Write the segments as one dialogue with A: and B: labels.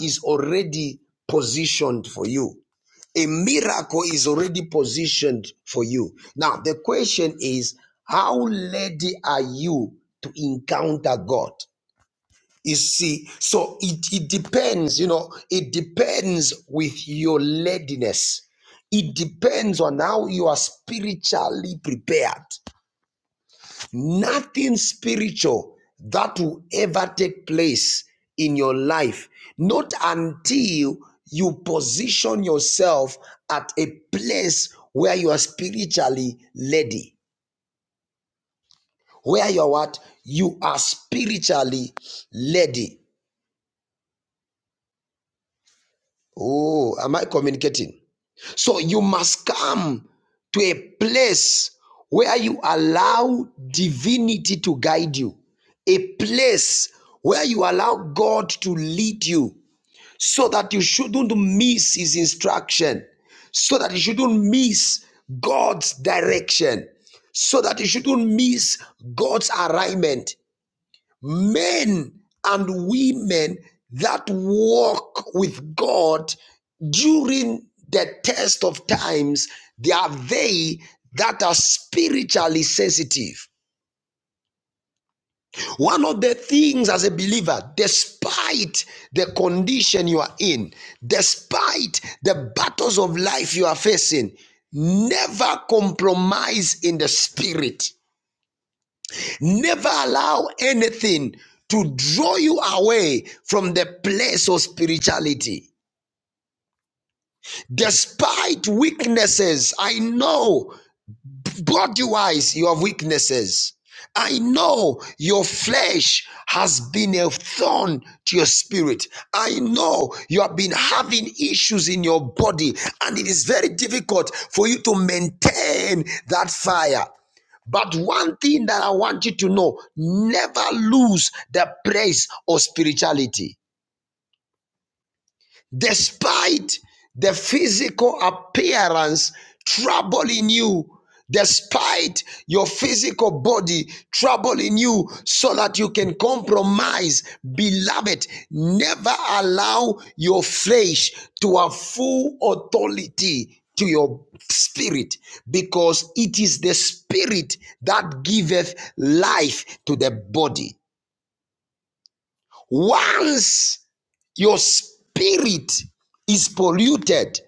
A: is already positioned for you. A miracle is already positioned for you. Now, the question is, how ready are you to encounter God? You see, so it, it depends, you know, it depends with your readiness. It depends on how you are spiritually prepared. Nothing spiritual that will ever take place in your life, not until you position yourself at a place where you are spiritually lady. Where you are what? You are spiritually lady. Oh, am I communicating? So you must come to a place where you allow divinity to guide you, a place where you allow God to lead you so that you shouldn't miss his instruction, so that you shouldn't miss God's direction, so that you shouldn't miss God's alignment men and women that walk with God during the test of times, they are they that are spiritually sensitive. One of the things as a believer, despite the condition you are in, despite the battles of life you are facing, never compromise in the spirit. Never allow anything to draw you away from the place of spirituality. Despite weaknesses, I know body wise, you have weaknesses. I know your flesh has been a thorn to your spirit. I know you have been having issues in your body, and it is very difficult for you to maintain that fire. But one thing that I want you to know never lose the praise of spirituality despite the physical appearance troubling you, despite your physical body troubling you, so that you can compromise. Beloved, never allow your flesh to have full authority to your spirit because it is the spirit that giveth life to the body once your spirit is polluted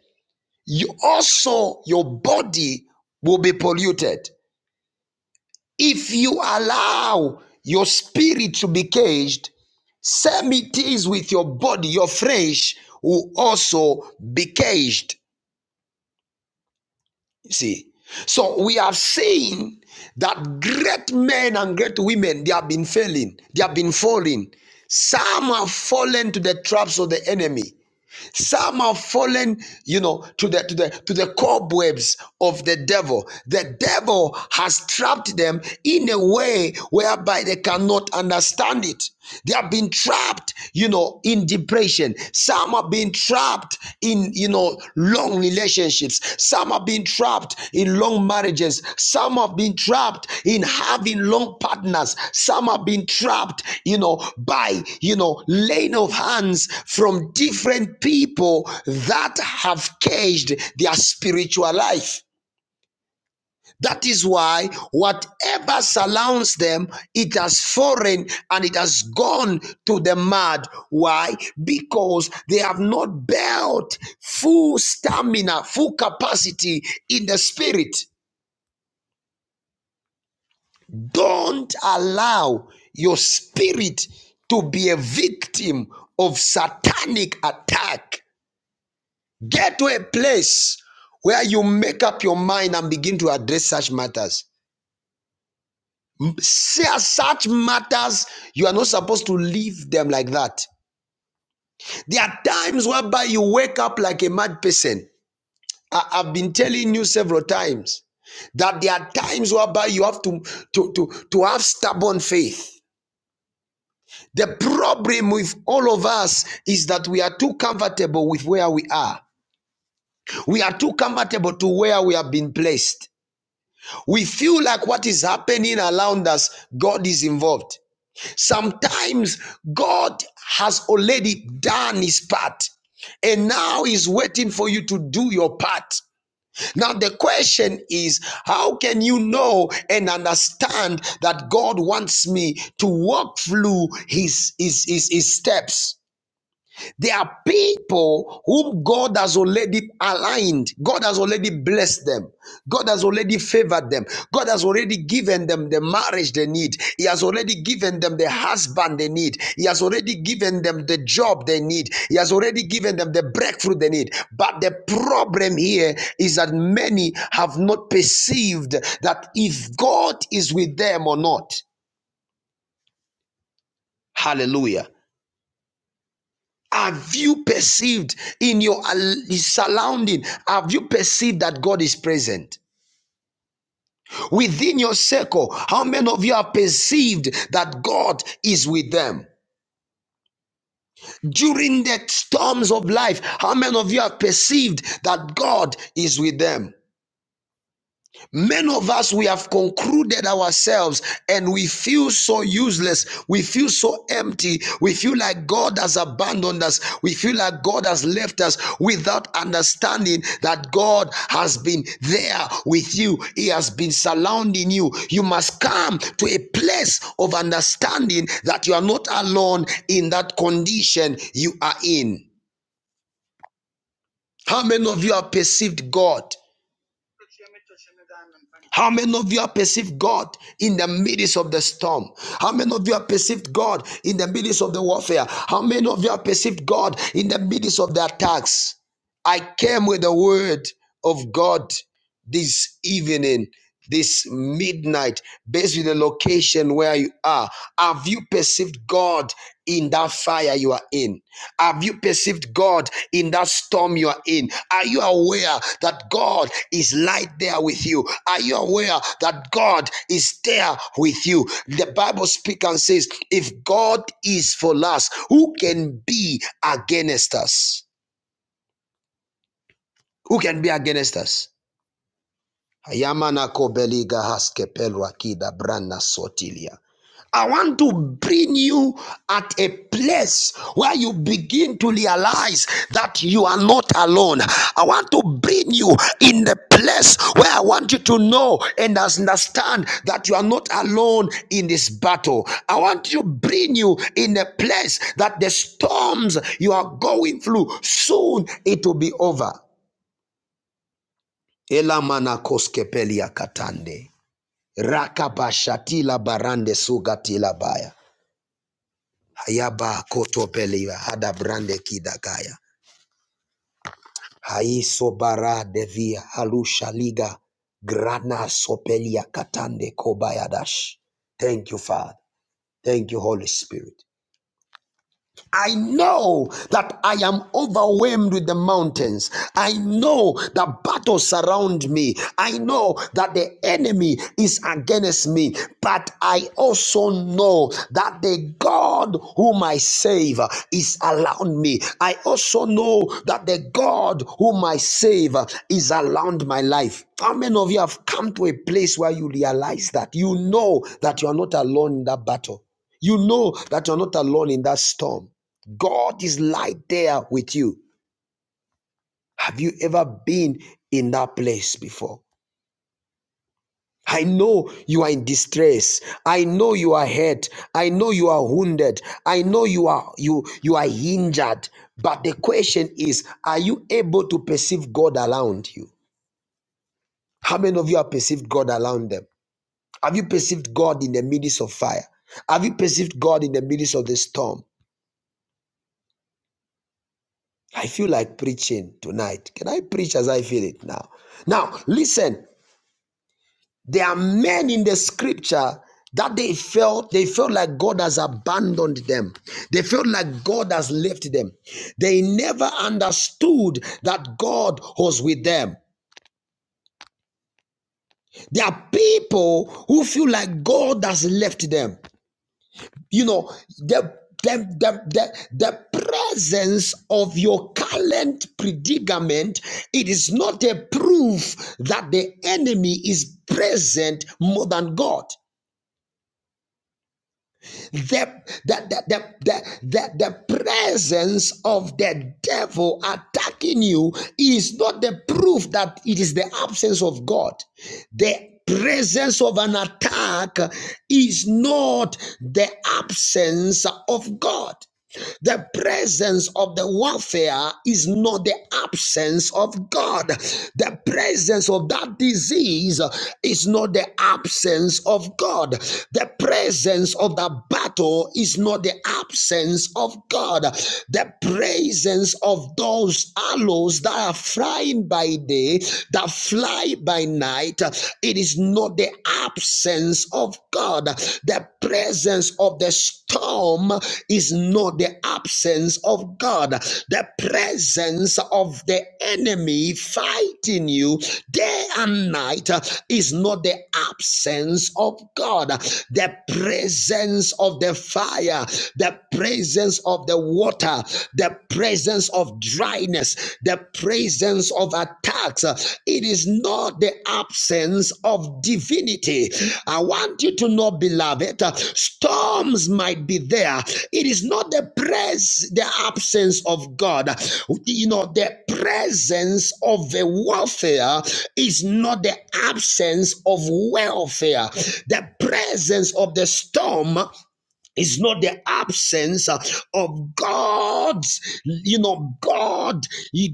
A: you also your body will be polluted if you allow your spirit to be caged same it is with your body your flesh will also be caged you see so we have seen that great men and great women they have been failing they have been falling some have fallen to the traps of the enemy Some have fallen, you know, to the to the to the cobwebs of the devil. The devil has trapped them in a way whereby they cannot understand it. They have been trapped, you know, in depression. Some have been trapped in, you know, long long relationships. Some have been trapped in long marriages. Some have been trapped in having long partners. Some have been trapped, you know, by, you know, laying of hands from different people that have caged their spiritual life. That is why whatever surrounds them, it has fallen and it has gone to the mud. Why? Because they have not built full stamina, full capacity in the spirit. Don't allow your spirit to be a victim of satanic attack. Get to a place where you make up your mind and begin to address such matters. such matters, you are not supposed to leave them like that. There are times whereby you wake up like a mad person. I, have been telling you several times that there are times whereby you have to, to, to, to have stubborn faith. The problem with all of us is that we are too comfortable with where we are. We are too comfortable to where we have been placed. We feel like what is happening around us, God is involved. Sometimes God has already done his part and now he's waiting for you to do your part. Now, the question is how can you know and understand that God wants me to walk through his, his, his, his steps? There are people whom God has already aligned. God has already blessed them. God has already favored them. God has already given them the marriage they need. He has already given them the husband they need. He has already given them the job they need. He has already given them the breakthrough they need. But the problem here is that many have not perceived that if God is with them or not. Hallelujah. Have you perceived in your surrounding? Have you perceived that God is present? Within your circle, how many of you have perceived that God is with them? During the storms of life, how many of you have perceived that God is with them? Many of us, we have concluded ourselves and we feel so useless. We feel so empty. We feel like God has abandoned us. We feel like God has left us without understanding that God has been there with you. He has been surrounding you. You must come to a place of understanding that you are not alone in that condition you are in. How many of you have perceived God? How many of you have perceived God in the midst of the storm? How many of you have perceived God in the midst of the warfare? How many of you have perceived God in the midst of the attacks? I came with the word of God this evening, this midnight, based on the location where you are. Have you perceived God in that fire you are in? Have you perceived God in that storm you are in? Are you aware that God is light there with you? Are you aware that God is there with you? The Bible speaks and says, if God is for us, who can be against us? Who can be against us? Hayamana kobeliga haske pelwa kida brana sotilia. I want to bring you at a place where you begin to realize that you are not alone. I want to bring you in the place where I want you to know and understand that you are not alone in this battle. I want to bring you in a place that the storms you are going through soon it will be over. Elamana koskepelia katande. Rakabashatila barande sugatila baya. Hayaba kotopeliva hada brande kidagaya. Haiso bara devia halusha liga grana sopelia katande kobayadash. Thank you, Father. Thank you, Holy Spirit. I know that I am overwhelmed with the mountains. I know that battles surround me. I know that the enemy is against me. But I also know that the God whom I save is around me. I also know that the God whom I save is around my life. How many of you have come to a place where you realize that? You know that you are not alone in that battle. You know that you're not alone in that storm. God is light there with you. Have you ever been in that place before? I know you are in distress. I know you are hurt. I know you are wounded. I know you are you you are injured. But the question is, are you able to perceive God around you? How many of you have perceived God around them? Have you perceived God in the midst of fire? Have you perceived God in the midst of the storm? I feel like preaching tonight. Can I preach as I feel it now? Now, listen. There are men in the scripture that they felt they felt like God has abandoned them. They felt like God has left them. They never understood that God was with them. There are people who feel like God has left them. You know, the the, the, the, the presence of your current predicament, it is not a proof that the enemy is present more than God. the, the, the, the, the, the, the presence of the devil attacking you is not the proof that it is the absence of God. The presence of an attack is not the absence of God. The presence of the warfare is not the absence of God. The presence of that disease is not the absence of God. The presence of the battle is not the absence of God. The presence of those aloes that are flying by day, that fly by night, it is not the absence of God. The presence of the storm is not the absence of God. The presence of the enemy fighting you day and night is not the absence of God. The presence of the fire, the presence of the water, the presence of dryness is the presence of attacks, it is not the absence of divinity. I want you to know, beloved, uh, storms might be there. It is not the pres the absence of God. You know, the presence of a warfare is not the absence of welfare. The presence of the storm it's not the absence uh, of God's, you know, God,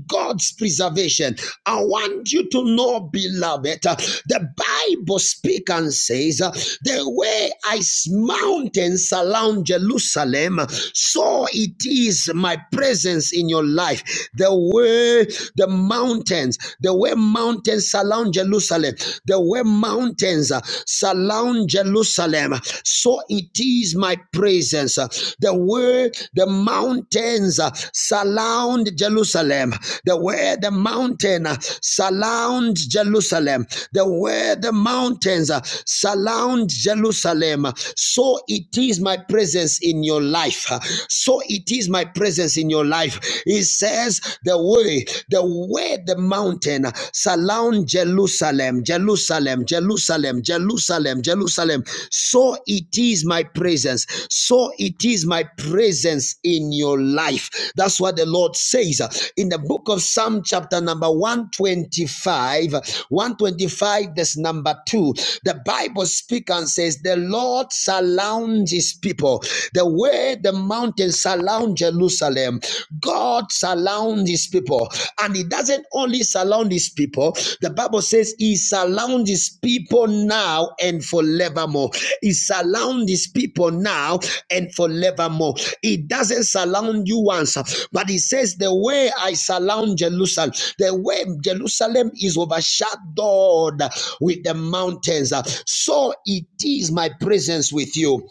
A: God's preservation. I want you to know, beloved, uh, the Bible speaks and says, uh, the way ice mountains surround Jerusalem, so it is my presence in your life. The way the mountains, the way mountains surround Jerusalem, the way mountains mountains uh, surround Jerusalem. So it is my presence. uh, The word, the mountains uh, surround Jerusalem. The where the mountain uh, surround Jerusalem. The where the mountains uh, surround Jerusalem. So it is my presence in your life. So it is my presence in your life. It says the way, the way the mountain, surround Jerusalem, Jerusalem, Jerusalem, Jerusalem, Jerusalem. So it is my presence. So it is my presence in your life. That's what the Lord says in the book of Psalm, chapter number 125. 125, this number two. The Bible speaks and says, The Lord surrounds his people. The way the mountains surround Jerusalem. Jerusalem. God surrounds his people. And he doesn't only surround his people, the Bible says he surrounds his people now and forevermore. He surrounds his people now and forevermore. He doesn't surround you once, but he says, The way I surround Jerusalem, the way Jerusalem is overshadowed with the mountains, so it is my presence with you.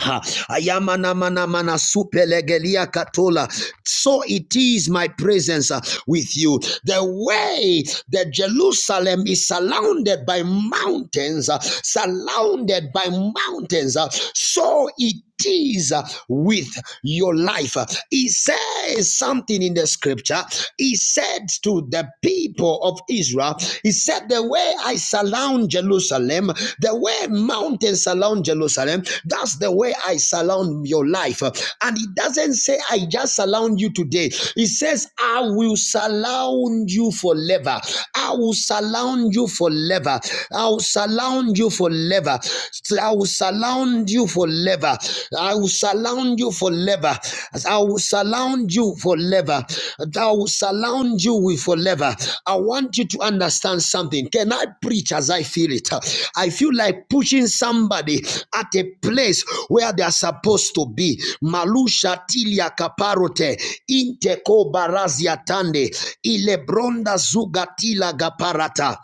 A: Ha, ayamana mana mana supelegelia katola. So it is my presence uh, with you. The way that Jerusalem is surrounded by mountains, uh, surrounded by mountains, uh, so it Jesus with your life. He says something in the scripture. He said to the people of Israel, He said, The way I surround Jerusalem, the way mountains surround Jerusalem, that's the way I surround your life. And He doesn't say, I just surround you today. He says, I will surround you forever. I will surround you forever. I will surround you forever forever. I will surround you forever. I will surround you forever. I will surround you forever. I will surround you with forever. I want you to understand something. Can I preach as I feel it? I feel like pushing somebody at a place where they are supposed to be. Malusha tilia kaparote inteko barazia tande ilebronda zugatila gaparata.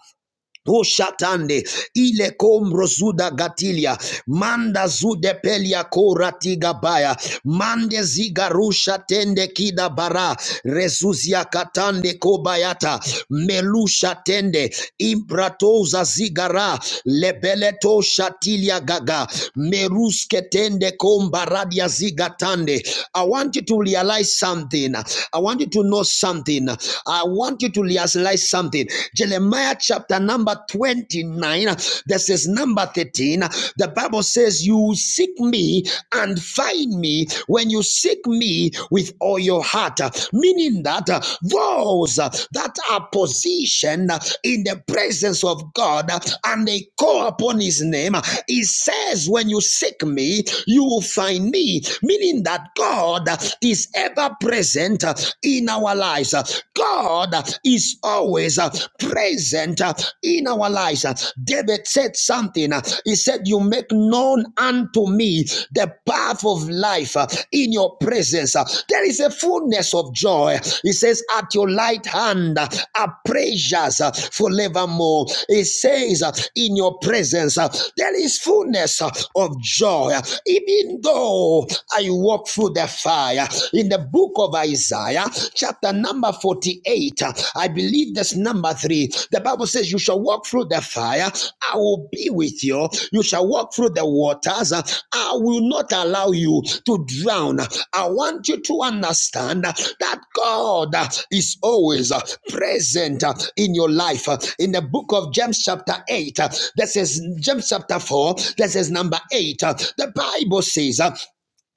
A: Ushatande ile kombro zuda gatilia manda zude pelia kora tiga baya mande ziga rusha tende kida bara rezuzia katande kobayata melusha tende impratoza zigara lebeleto shatilia gaga meruske tende kombaradia zigatande I want you to realize something I want you to know something I want you to realize realize something. Jeremiah chapter number 29, This is number 13. The Bible says, You seek me and find me when you seek me with all your heart. Meaning that uh, those uh, that are positioned in the presence of God uh, and they call upon his name, uh, he says, When you seek me, you will find me. Meaning that God uh, is ever present uh, in our our lives. God is always present in our lives. David said something. He said, You make known unto me the path of life in your presence. There is a fullness of joy. He says, At your right hand are pleasures forevermore. He says, In your presence, there is fullness of joy. Even though I walk through the fire, in the book of Isaiah, chapter number 48. I believe that's number three. The Bible says, You shall walk through the fire, I will be with you. You shall walk through the waters, I will not allow you to drown. I want you to understand that God is always present in your life. In the book of James, chapter 8, that says, James chapter 4, that says, number 8, the Bible says,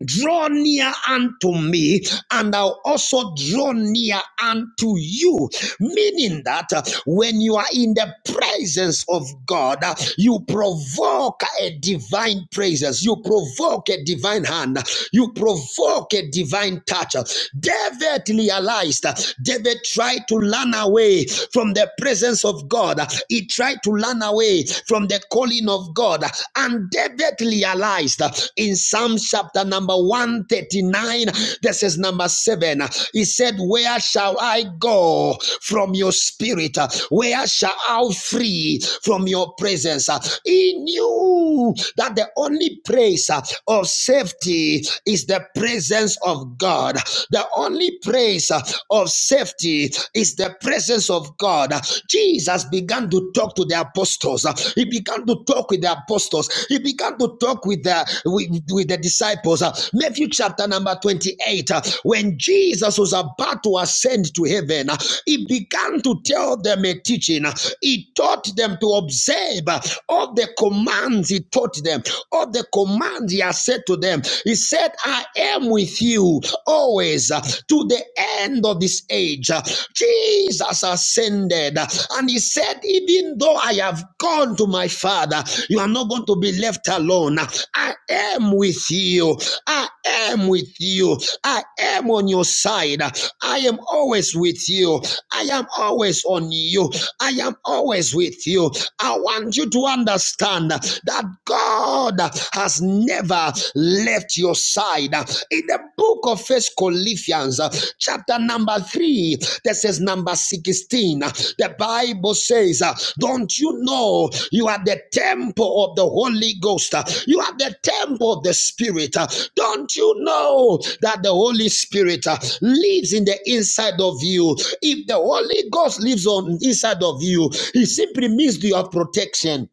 A: Draw near unto me, and I'll also draw near unto you. Meaning that uh, when you are in the presence of God, uh, you provoke a divine praises, you provoke a divine hand, you provoke a divine touch. David realized, uh, David tried to run away from the presence of God, he tried to run away from the calling of of God and David realized in Psalm chapter number 139, this is number 7, he said, Where shall I go from your spirit? Where shall I flee from your presence? He knew that the only place of safety is the presence of God. The only place of safety is the presence of God. Jesus began to talk to the apostles. Uh, He began to talk with the apostles. He began to talk with the with, with the disciples. Uh, Matthew chapter number 28. uh, When Jesus was about to ascend to heaven, uh, he began to tell them a teaching. Uh, He taught them to observe uh, all the commands he taught them, all the commands he has said to them. He said, I am with you always uh, to to the end of this age. Jesus ascended and he said, Even though I have gone to my Father, you are not going to be left alone. I am with you. I am with you. I am on your side. I am always with you. I am always on you. I am always with you. I want you to understand that God has never, left your side. In the book of First Corinthians, uh, chapter number three, that says number 16, uh, the Bible says, uh, Don't you know you are the temple of the Holy Ghost? Uh, You are the temple of the Spirit. Uh, Don't you know that the Holy Spirit uh, lives in the inside of you? If the Holy Ghost lives on inside of you, it simply means you have protection.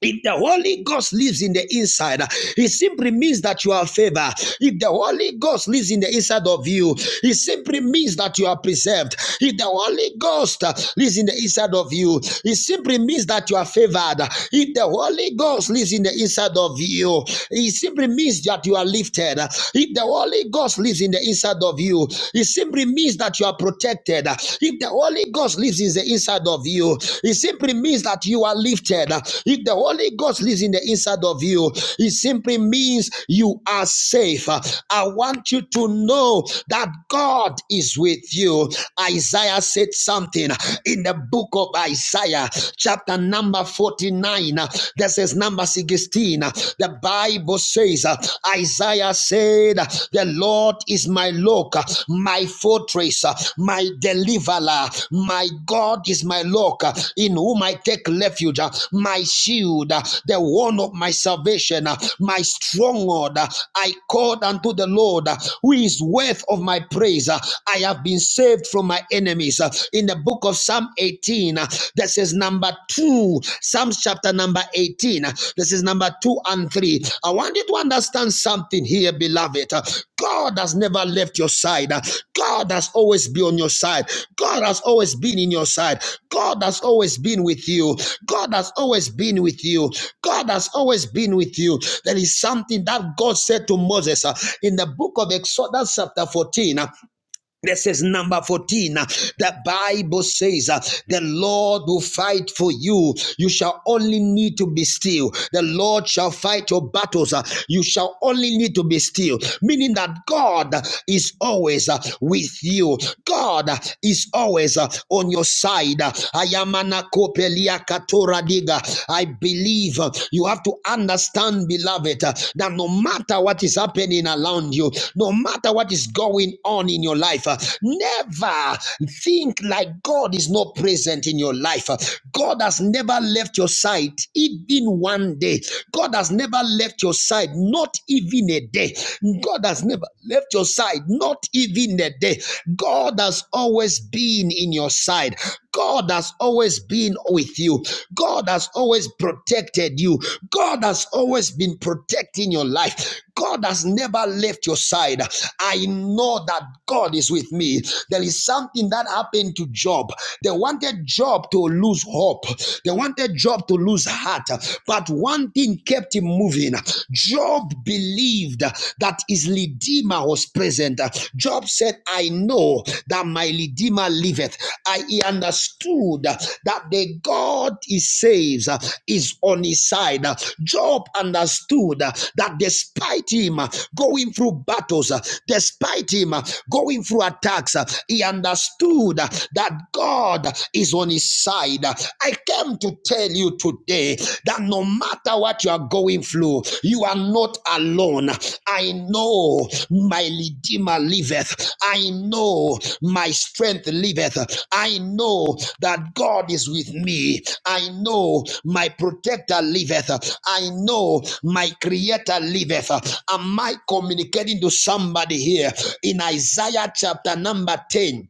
A: If the Holy Ghost lives in the inside, it simply means that you are favored. If the Holy Ghost lives in the inside of you, it simply means that you are preserved. If the Holy Ghost uh, lives in the inside of you, it simply means that you are favored. If the Holy Ghost lives in the inside of you, it simply means that you are lifted. If the Holy Ghost lives in the inside of you, it simply means that you are protected lifted. If the Holy Ghost lives in the inside of you, it simply means that you are lifted. If the Holy Ghost lives in the inside of you, it simply means you are safe. I want you to know that God is with you. Isaiah said something in the book of Isaiah, chapter number 49. This is number 16. The Bible says, Isaiah said, The Lord is my look, my fortress, my deliverer. My God is my look, in whom I take refuge, my shield, the one of my salvation, my stronghold. I called unto the Lord, who is worth of my praise. I have been saved from my enemies. In the book of Psalm 18, that says, Number number two, Psalms chapter number 18. This is number two and three. I want you to understand something here, beloved. God has never left your side. God has always been on your side. God has always been in your side. God has always been with you. God has always been with you. God has always been with you. There is something that God said to Moses uh, in the book of Exodus, chapter 14. Uh, this is number 14. uh, The Bible says, uh, The Lord will fight for you. You shall only need to be still. The Lord shall fight your battles. uh, You shall only need to be still. Meaning that God is always uh, with you. God is always uh, on your side. Ayamana kopelia katora diga. I believe uh, you have to understand beloved, uh, that no matter what is happening around you, no matter what is going on in your life, uh, never think like God is not present in your life. Uh, God has never left your side, even one day. God has never left your side, not even a day. God has never left your side, not even a day. God has always been in your side. God. God has always been with you. God has always protected you. God has always been protecting your life. God has never left your side. I know that God is with me. There is something that happened to Job. They wanted Job to lose hope, they wanted Job to lose heart. But one thing kept him moving. Job believed that his Lydia Redeemer was present. Job said, I know that my Redeemer liveth. I he understood that the God he saves is on his side. Job understood that despite him going through battles, despite him going through attacks, he understood that God is on his side. I came to tell you today today that no matter what you are going through, you are not alone. I know my Redeemer liveth. I know my strength liveth. I know that God is with me. I know my protector liveth. I know my creator liveth. Am I communicating to somebody here in Isaiah chapter number 10?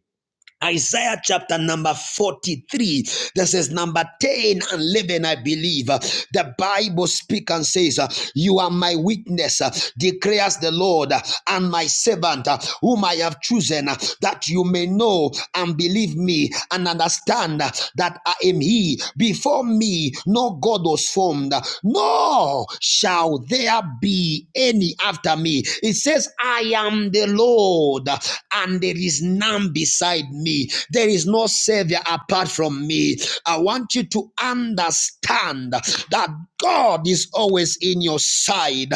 A: Isaiah chapter number 43 This is number 10 and 11 I believe uh, the Bible speaks and says uh, you are my witness uh, declares the Lord uh, and my servant uh, whom I have chosen uh, that you may know and believe me and understand uh, that I am he before me no God was formed uh, nor shall there be any after me it says I am am the Lord, and there is none beside me. There is no Savior apart from me. I want you to understand that God is always in your side.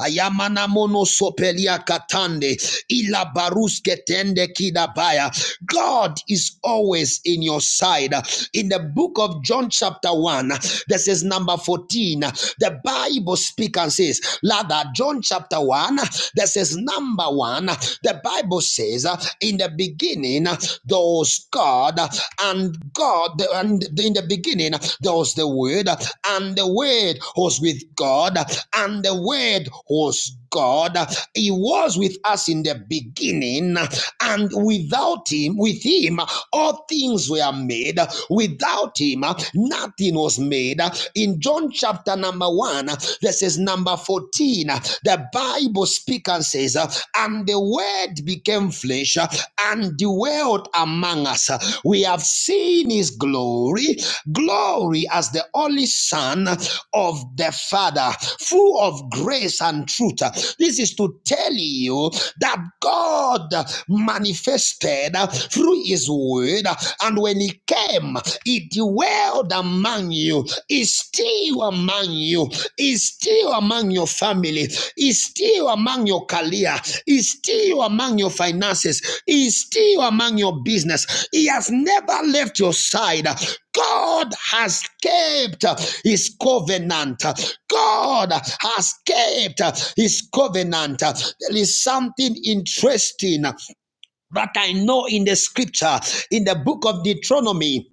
A: Ayamana mono sopelia katande, ila baruske tende kidabaya. God is always in your side. In the book of John, chapter 1, this is number 14, the Bible speaks and says, this. Rather, John chapter 1, that says, number one, the Bible says, uh, in the beginning, uh, there was God, uh, and God, and in the beginning, uh, there was the Word, uh, and the Word was with God, uh, and the Word was God. He was with us in the beginning, and without him, with him, all things were made. Without him, nothing was made. In John chapter number one, this is number 14, the Bible speaks and says, And the word became flesh and dwelt among us us. We have seen his glory, glory as the only Son of the Father, full of grace and truth. This is to tell you that God manifested through his word, and when he came, he dwelled among you, is still among you is still among your family, is still among your career, is still among your finances, is still among your business. He has never left your side. God has kept his covenant. God has kept his covenant. There is something interesting that I know in the scripture, in the book of Deuteronomy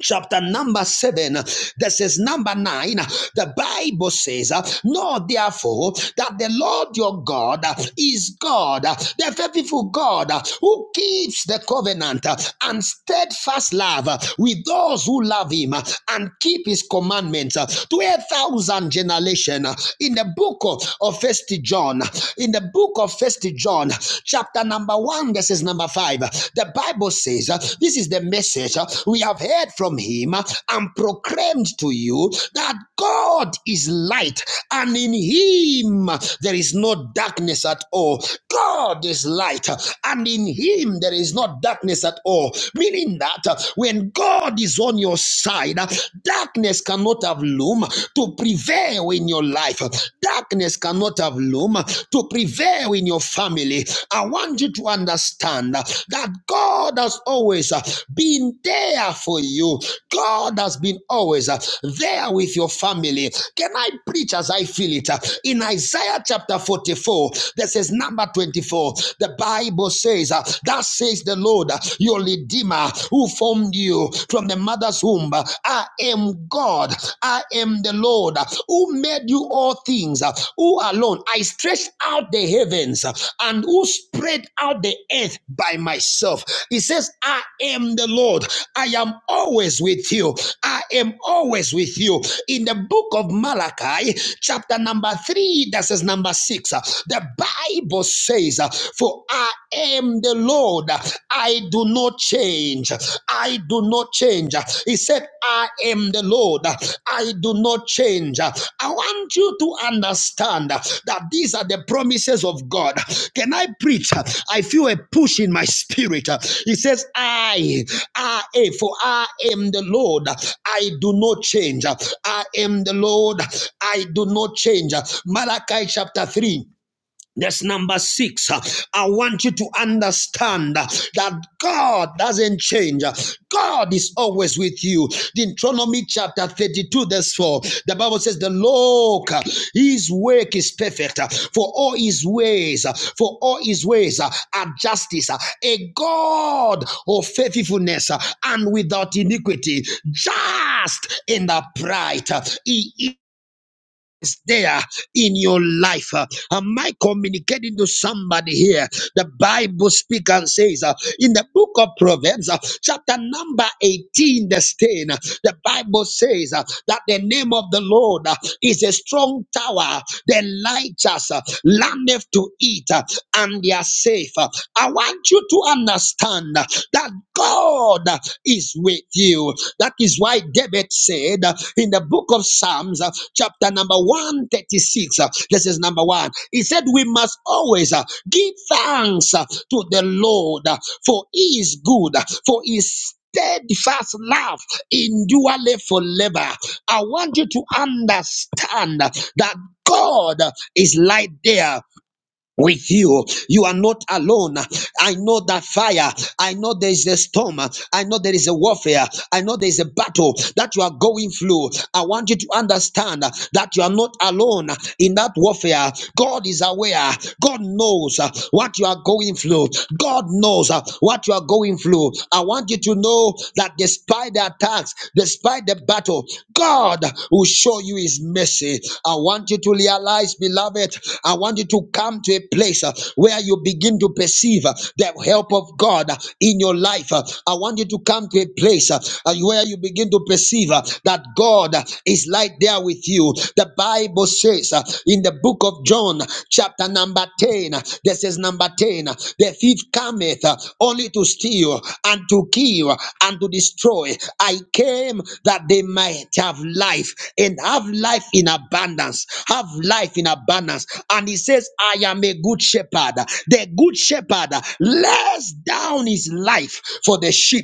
A: chapter number seven, this is number nine. The Bible says, Know therefore that the Lord your God is God, the faithful God who keeps the covenant and steadfast love with those who love him and keep his commandments to a thousand generation. In the book of First John, in the book of First John, chapter number one verses number five, the Bible says, uh, This is the message uh, we have heard from him uh, and proclaimed to you that God is light and in him there is no darkness at all. God is light and in him there is no darkness at all. Meaning that uh, when God is on your side, uh, darkness cannot have loom to prevail in your life. Darkness barrenness cannot have loom to prevail in your family. I want you to understand that God has always been there for you. God has been always there with your family. Can I preach as I feel it? In Isaiah chapter 44, this is number 24. The Bible says, uh, That says the Lord, uh, your Redeemer, who formed you from the mother's womb, uh, am God. I am the Lord who made you all things, who alone I stretched out the heavens and who spread out the earth by myself. He says, I am the Lord. I am always with you. I am always with you. In the book of Malachi, chapter number three, that says number six, the Bible says, For I am the Lord. I I do not change. I do not change. He said, I am the Lord. I do not change. I want you to understand that these are the promises of God. Can I preach? I feel a push in my spirit. He says, I, I, eh, for I am the Lord. I do not change. I am the Lord. I do not change. Malachi chapter 3 that's number six. I want you to understand that God doesn't change. God is always with you. Deuteronomy chapter 32, verse 4. The Bible says, The Lord, his work is perfect, for all his ways, for all his ways are justice. A God of faithfulness and without iniquity, just in the bright is there in your life. Uh, Am I communicating to somebody here? The Bible speaks and says uh, in the book of Proverbs, uh, chapter number 18, the stain, uh, the Bible says uh, that the name of the Lord uh, is a strong tower. The righteous uh, landeth to it uh, and they are safe. Uh, I want you to understand uh, that. God is with you. That is why David said uh, in the book of Psalms, uh, chapter number 136, uh, this is number one. He said, We must always uh, give thanks uh, to the Lord, uh, for he is good, uh, for his steadfast love endurely forever. I want you to understand that God is right there with you. You are not alone. I know that fire. I know there is a storm. I know there is a warfare. I know there is a battle that you are going through. I want you to understand that you are not alone in that warfare. God is aware. God knows what you are going through. God knows what you are going through. I want you to know that despite the attacks, despite the battle, God will show you his mercy. I want you you to realize, beloved, I want you to come to a place uh, where you begin to perceive uh, the help of God uh, in your life. Uh, I want you to come to a place uh, uh, where you begin to perceive uh, that God uh, is right there with you. The Bible says uh, in the book of John, chapter number 10, uh, this is number 10, uh, the thief cometh uh, only to steal and to kill and to destroy. I came that they might have life and have life in abundance. Have life in abundance. And he says, I am a good shepherd. The good shepherd lays down his life for the sheep.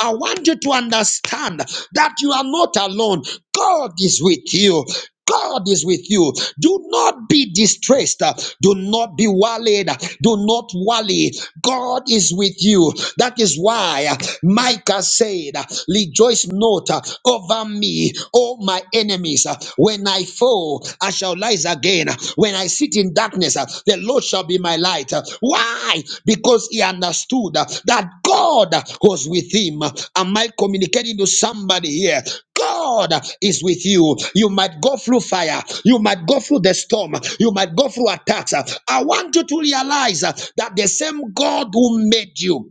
A: I want you to understand that you are not alone. God is with you. God is with you. Do not be distressed. Do not be worried. Do not worry. God is with you. That is why Micah said, Rejoice not over me, all my enemies. When I fall, I shall rise again. When I sit in darkness, the the Lord shall be my light. Why? Because he understood that God was with him. Am I communicating to somebody here? God is with you. You might go through fire. You might go through the storm. You might go through attacks. I want you to realize that the same God who made you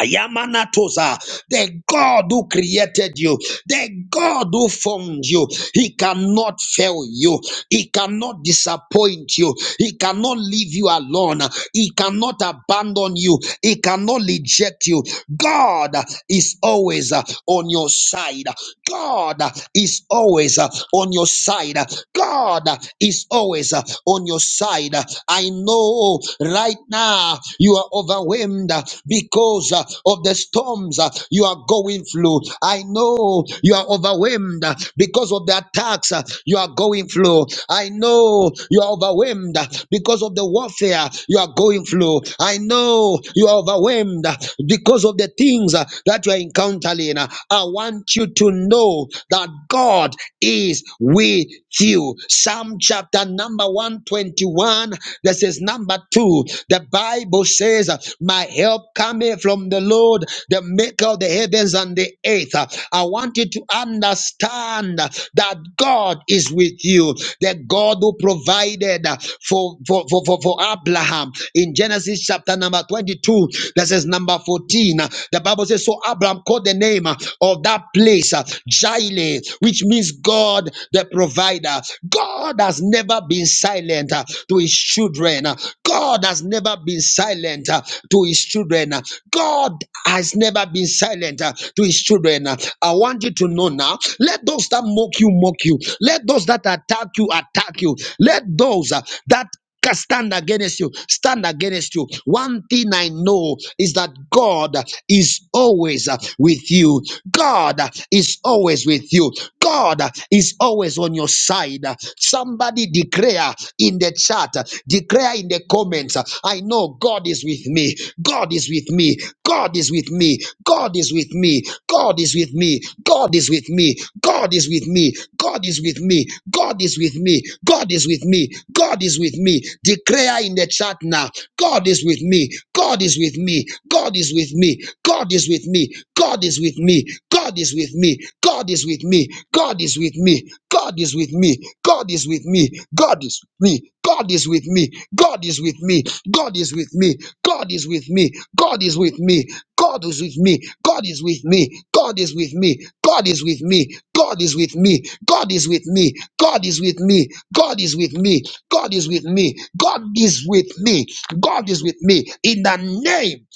A: Ayamanatosa, the God who created you, the God who formed you, He cannot fail you, He cannot disappoint you, He cannot leave you alone, He cannot abandon you, He cannot reject you. God is always uh, on your side, God is always uh, on your side, God is always uh, on your side. I know right now now you are overwhelmed uh, because uh, of the storms uh, you are going through. I know you are overwhelmed uh, because of the attacks uh, you are going through. I know you are overwhelmed uh, because of the warfare you are going through. I know you are overwhelmed uh, because of the things uh, that you are encountering. Uh, I want you to know that God is with you. Psalm chapter number 121 21, this is number two. The Bible says, My help cometh from the Lord, the maker of the heavens and the earth. I want you to understand that God is with you, the God who provided for, for, for, for, for Abraham in Genesis chapter number 22, This is number 14. The Bible says, So Abraham called the name of that place Jireh, which means God the provider side. uh, God has never been silent uh, to his children. uh, God has never been silent uh, to his children. uh, God has never been silent uh, to his children. uh, I want you to know now. Let those that mock you mock you. Let those that attack you attack you. Let those uh, that can stand against you stand against you one thing i know is that god is always uh, with you god is always with you god is always on your side somebody declare in the chat declare in the comments i know god is with me god is with me god is with me god God is with me. God is with me. God is with me. God is with me. God is with me. God is with me. God is with me. God is with me. Declare in the chat now. God is with me. God is with me. God is with me. God is with me. God is with me. God is with me. God is with me. God is with me. God is with me. God is with me. God is with me. God is with me. God is with me. God is with me. God is with me. God is with me. God is with me. God is with me. God is with me. God is with me. God is with me. God is with me. God is with me. God is with me. God is with me. God is with me. God is with me. In the name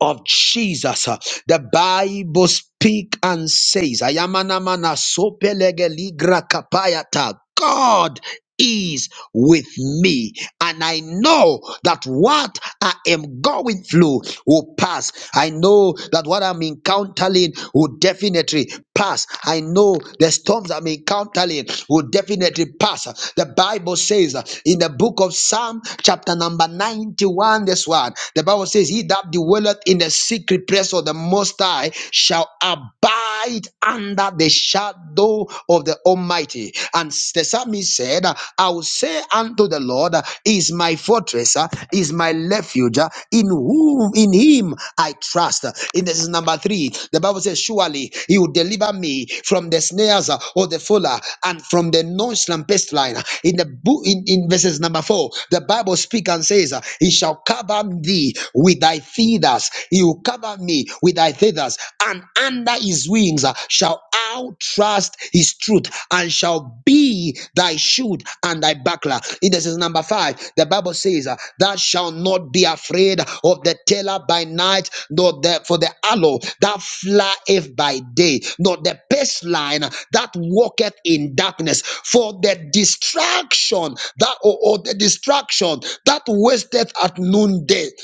A: of Jesus, uh, the Bible speak and says, "Ayamanamana sopelegeligrakapayata." God is with me. And I know that what I am going through will pass. I know that what I'm encountering will definitely pass. I know the storms I'm encountering will definitely pass. The Bible says uh, in the book of Psalm, chapter number 91, this one, the Bible says, He that dwelleth in the secret place of the Most High shall abide under the shadow temple of the Almighty. And the psalmist said, I will say unto the Lord, He is my fortress, uh, He is my refuge, uh, in whom in him I trust. In this is number three, the Bible says, Surely he will deliver me from the snares uh, of the fuller and from the nonchalant pestilence. In the book in, in verses number four, the Bible speaks and says, uh, He shall cover thee with thy feathers, he will cover me with thy feathers, and under under his wings uh, shall thou trust his truth and shall be thy shield and thy buckler. In this is number five. The Bible says, uh, Thou shalt not be afraid of the terror by night, nor the for the aloe that flieth by day, nor the pestilence that walketh in darkness, for the distraction that or or the distraction that wasteth at noonday.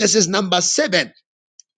A: This is number seven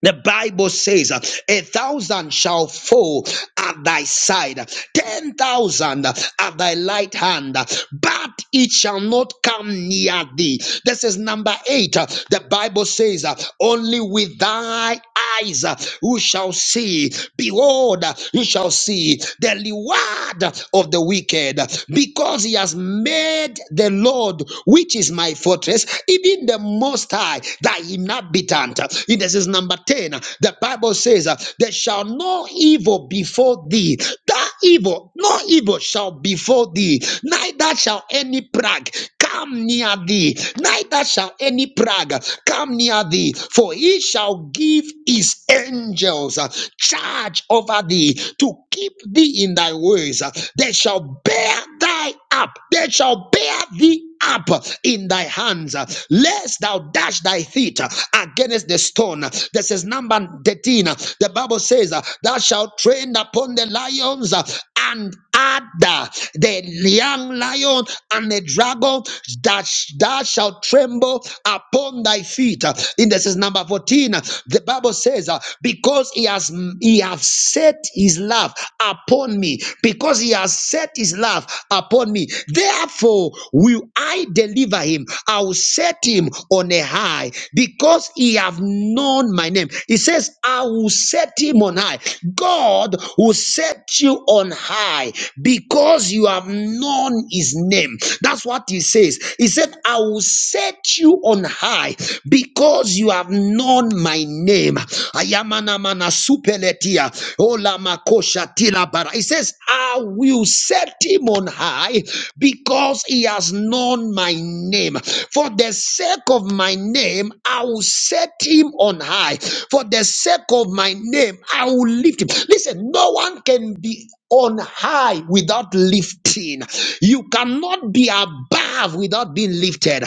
A: the Bible says, uh, A thousand shall fall at thy side, ten thousand at thy right hand, but it shall not come near thee. This is number eight. Uh, The Bible says, uh, Only with thy eyes uh, who shall see. Behold, uh, you shall see the reward of the wicked, because he has made the Lord, which is my fortress, even the Most High thy inhabitant. In this is number 10. The Bible says, uh, There shall no evil befall thee. That evil, no evil shall befall thee, neither shall any plague come near thee, neither shall any plague come near thee, for he shall give his angels uh, charge over thee to keep thee in thy ways. Uh, They shall bear thy up, they shall bear thee up in thy hands, lest thou dash thy feet against the stone. This is number 13. The Bible says, Thou shalt train upon the lions and adder, the young lion and the dragon, that thou shalt tremble upon thy feet. In this is number 14. The Bible says, Because he has he have set his love upon me, because he has set his love upon upon me. Therefore, will I deliver him? I will set him on a high because he have known my name. He says, I will set him on high. God will set you on high because you have known his name. That's what he says. He said, I will set you on high because you have known my name. Ayamana mana supeletia. Ola makosha tila bara. He says, I will set him on high because he has known my name. For the sake of my name, I will set him on high. For the sake of my name, I will lift him. Listen, no one can be on high without lifting. You cannot be above without being lifted.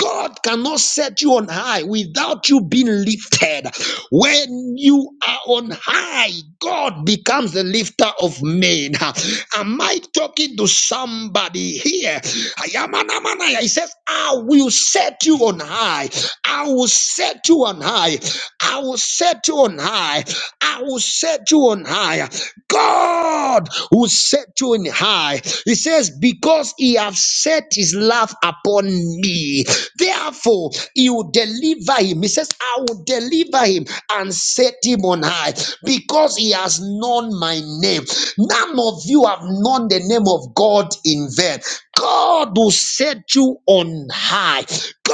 A: God cannot set you on high without you being lifted. When you are on high, God becomes the lifter of men. Am I talking to somebody here? Ayamanamanaya, He says, I will set you on high. I will set you on high. I will set you on high. I will set you on high. God who set you in high. He says, Because he have set his love upon me, therefore he will deliver him. He says, I will deliver him and set him on high because he has known my name. None of you have known the name of God in vain. God will set you on high.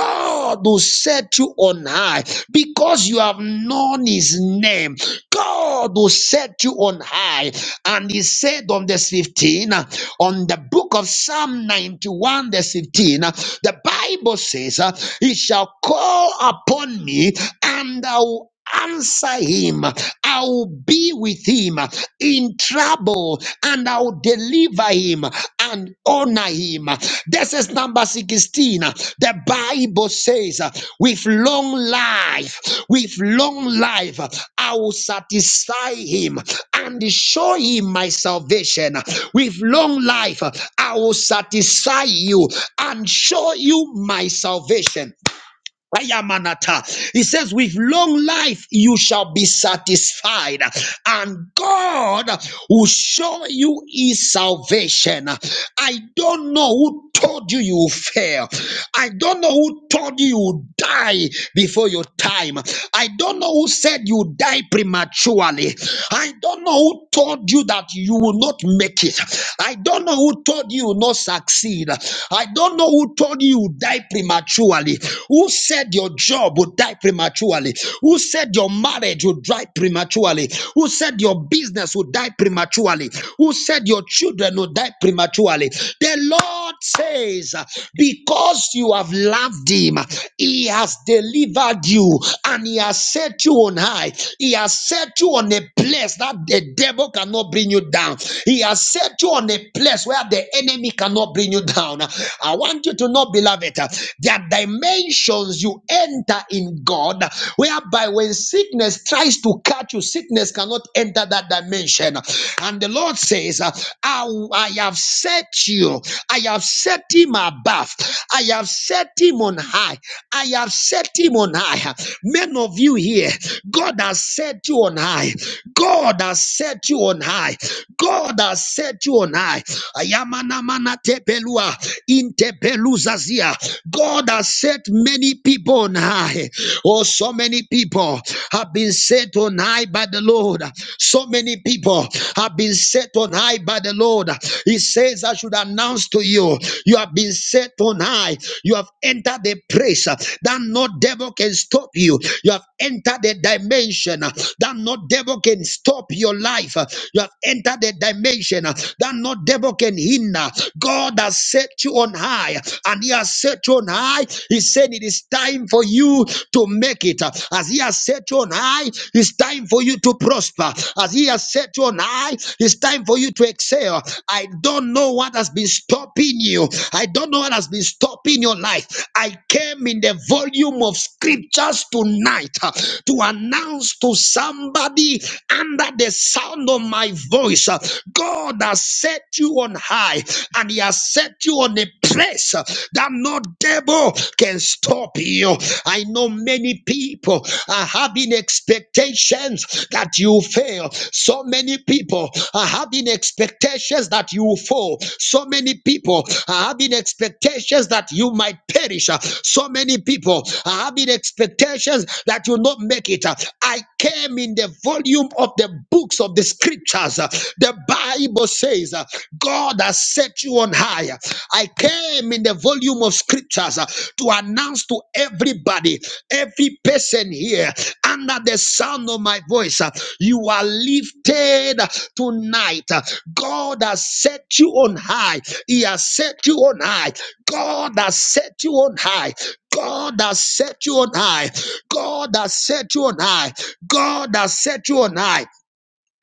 A: God will set you on high because you have known his name. God will set you on high. And he said on the 15, uh, on the book of Psalm 91, the 15, uh, the Bible says, uh, He shall call upon me and I will answer him. I will be with him in trouble and I will deliver him and honor him. This is number 16. The Bible says, with long life, with long life, I will satisfy him and show him my salvation. With long life, I will satisfy you and show you my salvation. Ayamanata. He says, With long life you shall be satisfied, and God will show you his salvation. I don't know who told you you will fail. I don't know who told you you will die before your time. I don't know who said you will die prematurely. I don't know who told you that you will not make it. I don't know who told you you will not succeed. I don't know who told you you will die prematurely prematurely? Who said your job would die prematurely? Who said your marriage would die prematurely? Who said your business would die prematurely? Who said your children would die prematurely? The Lord says, Because you have loved him, he has delivered you and he has set you on high. He has set you on a place that the devil cannot bring you down. He has set you on a place where the enemy cannot bring you down. I want you to know, beloved beloved, there are dimensions you enter in God whereby when sickness tries to catch you, sickness cannot enter that dimension. And the Lord says, uh, I, I have set you, I have set him above, I have set him on high, I have set him on high. Men of you here, God has set you on high. God has set you on high. God has set you on high. Ayamanamana tepelua In Beluzazia. God has set many people on high. Oh, so many people have been set on high by the Lord. So many people have been set on high by the Lord. He says, I should announce to you, you have been set on high. You have entered the place that no devil can stop you. You have entered the dimension that no devil can stop your life. You have entered the dimension that no devil can hinder. God has has set you on high and he has set you on high. He said it is time for you to make it. As he has set you on high, it's time for you to prosper. As he has set you on high, it's time for you to excel. I don't know what has been stopping you. I don't know what has been stopping your life. I came in the volume of scriptures tonight uh, to announce to somebody under the sound of my voice, uh, God has set you on high high and he has set you on a place uh, that no devil can stop you. I know many people are having expectations that you fail. So many people are having expectations that you fall. So many people are having expectations that you might perish. Uh, So many people are having expectations that you not make it. Uh, I came in the volume of the books of the scriptures. Uh, The Bible says. God has set you on high. I came in the volume of scriptures uh, to announce to everybody, every person here under the sound of my voice, uh, you are lifted tonight. God has set you on high. He has set you on high. God has set you on high. God has set you on high. God has set you on high. God has set you on high.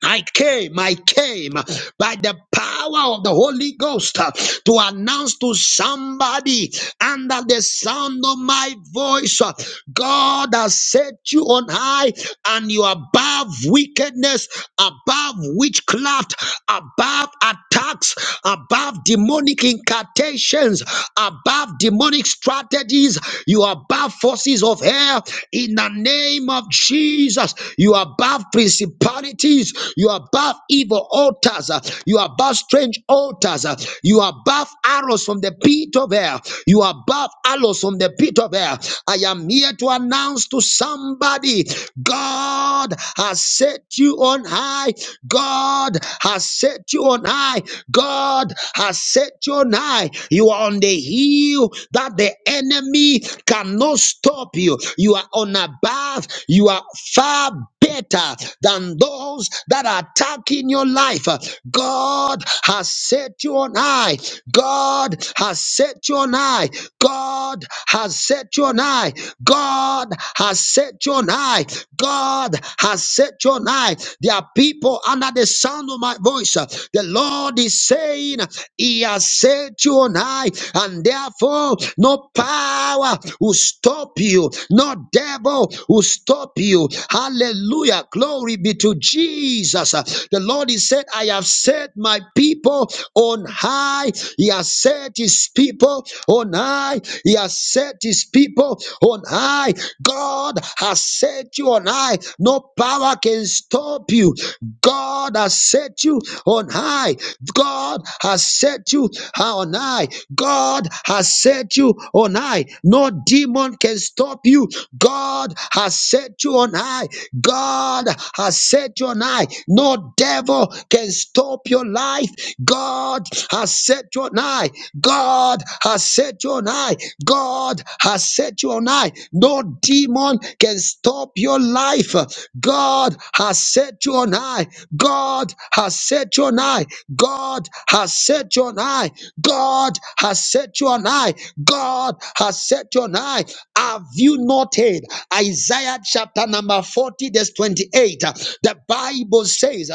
A: I came, I came by the power of the Holy Ghost uh, to announce to somebody under the sound of my voice uh, God has set you on high and you are above wickedness, above witchcraft, above attacks, above demonic incantations, above demonic strategies, you are above forces of hell hell in the name of Jesus. You are above principalities, you are above evil altars, uh, you are above strange altars, uh, you are above arrows from the pit of hell, you are above arrows from the pit of hell. I am here to announce to somebody God has set you on high, God has set you on high, God has set you on high high. You are on the hill that the enemy cannot stop you. You are on a path. You are far better than those that are attacking your life. God has set you on high. God has set you on high. God has set you on high. God has set you on high. God has set you on high. There are people people under the sound of my voice. uh, The Lord is saying, uh, He has set you on high, and therefore no power will stop you, no devil will stop you. Hallelujah. Glory be to Jesus. Uh, The Lord is said, I have set my people on high. He has set his people on high. He has set his people on high. God has set you on high. No power can stop you. God has set you on high. God has set you on high. God has set you on high. No demon can stop you. God has set you on high. God has set you on high. No devil can stop your life. God has set you on high. God has set you on high. God has set you on high. No demon can stop your life. God has set you on high. God has set you on high. God has set you on high. God has set you on high. God has set you on high. Have you not heard? Isaiah chapter number 40, verse 28. The Bible says,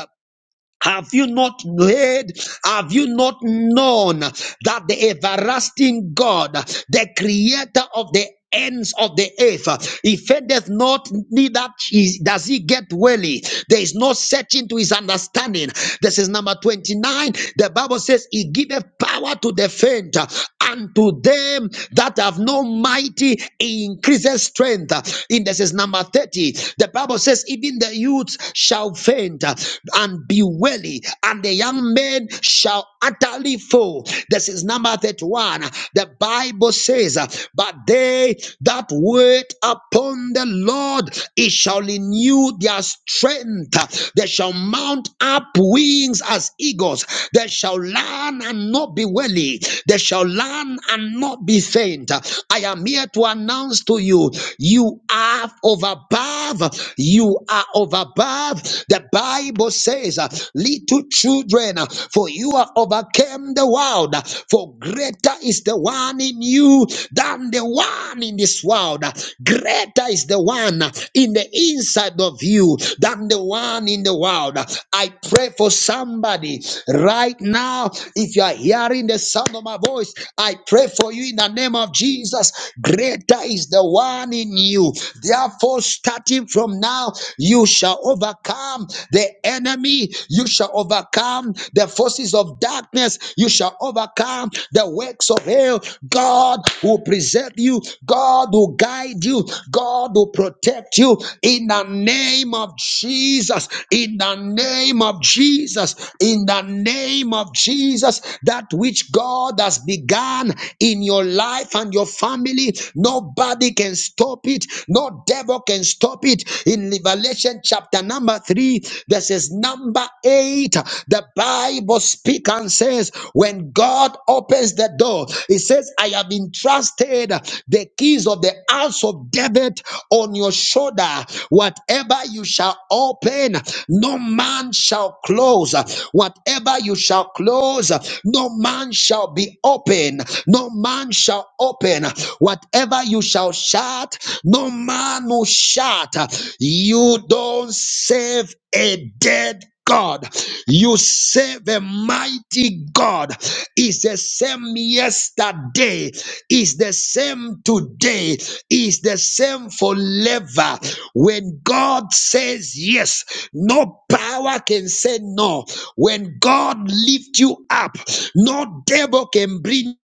A: have you not heard? Have you not known that the everlasting God, the creator of the ends of the earth, he fendeth not, neither he- does he get weary. There is no searching to his understanding. This is number 29. The Bible says he giveth power to the faint and to them that have no mighty increases strength. In this is number 30. The Bible says, even the youths shall faint uh, and be weary, and the young men shall utterly fall. This is number 31. The Bible says, uh, But they that wait upon the Lord, it shall renew their strength. They shall mount up wings as as eagles. They shall learn and not be weary. They shall learn and not be faint. I am here to announce to you, you are of above. You are of above. The Bible says, uh, little children, uh, for you have overcome the world. For greater is the one in you than the one in this world. Greater is the one in the inside of you you than the one in the world. I pray for somebody right now. If you are hearing the sound of my voice, I pray for you in the name of Jesus. Greater is the one in you. Therefore, starting from now, you shall overcome the enemy, you shall overcome the forces of darkness, you shall overcome the works of hell. God will preserve you. God God will guide you, God will protect you in the name of Jesus, in the name of Jesus, in the name of Jesus. That which God has begun in your life and your family, nobody can stop it, no devil can stop it. In Revelation chapter number three, verses number eight, the Bible speaks and says, When God opens opens the door. It says, I have entrusted the keys of the house of David on your shoulder. Whatever you shall open, no man shall close. Whatever you shall close, no man shall be open. No man shall open. Whatever you shall shut, no man will shut. You don't save a dead God. You save a mighty God is the same yesterday, is the same today, is the same forever. When God says yes, no power can say no. When God lifts you up, no devil can bring. Thank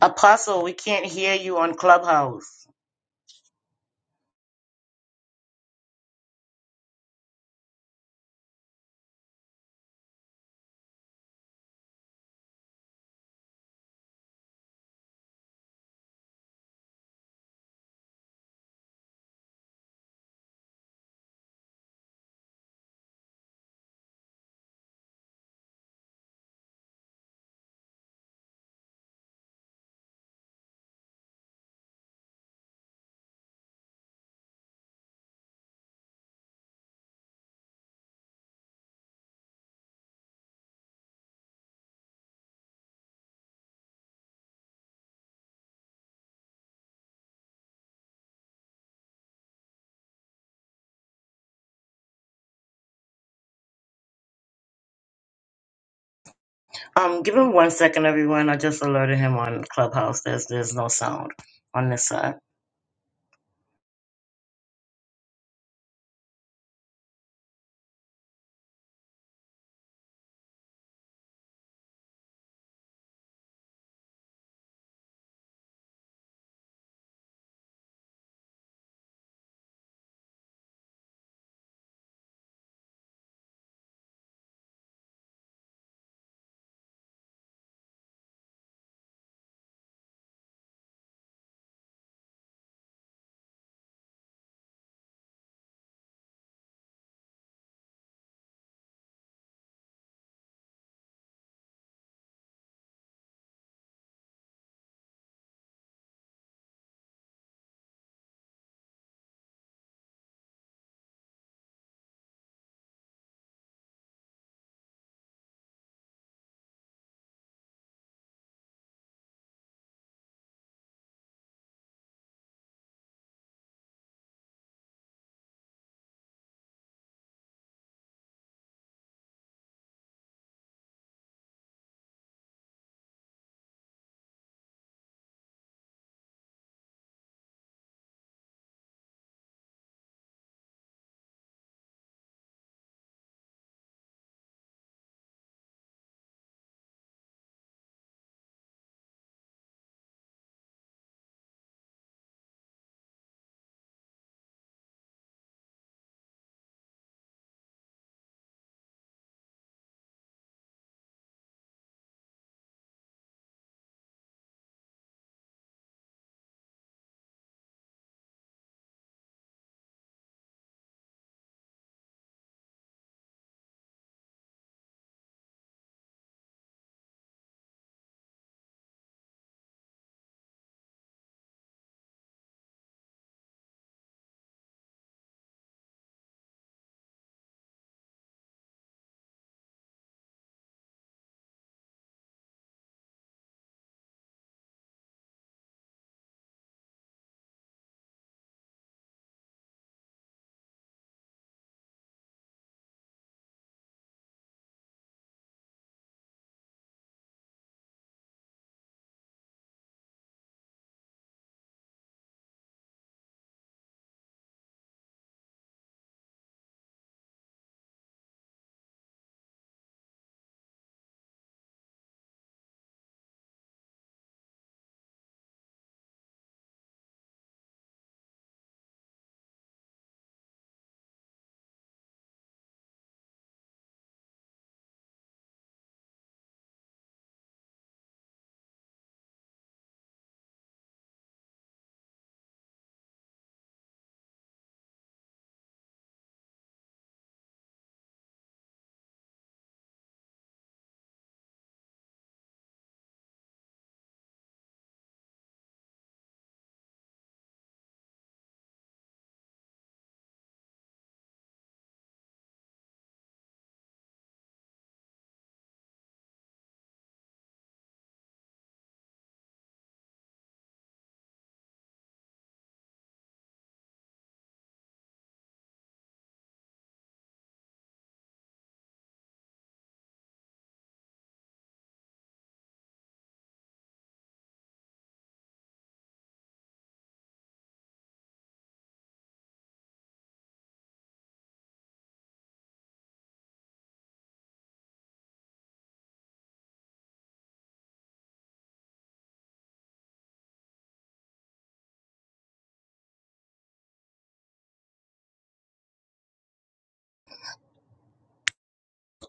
B: Apostle, we can't hear you on Clubhouse. Um, give him one second, everyone. I just alerted him on Clubhouse. There's there's no sound on this side.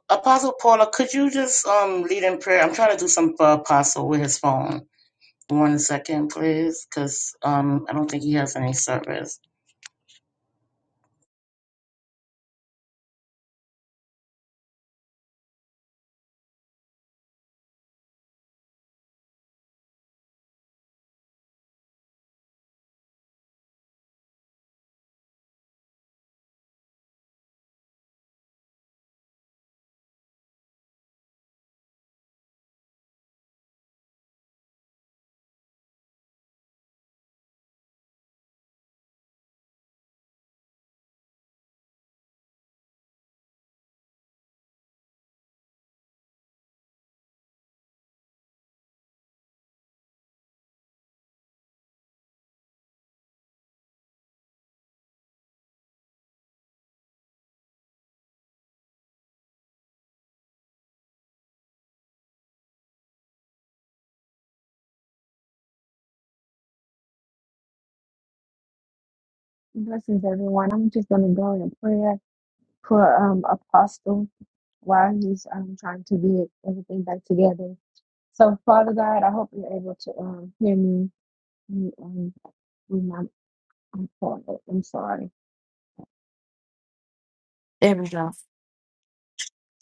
B: Apostle Paula, could you just um lead in prayer? I'm trying to do some for Apostle with his phone. One second, please, because um I don't think he has any service.
C: Blessings, everyone. I'm just going to go in prayer for um, Apostle while he's um, trying to get everything back together. So, Father God, I hope you're able to um, hear me. Um, um, with my- I'm sorry. I'm sorry. There we go.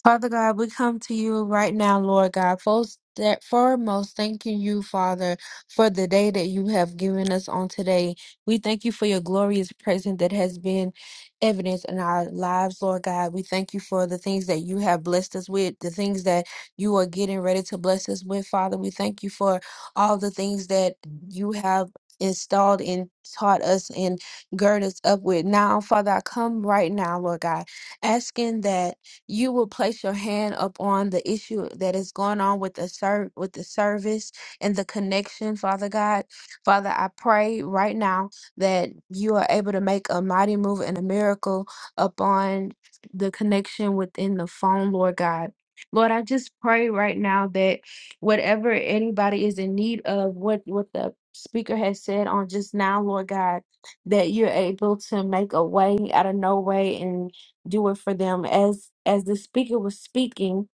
C: Father God, we come to you right now, Lord God. First, that foremost, thanking you, Father, for the day that you have given us on today. We thank you for your glorious presence that has been evidence in our lives, Lord God. We thank you for the things that you have blessed us with, the things that you are getting ready to bless us with, Father. We thank you for all the things that you have installed and taught us and gird us up with. Now, Father, I come right now, Lord God, asking that you will place your hand upon the issue that is going on with the ser- with the service and the connection, Father God. Father, I pray right now that you are able to make a mighty move and a miracle upon the connection within the phone, Lord God. Lord, I just pray right now that whatever anybody is in need of, what what the speaker has said on just now, Lord God, that you're able to make a way out of no way do it for them as as the speaker was speaking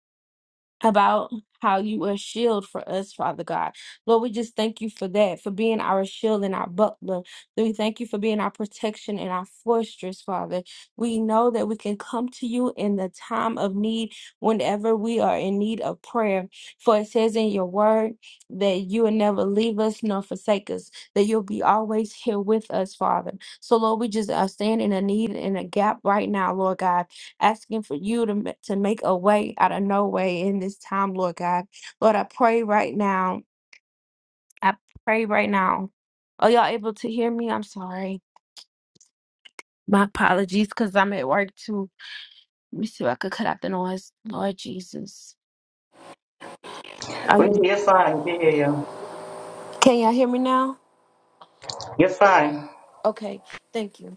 C: about how you are a shield for us father god lord we just thank you for that for being our shield and our buckler. Lord, we thank you for being our protection and our fortress father we know that we can come to you in the time of need whenever we are in need of prayer for it says in your word that you will never leave us nor forsake us that you'll be always here with us father so lord we just are standing in a need in a gap right now lord god asking for you to, ma- to make a way out of no way in this time, Lord God. Lord, I pray right now. I pray right now. Are y'all able to hear me? I'm sorry. My apologies because I'm at work too. Let me see if I could cut out the noise. Lord Jesus. Are
B: Wait,
C: you-
B: you're fine. We hear you.
C: can y'all hear me now?
B: You're fine.
C: Okay. Thank you.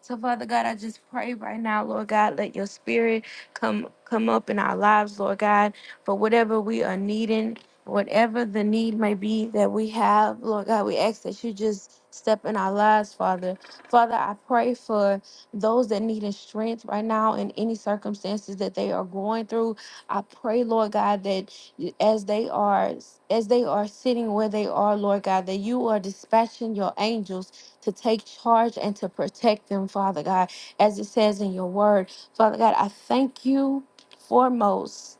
C: So Father God, I just pray right now, Lord God, let your spirit come come up in our lives, Lord God, for whatever we are needing, whatever the need may be that we have, Lord God, we ask that you just step in our lives, Father. Father, I pray for those that need strength right now in any circumstances that they are going through. I pray, Lord God, that as they are as they are sitting where they are, Lord God, that you are dispatching your angels to take charge and to protect them, Father God, as it says in your word. Father God, I thank you foremost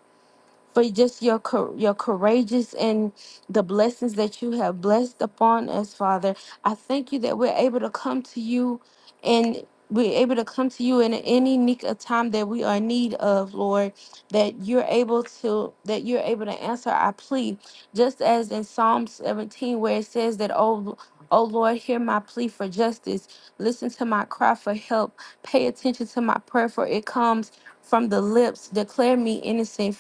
C: for just your cou- your courageous and the blessings that you have blessed upon us, Father. I thank you that we're able to come to you and we're able to come to you in any need of time that we are in need of, Lord, that you're able to that you're able to answer our plea. Just as in Psalm 17 where it says that oh Oh Lord, hear my plea for justice. Listen to my cry for help. Pay attention to my prayer, for it comes from the lips. Declare me innocent,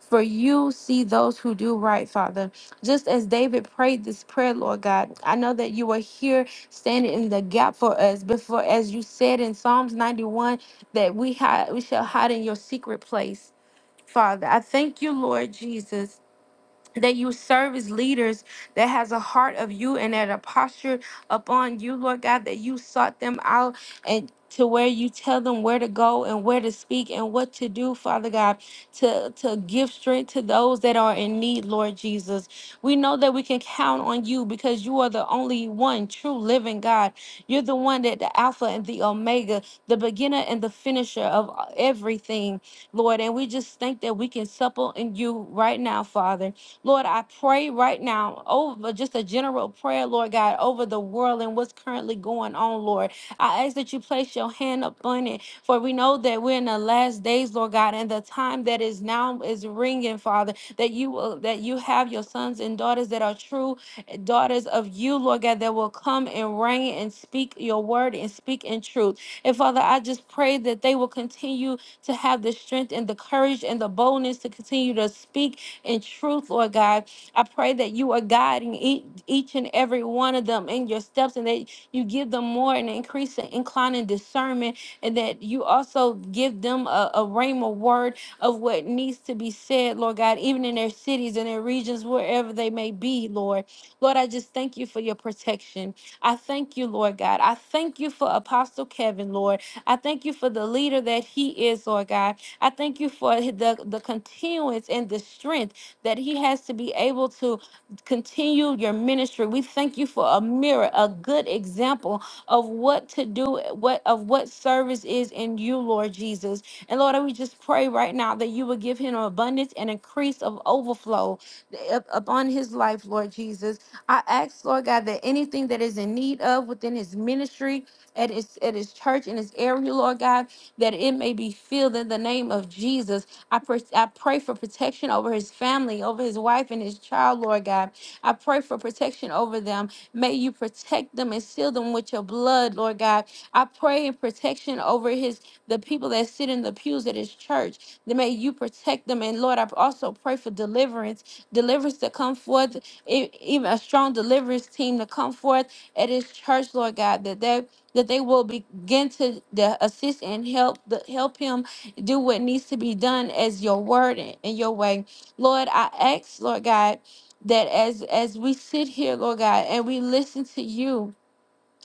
C: for you see those who do right, Father. Just as David prayed this prayer, Lord God, I know that you are here standing in the gap for us. Before, as you said in Psalms 91, that we hide, we shall hide in your secret place, Father. I thank you, Lord Jesus that you serve as leaders that has a heart of you and that a posture upon you, Lord God, that you sought them out and to where you tell them where to go and where to speak and what to do, Father God, to, to give strength to those that are in need, Lord Jesus. We know that we can count on you because you are the only one true living God. You're the one that the Alpha and the Omega, the beginner and the finisher of everything, Lord. And we just think that we can supple in you right now, Father. Lord, I pray right now over just a general prayer, Lord God, over the world and what's currently going on, Lord. I ask that you place your hand upon it, for we know that we're in the last days, Lord God, and the time that is now is ringing, Father, that you will, that you have your sons and daughters that are true daughters of you, Lord God, that will come and reign and speak your word and speak in truth. And Father, I just pray that they will continue to have the strength and the courage and the boldness to continue to speak in truth, Lord God. I pray that you are guiding each, each and every one of them in your steps and that you give them more and increase and incline in discernment and that you also give them a, a rhema word of what needs to be said, Lord God, even in their cities and their regions, wherever they may be, Lord. Lord, I just thank you for your protection. I thank you, Lord God. I thank you for Apostle Kevin, Lord. I thank you for the leader that he is, Lord God. I thank you for the, the continuance and the strength that he has to be able to continue your ministry. We thank you for a mirror, a good example of what to do, what of what service is in you, Lord Jesus. And Lord, we just pray right now that you would give him an abundance and increase of overflow eh, up- upon his life, Lord Jesus. I ask, Lord God, that anything that is in need of within his ministry, at his at his church in his area, Lord God, that it may be filled in the name of Jesus. I, pers- I pray for protection over his family, over his wife and his child, Lord God. I pray for protection over them. May you protect them and seal them with your blood, Lord God. I pray in protection over his the people that sit in the pews at his church. That may you protect them. And Lord, I also pray for deliverance, deliverance to come forth, e- even a strong deliverance team to come forth at his church, Lord God, that they that they will begin to the assist and help the help him do what needs to be done as your word and and your way. Lord, I ask, Lord God, that as as we sit here, Lord God, and we listen to you,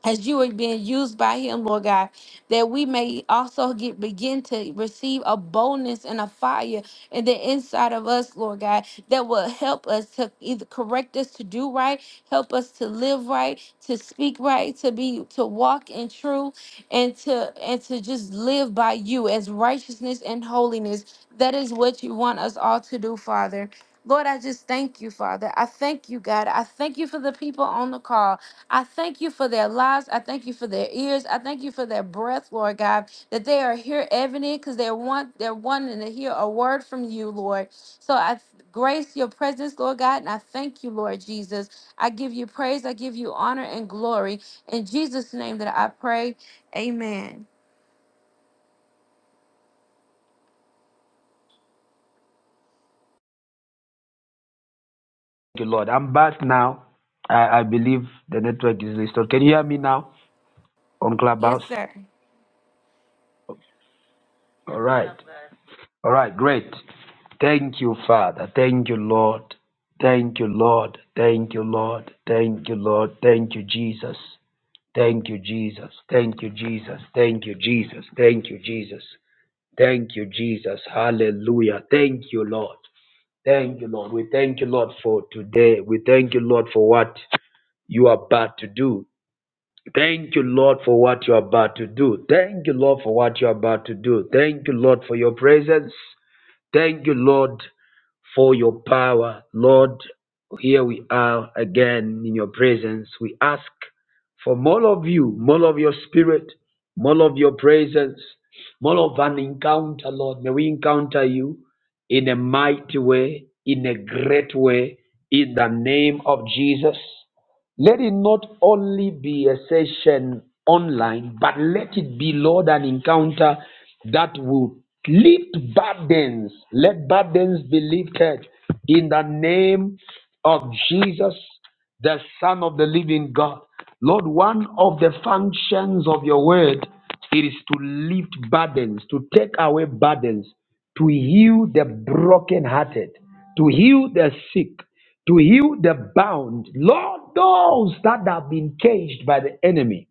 C: as you are being used by him, Lord God, that we may also get begin to receive a boldness and a fire in the inside of us, Lord God, that will help us to either correct us to do right, help us to live right, to speak right, to be to walk in truth, and to and to just live by you as righteousness and holiness. That is what you want us all to do, Father. Lord, I just thank you, Father. I thank you, God. I thank you for the people on the call. I thank you for their lives. I thank you for their ears. I thank you for their breath, Lord God, that they are here evident because they're one, they're wanting to hear a word from you, Lord. So I th- grace your presence, Lord God, and I thank you, Lord Jesus. I give you praise, I give you honor and glory. In Jesus' name that I pray. Amen.
A: you, Lord. I'm back now. I, I believe the network is restored. Can you hear me now on Clubhouse?
C: Yes, sir.
A: All right. All right, great. Thank you, Father. Thank you, Lord. Thank you, Lord. Thank you, Lord. Thank you, Lord. Thank you, Jesus. Thank you, Jesus. Thank you, Jesus. Thank you, Jesus. Thank you, Jesus. Thank you, Jesus. Hallelujah. Thank you, Lord. Thank you, Lord. We thank you, Lord, for today. We thank you, Lord, for what you are about to do. Thank you, Lord, for what you are about to do. Thank you, Lord, for what you are about to do. Thank you, Lord, for your presence. Thank you, Lord for your power. Lord, here we are again in your presence. We ask for more of you, more of your spirit, more of your presence, more of an encounter, Lord. May we encounter you in a mighty way, in a great way, in the name of Jesus. Let it not only be a session online, but let it be, Lord, an encounter that will lift burdens. Let burdens be lifted in the name of Jesus, the Son of the living God. Lord, one of the functions of your word it is to lift burdens, to take away burdens, to heal the brokenhearted, to heal the sick, to heal the bound. Lord, those that have been caged by the enemy,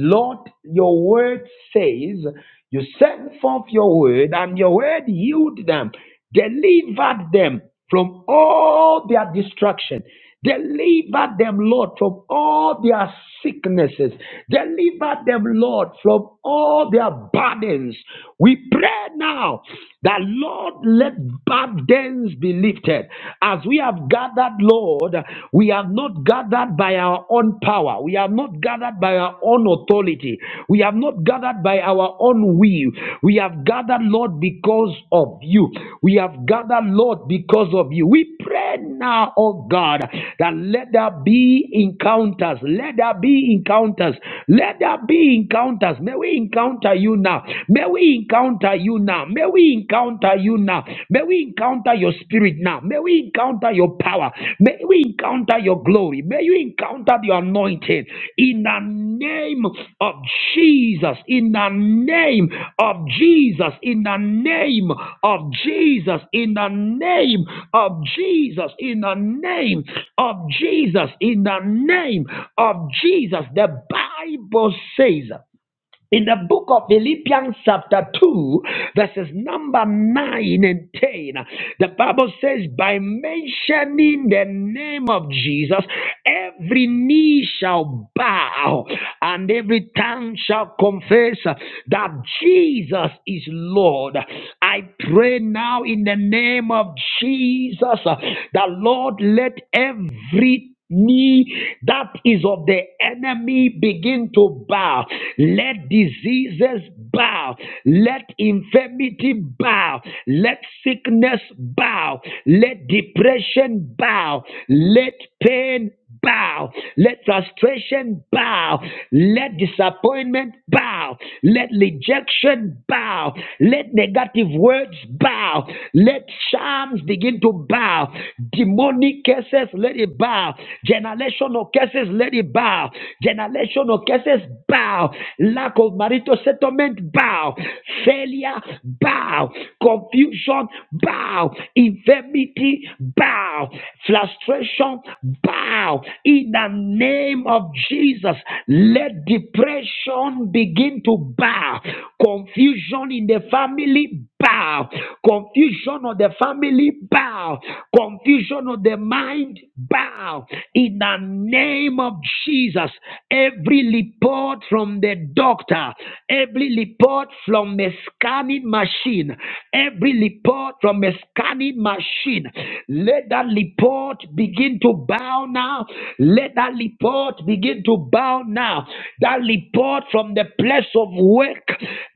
A: Lord, your word says you sent forth your word, and your word healed them, delivered them from all their destruction. Deliver them, Lord, from all their sicknesses. Deliver them, Lord, from all their burdens. We pray now that, Lord, let burdens be lifted. As we have gathered, Lord, we are not gathered by our own power. We are not gathered by our own authority. We are not gathered by our own will. We have gathered, Lord, because of you. We have gathered, Lord, because of you. We pray now, oh God, that let there be encounters. Let there be encounters. Let there be encounters. May we encounter you now. May we encounter you now. May we encounter you you now. May we encounter your spirit now. May we encounter your power. May we encounter your glory. May you encounter your anointing in the name of Jesus. In the name of Jesus. In the name of Jesus. In the name of Jesus. In the name of Jesus. In the name of Jesus. The Bible says in the book of Philippians, chapter 2, verses number 9 and 10, the Bible says, By mentioning the name of Jesus, every knee shall bow and every tongue shall confess that Jesus is Lord. I pray now in the name of Jesus, the Lord, let every knee that is of the enemy begin to bow. Let diseases bow. Let infirmity bow. Let sickness bow. Let depression bow. Let pain bow. Let frustration bow. Let disappointment bow. Let rejection bow. Let negative words bow. Let charms begin to bow. Demonic curses, let it bow. Generational curses, let it bow. Generational curses, bow. Lack of marital settlement, bow. Failure, bow. Confusion, bow. Infirmity, bow. Frustration, bow now in the name of Jesus. Let depression begin to bow, confusion in the family bow, confusion of the family bow, confusion of the mind bow in the name of Jesus. Every report from the doctor, every report from a scanning machine, every report from a scanning machine, let that report begin to bow now. Let that report begin to bow now. That report from the place of work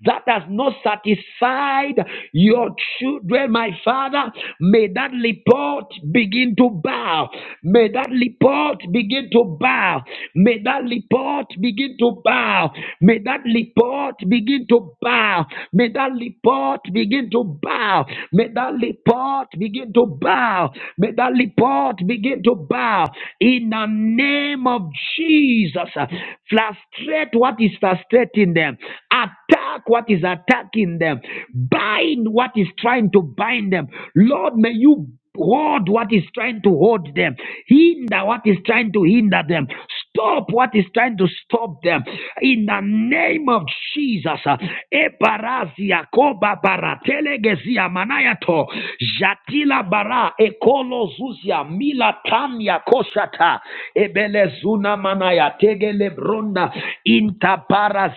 A: that has not satisfied your children, my father. May that report begin to bow. May that report begin to bow. May that report begin to bow. May that report begin to bow. May that report begin to bow. May that report begin to bow. May that report begin to bow in the name of Jesus. uh, Frustrate what is frustrating them. Attack what is attacking them. Bind what is trying to bind them. Lord, may you hold what is trying to hold them, hinder what is trying to hinder them, Stop what is trying to stop them in the name of Jesus. uh, Ebarazia koba bara manayato jatila bara ekolo zuzia mila tanya koshata ebelezuna manaya bronda intabara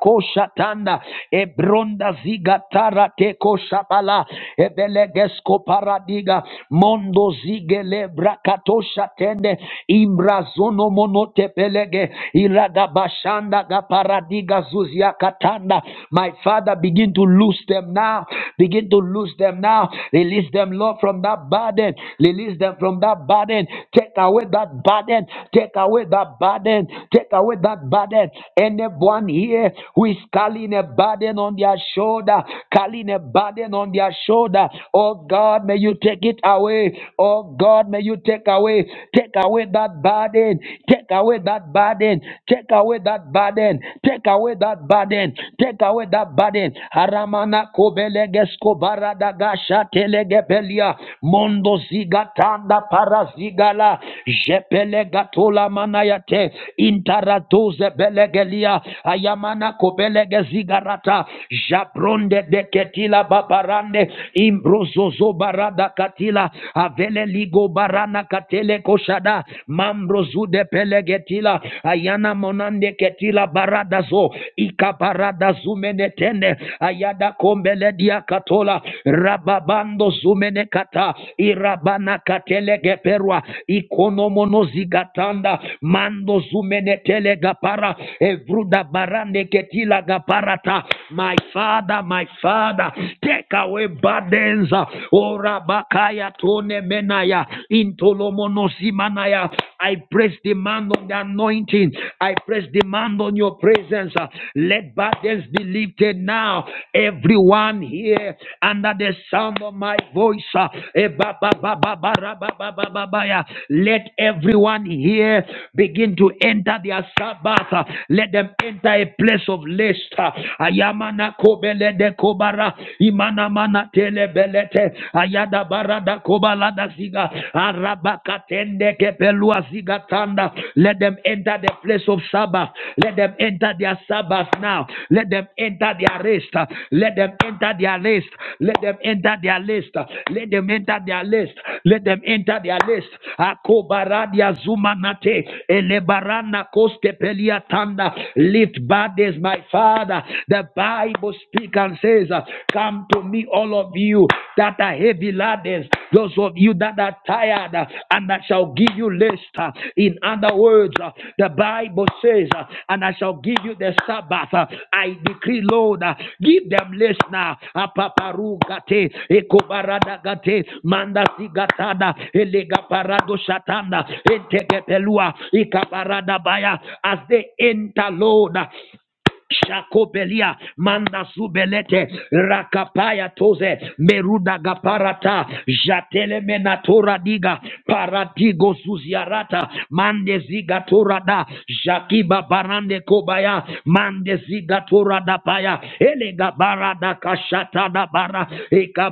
A: koshatanda ebronda zigatara teko shabala ebelegesko paradiga mondo zigele brakatosha tende pelege ibrazono monote pelege irada bashanda paradiga zuzia katanda my father begin to loose them now begin to loose them now release them lord from that burden release them from that burden take away that burden take away that burden take away that burden anyone here who is carrying a burden on their shoulder carrying a burden on their shoulder oh god may you take it away oh god God, may you take away, take away that burden, take away that burden, take away that burden, take away that burden, take away that burden. Haramana kobelegesko baradagasha telegebelia, mondo zigatanda parazigala, jepelegatola manayate, intaratuze belegelia, ayamana kobelegezigarata, jabronde deketila babarande, imbrozozo barada katila avele ligo barana katele koshada mambrozude pelegetila ayana monande ketila baradazo ikabarada zumenetende ayada kombele dia katola rababando zumene kata irabana katele geperwa ikonomono zigatanda mando zumene tele gapara evruda barande ketila gaparata my father my father take away barada Radenza, Orabakaya Tone Menaya, Intolomonosimanaya. I press demand on the anointing. I press demand on your presence. Let burdens be lifted now. Everyone here under the sound of my voice. uh, eh, Let everyone here begin to enter their Sabbath. uh, Let them enter a place of rest. uh, Ayamana Kobele de Kobe kobara imana mana tele belete ayada barada kobala siga arabakatende kepelua siga tanda let them enter the place of sabbath let them enter their sabbath now let them enter their rest let them enter their rest let them enter their rest let them enter their rest let them enter their rest akobaradia zumanate elebarana koste pelia tanda lift burdens my father The the Bible speaks and says, uh, Come to me, all of you that are heavy laden, those of you that are tired, uh, and I shall give you rest. uh." In other words, uh, the Bible says, uh, And I shall give you the Sabbath. uh, I decree, Lord, uh, give them rest now. Apaparugate, ekobaradagate, mandasigatada, elegaparado shatanda, entekepelua, ikaparadabaya, As they enter, Lord, Shakobelia manda zubelete rakapaya toze meruda gaparata jatele menatora diga paradigo zuziarata mande ziga torada jakiba barande kobaya mande ziga da paya elega barada kashata da bara eka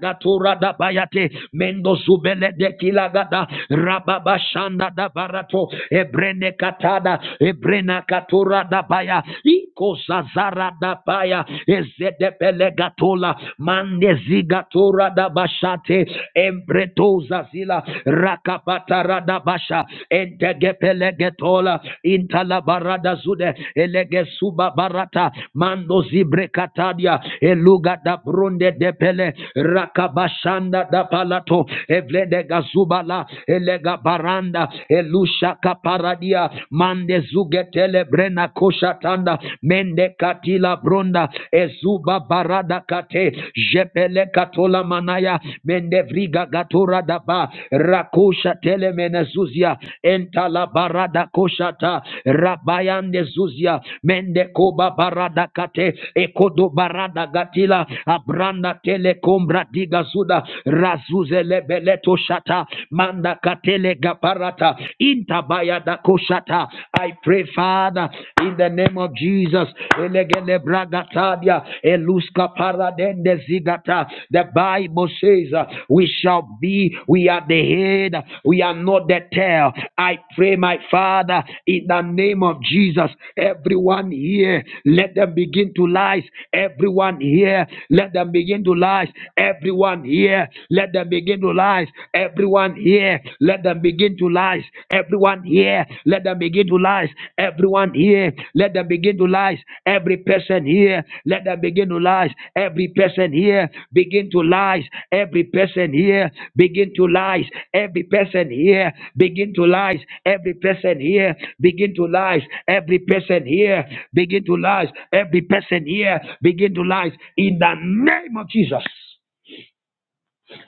A: gatora da bayate mendo zubele de kilagada rababa shanda da barato ebrene katada e Ebrena katura dabaya. Iko zazara dabaya. Ezedepelegatula. Mandezigatura dabashate. Embretoza zila. Rakapata radabasha. Entegepelegetol. Intalabarada zude. Elegesuba barata. Mando zibrekatadia. Eluga da brunde depele. Rakabashanda da palato. Evlede gazubala. Elega baranda. Elusha shaka paradia mande zugetele brena koshatanda mende katila bronda ezuba barada kate jepele katola manaya mende vriga gatura daba rakusha tele menezuzia entala barada koshata rabayande zuzia mende koba barada kate ekodo barada gatila abranda tele kombra diga zuda razuzele beleto shata manda da katele gaparata intabaya da koshata. I pray, Father, in the name of Jesus. Elegele bragatadia eluska paradende zigata. The Bible says uh, we shall be, we are the head, we are not the tail. I pray, my Father, in the name of Jesus. Everyone here, let them begin to rise. Everyone here, let them begin to rise. Everyone here, let them begin begin to rise. Everyone here, let them begin to rise. Everyone here, let them begin to rise. Everyone here, let them begin to rise. Every person here, let them begin to rise. Every person here, begin to rise. Every person here, begin to rise. Every person here, begin to rise. Every person here, begin to rise. Every person here, begin to rise. Every person here, begin to rise. In the name of Jesus.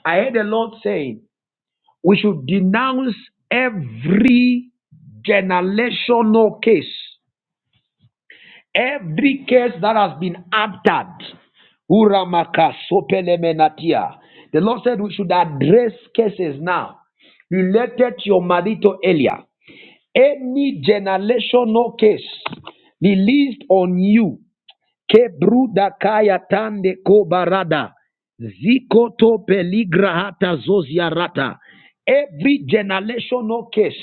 A: I heard the Lord saying, we should denounce every generational case, every case that has been altered. Uramaka sopelemenatia. The Lord said we should address cases now related to your marital earlier. Any generational case released on you Kebruda kaya tande kobarada. Zikoto peligra hata Every generational case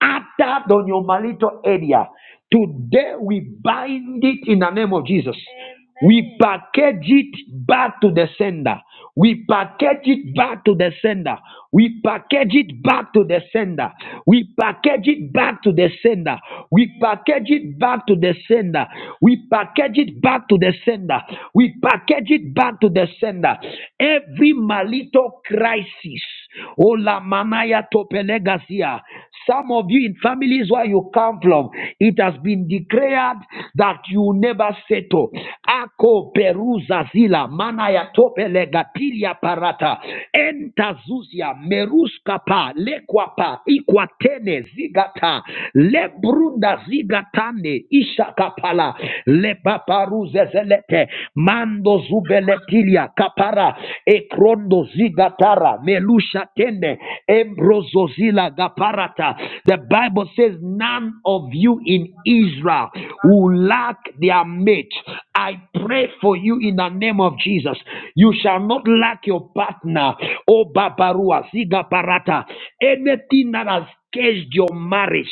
A: uttered on your marital area, today we bind it in the name of Jesus. Amen. We package it back to the sender. We package it back to the sender. We package it back to the sender. We package it back to the sender. We package it back to the sender. We package it back to the sender. We package it back to the sender. Every malito crisis. Ola manaya topelegasia. Some of you in families where you come from, it has been declared that you never settle. Ako peruza zila manaya topelegatilia parata. Entazuzia meruskapa lekwapa ikwatene zigata lebrunda zigatane ishakapala kapara lebaparuzezelete mando zubeletilia kapara ekrondo zigatara melusha tende embrozozila gaparata the bible says none of you in israel will lack their mate i pray for you in the name of jesus you shall not lack your partner oh babarua zigaparata anything that has caged your marriage,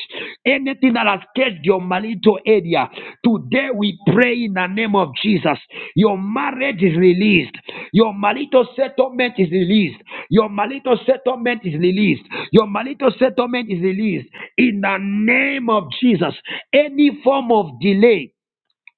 A: anything that has caged your marital area, today we pray in the name of Jesus. Your marriage is released. Your marital settlement is released. Your marital settlement is released. Your marital settlement is released in the name of Jesus. Any form of delay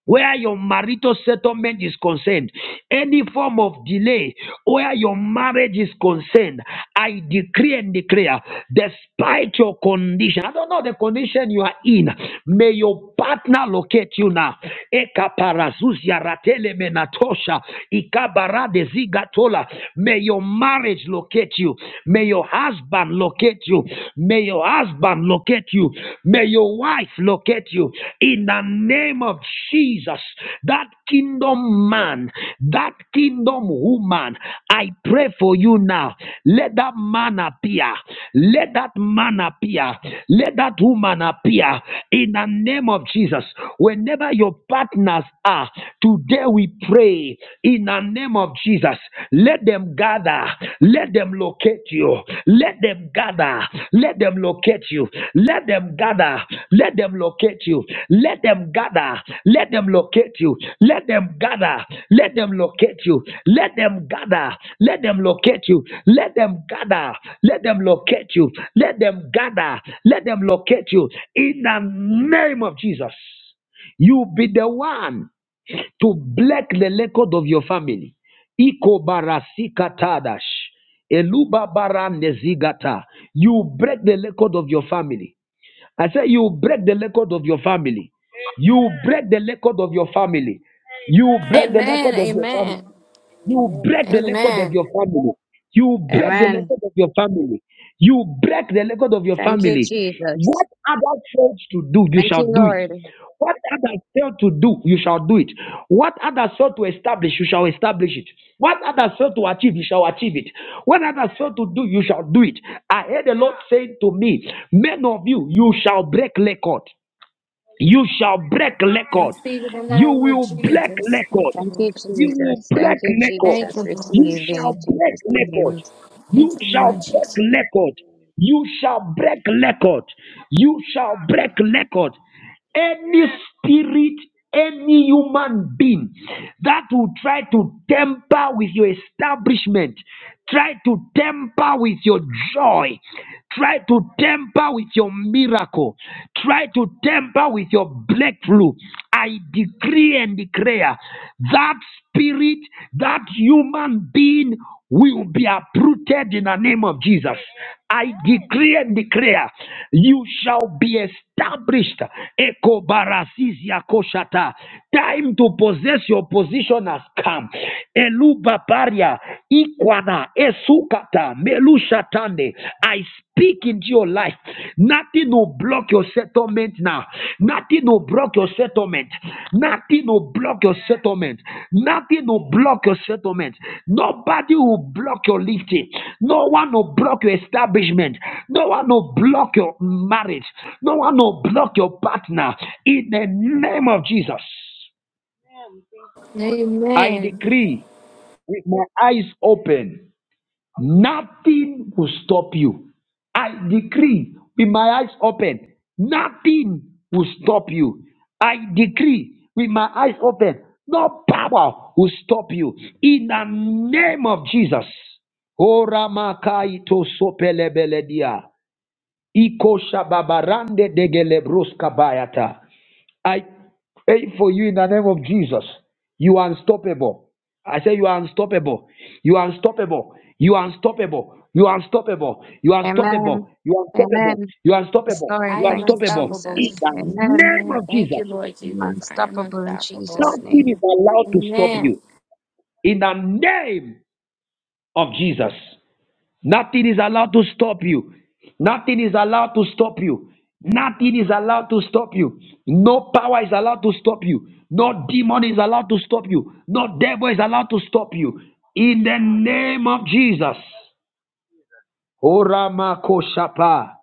A: where your marital settlement is concerned, any form of delay where your marriage is concerned, I decree and declare, despite your condition, I don't know the condition you are in, may your partner locate you now. Ekaparazuzia ratele menatosha, ikabarade zigatola. May your marriage locate you. May your husband locate you. May your your husband locate you. May your wife locate you. In the name of Jesus, that kingdom man, that kingdom woman, I pray for you now. Let that man appear. Let that man appear. Let that woman appear. In the name of Jesus, whenever your partners are, today we pray in the name of Jesus. Let them gather. Let them locate you. Let them gather. Let them locate you. Let them gather. Let them locate you. Let them gather. Let them locate you. Let them gather. Let them locate you. Let them gather. Let them locate you. Let them gather. Let them locate you. Let them gather. Let them locate you. In the name of Jesus. You be the one to break the record of your family. Iko barasika tadash. Eluba bara nezigata. You break the record of your family. I say you break the record of your family. You break the record of your family. You break the
C: Amen.
A: record of your family.
C: Amen.
A: You
D: Amen.
A: break the record of
C: Amen.
A: your family. You
D: Amen.
A: break the
E: Amen.
A: record of your family. You break the record of your
E: Thank you,
A: family.
E: Jesus.
A: What others failed to do, you
E: Thank
A: shall
E: you,
A: do it.
E: Lord.
A: What others failed to do, you shall do it. What others failed to establish, you shall establish it. What others failed to achieve, you shall achieve it. What others failed to do, you shall do it. I heard the Lord saying to me, Men of you, you shall break record. You shall break
C: I
A: record.
C: receive it in the
A: You
C: name of
A: will break
C: Jesus.
A: record.
C: Thank you,
E: Thank you,
C: Lord.
A: You will
E: Jesus.
A: break
E: Thank you,
A: record.
C: Thank you,
E: Jesus.
C: Lord.
A: You
E: Receive
A: shall
E: in
A: break
E: Jesus'
A: record.
E: name.
C: Thank
A: You
C: you,
A: shall
C: Lord Jesus.
A: break record. You shall break record. You shall break record. Any spirit, any human being that will try to temper with your establishment, try to temper with your joy, Try to temper with your miracle. Try to temper with your breakthrough. I decree and declare that spirit, that human being will be uprooted in the name of Jesus. I decree and declare you shall be established. Eko barazizia koshata. Time to possess your position has come. Elubabaria, Ikwana, Esukata, Melushatande. I speak into your life. Nothing will block your settlement now. Nothing will block your settlement. Nothing will block your settlement. Nothing will block your settlement. Nobody will block your lifting. No one will block your establishment. No one will block your marriage. No one will block your partner. In the name of Jesus, I
C: Amen.
A: decree with my eyes open. Nothing will stop you. I decree with my eyes open, nothing will stop you. I decree with my eyes open, no power will stop you. In the name of Jesus. Ora makai to sopelebeledia. Iko shababarande degelebroska bayata. I pray for you in the name of Jesus. You are unstoppable. I say you are unstoppable. You are unstoppable. You are unstoppable. You are unstoppable. You are unstoppable.
E: Amen.
A: You are unstoppable.
E: Amen.
A: You are
E: Yes,
A: unstoppable.
C: I
E: Lord.
A: You are
C: am
E: Thank you,
A: unstoppable.
C: unstoppable.
A: In
E: Jesus.
A: the
E: Amen.
A: name
C: Amen.
A: of
C: Thank
A: Jesus.
C: you, Lord
E: I'm
C: Jesus. I am
E: unstoppable in
C: unstoppable.
E: Jesus'
A: Nothing is
E: name.
A: allowed to stop you.
C: Amen.
A: In the name of Jesus. Nothing is allowed to stop you. Nothing is allowed to stop you. Nothing is allowed to stop you. No power is allowed to stop you. No demon is allowed to stop you. No devil is allowed to stop you. In the name of Jesus. Orama koshapa.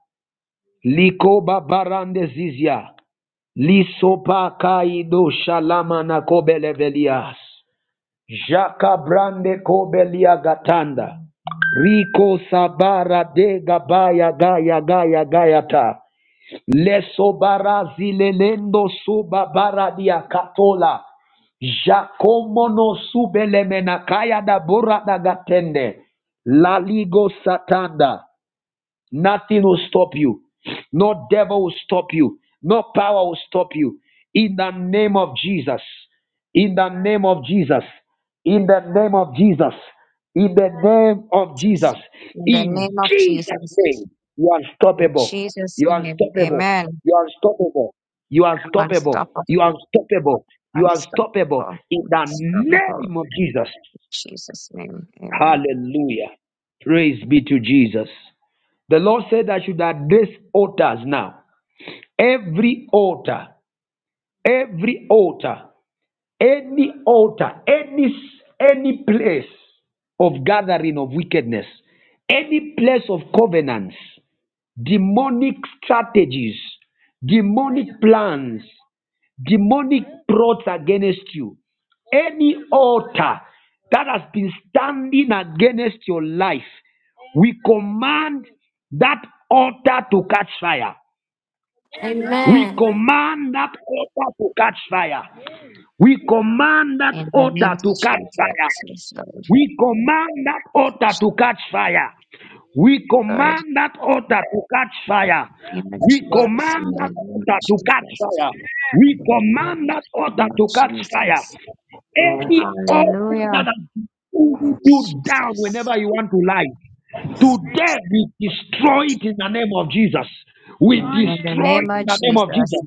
A: Likoba barande zizia. Lisopa kaido shalama na Jakabrande brande kobelia gatanda. Riko sabara de gabaya gaya gaya gaya ta. Leso barazi lelendo suba baradia katola. Jacomono subelemenakaya da bura da gatende. Laligo satanda. Nothing will stop you. No devil will stop you. No power will stop you. In the name of Jesus. In the name of Jesus. In the name of Jesus. In the name of
E: Jesus.
A: Jesus.
E: In the
A: In
E: name of
A: Jesus'
E: Jesus.
A: name. You are
E: In
A: unstoppable.
E: Jesus'
A: You are
E: name.
A: unstoppable.
E: Amen.
A: You are unstoppable. You are
E: I'm
A: unstoppable. You are
E: unstoppable.
A: unstoppable. You are
E: Unstoppable.
A: unstoppable. In
E: I'm
A: the
E: unstoppable.
A: name
E: In
A: of Jesus.
E: Jesus' name. Amen.
A: Hallelujah. Praise be to Jesus. The Lord said I should address altars now. Every altar, every altar, any altar, any any place of gathering of wickedness, any place of covenants, demonic strategies, demonic plans demonic plots against you, any altar that has been standing against your life, we command that altar to catch fire. We
C: Amen.
A: command that altar to catch fire. We command that
E: In the name
A: altar
E: of
A: to catch fire.
E: Jesus. Yes,
A: We command that altar to catch fire. We
E: Lord.
A: command that altar to catch fire.
E: name of
A: We
E: Jesus,
A: command
E: in the
A: that
E: name of
A: altar to
E: Jesus,
A: catch fire. We
E: in
A: command
E: the
A: that altar
E: name of
A: to catch fire.
E: Jesus.
A: Any altar
E: Hallelujah,
A: that has pulled you down whenever
E: Jesus.
A: you want to lie, Today we destroy it in the name of Jesus. We
E: In the
A: destroy
E: name
A: it
E: of
A: in the name of
E: Jesus,
A: Jesus.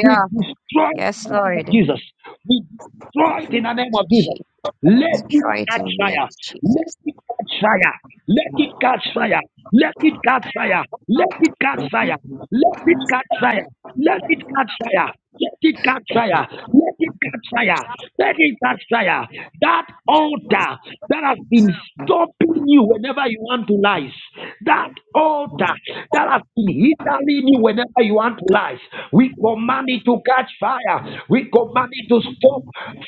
A: We destroy it in
E: Yes,
A: the name of
E: Lord.
A: Jesus.
E: Thank
A: We destroy it in the name
E: you,
A: of Jesus.
E: Jesus.
A: Let it
E: Try it
A: catch
E: in the name
A: fire.
E: of
A: Let
E: Jesus.
A: it catch fire. Let it catch fire. Let it catch fire. Let it catch fire. Let it catch fire. Let it catch fire. Let it catch fire. Let it catch fire. Let it catch fire. That altar that has been stopping you whenever you want to rise. That altar that has been hindering you whenever you want to rise. We command it to catch fire. We command it to stop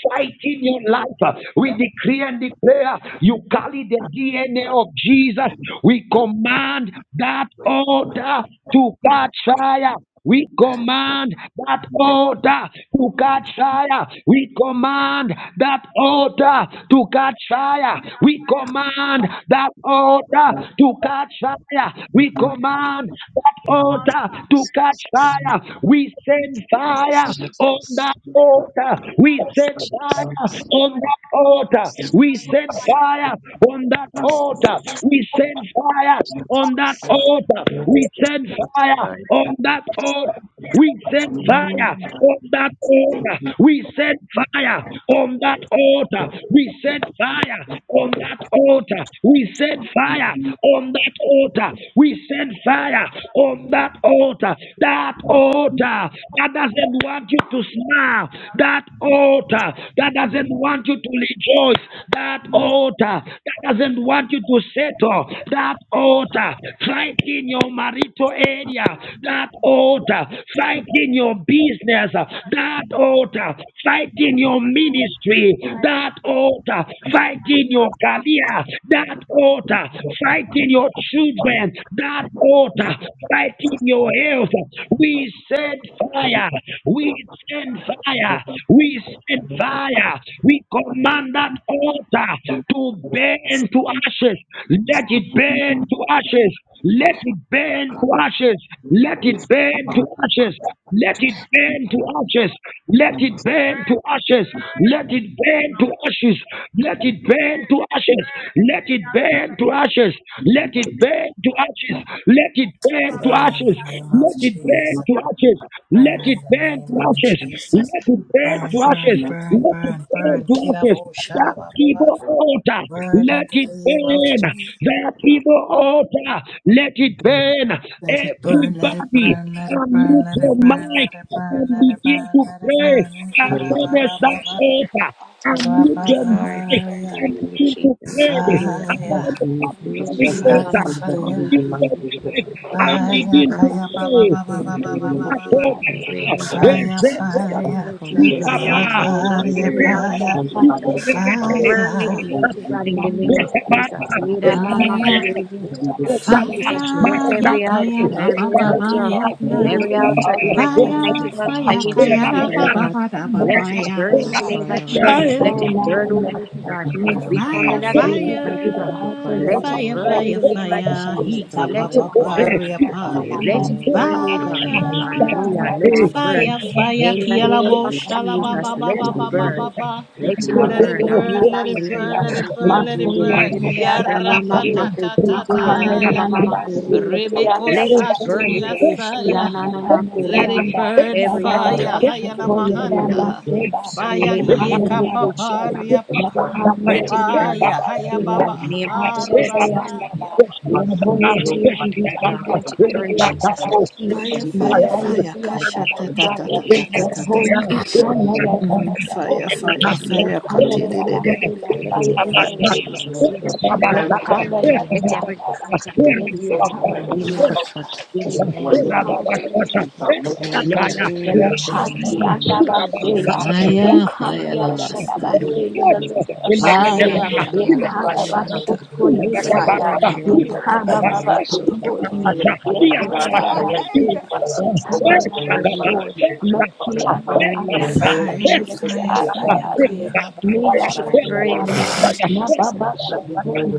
A: fighting your life. We decree and declare you carry the DNA of Jesus. We command that altar to catch fire. We command that altar to catch fire. We command that altar to catch fire. We command that altar to catch fire. We command that altar to catch
E: Jesus,
A: fire. We send fire on
E: Jesus,
A: that altar. We send fire
E: Jesus,
A: on that altar. We send fire on that altar. We send fire fire
E: Jesus,
A: on that
E: Jesus.
A: altar. We send fire
E: Lord,
A: on that altar. We send fire
E: amen.
A: on that altar. We send fire on that altar. We send fire on that altar. We send fire on that altar. We send fire on that altar. That altar that doesn't want you to smile. That altar that doesn't want you to rejoice. That altar that doesn't want you to settle, that altar fight in your marital area, that altar fight in your business, that altar fight in your ministry, that altar fight in your career, that altar fight in your children, that altar fight in your health. We send fire, we send fire fire. We send fire. We command that altar to burn to ashes. Let it burn to ashes. Let it burn to ashes. Let it burn to ashes. Let it burn to ashes. Let it burn to ashes. Let it burn to ashes. Let it burn to ashes. Let it burn to ashes. Let it burn to ashes. Let it burn
F: Burn
A: to
F: in the name
A: ashes.
F: of
A: Let it burn
F: Jesus.
A: to ashes. Let
F: Burn
A: it
F: in the
A: burn
F: name
A: to
F: of
A: ashes.
F: Jesus.
A: Let it burn to
F: Burn, burn,
A: ashes.
F: burn,
A: Let it
F: burn,
A: burn
F: burn.
A: to ashes.
F: Kirabo
A: That
F: sharababa.
A: evil altar,
F: Burn in
A: let
F: the
A: it
F: name of
A: burn.
F: Jesus.
A: That evil altar, let it burn.
F: Let it burn, let it
A: Everybody,
F: burn, let it burn,
A: unmute
F: let it
A: your
F: burn,
A: mic
F: let it
A: and
F: burn, let it
A: begin
F: burn,
A: to
F: let it
A: pray
F: burn.
C: And
A: and
C: I pray
A: finish
C: for
A: that
C: every
F: Karabababa.
C: evil
A: altar.
C: also
A: Unmute your
C: in my
E: Lord,
C: life,
A: mic
C: oh
F: Rabahaya.
C: God,
A: and
C: that
E: hallelujah,
A: begin
C: I would
A: to
C: be
E: Jesus,
C: God.
A: pray
E: hallelujah.
A: and
F: Fire,
C: Now in
A: finish that
C: the name of
A: demonic
C: Jesus, and I live in
A: altar.
F: fire, fire, fire.
A: Unmute your
C: the name
A: mic
E: Lord,
C: of
A: tonight and
C: Jesus, I
A: begin
C: pray
A: to
E: from
F: Kaya
C: for
F: baba
A: pray.
C: you.
F: baba
E: people
F: baba
E: doing
F: baba
E: this with
F: baba.
E: every altar,
F: Fire,
E: every
F: fire.
D: From
E: altar,
D: the Lord,
C: Jesus.
E: every altar, oh God,
F: Raparia
E: every
C: Hallelujah, Lord.
E: altar,
F: paya.
C: All time,
E: Jesus.
C: let us be on my heart.
E: burn any
C: So,
F: Fire,
C: yeah.
E: place God in the
C: Manda,
E: name of
C: yeah, da, da, da,
E: Jesus.
C: da, da,
E: Leader,
C: so,
E: Mama,
C: yeah.
F: fire,
E: Kurubu,
C: Da, da, da, da, so, yeah.
E: Jesus,
C: You
E: lift
F: fire,
C: come,
F: ya
C: da, da,
E: every altar,
F: kaya
C: da, da,
F: ba ba
C: so,
E: every
F: ba
C: that
F: ba
E: altar,
C: Evil,
F: ya na.
C: every
E: every
C: evil
E: altar
D: you
C: altar,
D: know,
E: erected,
D: Lord,
C: Lord,
D: let
E: mighty
F: Fire,
D: it
E: God,
D: fall
F: fire,
D: upon
E: against your
D: them,
F: kaya
D: O
F: ra
D: Lord.
E: people, oh
F: ba ba
C: generational
E: God.
F: ba da ba
E: Let
F: ba
E: it
C: curses,
E: burn
D: Let
C: Lord
E: in
D: your
E: the
C: God.
E: name of
D: fire
C: Let
E: Jesus.
C: it
D: radiate,
F: ya.
E: Let
D: O
E: it
C: burn now
D: Lord.
E: burn,
C: in
E: oh
C: the name
E: mighty
D: Let
C: of
E: God.
D: your fire
C: Jesus,
E: We
C: Lord
E: come
F: Fire,
D: fall,
C: God.
E: in
D: O Lord.
E: agreement,
C: Every
E: mighty
C: evil
D: Let
A: Yeah.
E: God.
D: your
C: altar
F: fire,
D: fire
C: that
E: Let
C: has
D: fall, O
E: it
C: been
F: fire,
E: burn in
D: Lord,
C: placed
F: fire,
E: the
D: O
C: in,
E: name
D: Lord.
E: of
F: fire.
C: has
D: Let
C: been
E: Jesus.
D: your
F: Hika
E: Let
C: placed
E: it
F: papa
D: fire
C: upon my
D: fall, O
C: life,
D: Lord.
F: paria
C: Lord God, on
F: paya.
D: In
C: my
E: let it
D: every
C: family's
E: burn,
C: life,
E: oh
D: altar, O
C: God.
E: God.
C: Let it
D: Lord.
C: be
F: Fire,
C: burned
E: Hallelujah.
D: Any
C: right
E: Let
C: now
E: it
C: in
D: altar,
C: the
E: burn.
F: fire,
C: name of
F: fire.
E: In the
C: Jesus.
E: name
F: Kialabo
E: of
C: I
F: shalaba
C: come,
E: Jesus,
F: ba
C: Lord
F: ba
E: let
C: God,
F: ba
E: it
C: let it
F: ba ba
C: be
F: ba
E: burn.
C: burned.
F: ba.
C: Yes,
E: Let it
C: I'm the
F: Let it
E: burn.
C: Lord,
E: Ani
F: burn,
C: i the
F: let it
E: kuri
F: burn,
C: Savior.
F: let it
E: mashiki
F: burn,
C: My
F: let it
C: toy,
E: ndirimu.
F: burn.
C: did it, I'm the
F: Yarra pa
E: Ramamama
C: Savior.
F: ta ta
C: My
F: ta
E: kututi ya
C: car, did
F: ta ya.
E: ramamama
C: the Savior.
E: kurimu.
F: Rebeko
E: Let it burn. Ikusi
F: satiriasaya.
E: ya nanana
C: I'm the
F: Let
E: kurimu.
F: it burn
E: Every
C: Sababa
E: altar
F: fire. Hayana
C: Rashato
E: kumturimu.
C: Yeredamba
A: Thank
F: mahanda.
A: you.
C: Seba,
A: Thank
F: Fire
E: Siri
F: hieka pa.
C: Yatandarababa
E: kuruku
C: Su,
E: china.
C: Yakani
E: Let it
C: Yeredamba
E: burn.
F: Fire
E: In
C: Basuya,
E: the
F: hayababa
B: Thank
E: name of Jesus, let it,
C: Hadadarayandaba,
F: pa.
C: Yato
E: let it burn,
C: Yerediyandi
E: oh God.
C: Andi
E: Let it
C: Akandi
E: burn, Jesus.
C: Yandaba
E: Let it
C: Si,
E: burn.
F: Fire, fire,
C: Mata
F: fire. Kasha
C: Yerediyandaba
F: ta ta ta
C: Fire,
F: ta ta ta ta
E: Jesus,
C: Yato
F: ta.
E: let it
C: Yikana Yandaba
F: Mm,
E: go.
F: fire,
C: Yabasi,
F: fire, fire. Katiri
C: Yatandarababa
F: de de de
C: Seba,
F: de
D: O
E: Let
F: de de
C: Fire
E: it
D: Lord.
F: de.
C: in
E: go,
F: de.
C: the name of
E: Jesus. Let
C: Jesus,
E: it
D: Hallelujah.
E: go, Lord God.
C: Yakanda
E: Let
D: Hallelujah.
E: every
C: Yadadandaba,
E: counter created by
C: Yasakari
B: you.
E: the
D: Hallelujah.
E: enemy
C: Yerediyandaba
A: you.
B: I
E: against your
B: don't want to
E: people,
B: talk
E: let it,
B: about
A: Rababashata,
C: Hallelujah.
B: anything. I don't
C: Hallelujah.
E: go, let
C: My
E: it
A: Etakaya,
C: little
E: go,
C: brother,
D: Hallelujah.
C: Tani,
E: Jesus.
A: Urabababa,
E: Glory
A: Urabababa,
C: Andabaseya.
E: mighty
D: Hallelujah.
E: God.
F: Fire
C: Yakandi,
E: Rabba,
A: Urabababa,
E: she can
C: Andabaseya,
E: do
F: hayana
E: it.
C: The
E: Lord.
C: lifter of my
E: She had a
C: head.
D: Hallelujah,
F: Fire,
A: Ilegedebana,
E: mama
F: kaya
E: who
F: laba
E: could not.
A: Ilegedebaraba,
F: shanta.
D: hallelujah. Let
E: Let
C: Yakandabasotoi,
E: it
D: your
C: Anda.
F: Fire,
A: Ilegedebaraba,
E: burn
F: pa
E: the
D: fire
F: pa
E: demons.
F: pa
D: upon me.
F: pa, ra
E: Let
A: Ilegedebaraba,
F: pa
E: it,
D: Let
F: pa
D: your
F: pa pa
C: Yakababasotoi.
F: pa.
D: fire
A: Urababasha,
F: pa.
E: let
D: upon us.
E: it
A: Iyababasha,
E: burn the
C: Yakandabase.
F: Fire,
E: demons,
A: Iyababasha,
E: Jesus. Let it burn, you
A: Eshagaba,
E: God.
C: Yakandabaso.
E: Let
C: Maki,
A: Eshagaba,
E: it
C: Andi,
E: burn the
A: Eshagaba,
E: name of
C: Andasokoi,
F: fire,
E: Jesus.
C: Andi,
E: Let
F: fire,
E: it
A: Eshagaba,
E: burn,
F: fire,
E: God.
C: Adabaye.
F: kaya
C: Me,
E: keep
C: Yanda,
F: laba
A: Eshagaba,
C: Me,
E: burning the
C: Yanda.
E: name
A: Eshagaba,
E: like
A: Eshagaba,
E: Jesus. Make it burn,
B: want
C: Nababasotona.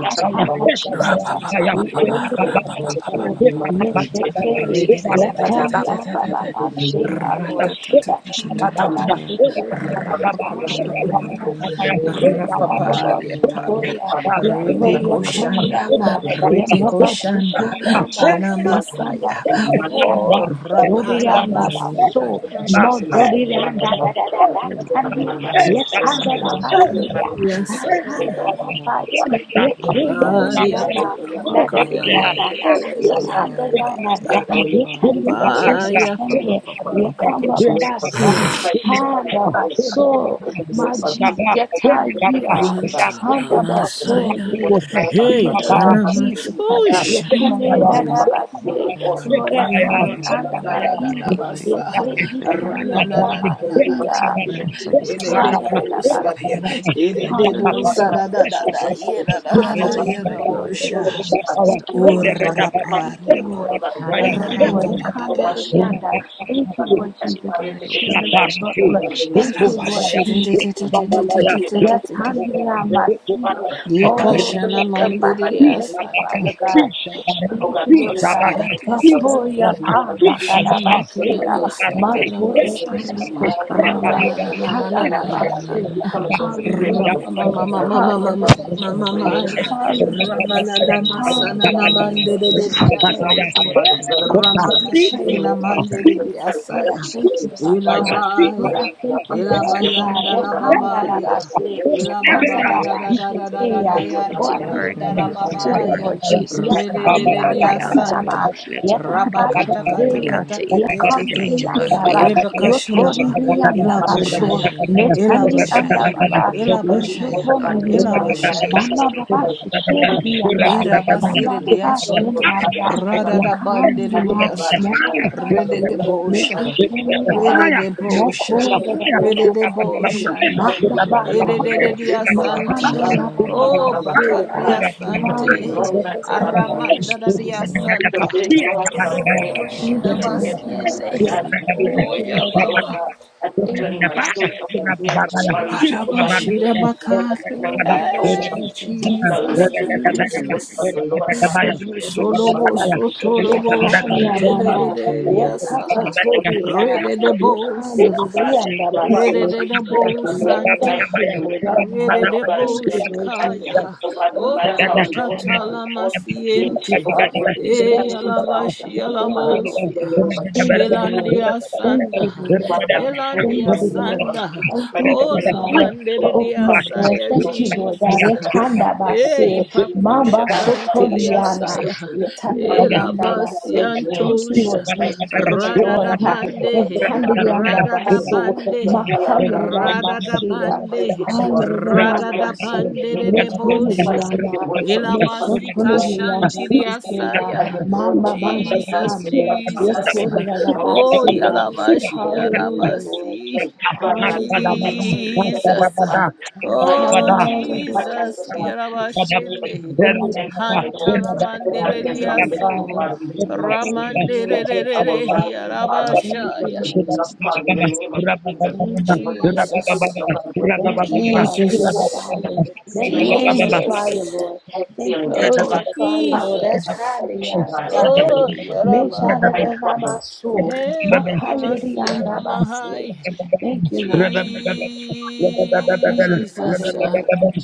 E: make it
B: talk
E: burn,
B: about
E: Jesus.
B: anything.
E: Make it burn,
B: Thank
E: make it
C: Yakondriyambaso.
E: burn, God. make it burn,
C: Meshekeli,
E: Jesus. Make it
C: Yatandi
E: burn,
C: Abababase, Lord,
E: she like
C: Yatamababase
D: Hallelujah.
C: Keli,
E: found she did
D: In the
E: for
D: presence of
C: Abababase,
D: the evening
E: she
D: gathering of
C: Yatababasotoya,
D: and
C: Yahweh
E: ordered
F: Ripikoshanda,
C: Yakonyama,
F: Ripikoshanda,
C: Yababasotoyama,
E: Jesus.
F: Anamasaya, oh
C: Yatambatandriana,
A: Thank you.
E: Make it
B: you.
C: Dodianda
E: burn,
A: Rakupuse,
E: in the
F: Raparabasi.
C: Baso,
E: name
B: Thank
E: of Jesus.
C: Mododianda da da
D: oh,
E: Make it
C: da da
E: burn,
D: the fire,
C: Tandi,
D: fire,
E: Jesus.
C: Yatanda
E: Make
C: da
E: it
D: fire,
E: burn, in the
C: Basia,
E: name of
F: Yes,
D: let's see
F: sir.
E: Jesus.
C: Ataya
D: fire,
E: Make
C: Basaya,
E: it burn, in the name
C: Yakaya
E: of
F: Ay, ya,
D: hallelujah,
E: Jesus.
C: Nana,
F: calama, ca-
E: Make
F: ya,
E: it
F: ya,
D: hallelujah,
F: ya,
E: burn,
C: Nadariana.
F: ya, ya, ya,
E: Jesus.
F: ya,
E: Make it
F: ya, ya,
D: fire,
F: ya, ya.
C: Yekandayanada,
D: let your
E: burn,
D: fire
C: Yekandia
E: Jesus.
D: continue
E: Make it burn, Jesus. Make it
F: Fire.
D: to
F: Pa, pa,
C: Ekisane,
F: pa, pa,
D: burn.
F: pa, pa, pa,
C: Yekamba
E: burn,
F: pa.
C: Babasi, Handa Baso, my
E: Jesus. Make it burn,
C: Jesus, Yataya,
E: Jesus.
F: Manta
C: Handa
E: It's
C: Baso,
F: Masaya,
C: yeah.
E: great
A: Rakupuse,
E: name
C: In the
F: Hey,
C: name of
E: Jesus.
F: Hanamas,
C: Jesus,
F: Oh, Shama, Mama,
A: Rakupaya,
E: Jesus.
F: Mama.
C: Yekandayanabase,
A: Rakupaya,
D: Oh,
C: Lord,
B: you
A: Rakupaya,
B: of
C: Yatami
B: the
E: It's a
B: blood
F: Da
D: the
B: right
A: Rakupaya,
E: great
F: da da
B: to
D: flow
F: da
B: our
C: Andamari,
E: name
D: of
E: of
D: the evil
B: the
C: Yete
F: basa,
A: Thank
B: very
D: ones
B: blessing
D: against
E: God.
F: rana
B: of the
F: na
D: our
F: na na
C: Yikamiya
D: life.
B: the
F: na na
B: name of
E: Let
F: na
B: the
E: it
F: na.
D: We ask
E: burn,
D: for your
E: Jesus.
F: Ere
D: Father
E: Let
D: to
F: be
E: it burn.
D: continue to
F: kosa ya,
C: Ha-da-da-da-ba-si.
D: clean.
E: Let it
F: ere
E: burn.
F: de
E: Let it
F: bosa
C: Hallelujah,
F: da
C: Lord
E: burn,
F: da da da,
C: Jesus.
E: Jesus.
F: ye da da da
E: Let
F: da
E: it
F: ye
E: burn
C: Hallelujah,
F: da
E: in the
C: Lord
F: bosha.
E: name of
C: Jesus.
E: Jesus. Of
C: Thank you, Lord
E: the
C: Jesus.
F: Ora
E: word.
C: Thank you,
F: paria pa,
C: Lord.
E: Not
C: Thank
E: in the
C: you,
F: ra
C: Lord.
F: pa
E: holy
F: pa
E: name
F: pa
E: of
F: pa.
B: in the
E: Shia.
C: Ekanda-da-da-da. Thank you,
A: you.
C: Lord
E: To
C: Jesus.
E: burn
C: My
E: up
C: shield and
E: the
C: my
E: Jesus.
C: buckler.
A: Shaparafina,
C: Thank
F: Ara
C: you,
E: Jesus.
C: Lord
F: washi
A: Ukubabaya,
F: de de
C: Jesus.
F: de de
B: Oh
F: de de
C: My
A: Ukubabaya,
C: shield.
F: de de de de.
A: Ukubabaya, Ukubabaya,
C: Ra-ta-ni-ra-ma-si.
B: God,
C: Oh, the
F: Yikashana
C: lift
E: Burn
C: of
A: Rakatita,
C: my
E: up
F: mandiri
C: head. Thank you,
F: asante.
A: Isabara,
C: Father
E: the
C: God.
A: Isabara,
E: Jesus.
C: Thank
B: Oh God,
C: you, Lord
B: bring
F: Yes,
B: us
E: Burn
C: God.
A: Isabara,
B: out
F: God.
B: of the
F: Yes,
B: darkness
F: God.
B: in the
C: Matoya
A: Isabara,
B: name
E: in the
B: of
C: panda
E: name
C: da
B: Jesus.
C: da
F: Oshana
A: Isabara,
E: of
B: Lord, look at
F: makina
C: basia.
B: the good,
A: Ekabarate,
F: masatana
B: look at
C: Matone
B: the good,
F: masaya.
C: ani
E: Jesus. Let
A: Ekabarate,
E: it
B: Lord,
E: burn. Let it burn. Jesus. Let it burn.
B: Father
C: akanya.
B: God, look
F: Ramana
B: at
F: na
B: the
A: Ekabarate,
F: na na
B: good,
F: na na na
B: Father
F: na
B: God.
A: Ekabarate,
F: na
C: Hallelujah.
B: We
F: na.
B: come
D: Hallelujah.
B: against the spirit of
D: For
F: Ramama
B: depression
D: in
F: mama
B: and
F: mama mama
B: oppression, Father.
D: Jesus'
C: Hallelujah.
F: mama
B: In
D: mighty
B: the
F: mama
B: name
F: ya.
D: name,
B: of
D: I pray,
B: Jesus,
D: Lord.
B: Christ, we
C: Hallelujah.
F: Ramana
B: set
F: na
B: the
D: We ask
B: fire
D: for
C: Hallelujah. Lord, I
D: your
B: of
F: masana
C: give
B: God
F: na
D: fire,
B: by
F: mandere de
E: Let
C: you
D: continue
E: it
D: to
E: burn.
C: praise,
F: diasunto.
D: take
C: Lord.
B: the
D: this
B: blood of
C: Lord,
D: mighty
C: I give
B: Jesus,
C: you
D: Lord.
B: in the
F: Ramakashiki
C: praise,
F: na
B: name
C: Lord
B: of
E: Burn,
F: mandere
B: Jesus
C: Jesus.
B: Christ, let
C: Lord,
B: it
C: I
B: be
F: diasaya.
C: thank you,
B: prayed.
E: Jesus. Let
C: Father
B: Father God,
C: God.
E: it
B: your
C: Lord, I
B: glory,
F: Ilabaya.
B: your
C: thank you,
B: unrighteous,
C: Father
E: burn.
B: your
C: God.
F: Ilabayanda
B: kingdom,
F: la
B: God,
C: Rakanda
B: the
F: babaya.
B: blood of the
C: rabase,
B: living man, God,
C: handa
B: in
F: Ilababa
B: the
F: da da
B: name
F: da
B: of
F: da da
B: Jesus,
F: da da da
B: for
C: rabashitea.
B: you are
F: ya
E: Let
B: not
C: Oh,
B: a
E: it
C: I
D: We
B: man
D: ask
C: thank
B: that
E: burn,
D: for
C: you
B: you
F: ramanda
B: can
D: your
C: for
F: la
C: your
B: lie
E: let
D: fire,
E: it
B: down,
C: spirit,
D: O
F: babaya.
E: burn,
B: you
D: Lord.
C: Lord
B: can
C: Jesus.
D: We
E: Jesus.
B: connect
F: Rede
B: our
F: de
C: Yakami
F: de
D: call
B: close
C: anda
E: Every
D: upon
B: to that
E: altar,
D: you,
B: power
E: O
D: Lord.
F: diasanta.
C: rarama,
B: of
E: God, let it
D: We
B: God.
D: ask
E: burn.
D: for
B: It
D: your
B: is
F: Rabakata
B: like
D: fire,
F: kata
D: O
B: the
E: Every
C: yakabashitea,
D: Lord.
F: kata
E: altar
B: peace of
F: kete
D: Let
B: God,
E: erected,
B: the
D: your
F: kete.
B: peace of
C: yakandi
E: mighty
F: he.
B: God,
E: God,
C: anda
E: for
B: the
E: your
C: ba,
D: fire,
B: peace of
F: Rebecca
E: people,
B: God,
E: mighty
B: the
C: yotori
F: shilaba.
E: God,
D: fire,
B: warrior,
C: anda
D: from
E: to
F: Ilaba
D: the
B: Father, in
E: know,
B: the
D: crown
C: baso,
A: Thank
F: shaya.
B: name
D: of
A: you.
B: of
D: your head
E: mighty
B: Jesus
D: to
E: God,
D: the
E: to
B: Christ,
F: Ilaba
C: netani
D: sole
E: stand.
D: of
F: shaya.
C: anda
B: that
D: your
B: is
D: feet, O
C: baba,
B: the
D: Lord.
B: only
D: We
B: force
D: ask
B: of
E: God,
D: for
B: God, and
D: your
E: let
B: yes,
E: it
B: I
F: Ilaba
C: yotoni
B: will
E: burn,
D: fire,
B: not,
F: shaya.
B: you
E: Jesus.
B: know,
C: Bamba
E: Let it
C: baba
D: continue
B: like,
D: to
B: we have
C: shikiri
B: to do the
C: yanda,
B: things that we have
C: bamba
F: Irabasire
C: baba
E: burn,
B: sin was
F: diasonto,
B: brother,
C: shinanda,
B: so that
F: radada
B: we could
F: bandere
B: have the
C: yakanya,
B: blood
F: diasa,
B: to
E: shake,
C: never
B: make,
C: baba
B: and the
F: rede de
C: su,
B: blood of the
F: bosha,
B: mother, Father of God,
C: nisukenya,
F: rede de
B: so that
C: no
B: we
F: bosha,
E: Jesus.
B: could
C: kure
B: make
C: de na
B: favor,
C: na
F: rede de
B: and
C: mayu,
B: you,
F: boshanda,
B: and
C: mamba
B: we could be
D: fire, O
C: baba
E: Mm.
B: united
F: rede
D: Lord.
C: so,
F: de
B: with our
F: diasanta.
C: makanda
E: Jesus,
B: life,
C: ya
E: let it
B: and
C: baba
F: Oh,
D: Fire,
B: our soul,
C: basia,
D: let
B: God,
F: pakaria
B: we shall live
D: fire,
F: sante,
C: handu de de
B: long
C: de
B: lives about the
E: burn,
D: freedom,
B: name
D: fire,
B: of
F: aramanda da
E: Jesus.
B: Jesus.
D: fire,
C: yanda.
B: We shall
F: diasanta,
B: live long about the name
F: roboko
B: of Jesus,
C: Thank
B: we
F: shida
C: you,
D: fire.
E: Mighty
B: shall
E: God,
C: Lord
B: live and not
E: spirit,
F: basiene.
C: Jesus.
B: die
D: And
E: sing,
B: to feel the
F: Oh,
C: Thank you,
B: work
F: ya
B: of
C: Lord
B: the Lord
C: Jesus.
A: Fire!
F: baba,
B: God, and
C: Thank you, Lord
B: concerning my soul,
C: Jesus.
B: God, I'm
E: of
B: here, and I'm
E: course, yeah,
C: Thank
B: worried,
C: you, Lord
B: about his
C: Jesus.
B: name,
F: arabashida
B: this is a hundred, to
F: bakare.
B: my
C: Thank you, Lord
E: sure,
B: soul,
F: Hey,
C: Jesus.
B: be shall
F: Jesus,
B: lift
C: Thank
B: the
C: you,
B: good
C: Lord
B: and
C: Jesus.
B: works of
F: Jesus.
B: the Lord,
C: Thank
B: Father.
C: you, Lord
B: In the name
C: Jesus.
E: shake,
B: of
F: Solobo
C: Ah,
B: Jesus Christ, and the
F: sotorobo
B: Holy
C: Yekanya
F: shante
B: Spirit,
D: gracious
F: de
B: God,
D: be
F: de
C: mama,
D: to
F: de
D: your
B: every
D: name.
B: wicked and
E: shake,
C: yekapa
F: diasa.
B: demonic order for the
C: todia,
F: Rede de
A: Father,
B: respect of the
C: yekanda
B: fire
F: bosa.
B: of God.
C: vayanda
B: The fire
F: Rede
B: of
E: shake,
C: basi.
F: de de
B: the spirit
C: Thank
F: bo
C: you,
B: of grace
C: Lord. Thank
F: santa.
B: tonight, the
C: you, Lord.
B: Lord,
C: Ata.
B: fire
F: Rede
B: of
F: de
B: God, and
E: shake,
B: the
F: bo
C: Thank
B: Lord
C: you,
B: is
C: Lord
B: fighting.
F: shakaya.
C: Jesus.
B: Oh God, no matter
C: Thank you,
B: how
F: Oh
C: Lord
E: shake,
B: long, oh
C: Jesus.
B: God, we
F: tatala
B: force it again.
C: Thank you,
B: Oh
F: masiente.
B: God,
C: Father.
B: we're to be
F: E
B: silent
C: Thank you,
B: the mouth
C: Father.
B: and
F: yalabashi
B: not
C: Thank
B: God.
C: you, Lord.
B: In the
F: yalabosia.
B: name of
E: shake,
C: Thank you,
E: Jesus.
B: Jesus Christ.
C: Lord.
F: Elandia
C: Thank you,
F: Sanda,
C: Lord.
B: Father God, we thank you,
F: Elandia
C: Thank
B: God, in
C: you,
B: the name
C: Lord.
B: of
F: Sanda,
B: Jesus
C: Oh,
B: Christ,
C: thank
B: and We
C: you,
B: Lord,
F: Ola
C: Father,
B: for
C: for
B: the
C: opening
F: Banderia
C: up
B: prophet,
E: Let it
B: the
C: doors.
F: Saya,
E: burn,
B: Lord,
C: Thank you,
B: for the
C: Lord God.
F: Jesus.
E: Jesus. let it
B: faithfulness of
E: burn.
C: Ekanda
B: the
F: Ei
C: basi,
B: people who are in
C: mamba
F: pakusha
B: Father God, we
F: kantilia
B: are
E: Jesus,
C: sotoliana,
E: thank
F: saya,
E: you,
A: Thank
B: filthy.
A: you.
B: We are
A: Thank
F: ela
C: yetandiyanda
B: delivered, God, in
C: basi.
B: the
E: Lord
B: name of
C: Thank you,
B: Jesus
C: Lord
F: basiantosha,
E: Jesus, thank
B: Christ.
C: Jesus, for
B: We can
F: rada
B: only
F: da
C: destroying
B: look
C: her.
B: at all of
F: bande,
B: it now, but just
C: Yetandiyanda
F: rada
B: kind
F: da
B: of
C: baso,
B: the
E: you,
F: bande,
B: prayer
E: Lord
B: of God in the
C: makayerida
F: rada
B: name of
F: da
B: Jesus
C: basi.
B: Christ,
F: bande,
B: if you are
E: Jesus,
B: from
E: thank you,
B: us,
F: rada
E: Lord
B: God,
F: da
B: in
C: Hayırlanamazsın.
B: the
F: bande de
B: name of Jesus Christ,
F: debosha,
B: your
C: Metronuyama.
B: words of
F: ela
B: the unto you,
F: basika
B: God, we come
E: Jesus, Lord
F: shantilia
B: to you.
C: Mesotonuyandisikeya.
B: I
F: saya,
B: give glory
C: Mama
B: over my child, I
E: Jesus,
F: Jesus,
C: manchetamye.
E: Lord
B: my
E: Jesus,
F: Jesus.
B: husband,
E: Father,
B: belongs
E: heavenly
B: to
F: Oh,
B: our
C: Yekorarabasiya.
B: daughter,
E: things,
B: belongs to
F: Yalamashi,
B: her, in the
E: every
B: name
E: evil,
B: of
C: Hallelujah,
B: Jesus
C: Lord.
F: Yaramasi.
B: Christ.
E: every
B: Father, I pray, make
E: evil
C: Hallelujah,
B: it to
C: Lord
E: spirit,
B: step
F: Jesus.
B: forth,
C: Jesus.
B: Father, the
E: every
B: fire of
E: evil
F: Oh,
B: God, the
C: Hallelujah,
B: fire
C: Lord
E: against
F: Jesus.
B: of
A: you.
B: God, the
C: Jesus.
A: Rabba
E: your
B: destroy of the
E: people,
F: Kiramashinde.
B: wicked
C: Thank
B: and
C: you,
B: demonic
C: Father.
B: altar,
E: and
B: But
E: every
B: God
F: Hantalamandele
B: against
C: Thank
B: our
E: recurring
C: you,
E: dark
B: listening,
F: diaso.
C: Father.
B: Father,
E: wicked
B: in the
E: like
B: name of
C: Thank
B: Jesus.
C: you,
E: us.
C: Lord
F: Ramandele
B: Against
C: Jesus.
B: our rising, Father, you
C: Thank you,
B: love
F: Yarabashaya.
B: the
C: Lord
B: name of
E: Jesus, thank
B: Father,
C: Jesus.
B: in the name of Jesus.
C: Thank
B: And
C: you,
B: what
C: Lord
B: you have
E: you,
B: written,
F: Jesus.
B: oh
C: Jesus.
B: God, what
C: Thank
B: enemy,
C: you,
B: oh God,
C: Father,
B: you
C: your
B: are
F: Jesus.
B: the
C: fire.
B: grand
C: Thank
B: ceiling
C: you
B: of
C: for
B: the
C: your
E: Jesus,
C: fire,
F: Jesus.
C: Lord.
B: great
C: Thank
B: ceiling,
C: you
F: Oh,
C: for
B: oh God,
C: your
B: you
C: fire, Lord. That
E: thank you,
B: have
F: Jesus.
C: kind of
E: Lord
B: opened, oh God,
E: Jesus, the
B: in the
C: yarabase.
B: name
F: Oh,
B: of Jesus
C: Meshada
F: Yarabaya.
B: Christ, Father.
C: rabaso.
A: Rabba
E: burden
F: Hey, Mama
C: Makayada
F: Masiana
C: yandabase.
F: Mahai.
E: to
C: Thank you, Lord Jesus. Thank
E: take,
C: you, Father,
F: Jesus.
E: Jesus,
F: uh,
C: Lord.
E: thank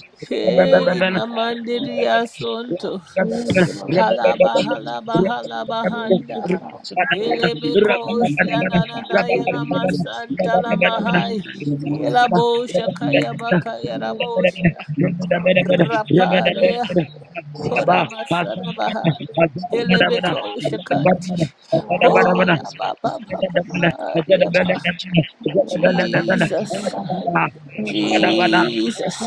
C: Thank
F: Hey,
C: you, Father,
E: you,
C: Lord.
E: Lord,
F: Namandiria
E: thank you, Lord,
F: Sonto.
C: Thank you, Lord
E: thank
F: Halaba,
E: you,
C: Jesus.
E: Lord,
F: halaba, halaba,
C: Thank you,
F: handa.
C: Father.
E: Jesus.
F: Helebe
C: Thank
F: kosi
C: you, Lord God.
E: to
F: ananana yela
E: Jesus,
F: masanta la
C: Thank
E: we
C: you,
E: give
C: Lord
F: mahai.
E: you our thanks for
C: Jesus.
F: Yela
E: this
F: bosha kaya bakaya
C: Thank you, Lord.
F: rabosha.
C: Thank
F: Raparea
C: you, Lord.
E: sister
F: hora masana
E: and
F: baha. Helebe kosha kanti.
E: son of
C: Hallelujah.
F: Hola baba
E: space,
F: baba
A: yeah,
E: quiet
F: paria
E: check,
F: pa.
E: check,
C: Jesus,
E: roots,
F: Jesus.
C: what I
F: uh,
C: thank you for,
E: focus,
C: God.
E: accumulate,
F: Jesus,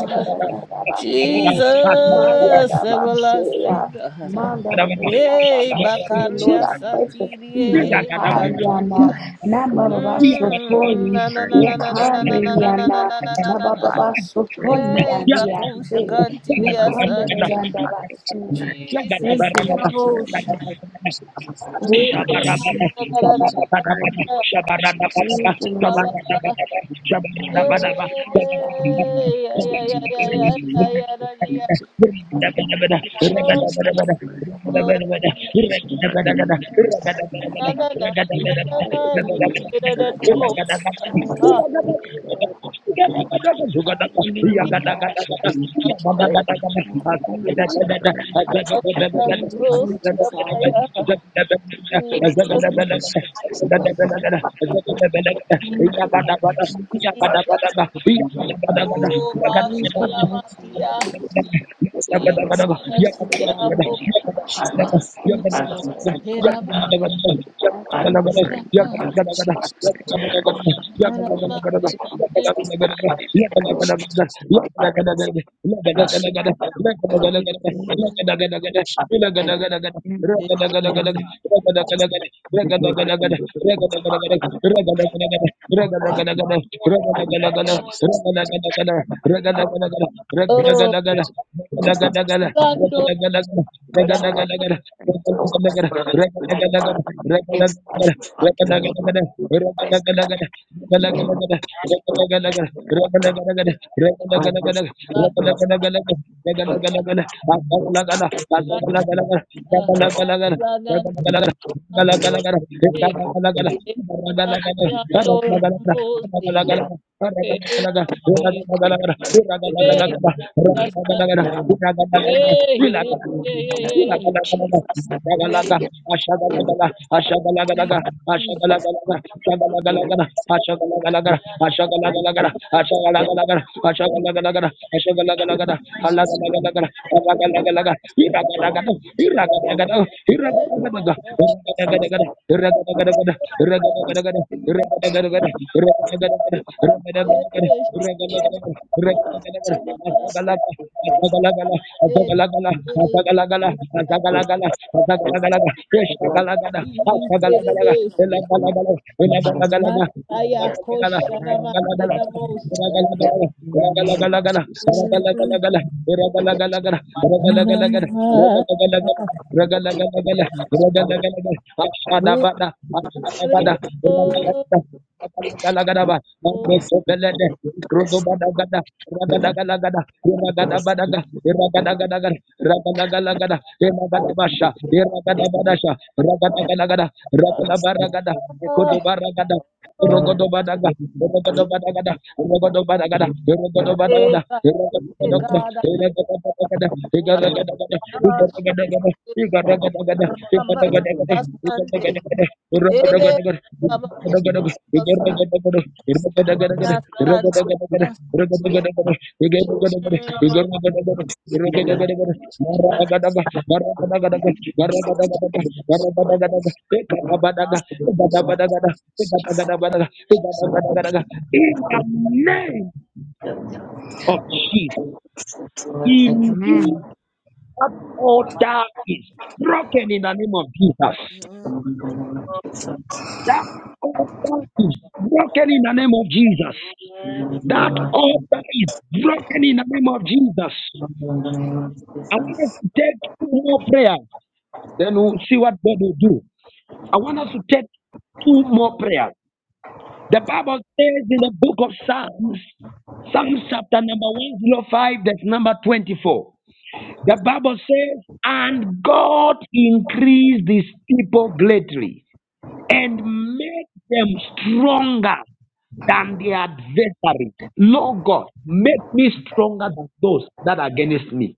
E: like you don't
F: Jesus,
C: Ma-ya-da-ba-se-ya.
F: everlasting God. Hey,
C: Ma-da-da-da-ya-da-ba-se. Lord,
F: Bakaria
C: I
E: Jesus,
C: pray for
F: Satirie,
C: peace.
E: I'm
F: hey,
C: Yakariana.
F: Canturia.
E: praying for the God that's in your
F: Mm,
C: Na-ba-ba-ba-so-toyi.
F: na na na
E: garden,
F: na na
E: if
F: na
E: so,
F: na
E: that
F: na
E: it
F: na na
E: brings
F: na
E: the
C: Yekaniriana.
F: na na na
E: fruit
F: na
E: of
F: na.
E: God. Spirit that
C: Na-ba-ba-ba-so-toyi.
E: I've
F: Yay,
E: been to the
F: Bakusha
C: Andiase.
E: people,
F: Cantilia
E: like it done, I would
F: Santa.
E: like it to
C: Yukanda-da-da-da-ba-so.
E: purge,
C: Thank
F: Jesus,
C: you,
E: it
C: Lord
E: to burn it,
C: Jesus.
F: Yavosha.
E: and Jesus, let it
F: hey
C: Thank you,
F: na
E: burn, it
C: Lord
F: na na
C: Jesus.
F: na na
E: to
F: na na
E: burn,
F: na
E: Jesus, let
C: Thank
E: it
C: you,
F: na.
C: Lord.
E: burn,
C: Thank
F: hey
E: Jesus,
C: you, my God.
E: let it
C: Thank you, God.
F: Yamosha.
E: burn, Thank
C: Thank
E: you,
C: you, God.
E: Jesus, that you burn, that
C: Thank you,
E: you
C: Jesus.
E: burn, that you
F: na na na
E: burn, that
F: na na na ye
C: Hallelujah.
E: you
F: da da da
E: burn,
F: bo
E: Jesus, that you
F: ah
E: burn,
C: Hallelujah,
F: ah,
E: that
A: Shabba
C: Lord.
F: da di
C: Hallelujah,
E: you burn,
C: God.
E: Jesus, that
F: ma
E: you
F: sa
E: burn,
F: ya
C: Father, thank you,
F: di
E: that you
C: Lord.
E: burn,
F: da
E: that
F: ma da
E: you burn,
C: Father,
F: bo
C: thank
F: si
E: Jesus, that you
C: you,
F: da
E: burn,
F: ma
C: Father.
F: ya
E: that
F: di
E: you burn,
C: Father,
F: da
C: thank you, Lord.
E: Jesus, that you burn, burn,
F: di
C: Thank you, Lord Jesus. Thank you, Lord
E: yeah,
F: di
E: Jesus,
F: da
E: burn,
F: o ba
A: Yagada
F: sha la ma
A: Yabba
F: ki
E: Jesus,
F: ya
E: that
C: Jesus.
E: you burn, Jesus, that you burn, that
F: di
C: Oh,
F: da
C: thank you,
F: si
E: you
F: ya la
C: Father.
F: bo yeah, yeah, da
E: burn,
C: Thank you,
E: Jesus, that you burn, Jesus,
C: Lord.
F: he ra
C: Thank
F: ba
C: you, Lord. I
E: God,
C: thank you,
F: ra
C: God.
F: ba ha ra ma ni ni
E: that you burn, Jesus, that you burn,
F: ni
E: Jesus,
F: da da
E: that you burn, And
F: di
A: Regan
E: all right, Jesus, it's a right,
F: o
E: it's a Jesus,
F: rando
E: Lord,
F: ya ha la
E: thank you, Jesus, Thank you, Lord,
A: Ragala
F: ki se
E: Jesus, Thank you, Lord,
F: ku si da ba ba ba ah, la na na na na Enanando Rambosia. Hey, hey, Hey, yes, and hey, hey, hey,
A: Ashagalaga,
F: hey, hey.
E: Jesus,
F: Yes, please.
E: Thank you, Lord, Jesus, Thank you, Jesus.
A: Azagalagala, azagalagala, azagalagala, azagalagala, azagalagalaga, eshagalagala, ashagalagalaga, elagalagala, elagalagalaga,
F: Mataya
E: It's the
A: elagalagala,
E: Jesus,
F: Koshana
E: of the light
A: elagalagalaga,
F: Makira
E: Jesus, you.
F: Mosia.
A: elagalagalaga,
E: In the name of
A: elagalagalaga,
E: Jesus,
A: elagalagalaga, elagalagalaga, elagalagalaga,
F: Anama.
E: thank you,
A: elagalagalaga, elagalagalaga,
E: Lord,
A: elagalagalaga, ashadabada, ashadabada,
F: Ramanasante.
A: elagalagalaga, elagalagalaga, mando sobelede, ikrodobadagada, Ragadagada, Ragadabadaga, Ragadagada, Ragadagalagada, Ragadabasha, Ragadabadasha, Ragadagalagada, Ragadabaragada, Ekodobaragada, Rogodobadaga, Rogodobadagada, Rogodobadagada, Rogodobadagada, Rogodobadagada, Rogodobadagada, Igaragadagada, Igaragadagada, Igaragadagada, Igaragadagada, Igaragadagada, Rogodogadaga, Igaragadagada, Igaragadagada, Rogodogadaga, Rogodogadaga, in the name
E: Jesus, Jesus, Jesus, Jesus, Jesus, Jesus.
A: of Jesus, in you
E: Amen.
A: that altar is broken in the name of Jesus.
B: For your word says that
A: That altar is broken in the name of Jesus. That altar is broken in the name of Jesus. I want us to take two more prayers, then we'll see what God will do. I want us to take two more prayers. The Bible says in the book of Psalms, Psalms chapter number 105, that's number 24. The Bible says, And God increased his people greatly and make them stronger than their adversaries. Lord God, make me stronger than those that are against me.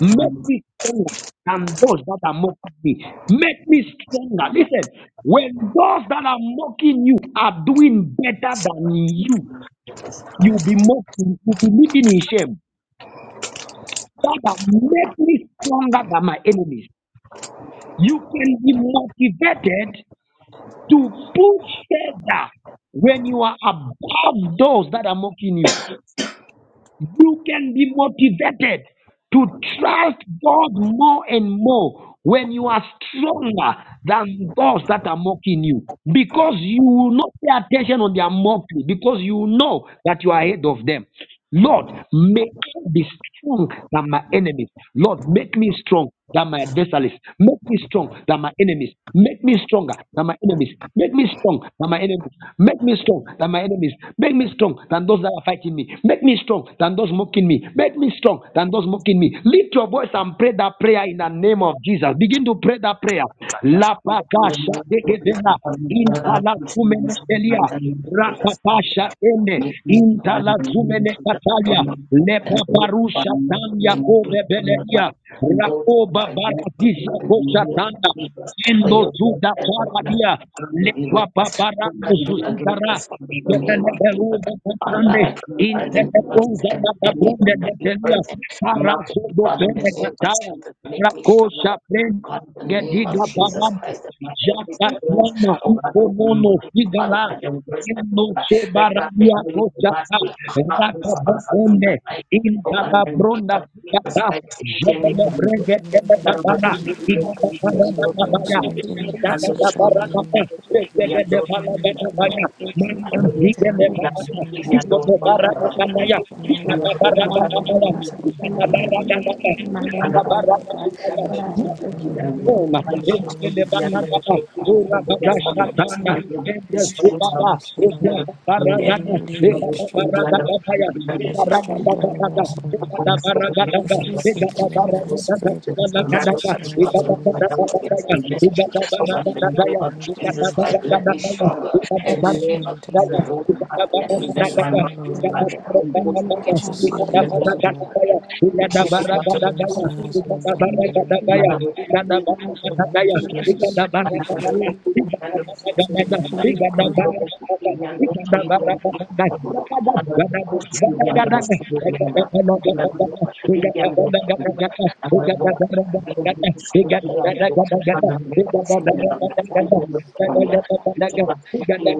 A: Make me stronger than those that are mocking me. Make me stronger. Listen, when those that are mocking you are doing better than you, you'll be mocking, you'll be living in shame. Father, make me stronger than my enemies. You can be motivated to push further when you are above those that are mocking you. you can be motivated to trust God more and more when you are stronger than those that are mocking you. Because you will not pay attention on their mockery, because you know that you are ahead of them. Lord, make me be strong than my enemies. Lord, make me strong that my adversaries make me strong that my enemies make me stronger That my enemies make me strong That my enemies make me strong That my enemies make me strong than those that are fighting me make me strong than those mocking me make me strong than those mocking me lift your voice and pray that prayer in the name of jesus begin to pray that prayer La paka shategedena, impala sumenetelia, Rakapasha ene intala zumene katalia lepa barusha tan yakobe beleria rakoba baradisha kosha tanda endo zuda paradia
B: we
A: lekwa
B: with us, who
A: babarandu
B: can be against
A: zuzidara
B: us in the name
A: jebele
B: of Jesus?
A: beruza
B: Father,
A: katande
B: I provide them what is
A: intelegunda
B: at the devices every enemy
A: matabunde
B: of every
A: betelia
B: person. Market,
A: parazodo
B: Father, in the
A: bene
B: name of
A: gataya
B: Jesus, make me
A: rakosha
B: stronger.
A: bene
B: God, in the name of
A: gediga
B: Jesus
A: barama
B: Christ, that my enemies and those,
A: Jacatana,
B: oh God, who are
A: Uconono,
B: mighty, Father,
A: Figala,
B: God, your words, and God, let not the enemy device
A: Nosobaradiakoshata,
B: be a heart. for us from
A: Rakabokone,
B: the night. Oh God, in the name
A: Intalabronda
B: of Jesus
A: Sugata,
B: Christ, extend it from the
A: Jebelebrege
C: My
A: Telegatana,
C: downfall,
D: Holy
A: Igabakaradakabaya,
D: Spirit, in the peace of soul,
A: Adakadabaradaka,
D: and in the love of the Lord,
A: Ezegedebalagadabaya,
D: and the
A: Mandazigelebakata,
D: service of the Lord,
A: Ikobobaradakabaya,
D: and all the apologies and the
A: Ukadabaradakabaya,
D: praise of the Lord,
A: Ukadabaradakabaya,
B: and
D: and by all
C: Lord God,
D: the
A: Ukadabaradakabaya,
C: but I
D: nations and for the
C: that you would give
D: Lord, and
A: form.
D: the question of the Lord,
A: Ebelebagababa,
D: and the
A: urabadashatana,
D: excellent of the strength of
A: nebezubaba,
D: us, O Lord.
A: ubadabaradada,
D: Daily relieving strength, O Lord.
A: edababaradadabaya,
D: Let your strength dwell in
A: ebaragadabadada,
D: us, O Lord.
C: so
D: We
A: ebadabaradadada,
D: shall seek the Lord in the
A: ebadabaradadada,
D: spirit of our
A: balagadada,
C: Thank
D: first love, O Lord.
A: ebadabaradadabaya,
D: Everything
A: ebadabaradadabaya,
D: we have
B: of
D: in the
B: Jesus
D: terms
B: Christ,
D: of God.
B: let me
A: ebadabaradadabaya,
B: stronger.
D: Let
B: In
D: your
B: the name
A: ebadabaradadabaya,
B: of
D: strength, O
A: Thank
B: Jesus,
D: Lord.
B: those that have the enemy,
D: Make us
B: then my mouth
D: strong, O
B: is back.
D: Lord.
B: And those
D: Put
B: against
D: your
B: me, Father,
D: zeal
B: in
D: in
B: the name
D: us,
B: of
D: O Lord.
B: Jesus. You
D: Put your
B: came down
D: strength
B: to the
D: in us that
B: food of
D: has
B: the
D: no bound, O
B: enemy.
D: Lord.
B: And I will fulfill
D: In the name
B: the
D: of
B: enemy.
D: Jesus.
B: And I will fulfill the end of the enemy. And I will fulfill the end of the enemy. And I will fulfill the end of the enemy. I
C: you.
B: am not
C: Thank
A: you. Thank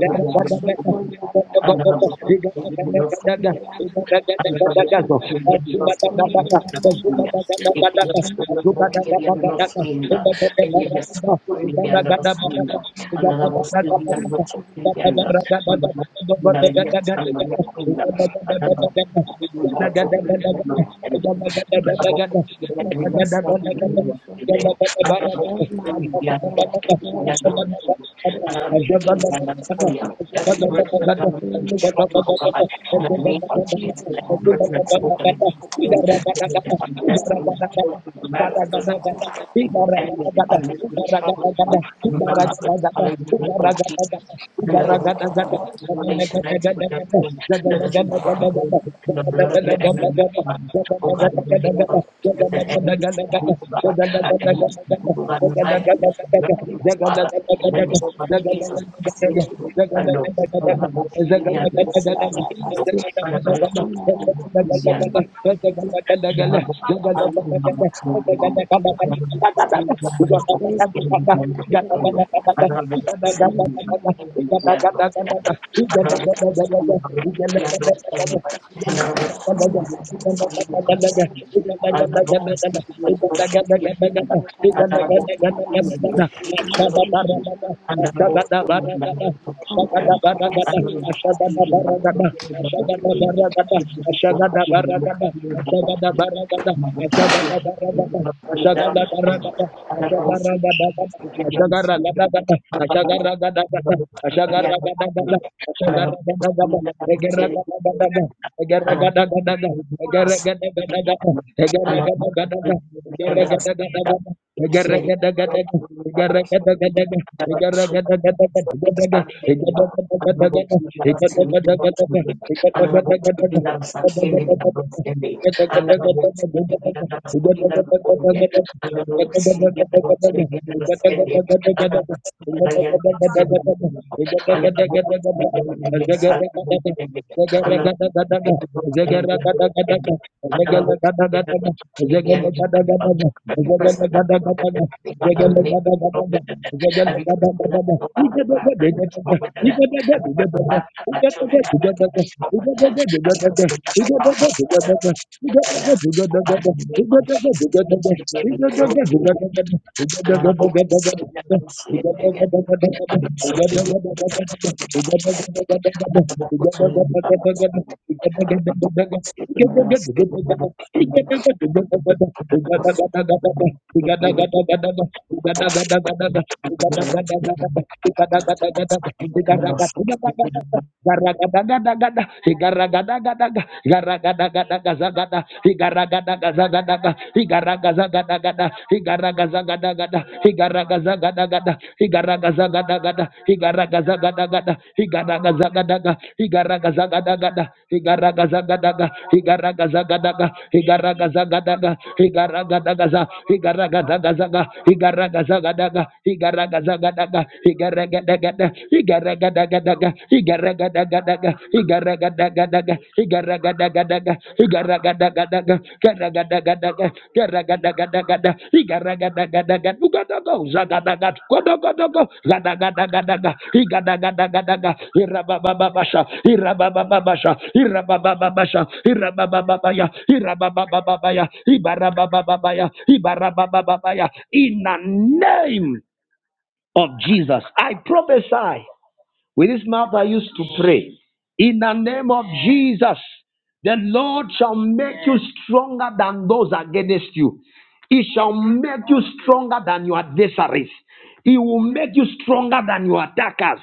B: a liar.
C: you.
B: Every word that
C: Thank
A: you.
B: comes from stronger, oh God, in the name of Jesus, every person that spoke that we can close, this is the destiny, the children, the marriage, system, the enemy, the enemy, the stronger, oh God, and we run us, hallelujah, of Jesus. And that will
A: Ugaragada,
B: be the nation, the blessing of the blood of your enemy, Oh God, the name of oh God, uh, enemies to oh God,
C: you. Thank you,
B: the name of Jesus, really, so so
A: Zaga Ashada
C: Lord. Thank
A: baragada, ashada baragada, ashada baragada,
B: and
C: you.
A: Ashagadabaragada, Ashagadabaragada, Ashagadabaragada, Ashagadabaragada, Ashagadabaragada, Ashagadabaragada, Ashagadabaragada, Ashagadabaragada, Ashagadabaragada, Ashagadabaragada, Egeregadagadaga, Egeregadagadaga, Egeregadagadaga, Egeregadagadaga, Egeregadagadaga, Egeregadagadaga, Egeregadagadaga, Egeregadagadaga, Egeregadagadaga, Egeregadagadaga, Zegger
B: Thank you. Every person that can look at them, I think I will make it stronger than that. Every person that can look at them, I will make it stronger than that. Every person that can my children can make it stronger than
A: Gada
B: that. Every person that can my husband can make it stronger than that. Oh, God, in the name of Jesus, make it, make it, make it, make it. And then I will see them and see it again. Thank you.
A: gada gada gada Igaragadagadaga, Igaragadagazagada, Igaragadagazagadaga, Igaragadagadaga, Igaragadagadaga, Igaragadagadaga, Igaragadagadaga, Igaragadagadaga, Igaragadagadaga, Igaragadagadaga, Igaragadagadaga, Igaragadagadaga, Igaragadagadaga, Igaragadagaza, Igaragadagazaga, Igaragadagadaga, Igaragadagadaga, Igaragadagada, Igaragadagada, daga, igaraga daga daga, igaraga daga daga, igaraga daga daga, igaraga daga daga, garaga daga daga, garaga daga daga da, igaraga daga daga, duga daga, uzaga daga, kodo kodo ko, gadaga daga daga, igadaga daga daga, irabababasha, irabababasha, irabababasha, irabababaya, irabababaya, ibarabababaya, ibarabababaya, in the name of Jesus, I prophesy with his mouth I used to pray. In the name of Jesus, the Lord shall make you stronger than those against you. He shall make you stronger than your adversaries. He will make you stronger than your attackers.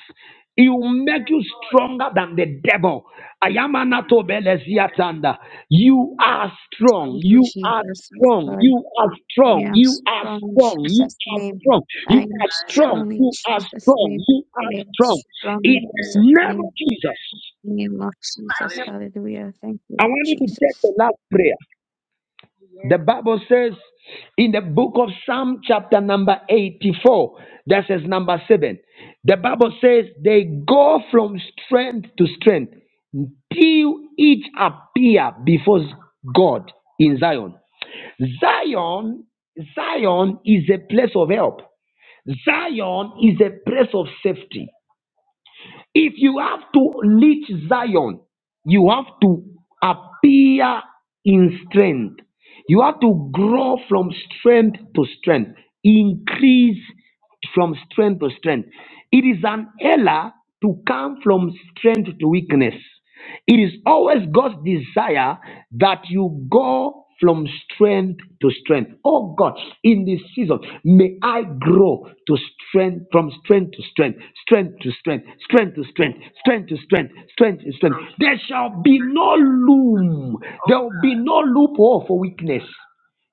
A: He will make you stronger than the devil. I am Anato Beleziatanda. You are strong.
E: Thank you,
A: You are strong.
E: Jesus.
A: You are
E: I
A: strong.
E: am
A: You are
E: strong in
A: strong. You
E: Jesus'
A: are
E: name.
A: strong.
E: I
A: You
E: am
A: are strong.
E: strong in
A: You are
E: Jesus'
A: strong.
E: name.
A: You are
E: I am
A: strong.
E: strong in
A: In the
E: Jesus'
A: name
E: name.
A: of Jesus,
E: In the name of Jesus. Hallelujah. Thank you,
A: I
E: Lord
A: want you to take
E: Jesus.
A: the last prayer. The Bible says in the book of Psalm, chapter number 84, that says number 7. The Bible says they go from strength to strength till each appear before God in Zion. Zion, Zion is a place of help. Zion is a place of safety. If you have to reach Zion, you have to appear in strength. You have to grow from strength to strength, increase from strength to strength. It is an error to come from strength to weakness. It is always God's desire that you go from strength to strength. Oh God, in this season, may I grow to strength from strength to strength, strength to strength, strength to strength, strength to strength, strength to strength. There shall be no loom, there will be no loophole for weakness.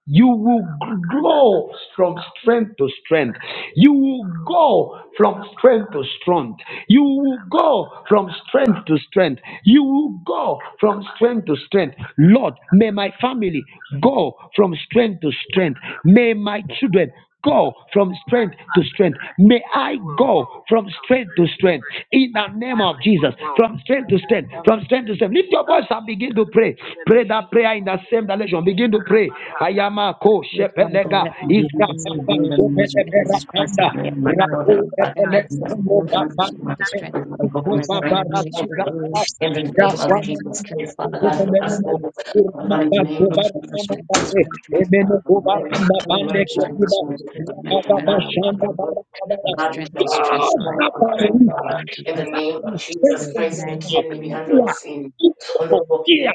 A: You will grow from strength to strength. You will go from strength to strength. You will go from strength to strength. You will go from strength to strength. Lord, may my family go from strength to strength. May my children go from strength to strength. May I go from strength to strength In in the name of Jesus. From strength to strength, from strength to strength. Lift your voice and begin to pray. Pray that prayer in the same direction. Begin to pray. Ayama
E: Dear Father,
A: shepelega
E: let
B: We
E: my
B: give you
A: izga
B: the
E: family
B: strength
A: papa
B: and
E: grow
B: the
E: from
B: name of
E: strength to
B: Jesus
E: strength.
B: Christ of me and my
E: Lord, let
B: children
E: my
A: rako
B: God.
A: pepele
B: i
E: finances grow from
A: baba
E: strength to strength.
B: go from
A: kuko
E: Lord, let
A: baba
E: my
B: strength to strength.
E: ministry
A: rasuga
E: grow
A: pa
B: In the
E: from
B: name
A: shapa
B: of
E: strength
A: na
E: to
A: na
B: Jesus
E: strength.
B: Christ,
E: Lord,
B: Father God, let us go.
E: Father,
B: Father God,
E: let
B: in the
E: me
B: name of
E: grow from
B: Jesus, from
E: strength to
B: strength to
E: strength.
B: strength, Father, from
E: Let
B: glory
E: me
B: to
E: grow
B: glory,
E: from
B: Father,
E: strength to strength. Let
B: because
E: my
B: we shall not
E: family
B: allow the
E: grow
B: glory. But
E: from
B: God, we
E: strength to
B: shall go from
E: strength. Lord.
B: strength to strength,
E: you,
B: Father.
E: Father,
B: In the
E: let
A: Father,
B: name of Jesus
E: the
A: strengthen
B: Christ,
A: them
B: we
E: name
A: now.
E: of
B: can be under
A: Power,
B: sin.
A: equal,
B: Honorable King,
A: fear,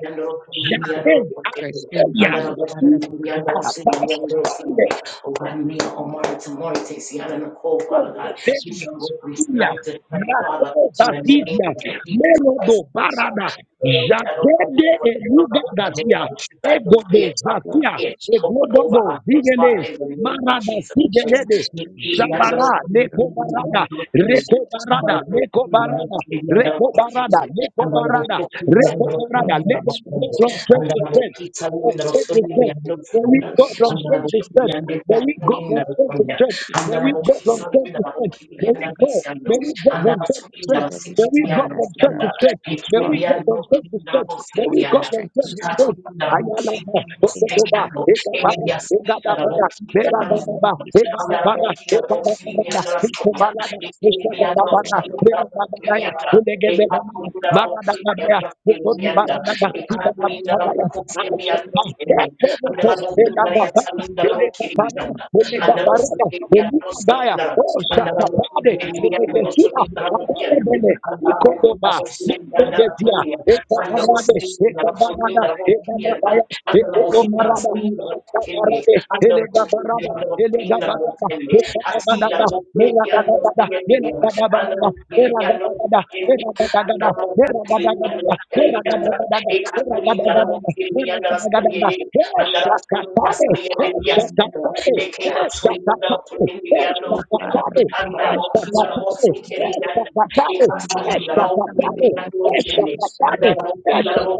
E: us
B: be
E: up
B: under
E: for experience
A: Yahweh,
E: in your let the
B: Overnier
E: good person
A: Hallelujah.
B: Omar tomorrow takes the island of call, Father God. We
A: Kosopena,
B: shall go from
A: Ila,
B: strength to strength, Father,
A: Rakosa
B: in the name
A: Zizia,
B: of Jesus Christ.
A: Melodo
B: Father,
A: Parada,
B: Lord, I don't know
A: Jakede
B: what to do, but I'm
A: Eluga
B: going to do it. In the name
A: Gazia,
B: of Jesus, I guys will pray
A: Egodo
B: it,
E: the
B: I
E: Good
A: Zazia,
B: to it,
E: person
B: over over
A: Egododo
B: our heads, Father,
A: Zigele,
B: in the name of
A: Marada
B: Jesus
E: and
B: Christ.
E: strength us
A: Zigelede,
B: You-
E: in the
B: you yonder,
E: Jesus.
A: Jabara,
E: and
B: you
E: the good
B: yonder,
A: Lekobarada,
B: you I you
E: Strength us in the
A: Rekobarada,
B: yonder, you yonder, you yonder, you yonder,
A: Lekobarada,
B: you yonder, you yonder, you
A: Rekobarada,
E: Strength
A: Lekobarada,
E: us in
B: yonder,
E: the
A: Rekobarada,
E: growth
B: you yonder,
A: let
E: and
B: you
A: them
E: strength
A: go
B: yonder.
E: us
A: from
E: in
A: strength
E: the
A: to strength,
B: Andarabokitsa
A: from strength to
B: Lindrosoli
E: let
A: strength.
B: and
A: May
E: the
A: we
B: Rosunda,
E: growth
A: go
E: and
A: from
E: strength
A: strength
E: us
A: to
E: in the
B: Andarabokili
A: strength.
B: and
E: God,
A: May we go
B: Yakulina
A: from strength to
B: Rosunda,
E: and
A: strength.
E: the great
A: May we go from
B: Andarabokisa
E: natural
A: strength to strength. May
B: Lindarabokili
A: we
B: and
E: and
A: go.
B: Risando,
A: May we go
B: and
A: from strength to
E: the
B: andabasubira
A: strength.
E: government
A: May
E: is
A: we
E: very
A: go
B: basikiribyanda
E: that
A: from
E: we
A: strength
E: are
B: osyanda
A: to strength. May we
E: God
A: go
E: and
A: from
B: ekiribyanda
E: the
A: strength to
B: okiribyanda
A: strength.
E: Strength
A: May we go
B: osiribyanda
A: from
E: is
A: strength to
E: strength.
A: strength.
B: ikatunda
A: Ayala ma,
B: bokiribyanda
A: toko toba,
B: osiribyanda
A: eka
E: Strength is
A: para,
E: strength.
A: eka
B: ebyasiriya
A: da para,
E: So
B: bokiribyanda
A: mera da
E: we
A: da
E: need
A: ba,
B: osiribyanda
A: eka
E: Jesus.
A: da
B: angala
A: para,
B: bokiriya
A: eka
E: If
A: da
E: we
A: para
E: need
A: da,
B: bokiribyanda
E: Jesus,
A: eka
B: osiribyanda
E: we
A: bara da,
E: cross the
A: para, eka da
E: spirit
A: da
B: ekiribyanda
E: of
A: bara,
E: faith or
B: osiribyanda
A: mera da da ya,
B: bokiribyanda
A: eka da da
E: we
A: bara,
B: ekatunda
E: get
A: Maradabaya,
B: bokiribyanda
E: to
B: osiribyanda
E: be
A: Kokodobaradaba,
E: able to pray to
B: ekatunda
E: them.
A: Ibabababaya,
B: bokiribyanda
E: But
A: Ashapa,
E: they will
B: osiribyanda
E: be afraid
A: Ekomoto,
E: of
B: andala
E: strength of
B: bokiribyanda
A: Elagaba,
B: yatsaminda
E: the
A: Elekabara,
B: bokiribyanda
E: work they
B: andala
A: Elegabarada,
B: osiribyanda
A: Elukabaya,
B: osiribyanda
A: O
E: strength
B: Andalo
A: Shakapade, Elegesina, Abadebele, Ikodoba, Mundebezia,
E: of function
A: Ekabarade,
E: which
A: Ekabarada, Ekobo baraba, sota barade, elega baraba, elega baraba, ekobo baraba, mera baraba, mera baraba, mera baraba, mera baraba,
B: Thank
A: mera baraba, mera baraba, mera baraba, mera baraba. Eshakatabe,
E: we will be
A: eshakatabe,
E: able
A: eshakatabe,
E: Father,
A: eshakatabe,
E: we will find strength of
A: eshakatabe,
E: strength of the Lord,
A: eshakatabe,
E: we will let them come and we
A: eshakatabe,
E: will strength of strength
A: eshakatabe,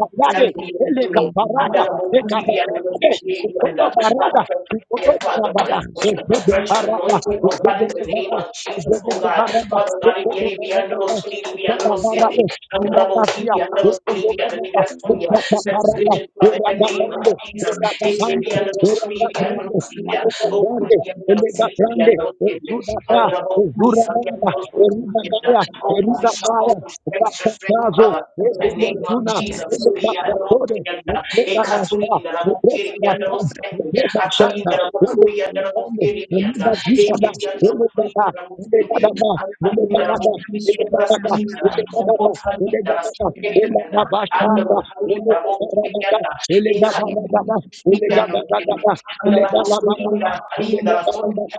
E: of everything
B: you you
A: elega
B: know,
E: contained in the
B: and
A: baraba.
B: then I
E: will
B: will
E: find
B: be the
E: strength of
B: end of
E: the
B: us,
E: Lord,
A: Ekabarate,
E: Jesus,
B: okay, and that, that
A: Ukotobarada,
B: fresh, yeah, Father,
E: we will
A: Ukotobarabada,
B: bless
E: find
B: me,
E: strength of
B: fresh
A: Ukotobaraba,
B: anointing, oh God, in the name
A: Ukotobaraba,
B: of Jesus, oh God,
A: Ukotobaraba,
B: Father God, in the be under
A: Ukotobarabada,
B: us, fully be under us, in the, most sandy,
A: Ukotobaraba,
B: and I will be
A: Nindakazia,
B: the end of us, fully be under the
A: Ukotobaraba,
E: the
B: rest
E: Lord,
B: of you, bless
E: Jesus.
A: Ukotobaraba,
B: Bridget, Father, in the name
E: Lord,
B: of
A: Iragabando,
E: by
B: Jesus,
E: the
B: it can
E: strength of
A: Iragabando,
B: be
E: the Lord, Jesus,
B: under us, fully be under us, in the,
A: Iragabrando,
B: most fully,
E: Another
B: oh,
E: day from
B: God,
A: Iragabrande,
B: be
E: strength to
B: under us,
E: strength,
B: fully
E: your
B: be
E: Lord,
A: Elegabrande,
B: under us, in the, most peace,
A: Ezudaba,
B: and I will be, so be
A: Ezurababa,
B: under us, fully be
E: strength to
B: under
A: Erudagaya,
E: strength,
B: us,
E: Jesus.
B: we shall go
A: Erudagaya,
B: from strength to strength,
A: Rakatazo,
B: Father.
E: Let
B: In
A: Go,
E: us
B: the
A: go,
B: name of
E: from strength
B: Jesus,
E: to strength,
B: we are not
E: to
B: in the Ekaturi in the Rabokiri and the
E: God,
B: Roskendi, Atali in the Rabokuri and the Rabokiri
E: from
B: and the
E: strength to strength,
B: Ekiri and the
E: Jesus.
B: Rabokiri
E: Hallelujah.
B: and the Rabokiri,
E: Go From the beginning
B: Antali
E: of
B: in the Rabokiri and
E: strength to
B: the
E: strength, Jesus.
B: Rasalina,
E: Hallelujah.
B: Okotali in the
E: Your
B: Rasalina, and the Rahali in the Rabokiri and the Ekaturi and the Rabokiri, and the Rabosuri in the Rasalina,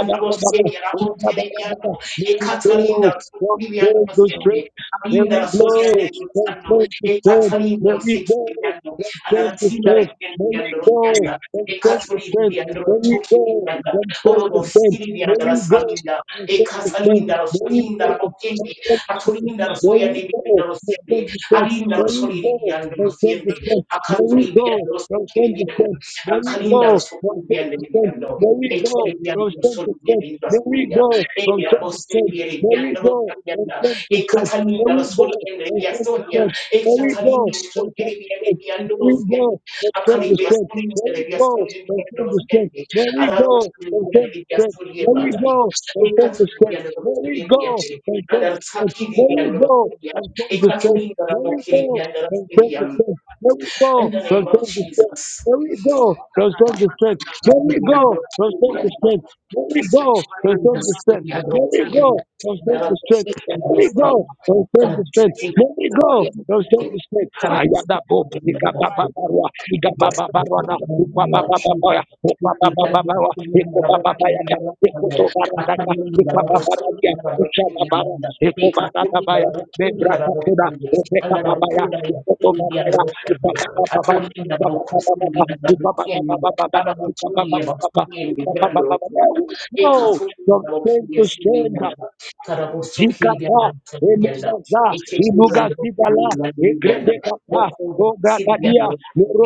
B: and the Roskendi, and the Rabokiri ekathalinda sokubiyando
A: go
B: basende
A: straight. There
B: abayinda
A: we
B: basobyande
E: strength to
A: go
E: strength,
A: from
B: bitsando
A: strength to strength.
B: ekathalinda
A: There we go
B: basetubiyando
A: from strength to
B: anatsinda
A: strength. There
B: bakendiyando
A: we
B: rotyanda
A: go from strength to strength.
B: ekatholindiyando
A: There we go
B: tokibiyanda
A: from strength
B: orodo
A: to strength. There
B: siriyanda
A: we go from
B: basalinda
A: strength to strength.
B: ekathalinda
A: There we
B: basoyinda
A: go from
B: bakende
A: strength to strength.
B: atholinda
A: There
B: basoyande
A: we
B: biyanda
A: go.
B: rotyande
A: Merry go.
B: alinda
A: Merry go.
B: basoliriyando
A: From 10
B: rotyande
A: to there Merry go.
B: akatholibiyando
A: From 10 to there
B: sokibiyanda
A: Merry
B: akalinda
A: go. From 10
B: sokibiyando
A: to there
B: biyando
A: Merry go.
B: ekibiyando
A: From 10 to there
B: solibiyando
A: Merry
B: basoyanda
A: go. From
B: Kenya,
A: 10 to there
B: Bosteria,
A: Merry
B: Yandro,
A: go. From
B: Yanda, E
A: 10 to there
B: Catalina,
A: Merry go.
B: Sonia,
A: From 10 to
B: Yasonia,
A: there
B: E
A: Merry
B: Catalina,
A: go. From
B: Sonia,
A: 10 to there
B: Yandro,
A: Merry go. From 10 to there
B: Akalibia,
A: Merry
B: Sonia,
A: go.
B: Yasonia,
A: From
B: Yandro,
A: 10 to there Merry
B: Araro,
A: go. From 10 to there
B: Yasonia,
A: Merry
B: Mandari,
A: go.
B: E Catalina, Sonia,
A: From 10 to
B: and
A: 10. percent.
B: Artaki,
A: There
B: the
A: we
B: Yandro,
A: go from strength
B: E
A: to strength.
B: Catalina,
A: There we
B: Mokiri,
A: go from strength to
B: Yandra,
A: strength. There we
B: In
A: go
B: the name
A: from
B: of
A: strength to strength.
B: Jesus.
A: There we go from strength to strength. There we go from strength to
B: Thank
A: strength. There we go from strength to strength. There we go from strength to strength. There we go from strength to strength. There we go from strength to strength. Ayadabo,
B: you.
A: Nikapapaparwa, Nikapapaparwana, Upapapapaparwa, Upapapaparwa, Nikopapaparwa, Nikotobaradaka, Nikopapaparwa, Ekobagadabaya, Membrakatuda, Obekababaya, Ukobobabaya, Ukababababa, Ukaba- Ukabababababa, Ukabababababa, Ukabababababa. No, from strength to strength, Zikata, Elegaza,
B: Ekekuri and
A: Ilugas Zigala,
B: the
A: Egredegata,
B: Okoda, Sylvia,
A: Ogagadia,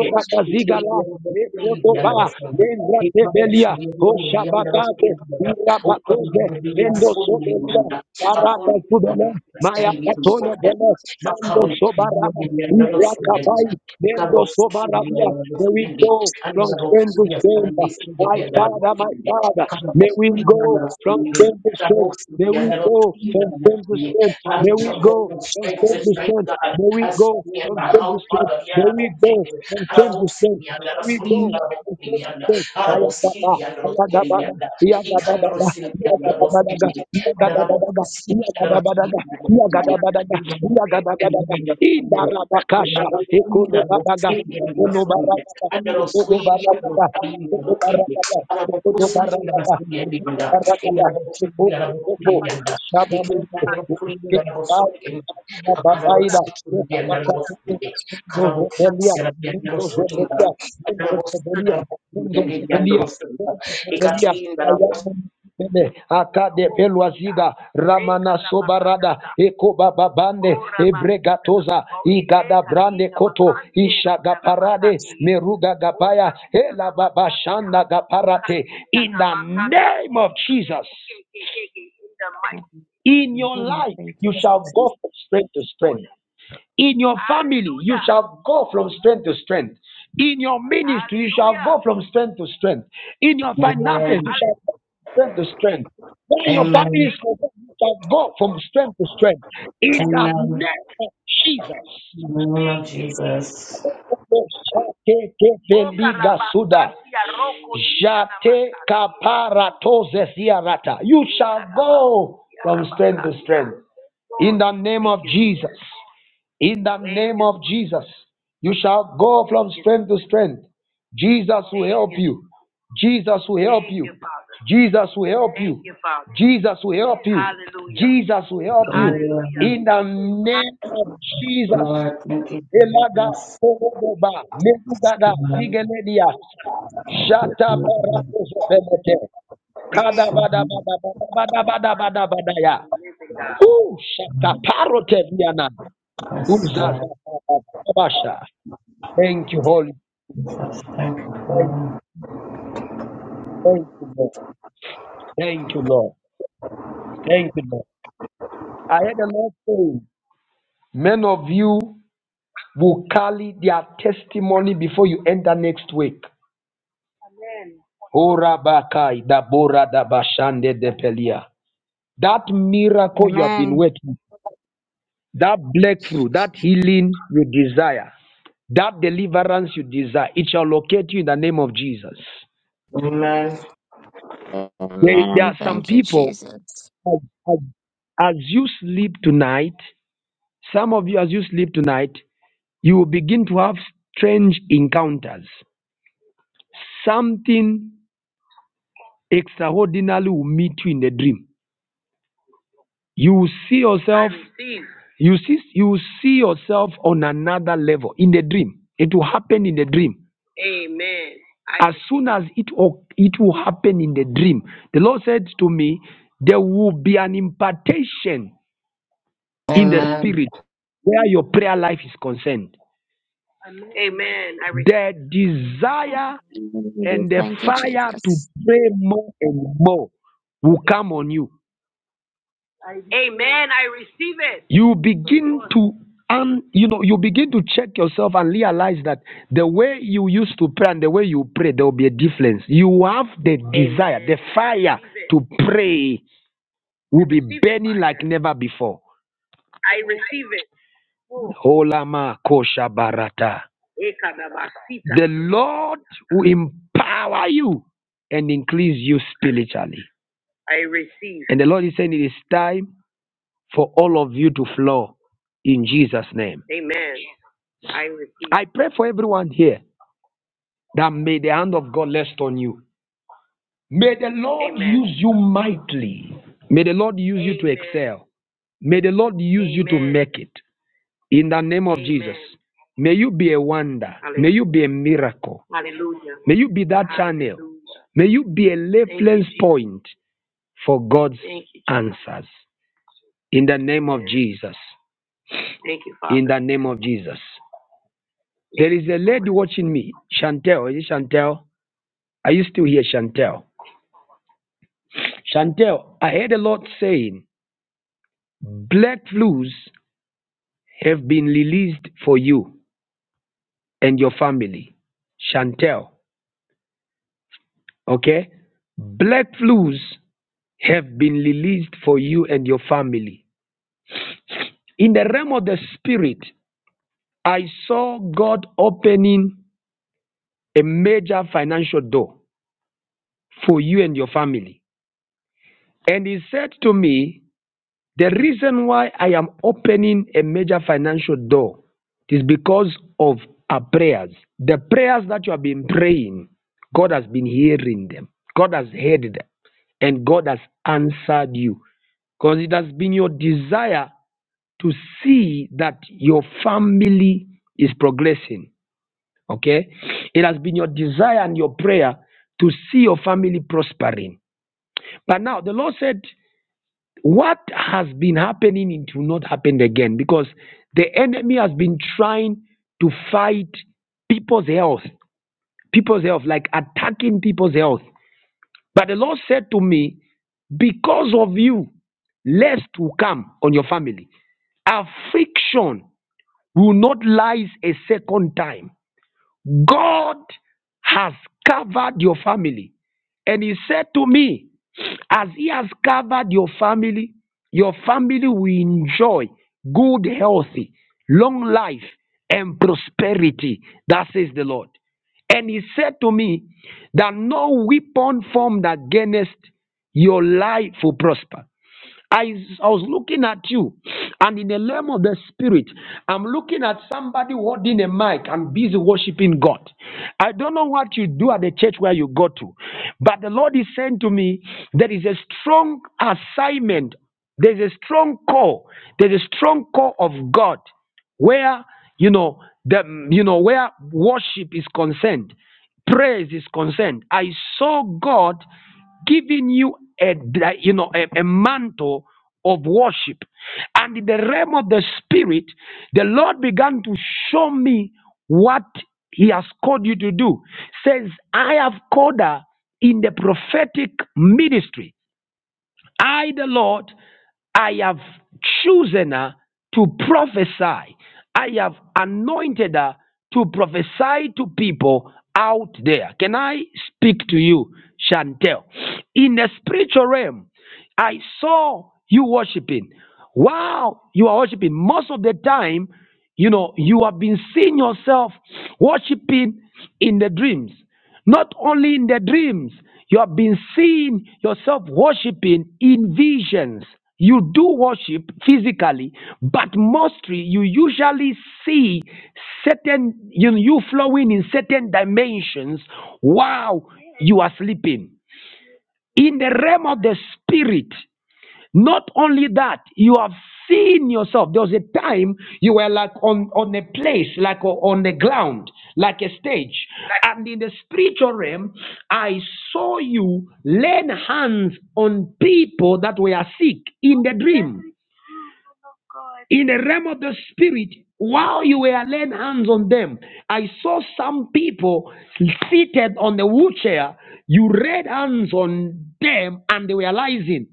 E: from strength
B: Strength
A: Zigala, Mekodoba, Lengrate belia,
E: to
A: koshabagate, irabakoze, mendo sobelia, karada kubele, maya
E: strength, to
A: katole
E: strength,
A: bele, mendo sobaraba, irakabai, mendo sobarabia. May we go from strength to strength. My Father, my Father, may we go from strength to strength. May we go from strength to strength. May we go from strength
B: to
A: to
B: strength,
A: strength.
B: God,
A: May we
B: as
A: go
B: me and
A: from
B: my
A: strength to
B: whole
A: strength.
B: Father,
A: May
B: yeah,
A: we go
B: I
A: from strength to strength.
B: Arabosirianda,
A: May we go
B: Rasulina, Rosirianda, Arabosirianda, Rosirianda, Ikandrosirianda, Rosirianda, Arabosirianda, Rasulina,
A: Indarabakasha, Ekolo Badaga, Ekolo Barabada, Ekolo Barabada,
B: Thank you. Karabokhisi rabiyandorosunda, rabiyandorosunda, ikatlinda
A: Akade Peluazida Ramana Sobarada Eko Bababande Ebregatoza meruga gabaya hela baba gaparate. In the name of Jesus, in your
E: Amen.
A: life
E: Thank you,
A: you shall go
E: Jesus.
A: from strength to strength. In your shall go from strength to strength. In your ministry from strength to strength. In your
B: rabosunda.
A: finances from strength to strength. When your family
B: Amen.
A: is concerned, you shall go from strength to strength. In the
B: Amen.
A: name of Jesus.
B: In the name of Jesus.
A: Kaparatozesiarata. You shall go from strength to strength. In the name of Jesus. In the name of Jesus. You shall go from strength to strength. Jesus will help you. Jesus will help. Jesus will help. Jesus will help. Jesus will help.
B: Hallelujah.
A: In the name of Jesus.
B: Lord, thank you for
A: Elaga
B: this.
A: Kogoba Mekugada
B: Amen.
A: Zigeledia Jata Barakozo Benete Kada
B: So,
A: Bada Bada Bada Bada Bada Bada Bada Ya Ooh, shataparoteviana.
B: Yes, God.
A: Uzazakabasha. Thank you, Holy.
B: Thank you,
A: Thank,
B: Father.
A: thank you, Lord. Thank you, Lord. Thank you, Lord. I heard the Lord saying, men of you will carry their testimony before you enter next week. Ora bakai da bora da That miracle you have been
E: Amen.
A: waiting, that breakthrough, that
E: Jesus.
A: healing you desire, that deliverance you desire, it shall locate you in the name of Jesus.
B: Amen.
A: There, there
E: Amen.
A: are some
E: Thank you,
A: people
E: Jesus.
A: as, as as you sleep tonight, some of you, as you sleep tonight, you will begin to have strange encounters. Something extraordinary will meet you in the dream. You will see yourself. You see. You will see yourself on another level in the dream. It will happen in the dream. As soon as it o- it will happen in the dream, the Lord said to me, there will be an impartation in the
B: Amen.
A: spirit where your prayer life is concerned. The desire
G: Amen.
A: and the
E: Thank you,
A: fire to
E: Jesus.
A: pray more and more will come on you. You begin to and you know you begin to check yourself and realize that the way you used to pray and the way you pray there will be a difference. You have the desire, fire to pray will be burning like never before. Holama kosha barata. The Lord will empower you and increase you spiritually. And the Lord is saying it is time for all of you to flow in Jesus' name. I pray for everyone here that may the hand of God rest on you. May the Lord use you mightily. May the Lord use you well. May the Lord use you naked. In the name of Amen. Jesus. May you be a wonder. May you be a miracle. May you be that. May you be a lay point for God's answers. In the name of Yes, Jesus. In the name of Jesus. There is a lady watching me. Chantel. Is it Chantel? Are you still here, Chantel? Chantel, I heard the Lord saying, "Black flus have been released for you and your family. Chantel, okay? black flus have been released for you and your family. In the realm of the spirit, I saw God opening a major financial door for you and your family. And he said to me, The reason why I am opening a major financial door is because of our prayers. The prayers that you have God has been hearing them. God has heard them. And God has answered you. Because it has been your desire to see that family is progressing. Okay? It has been your desire and your prayer to see your family prospering. But now the Lord said, What has been happening, it will not happen again. Because the enemy has been trying to fight people's health, people's health, like attacking people's health. But the Lord said to me, Because of you, lest will come on your family. Affliction will not lie a second time. God has covered your family. And he said to me, as he has covered your family, your family will enjoy good healthy, long life, and prosperity. That says the Lord. And he said to me that no weapon formed against your life will prosper. I, I was looking at you, and in the realm of the spirit, I'm looking at somebody holding a mic and busy worshiping God. I don't know what you do at the church where you go to, but the Lord is saying to me, there is a strong assignment, there's a strong call, there's a strong call of God where you know the you know where worship is concerned praise is concerned i saw god giving you a like, you know a, a mantle of worship and in the realm of the spirit the lord began to show me what he has called you to do says i have called her in the prophetic ministry I, the Lord, I have chosen her to prophesy. I have anointed her to prophesy to people out there. Can I speak to you, Chantel? In the spiritual realm, I saw you worshiping. Wow, you are worshiping. Most of the time, you know, you have been seeing yourself worshiping in the dreams. Not only in the dreams, you have been seeing yourself worshiping in visions. You do worship physically, but mostly you usually see certain you, you flowing in certain dimensions while you are sleeping. In the realm of the spirit, not only that, you have seen yourself. There was a time you were like on, on a place, like o- on the ground, like a stage. And in the spiritual realm, I saw you laying hands on people that were sick in the dream. In the realm of the spirit, while you were laying hands on them, I saw some people seated on the wheelchair. You laid hands on them and they were rising.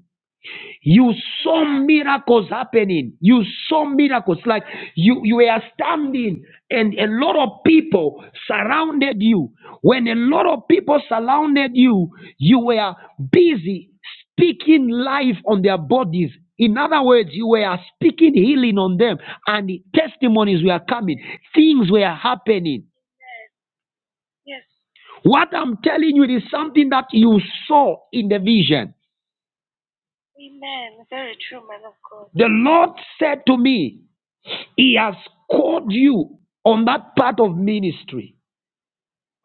A: You saw miracles happening. You saw miracles. Like you, you were standing and a lot of people surrounded you. When a lot of people surrounded you, you were busy speaking life on their bodies. In other words, you were speaking healing on them and the testimonies were coming. Things were happening. What I'm telling you is something that you saw in the vision. The Lord said to me, He has called you on that part of ministry.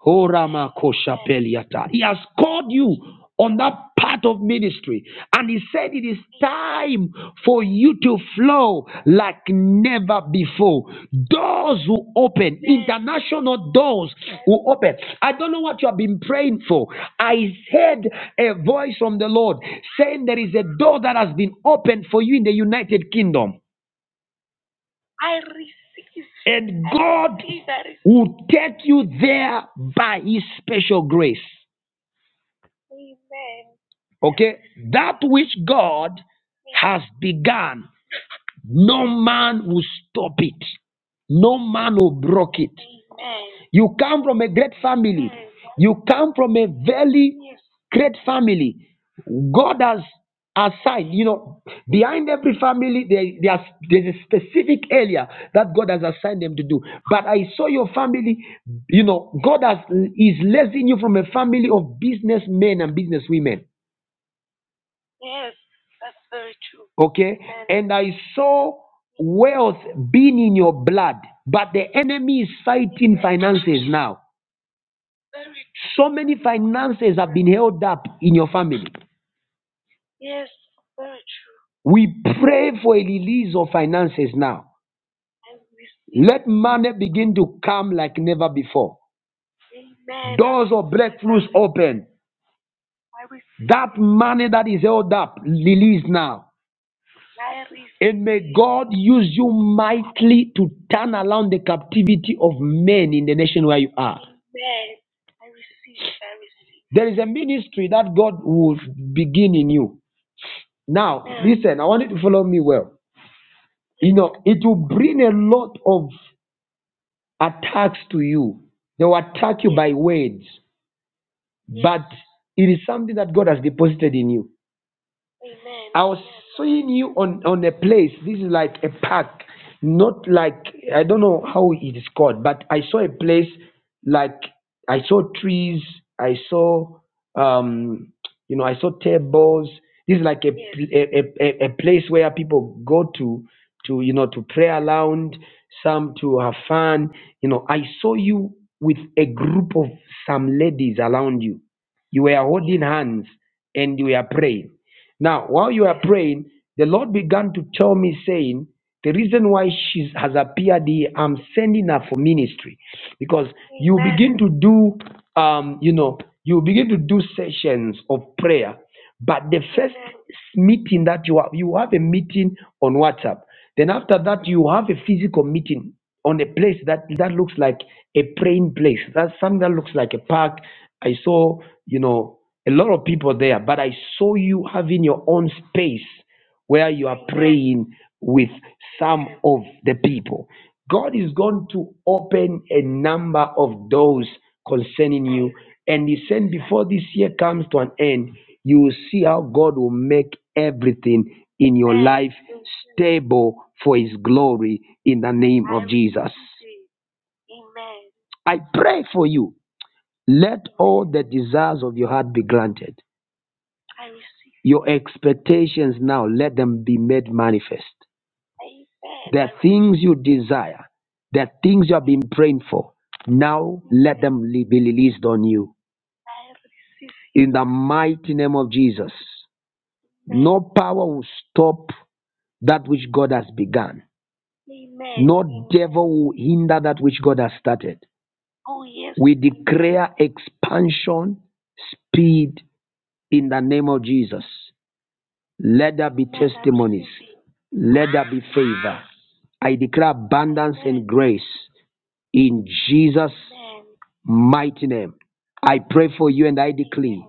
A: Horama koshapeliata. He has called you on that part of ministry. And he said it is time for you to flow like never before. Doors will open, international doors will open. I don't know what you have been praying for. I heard a voice from the Lord saying there is a door that has been opened for you in the United Kingdom. And God will take you there by his special grace. Okay? That which God has begun, no man will stop it. No man will break it. You come from a great family. You come from a very Create family. God has assigned, you know, behind every family, there, there's, there's a specific area that God has assigned them to do. But I saw your family, you know, God has is lacing you from a family of businessmen and businesswomen. Okay? And I saw wealth being in your blood, but the enemy is fighting finances now. So many finances have been held up in your family. We pray for a release of finances now. Let money begin to come like never before. Doors of blessings open. That money that is held up, release now. And may God use you mightily to turn around the captivity of men in the nation where you are. There is a ministry that God will begin in you. Now, listen, I want you to follow me well. You know, it will bring a lot of attacks to you. They will attack you by words, but it is something that God has deposited in you. I was seeing you on on a place. This is like a park, not like I don't know how it is called, but I saw a place like I saw trees. I saw um you know I saw tables. This is like a a, a, a place where people go to to you know to play around, some to have fun. You know, I saw you with a group of some ladies around you. You were holding hands and you were praying. Now, while you were praying, the Lord began to tell me, saying, The reason why she has appeared here, I'm sending her for ministry. Because begin to do, um, you know, you begin to do sessions of prayer. But the first meeting that you have, you have a meeting on WhatsApp. Then after that, you have a physical meeting on a place that that looks like a praying place. That's something that looks like a park. I saw, you know, a lot of people there, but I saw you having your own space where you are praying with some of the people. God is going to open a number of doors concerning you. And He said, before this year comes to an end, you will see how God will make everything in your table for His glory in the name. I pray for you. Let all the desires of your heart be granted. Your expectations now, let them be made manifest. The things you desire, the things you have been praying for, now let them be released on you. In the mighty name of Jesus, no power will stop that which God has begun. The Devil will hinder that which God has started. We declare expansion, speed in the name of Jesus. Let there be, let there be favor. I declare abundance and grace in Jesus' mighty name. I pray for you and I declare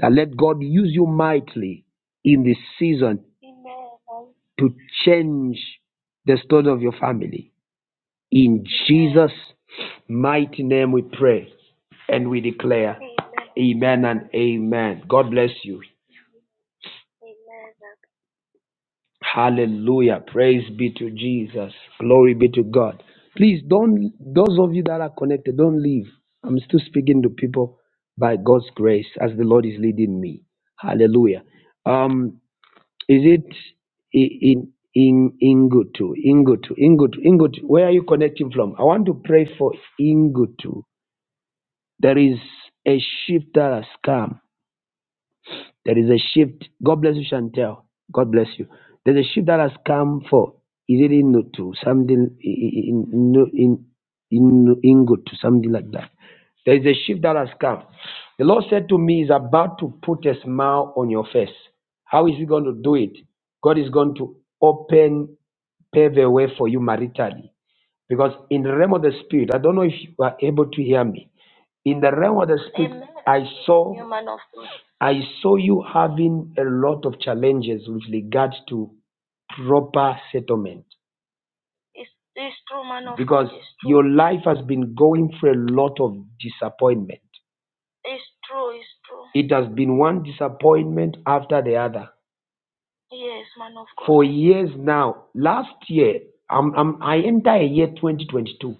A: that let God use you mightily in this season to change the story of your family. In Jesus' mighty name we pray and we declare. Amen and amen. God bless you. Hallelujah. Praise be to Jesus. Glory be to God. Please don't, those of you that are connected, don't leave. I'm still speaking to people by God's grace as the Lord is leading me. Hallelujah. Um, is it in, in, Ingutu? Ingutu, Ingutu, Ingutu. Where are you connecting from? I want to pray for Ingutu. There is a shift that has come. There is a shift. God bless you, Chantel. God bless you. There's a shift that has come for is it in to something in in in in in good to something like that. There is a shift that has come. The Lord said to me, "Is about to put a smile on your face." How is He going to do it? God is going to open pave a way for you maritally, because in the realm of the spirit, I don't know if you are able to hear me. In the realm of the spirit, I saw you having a lot of challenges with regards to proper settlement. Your life has been going through a lot of disappointment. It has been one disappointment after the other. Years now, last year, I'm, I'm, I enter a year 2022.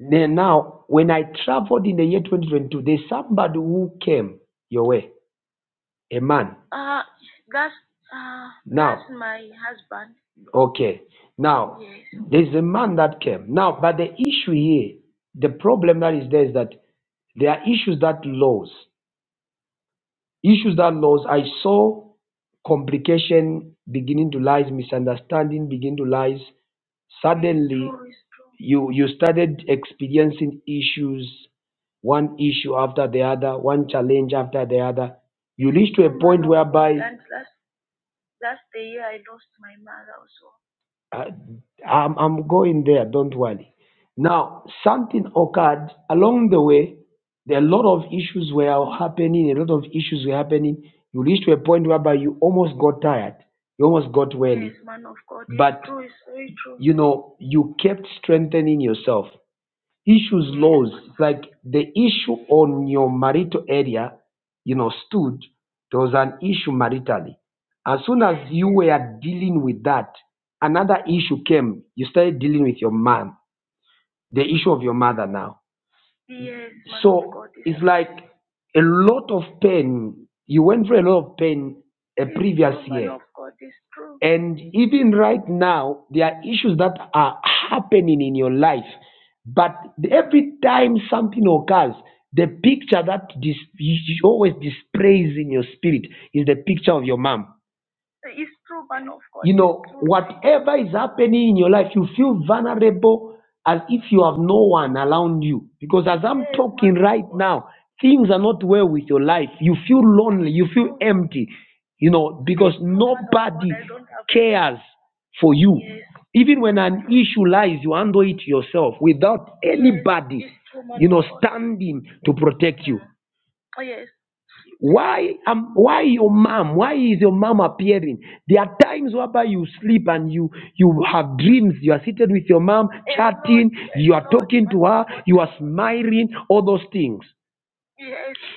A: Then now, when I traveled in the year 2022, there's somebody who came your way, a man. Okay. Now, There's a man that came. Now, but the issue here, the problem that is there is that there are issues that laws, issues that laws, I saw complication beginning to rise, misunderstanding begin to rise. Sud- You, you started experiencing issues, one issue after the other, one challenge after the other. Uh, I'm, I'm going there, don't worry. Now, something occurred along the way. There are a lot of issues were happening, a lot of issues were happening. You reached to a point whereby you almost got tired. You almost got where, you know, you kept strengthening yourself. Issues like the issue on your marital area, you know, stood. There was an issue maritally. As soon as you were dealing with that, another issue came. You started dealing with your mom the issue of your mother now. Like a lot of pain, you went through a lot of pain, eh, and even right now, there are issues that are happening in your life. But every time something occurs, the picture that dis- you always displays in your spirit is the picture of your mom. Whatever is happening in your life, you feel vulnerable as if you have no one around you. Because at some talking right now, things are not well with your life. You feel lonely, you feel empty, you know, because no cares for you. Even when an issue lies, you handle it yourself without standing to protect you. Why um, why your mom? Why is your mom appearing? There are times whereby you sleep and you you have dreams. You are seated with your mom, you are smiling, all those things.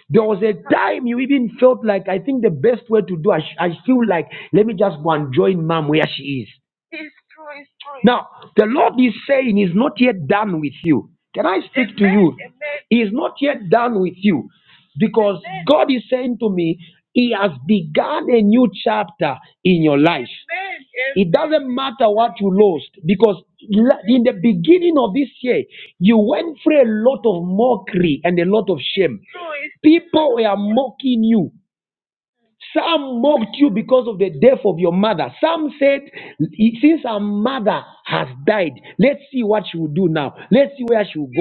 A: There was a time you even felt like, I think the best way to do, I, sh- I feel like, let me just go and join mom where she is. Now, the Lord is saying he's not yet done with you. Can I say, he is not yet done with you? Because God is saying to me, he has begun a new chapter in your life. It doesn't matter what you lost because la- in the beginning of this year, you went through a lot of mockery and a lot of shame. People were mocking you. Some mocked you because of the death of your mother. Some said, Since her mother has died, let's see what she will do now. Let's see where she will go.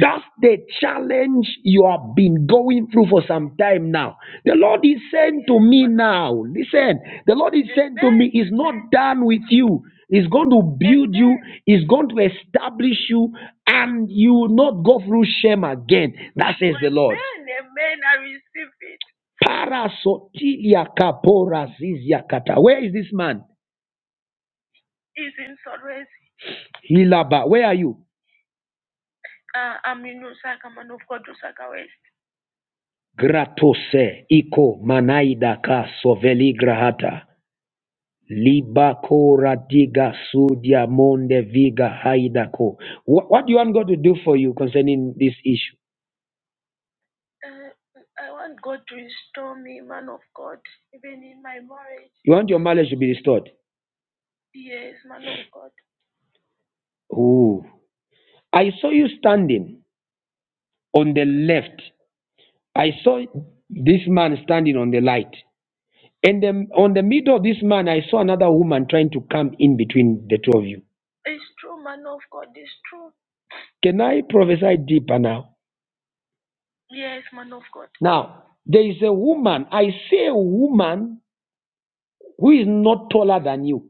A: That's the challenge you have been going through for some time now. The Lord is saying to me now, listen, the Lord is, is not done with you. He's going to be is going to establish you and you will not go through shame again. That's it. Parasotilia kapora zizia kata. Where is this man? Hilaba, where are you? Gratose, Iko, Manaida, Ka, Soveli, Grahata, Liba, Kora, Diga, Sudia, Monde, Viga, Haida, Ko. What, what do you want God to do for you concerning this issue? You want your marriage to be restored? Ooh. I saw you standing on the left. I saw this man standing on the light. And then on the middle of this man, I saw another woman trying to come in between the two of you. Can I prophesy deeper now? Now, there is a woman, I say a woman who is not taller than you,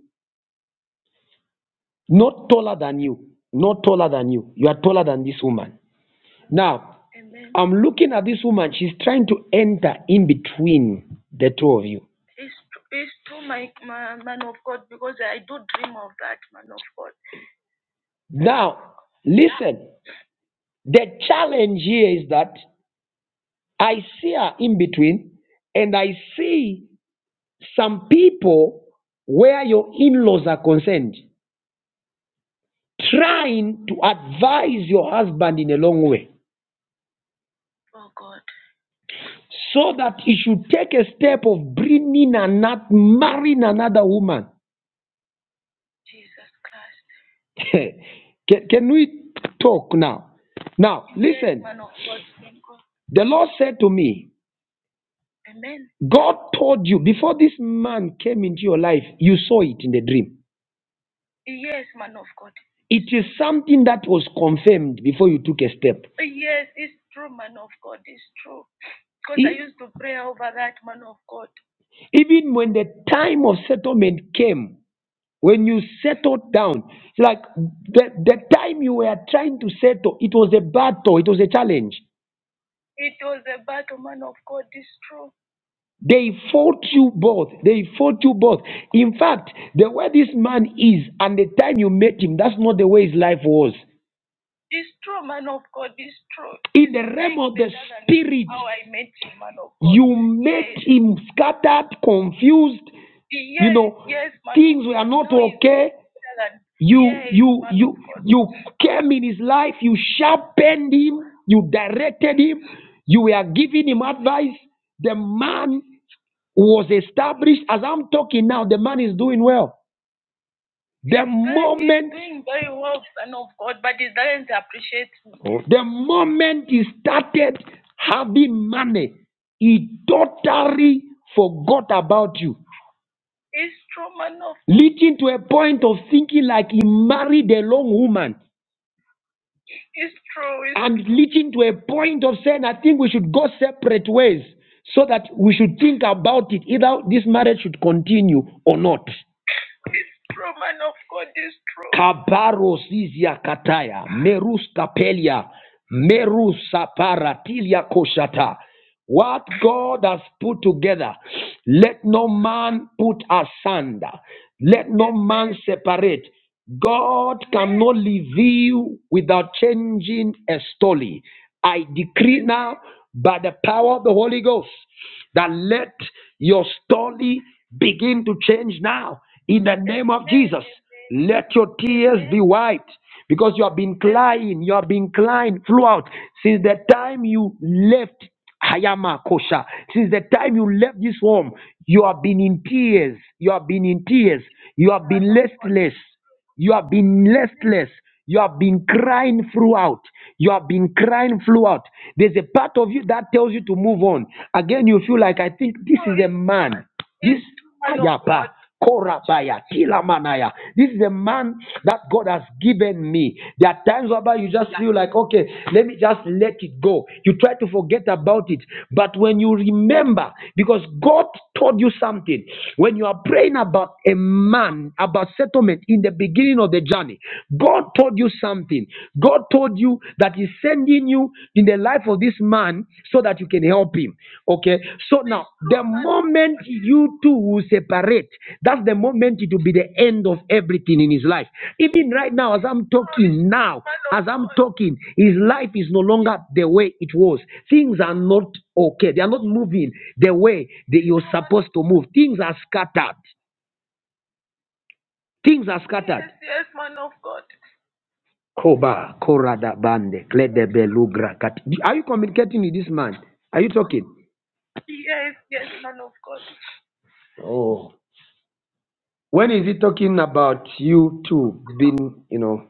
A: not taller than you, not taller than you. You are taller than this woman. Now, I'm looking at this woman, she's trying to enter in between the two of you. Now, listen, the challenge here is that I see her in between and I see some people where your in laws are concerned trying to advise your husband in a long way so that he should take a step of bringing and not marrying another woman. can, can we talk now? Now, the Lord said to me, God told you before this man came into your life, you saw it in the dream. It is something that was confirmed before you took a step. Even when the time of settlement came, when you settled down, it's like the, the time you were trying to settle, it was a battle, it was a challenge. They fought you both. They fought you both. In fact, the way this man is and the time you met him, that's not the way his life was. In the re- you him scattered, confused. You you came in his life. You sharpened him. You directed him. You were giving him advice. The man was established. As I'm talking now, the man is doing well. The Oh. The moment he started having money, he totally forgot about you, leading to a point of thinking like he married a long woman, and leading to a point of saying, I think we should go separate ways so that we should think about it either this marriage should continue or not. Kabaro Zizia Kataya, Merus Kapelia, Merus Saparatilia Koshata. What God has put together, let no man put asunder. Let no man separate. God cannot leave you without changing a story. I decree now by the power of the Holy Ghost that let your story begin to change now in the name of Jesus. Let your tears be wiped because you have been crying, you have been crying throughout since the time you left Hayama Kosha. Since the time you left this home, you have been in tears. You have been in tears. You have been listless. You have been listless. You have been crying throughout. You have been crying throughout. There's a part of you that tells you to move on. Again, you feel like, I think this is a man. Rabba, Korabaya, Kilamanaya. This is a man that God has given me. There are times whereby you just feel like, okay, let me just let it go. You try to forget about it. But when you remember, because God told you something, when you are praying about a man, about settlement in the beginning of the journey, God told you something. God told you that He sent sending you in the life of this man so that you can help him. Okay. So now, the moment you two will separate, that's the moment it will be the end of everything in his life. Even right now, as I'm talking now, as I'm talking, his life is no longer the way it was. Things are not okay. They are not moving the way that you're supposed to move. Things are scattered. Things are scattered. Koba, Korada Bande, Kledebelugra Kat. Are you communicating with this man? Are you talking? Oh. When is he talking about you two being, you know,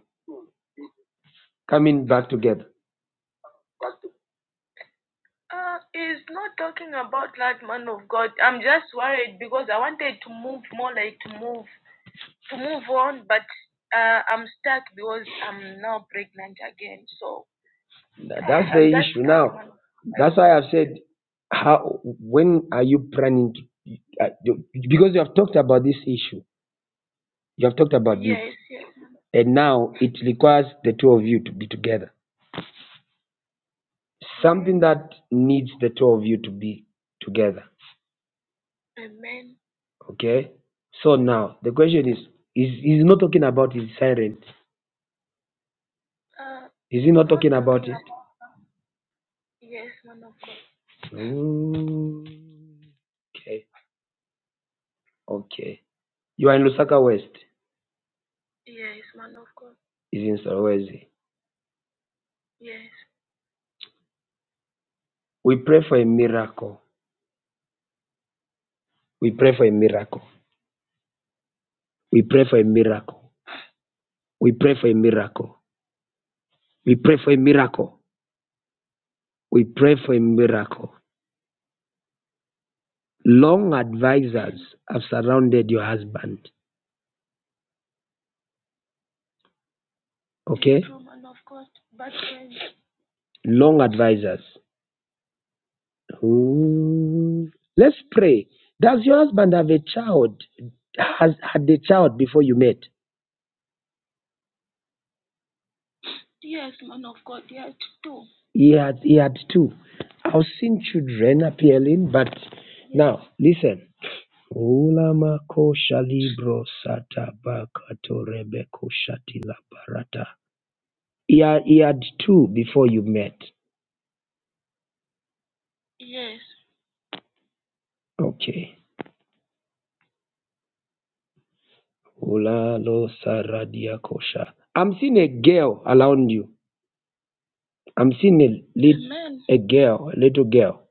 A: coming back together? That- That's why I've said, how, when are you planning to, uh, do- because you have talked about this issue, you have talked about, it, and now it requires the two of you to be together. Something that needs the two of you to be together. Okay? So now, the question is, is he's not talking about his siren. Is he not? Mm, Okay. Okay. You are in Lusaka West. isn't always. We pray for a miracle. We pray for a miracle. We pray for a miracle. We pray for a miracle. We pray for a miracle. We pray for a miracle. Long advisors have surrounded your husband. Of long advisors. Ooh. Let's pray. Does your husband have a child? Has had a child before you met? He had he had two. I've seen children appearing, but now listen. Ulama kosha libro sata bakato rebeko shati la barata. He had, he had two before you met. Okay. Ula lo saradia kosha. I'm seeing a girl around you. I'm seeing a, li- a girl, a little girl.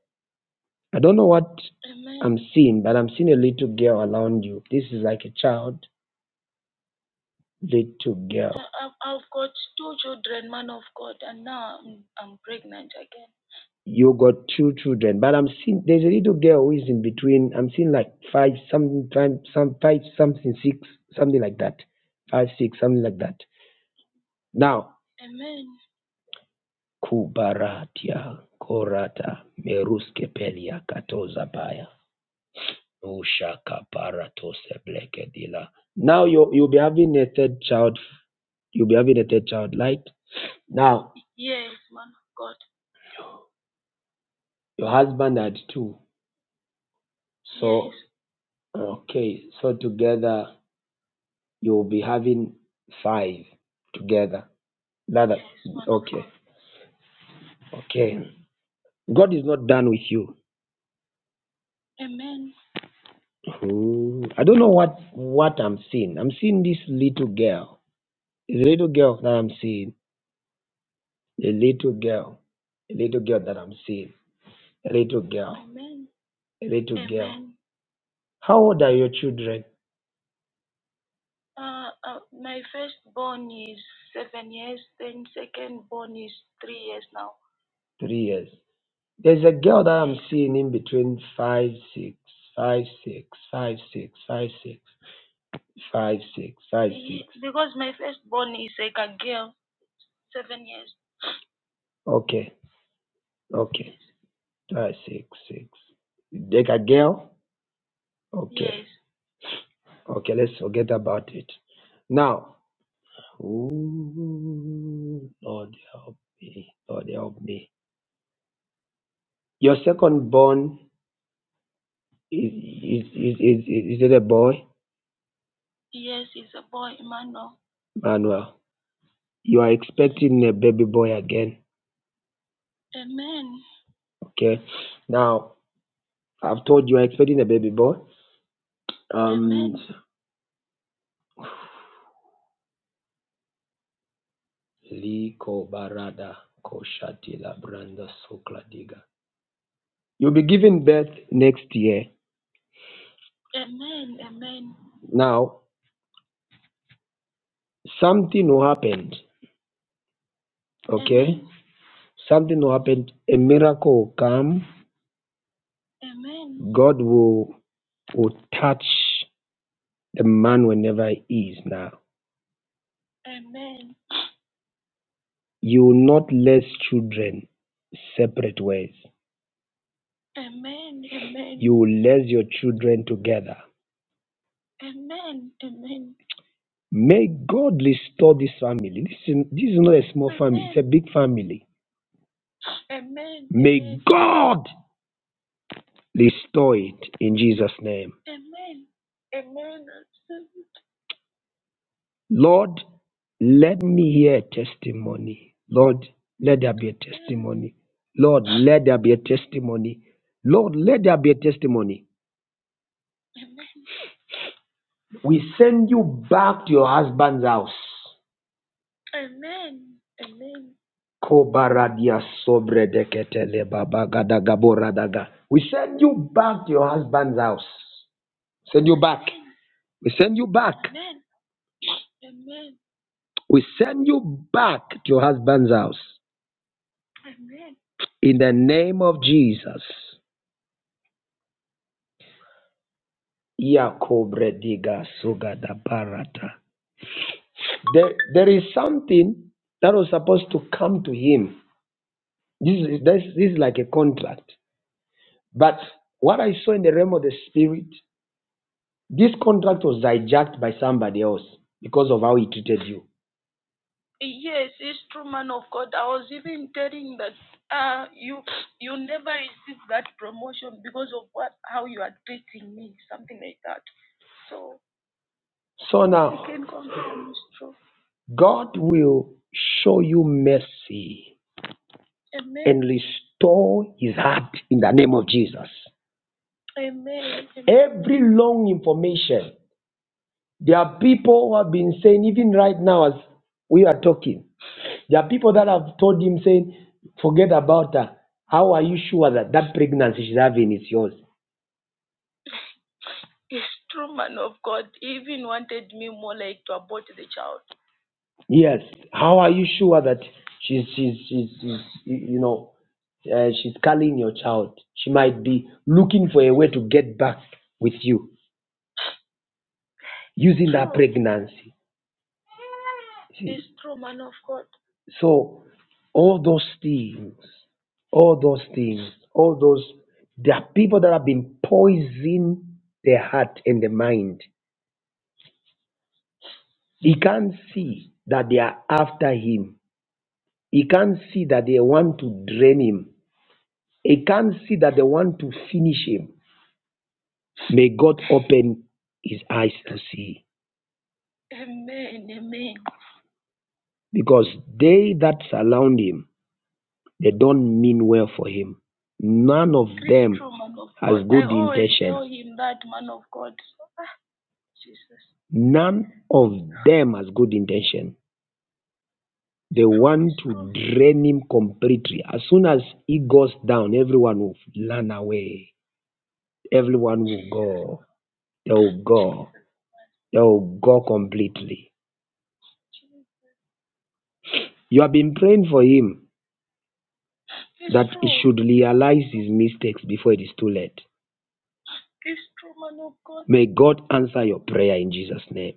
A: I don't know what I'm seeing, but I'm seeing a little girl around you. This is like a child, little girl. You got two children, but I'm seeing there's a little girl who is in between. I'm seeing like five, something, five, some five, something six, something like that. Five, six, something like that. Now, kubaratia korata meruske pelia katoza baya ushaka paratose blekedila. Now you you'll be having a third child. You'll be having a third child, Like Now your husband had two. Okay, so together. you'll be having five together. That, okay. God is not done with you. Hmm. I don't know what what I'm seeing. I'm seeing this little girl. The little girl that I'm seeing. A little girl. A little girl that I'm seeing. A little girl. A little. How old are your children? Three years. There's a girl that I'm seeing in between five, six, five, six, five, six, five, six, five, six, five. Okay. Okay. Uh, six, six. Take a girl. O- Okay, let's forget about it. Now, ooh, Lord help me, Lord help me. Your second born is is is is, is it a boy, Manuel? You are expecting a baby boy again. Okay. Now, I've told you are expecting a baby boy. Uh, Liko barada koshati la branda sokla diga. You'll be giving birth next year. Now, Something will happen. Okay, Something will happen. A miracle will come. God will will touch the man whenever he is now. You will not lace children separate ways. You will lace your children together. May God restore this family. Listen, this is not a small, a big family. God restore it in Jesus' name. Lord, let me hear a testimony. Lord, let there be a testimony. Lord, let there be a testimony. Lord, let there be a testimony. We send you back to your husband's house. Kobaradia sobredeketele babagadaga We send you back to your husband's house. Send you back. We send you back. We send you back to your husband's house. In the name of Jesus. Yakobre diga suga da barata. There, there is something that was supposed to come to him. This is, this, this is like a contract. But what I saw in the realm of the spirit, this contract was hijacked by somebody else because of how he treated you. So now God will show you mercy and restore his heart in the name of Jesus. Every long information, there are people who have been saying, even right now as we are talking, There are people that have told him saying, forget about her. How are you sure that that pregnancy she's having is yours? Yes. How are you sure that she's she's she's, she's you know uh, she's calling your child? She might be looking for a way to get back with you using that pregnancy. So all those things, all those things, all those there are people that have been poisoning their heart and the mind He can't see that they are after him. He can't see that they want to drain him. He can't see that they want to finish him. May God open his eyes to see. Because they that surround him, they don't mean well for him. None of none of them has good intention. They want to drain him completely. As soon as he goes down, everyone will run away. Everyone will go. They will go. that will go completely. You have been praying for him to realize his mistakes before it is too late. May God answer your prayer in Jesus' name.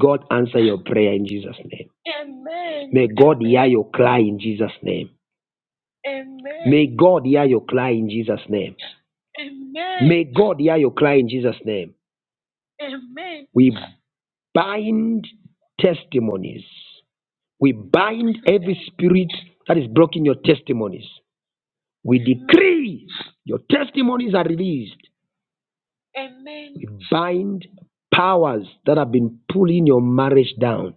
A: God answer your prayer in Jesus' name. May God hear your cry in Jesus' name. May God hear your cry in Jesus' name. May God hear your cry in Jesus' name. We bind testimonies. We bind every spirit that is blocking your testimonies. We decree your testimonies are released. Bind powers that have been pulling your marriage down.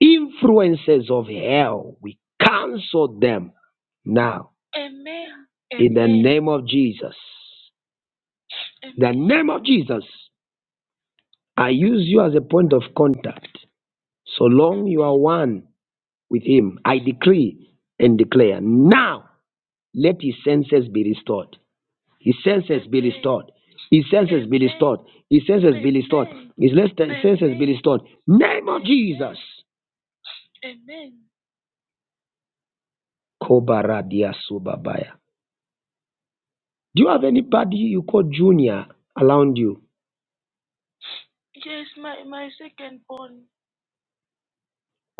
A: Influences of hell, we cancel them now. Name of Jesus. The name of Jesus. I use you as a point of contact. So long you are one with him, I decree and declare. Now let his senses be restored. His senses restored. His senses restored. His senses restored. his senses restored. Name Jesus. Kobaradia Subabaya. Do you have anybody you call junior around you?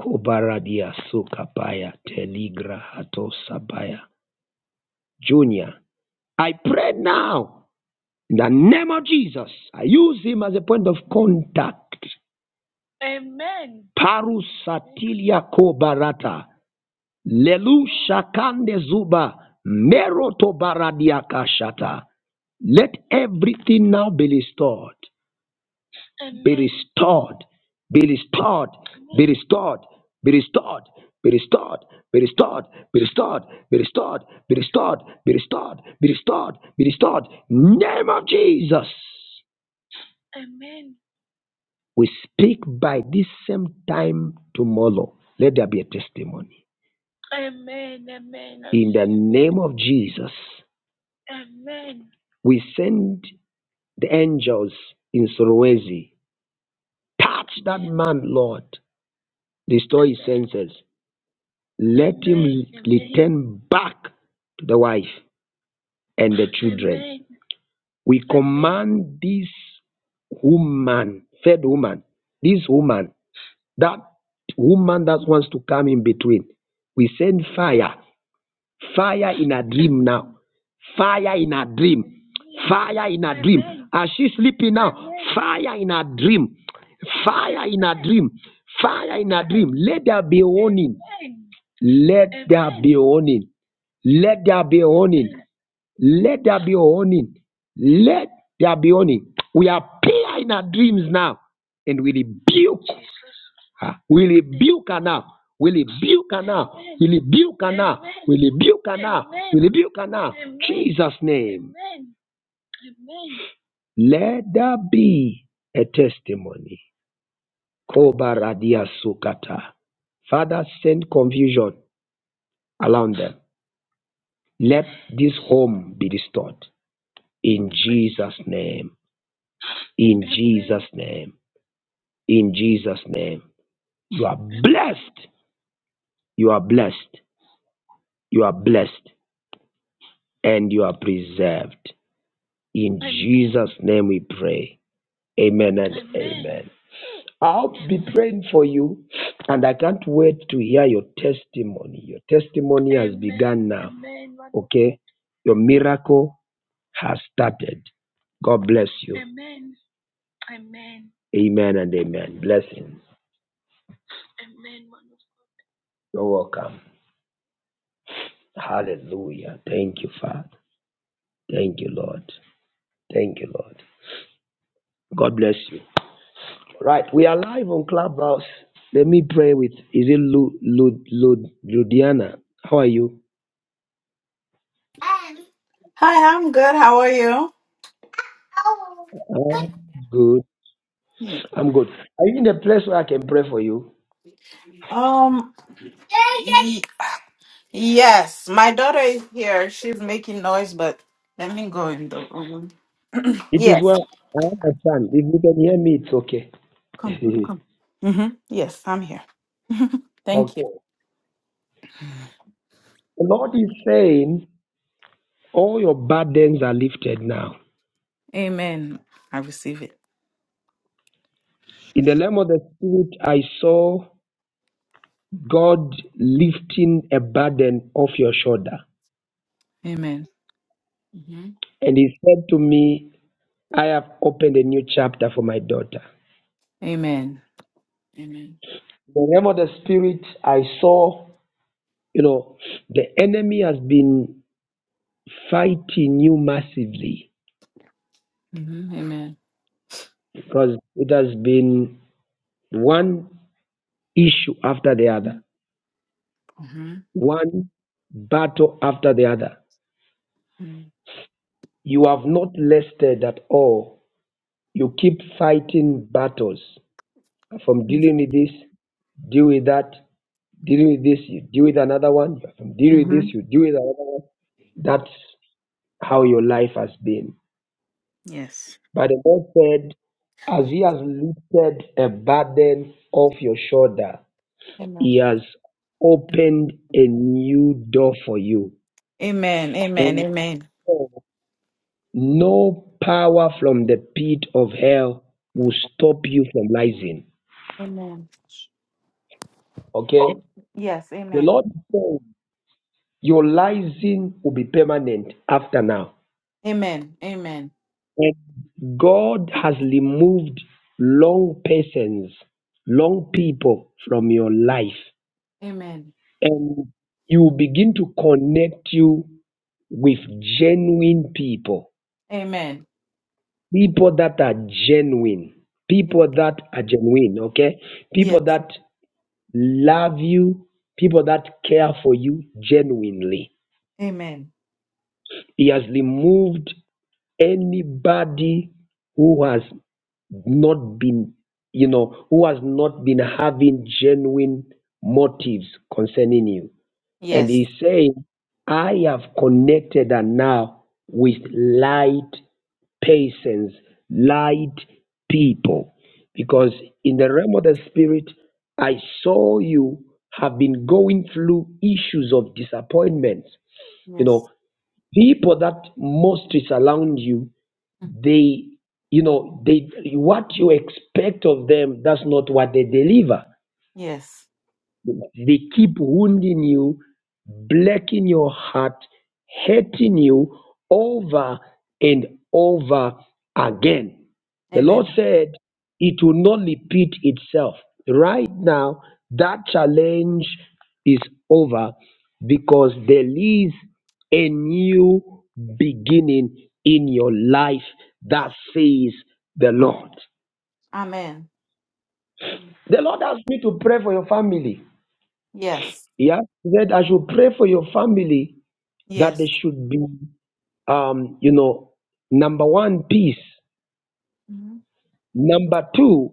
A: Kobaradia sokapaya, teligra hato sabaya. Junior, I pray now in the name of Jesus. I use him as a point of contact. Parusatilia kobarata. Lelu shakande zuba. Meroto baradiakashata. Let everything now be restored. restored, be restored, be restored, be restored, be restored, be restored, be restored, be restored, be restored, be restored, be restored, be restored. Name of Jesus. We speak by this same time tomorrow. Let there be a testimony. In the name of Jesus, we send the angels in Sorowezi. Touch that man, Lord. Restore his senses. Let him back to the wife. And the tr- we command this woman, third woman, this woman, that woman that wants to come in between. We send fire, fire in a dream now, fire in a dream, fire in a dream. As she sleeping now, fire in a dream, fire in a dream, fire in a dream. Let there be warning. Let there be warning. Let there be warning. Let there be warning. Let there be warning. We appear in our dreams now and we rebuke her. We rebuke her now. We rebuke her now. We rebuke her now. We rebuke her now. We rebuke her now. Jesus' name. Let there be a testimony. Kobaradia sukata. Father, send confusion around them. Let this home be restored. In Jesus' name. In Jesus' name. in Jesus' name. You are blessed. You are blessed. You are blessed and you are preserved. In Jesus' name we pray. Amen and amen. I'll be praying for you and I can't wait to hear your testimony. Your testimony, okay? Your miracle has started. God bless you. Amen and amen. Blessings. You're welcome. Hallelujah. Thank you, Father. Thank you, Lord. Thank you, Lord. God bless you. Right, we are live on Clubhouse. Let me pray with. Is it Lu, Lu, Lu, Ludiana? How are you? I'm good. I'm good. Are you in a place where I can pray for you? It is well. I understand. If you can hear me, it's okay. okay. The Lord is saying, all your burdens are lifted now. In the realm of the Spirit, I saw God lifting a burden off your shoulder. And He said to me, I have opened a new chapter for my daughter. In the realm of the spirit, I saw, you know, the enemy has been fighting you massively because it has been one issue after the other, one battle after the other. You have not listed at all. You keep fighting battles from dealing with this, deal with that, dealing with this, you deal with another one, from dealing with this, you deal with another one. That's how your life has been. But the Lord said, As he has lifted a burden off your shoulder, he has opened a new door for you. And no power from the pit of hell will stop you from rising. Okay? The Lord said, Your rising will be permanent after now. And God has removed long persons, long people from your life. and you begin to connect you with genuine people people that are genuine people that are genuine okay people that love you people that care for you genuinely he has removed anybody who has not been you know who has not been having genuine motives concerning you And he's saying, I have connected her now with light patience, light people. Because in the realm of the spirit, I saw you have been going through issues of disappointments. You know, people that mostly surround you, they, you know, they what you expect of them, that's not what they deliver. They keep wounding you, breaking your heart, hurting you over and over again. The Lord said it will not repeat itself. Right now, that challenge is over because there is a new beginning in your life that says the Lord. The Lord asked me to pray for your family. Yeah, he said, I should pray for your family that they should be, um, you know, number one, peace. Number two,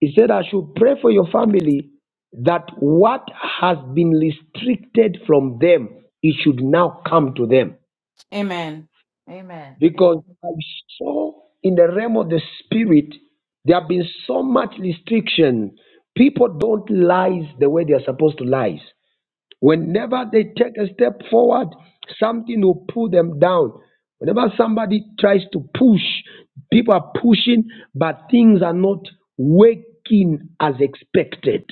A: he said, I should pray for your family that what has been restricted from them, it should now come to them. Because I saw in the realm of the spirit, there have been so much restriction. People don't lie the way they are supposed to lie. Whenever they take a step forward, something will pull them down. Whenever somebody tries to push, people are pushing, but things are not working as expected.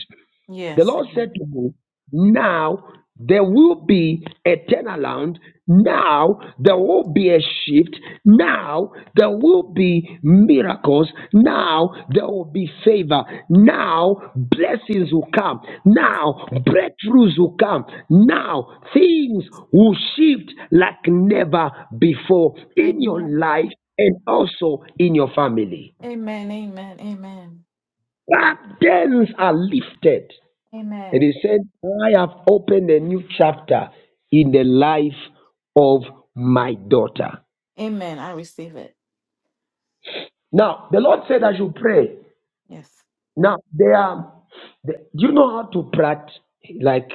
A: The Lord said to me, Now there will be a turnaround. Now there will be a shift. Now there will be miracles. Now there will be favor. Now blessings will come. Now breakthroughs will come. Now things will shift like never before in your life and also in your family. Burdens are lifted. And he said, I have opened a new chapter in the life of my daughter. Now, the Lord said I should pray. Now, there are, the, do you know how to prat? Like,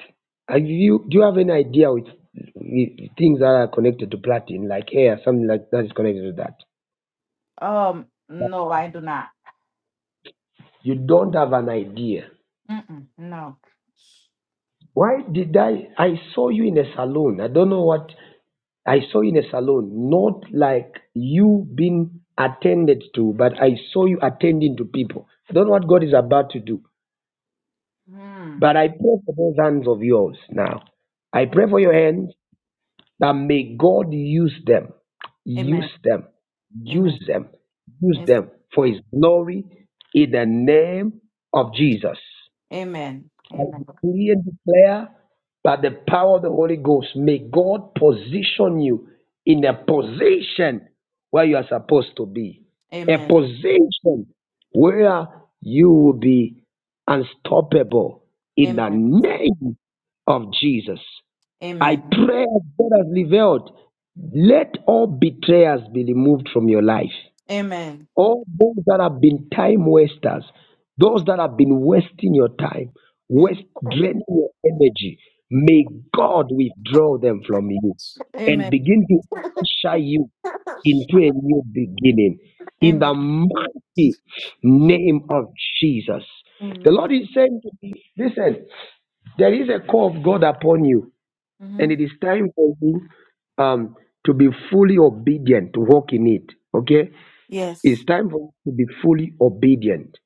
A: are you, do you have any idea with, with things that are connected to platin, like hair, something like that is connected to that? You don't have an idea. Why did I, I saw you in a salon. I don't know what I saw you in a salon, not like you being attended to, but I saw you attending to people. I don't know what God is about to do, but I pray for those hands of yours now. I pray for your hands that may God use them, use them, use them, use them for His glory in the name of Jesus. I decree and declare by the power of the Holy Ghost, may God position you in a position where you are supposed to be, a position where you will be unstoppable in the name of Jesus. I pray as God has revealed, let all betrayers be removed from your life. All those that have been time wasters, those that have been wasting your time, waste draining your energy, may God withdraw them from you and begin to usher you into a new beginning in the mighty name of Jesus. The Lord is saying to me, listen, there is a call of God upon you, and it is time for you um, to be fully obedient, to walk in it. Okay? It's time for us to be fully obedient.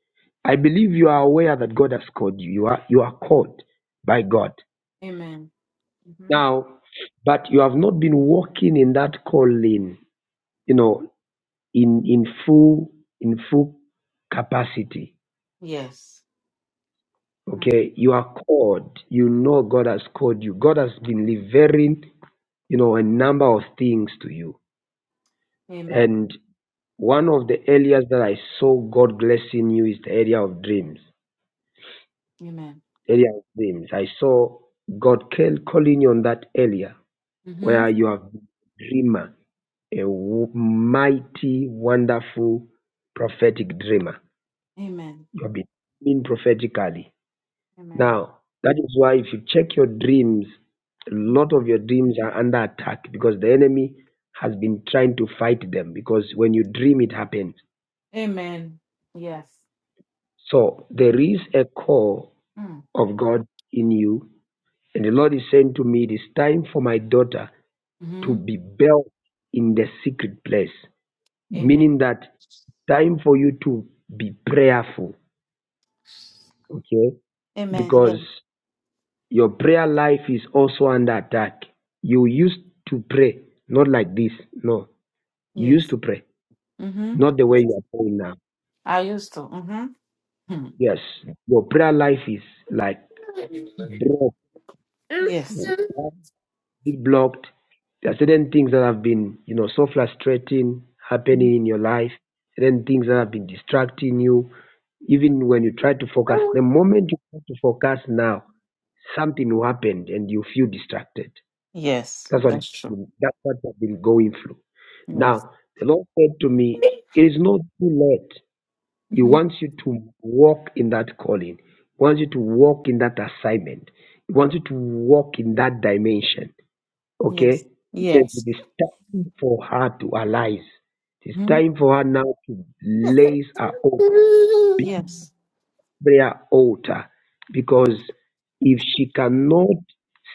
A: I believe you are aware that God has called you. You are you are called by God. Now, but you have not been walking in that calling, you know, in in full in full capacity. Okay, you are called. You know God has called you. God has been delivering, you know, a number of things to you. And one of the areas that I saw God blessing you is the area of dreams. area of dreams. I saw God call- calling you on that area where you have been a dreamer, a w- mighty, wonderful prophetic dreamer. You have been dreaming prophetically. Now, that is why if you check your dreams, a lot of your dreams are under attack because the enemy has been trying to fight them because when you dream, it happens. So there is a call of God in you. And the Lord is saying to me, it is time for my daughter to be built in the secret place, meaning that time for you to be prayerful, okay? Because your prayer life is also under attack. You used to pray, not like this, no. You used to pray, not the way you are praying now. Yes, your prayer life is like broken. bit blocked. There are certain things that have been, you know, so frustrating happening in your life, certain things that have been distracting you, even when you try to focus. The moment you try to focus now, something will happen and you feel distracted. That's what it's been, that's what I've been going through. Now, the Lord said to me, It is not too late. He wants you to walk in that calling. He wants you to walk in that assignment. He wants you to walk in that dimension. Okay? He says it is time for her to arise. It is time for her now to lace her own prayer altar because if she cannot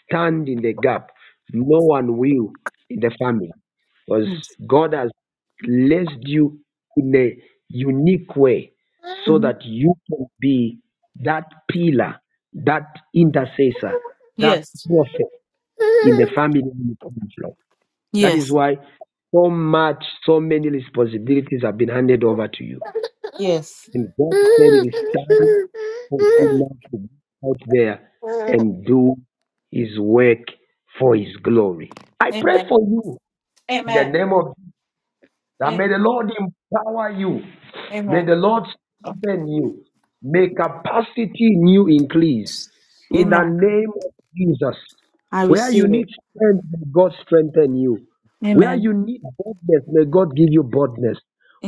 A: stand in the gap, no one will in the family because God has placed you in a unique way so that you can be that pillar, that intercessor, that prophet in the family. That is why so much, so many responsibilities have been handed over to you. And God said it is time for you now to go out there and do his work for his glory. I pray for you in the name of that may the Lord empower you. May the Lord strengthen you. May capacity in you increase. In the name of Jesus. Where you need strength, may God strengthen you. Where you need boldness, may God give you boldness.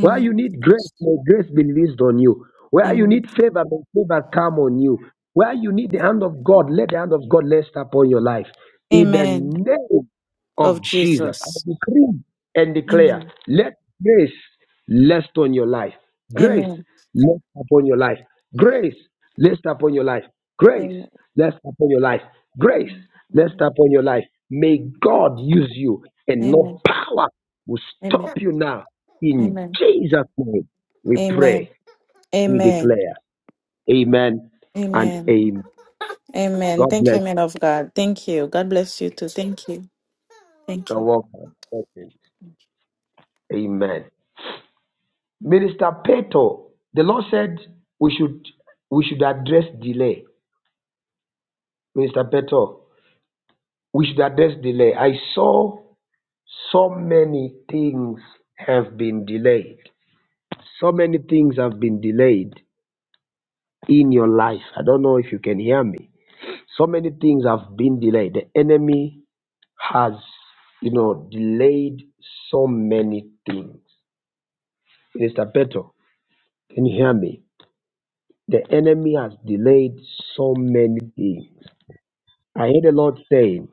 A: Where you need grace, may grace be released on you. Where you need favor, may favor come on you. Where you need the hand of God, let the hand of God rest upon your life. In the name of Jesus, I decree and declare, let grace rest on your life. Grace rest upon your life. Grace rest upon your life. Grace rest upon your life. Grace rest upon your life. May God use you and no power will stop you now. In Jesus' name, we pray, we declare. Amen and amen. God bless. You're welcome. Thank Amen. Minister Peto, the Lord said we should we should address delay. Minister Peto, we should address delay. I saw so many things have been delayed. So many things have been delayed in your life. I don't know if you can hear me. So many things have been delayed. The enemy has, you know, delayed so many things. Minister Peto, can you hear me? The enemy has delayed so many things. I hear the Lord saying,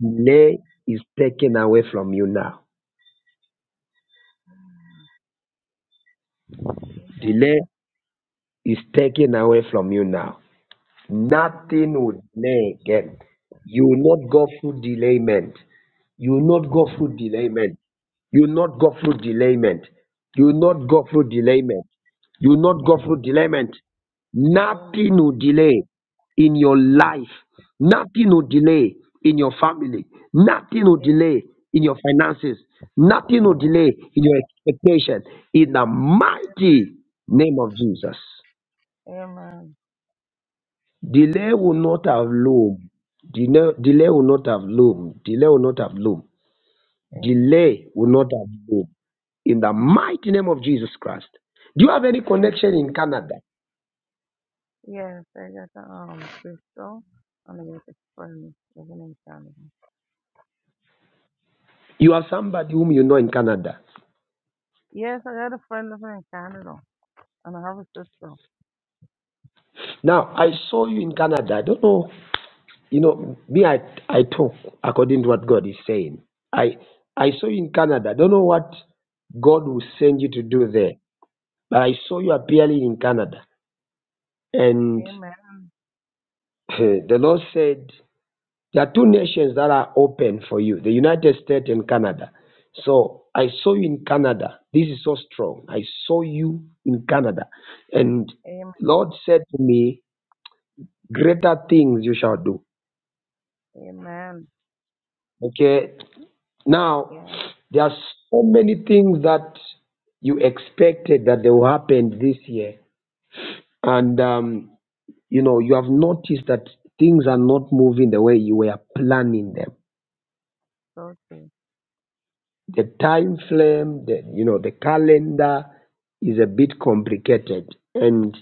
A: delay is taken away from you now.
H: Amen. Amen.
A: Delay is taken away from you now. Nothing will delay again. You will not go through delayment. You will not go through delayment. You will not go through delayment. You will not
H: Amen.
A: go through delayment. You will not go through delayment. Nothing
H: Amen.
A: will delay in your life. Nothing will delay in your family. Nothing will
H: Amen.
A: delay in your finances. Nothing will delay in your expectation. In the mighty name of Jesus.
H: Amen.
A: Delay will
H: Amen.
A: not have loom. Delay, delay will not have loom. Delay will not have loom. Delay
H: Amen.
A: will not have loom. In the mighty name of Jesus Christ. Do you have any
H: Amen.
A: connection in Canada?
H: Yes, I got a um crystal and I got a friend living in Canada.
A: You are somebody whom you know in Canada.
H: Yes, I got a friend living in Canada and I have a sister.
A: Now, I saw you in Canada. I don't know, you know, me, I, I talk according to what God is saying. I, I saw you in Canada. I don't know what God will send you to do there. But I saw you appearing in Canada. And
H: Amen.
A: the Lord said, There are two nations that are open for you the United States and Canada. So I saw you in Canada. This is so strong. I saw you in Canada. And
H: Amen.
A: Lord said to me, Greater things you shall do.
H: Amen.
A: Okay. Now,
H: Yeah,
A: there are so many things that you expected that they will happen this year. And, um, you know, you have noticed that things are not moving the way you were planning them
H: so true.
A: the time frame, the you know, the calendar is a bit complicated, and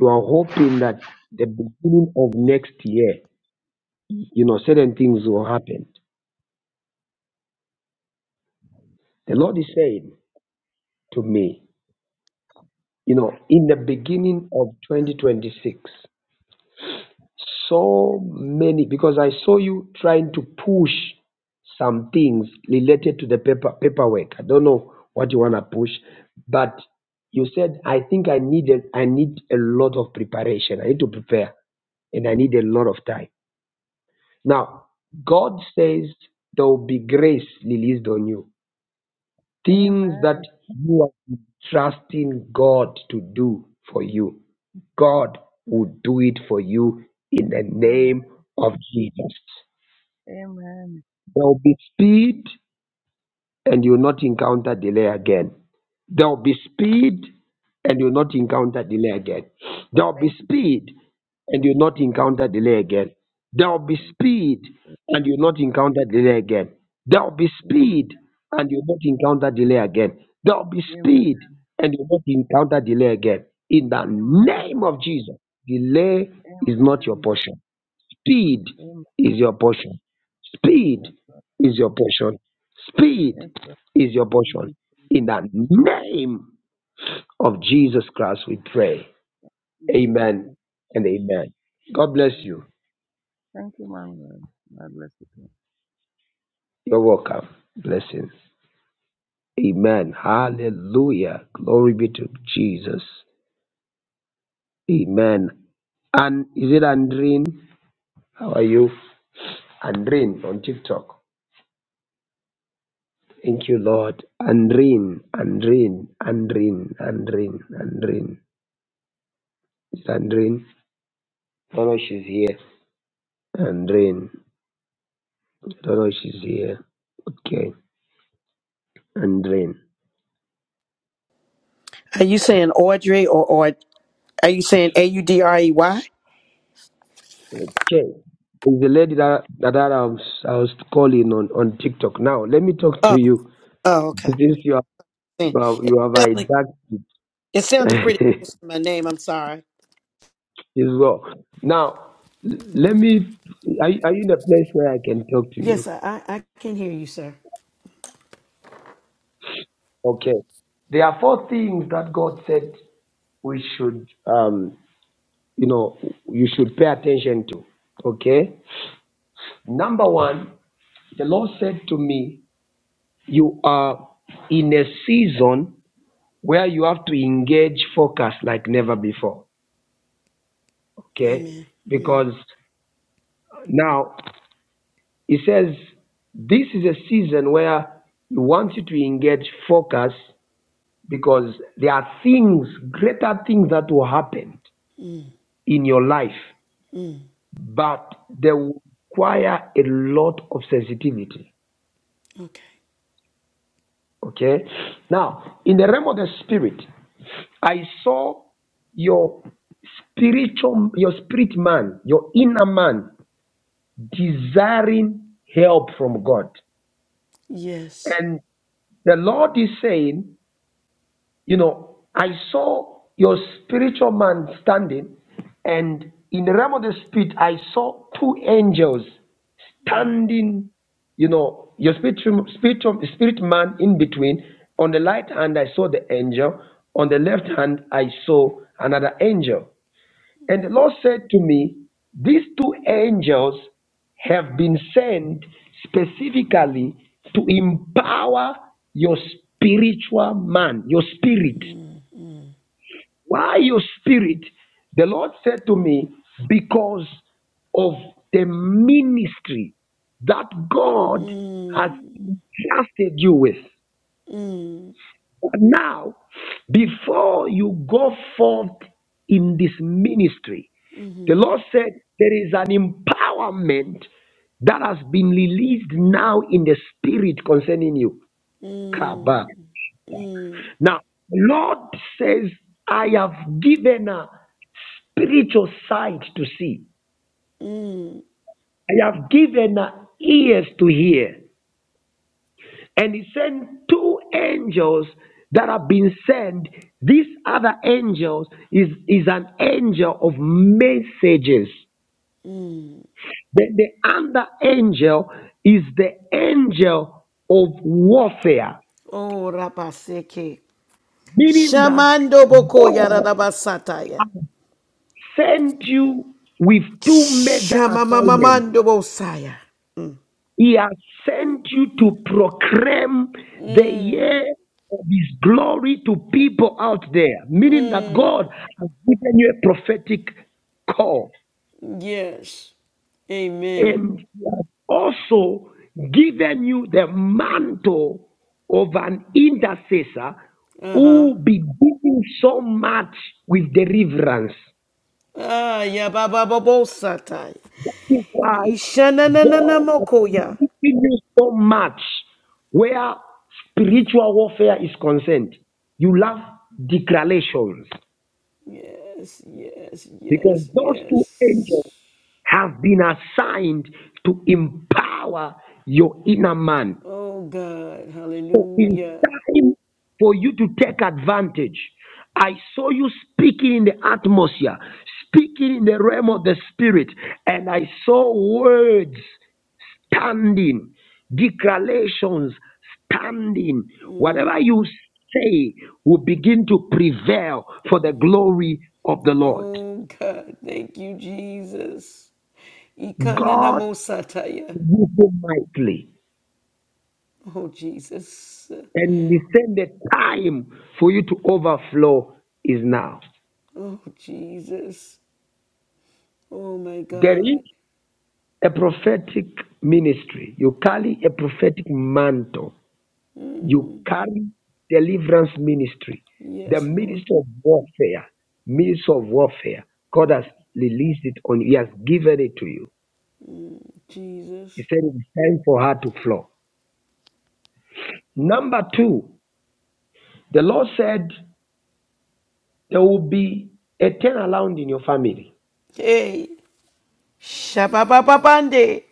A: you are hoping that the beginning of next year, you know, certain things will happen. The
H: So
A: Lord is
H: true.
A: saying to me, you know, in the beginning of 2026, so many because I saw you trying to push some things related to the paper paperwork. I don't know what you wanna push, but you said I think I needed I need a lot of preparation. I need to prepare and I need a lot of time. Now God says there will be grace released on you. Things that
H: Amen.
A: you are trusting God to do for you, God will do it for you in the
H: Amen.
A: name of Jesus.
H: Amen.
A: There will be speed, and you will not encounter delay again. There will be speed and you will not encounter delay again. There will be
H: Thank you, Jesus.
A: speed and you will not encounter delay again. There will be
H: Thank you.
A: speed and you will not encounter delay again. There will be
H: Amen.
A: speed and you will not encounter delay again. There will be
H: Amen.
A: speed and you will not encounter delay again. In the name of Jesus, delay
H: Amen.
A: is not your
H: Amen.
A: portion. Speed
H: Amen.
A: is your portion. Speed
H: Yes, Lord.
A: is your portion. Speed
H: Yes, Lord.
A: is your
H: Thank
A: portion.
H: you,
A: In the name of Jesus Christ, we pray. Amen
H: Jesus.
A: and amen. God bless you.
H: Thank you, Mama. God bless you.
A: You're welcome. Blessings. Amen. Hallelujah. Glory be to Jesus. Amen. And is it Andrine? How are you? Andrine? on TikTok. Thank you, Lord. Andrin, Andrin, Andrin, Andrin, Andrin. Is Andrin? I don't know if she's here. Andrin. I don't know if she's here. Okay. Andrin.
I: Are you saying Audrey or or are you saying A U D R E Y?
A: Okay. It's the lady that, that I was, I was calling on, on TikTok. Now, let me talk to
I: Oh,
A: you.
I: oh, okay.
A: Since you have,
I: It
A: you have, you have
I: sounded,
A: hijacked
I: it sounded pretty
A: it
I: close to my name. I'm sorry.
A: as well. Now, l- let me. Are, you- are you in a place where I can talk to you?
I: Yes, I, I, I can hear you, sir.
A: Okay. There are four things that God said we should um, you know you should pay attention to okay number one the lord said to me you are in a season where you have to engage focus like never before okay
I: Amen.
A: because now he says this is a season where he wants you to engage focus because there are things greater things that will happen in your life but they will require a lot of sensitivity.
I: Okay.
A: Okay. Now, in the realm of the spirit, I saw your spiritual, your spirit man, your inner man desiring help from God.
I: Yes.
A: And the Lord is saying, You know, I saw your spiritual man standing, and in the realm of the spirit, I saw two angels standing, you know, your spiritual, spiritual spirit man in between. On the right hand, I saw the angel. On the left hand, I saw another angel. And the Lord said to me, These two angels have been sent specifically to empower your spiritual man, your spirit. Why your spirit? The Lord said to me, because of the ministry that God has
I: Mm,
A: entrusted you with.
I: mm,
A: But now, before you go forth in this ministry, the
I: mm,
A: Lord said there is an empowerment that has been released now in the spirit concerning you. Kaba.
I: mm, mm,
A: Now, the Lord says, I have given a spiritual sight to see.
I: mm.
A: I have given her ears to hear. And he sent two angels that have been sent. This other angel is, is an angel of messages. Then the other angel is the angel of warfare,
I: Oh, rapaseke.
A: meaning that
I: Shamando boko
A: God
I: yarabasataya.
A: sent you with two major assignments
I: Shamamamamando bosaya.
A: He has sent you to proclaim the year of His glory to people out there, meaning that God has given you a prophetic call
I: Yes. Amen.
A: and He has also given you the mantle of an intercessor
I: Uh-huh.
A: who will be doing so much with deliverance.
I: Ah, yeah, Baba Bobo Satai.
A: That is why God has
I: Ishanananamokoya.
A: given you so much where spiritual warfare is concerned. You love declarations
I: Yes, yes,
A: because
I: yes,
A: those two
I: yes.
A: angels have been assigned to empower your inner man.
I: Oh God,
A: So in
I: hallelujah.
A: time for you to take advantage, I saw you speaking in the atmosphere, speaking in the realm of the spirit, and I saw words. standing, declarations standing. Whatever you say will begin to prevail for the glory of the Lord.
I: Oh God, thank you, Jesus. Ikana na
A: God
I: mo Ikananamosataya.
A: will move mightily,
I: Oh Jesus.
A: and He said the time for you to overflow is now.
I: Oh Jesus. Oh my
A: There is
I: God.
A: a prophetic ministry. You carry a prophetic mantle You carry deliverance ministry, the
I: Yes, Lord.
A: ministry of warfare, ministry of warfare. God has released it on you. He has given it to you. He
I: Jesus.
A: said it's time for her to flow. Number two, the Lord said there will be a turnaround in your family
I: Hey. Shabababande.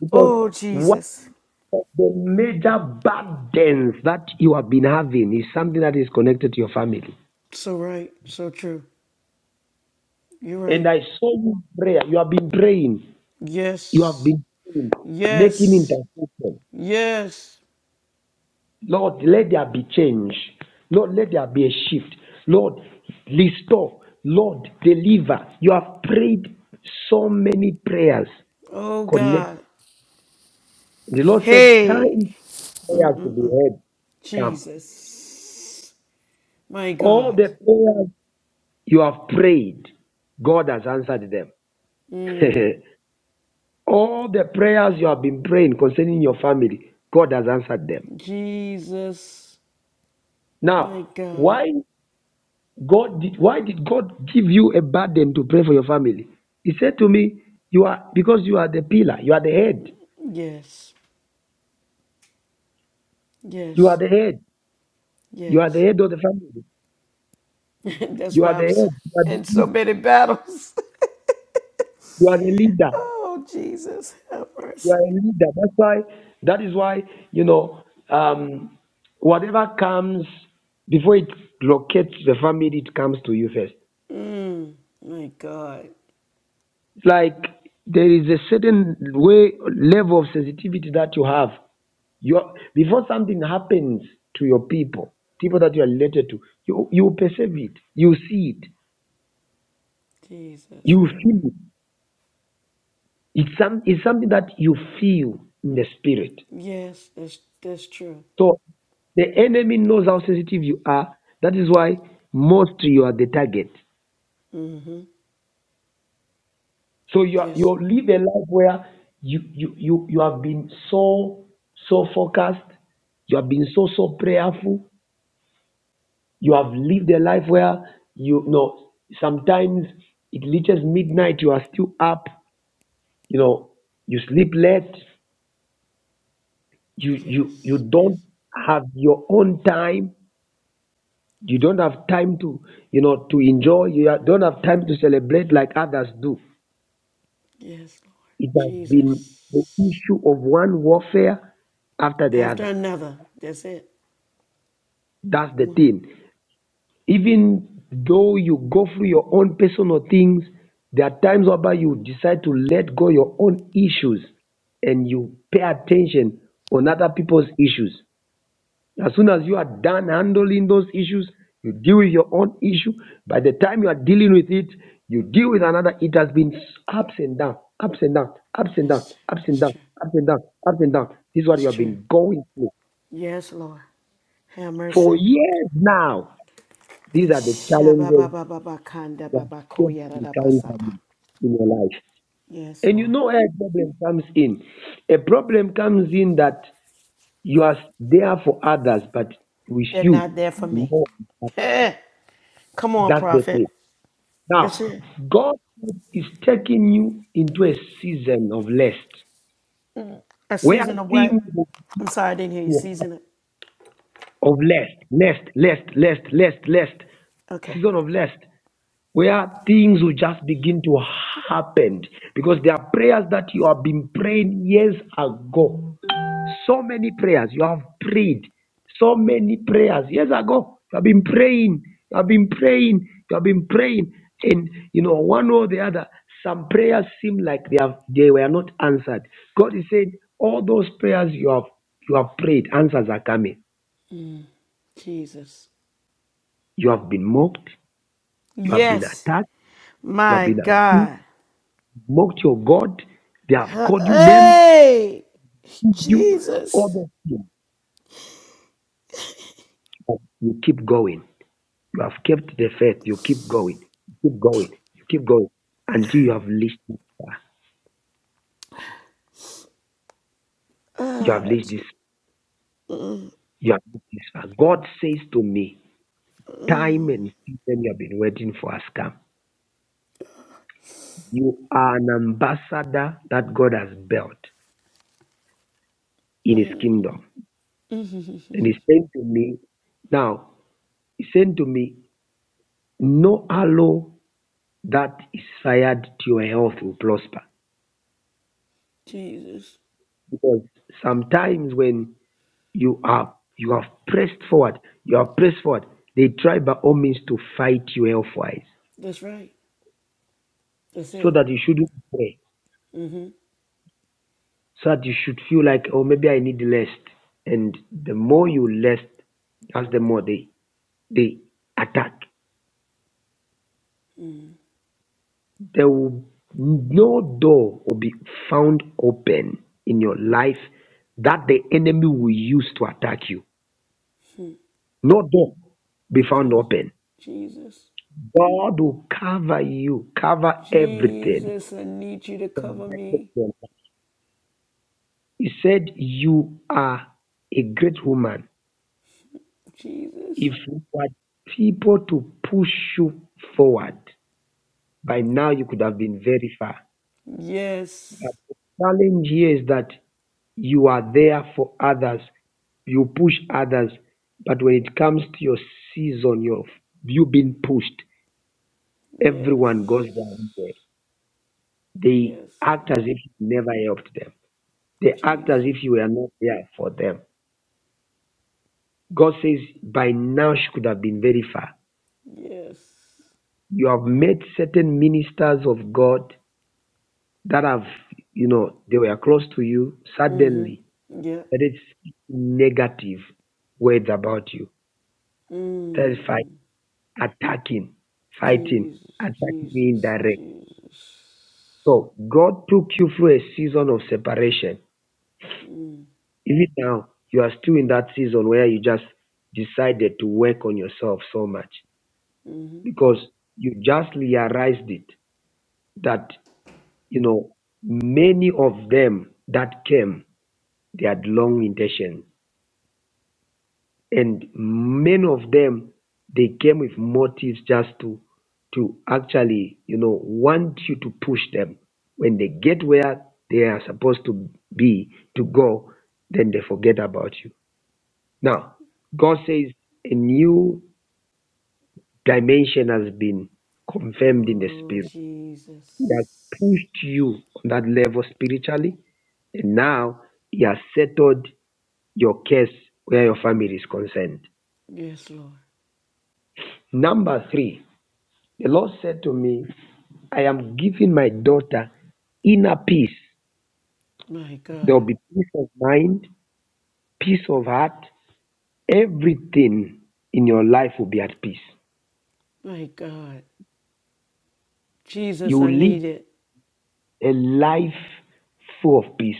A: because
I: Oh
A: one
I: Jesus.
A: of the major burdens that you have been having is something that is connected to your family.
I: So right, so true. You're
A: And
I: right.
A: I saw you in prayer. You have been praying. You have
I: Yes,
A: been praying, making
I: yes,
A: intercession.
I: yes.
A: Lord, let there be change. Lord, let there be a shift. Lord, restore. Lord, deliver. You have prayed so many prayers.
I: Oh
A: Connect.
I: God.
A: The Lord said,
I: Hey,
A: time prayers to be heard. Come.
I: Jesus. My
A: All
I: God.
A: the prayers you have prayed, God has answered them. All the prayers you have been praying concerning your family, God has answered them.
I: Jesus. My
A: Now,
I: God.
A: why? God did, why did God give you a burden to pray for your family? He said to me, you are, because you are the pillar, you are the head,
I: Yes,
A: you are
I: yes,
A: the head, you are the
I: yes.
A: head of the family,
I: That's
A: you are
I: why
A: the
I: I'm
A: head,
I: s-
A: you are the,
I: in so
A: lead-
I: many battles.
A: you are the leader,
I: oh, Jesus. Have
A: you
I: mercy.
A: are a leader. That's why, that is why, you know, um, whatever comes before it locates the family, it comes to you first.
I: Mm, my God.
A: like there is a certain way, level of sensitivity that you have Your, before something happens to your people, people that you are related to, you, you perceive it, you see it,
I: Jesus.
A: you
I: Have mercy.
A: feel it. It's, some, it's something that you feel in the spirit.
I: Yes, that's, that's true.
A: So the enemy knows how sensitive you are. That is why most you are the target.
I: Mm-hmm.
A: So you are, you
I: Yes.
A: live a life where you, you you you have been so so focused, you have been so so prayerful, You have lived a life where you, you know sometimes it reaches midnight, you are still up, you know, you sleep late, you you you
I: Yes, yes,
A: don't have your own time, you don't have time to you know to enjoy, you ha- don't have time to celebrate like others do.
I: yes, Lord.
A: It has been the
I: Jesus.
A: issue of one warfare after the
I: After
A: other.
I: another. That's it.
A: That's the
I: One.
A: thing. Even though you go through your own personal things, there are times whereby you decide to let go your own issues and you pay attention on other people's issues. As soon as you are done handling those issues, you deal with your own issue. By the time you are dealing with it, you deal with another. It has been ups and down, ups and down, ups and down,
I: That's, true.
A: ups and
I: that's
A: down,
I: true.
A: ups and down, ups and down. This is what you
I: That's
A: have
I: true.
A: been going through
I: Yes, Lord. Have mercy.
A: for years now. These are the challenges
I: Shababababakanda
A: you are supposed to carry
I: babakoyarabasata.
A: value in your life.
I: Yes,
A: And you
I: Lord.
A: know where a problem comes in. A problem comes in that you are there for others, but with
I: They're
A: you,
I: not there for me.
A: no is happening.
I: Come on,
A: That's the thing.
I: prophet. That's
A: Now,
I: it.
A: God is taking you into a season of lust,
I: Mm. A
A: where
I: season of what?
A: things
I: I'm sorry, I didn't hear you.
A: will happen
I: Season of.
A: of lust, lust, lust, lust, lust, lust,
I: Okay.
A: season of lust. where things will just begin to happen because there are prayers that you have been praying years ago. So many prayers you have prayed, so many prayers years ago. You have been praying, you have been praying, you have been praying, and you know one or the other. Some prayers seem like they have they were not answered. God is saying all those prayers you have you have prayed, answers are coming.
I: Jesus.
A: You have been mocked, you have been
I: Yes.
A: attacked, you have
I: My
A: been accused.
I: God.
A: mocked your God. They have
I: Uh,
A: called you names,
I: Hey,
A: beat you, all
I: Jesus.
A: those things. But you keep going. You have kept the faith. You keep going. You keep going. You keep going until you have reached this far. You have
I: Ah,
A: reached this.
I: Je-
A: You have reached this far. God says to me, time and season you have been waiting for has come. You are an ambassador that God has built in His kingdom, and He saying to me, now He saying to me, no allow that is fired to your health will prosper.
I: Jesus.
A: Because sometimes when you are you have pressed forward, you have pressed forward, they try by all means to fight you health-wise.
I: That's right. That's
A: So
I: it.
A: that you shouldn't pray. So that you should feel like, oh maybe I need less, And the more you less, that's the more they they attack. There will no door will be found open in your life that the enemy will use to attack you No door be found
I: Jesus.
A: open.
I: Jesus.
A: God will cover you, cover everything.
I: Jesus, I need you to cover
A: connected to
I: me.
A: your life. He said, You are a great woman.
I: Jesus.
A: If you had people to push you forward, by now you could have been very far. But
I: Yes.
A: the challenge here is that you are there for others, you push others, but when it comes to your season, you've, you've been pushed.
I: Yes.
A: Everyone goes down there. They
I: Yes.
A: act
I: Good.
A: as if you never helped them. They act as
I: Jesus.
A: if you were not there for them. God says, by now she could have been very far.
I: Yes.
A: You have met certain ministers of God that have, you know, they were close to you.
I: Mm-hmm.
A: Suddenly,
I: Yeah.
A: that is negative words about you. Terrified,
I: Mm.
A: attacking, fighting,
I: Jesus.
A: attacking you
I: Jesus.
A: indirect.
I: Jesus.
A: So God took you through a season of separation even now you are still in that season where you just decided to work on yourself so much
I: Mm-hmm.
A: because you just realized it that you know many of them that came they had long intention and many of them they came with motives just to to actually you know want you to push them when they get where they are supposed to be to go then they forget about you Now, God says a new dimension has been confirmed in the
I: Oh,
A: spirit. He has
I: Jesus.
A: pushed you on that level spiritually, and now He has settled your case where your family is concerned.
I: Yes, Lord.
A: Number three, the Lord said to me, I am giving my daughter inner peace.
I: My
A: There
I: God.
A: will be peace of mind, peace of heart. Everything in your life will be at peace.
I: My God.
A: You
I: Jesus, I
A: will live
I: need it.
A: a life full of peace.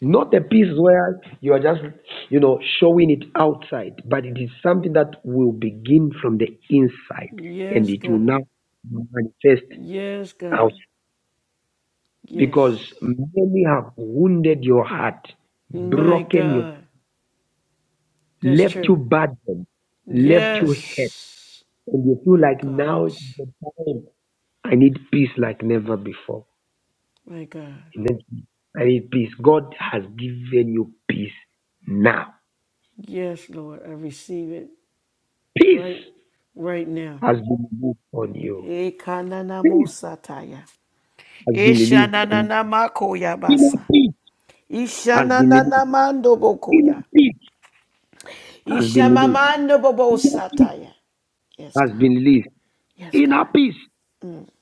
A: Not a peace where you are just, you know, showing it outside, but it is something that will begin from the inside and
I: Yes,
A: it will now
I: God.
A: manifest
I: Yes,
A: out
I: God.
A: because
I: Yes.
A: many have wounded your heart,
I: My
A: broken you,
I: God. That's
A: left you
I: true.
A: burdened, left you hurt,
I: Yes.
A: and you feel
I: My
A: like
I: God.
A: now is the time I need peace like never before.
I: My God.
A: Let me- I mean, peace. God has given you peace now.
I: Yes, Lord. I receive it
A: Peace
I: right right now.
A: has been released on you. Peace
I: Ekananamosataya.
A: has been released on you. Inner
I: Eshanananamakoyabasa.
A: peace has been released.
I: Ishanananamandobokoya.
A: Inner peace has been released.
I: Ishamamando bobo
A: Inner peace
I: sataya. Yes,
A: has
I: God.
A: been released.
I: Yes, God.
A: Inner peace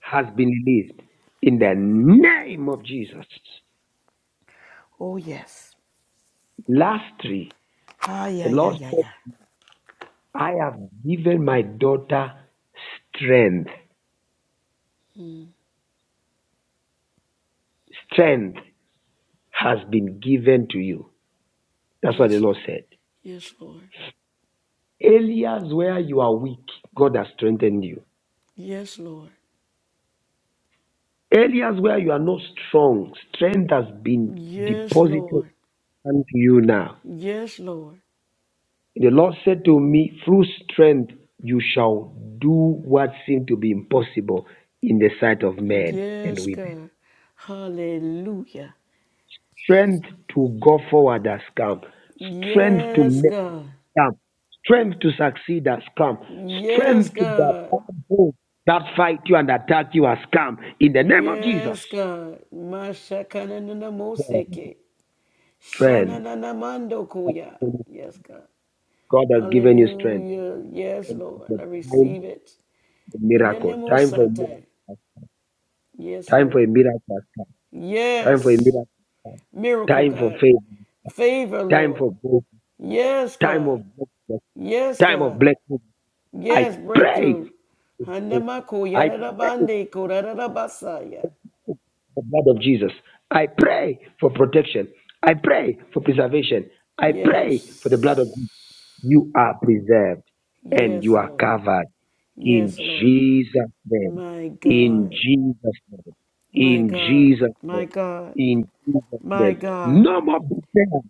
A: has been released. In the name of Jesus.
I: Oh, yes.
A: Lastly,
I: Ah,
A: the
I: yeah, yeah,
A: Lord
I: yeah,
A: said,
I: yeah.
A: I have given my daughter strength. Strength has been given to you. That's what the
I: Yes,
A: Lord
I: Lord.
A: said.
I: Yes, Lord.
A: Areas where you are weak, God has strengthened you.
I: Yes, Lord.
A: Areas where you are not strong, strength has been
I: Yes,
A: deposited
I: Lord.
A: unto you now.
I: Yes, Lord.
A: The Lord said to me, Through strength you shall do what seemed to be impossible in the sight of men and
I: Yes,
A: women.
I: God. Hallelujah.
A: Strength to go forward has come, strength to
I: Yes,
A: make
I: God.
A: come, strength to succeed has come,
I: Yes,
A: strength to
I: God.
A: that that fight you and attack you has come in the name of Jesus.
I: Yes, God. Mashakanana moseke.
A: Strength.
I: Shananana mando kuya. Yes, God.
A: God has given you strength.
I: Hallelujah. Yes,
A: And
I: Lord.
A: the
I: I
A: time
I: receive it.
A: for
I: In the
A: miracle.
I: name of
A: Time for miracle.
I: Satan. Yes,
A: Time for
I: Lord.
A: a miracle. has come. Time for a
I: Yes.
A: miracle. has come.
I: Miracle,
A: Time for
I: God.
A: faith.
I: Favor,
A: Time
I: Lord.
A: for growth.
I: Yes,
A: Time of
I: God.
A: blessing.
I: Yes,
A: Time of
I: God.
A: blessing. I
I: Yes,
A: pray.
I: breakthrough. Handamako
A: I pray
I: yaradabande koradabasaya.
A: for the blood of Jesus. I pray for protection. I pray for preservation. I pray
I: Yes.
A: for the blood of Jesus. You are preserved and
I: Yes,
A: you are
I: Lord.
A: covered in
I: Yes, Lord.
A: Jesus' name.
I: My
A: In
I: God.
A: Jesus' name.
I: My
A: In
I: God.
A: Jesus'
I: My
A: name.
I: God.
A: In Jesus'
I: My
A: name.
I: God.
A: No more betrayers.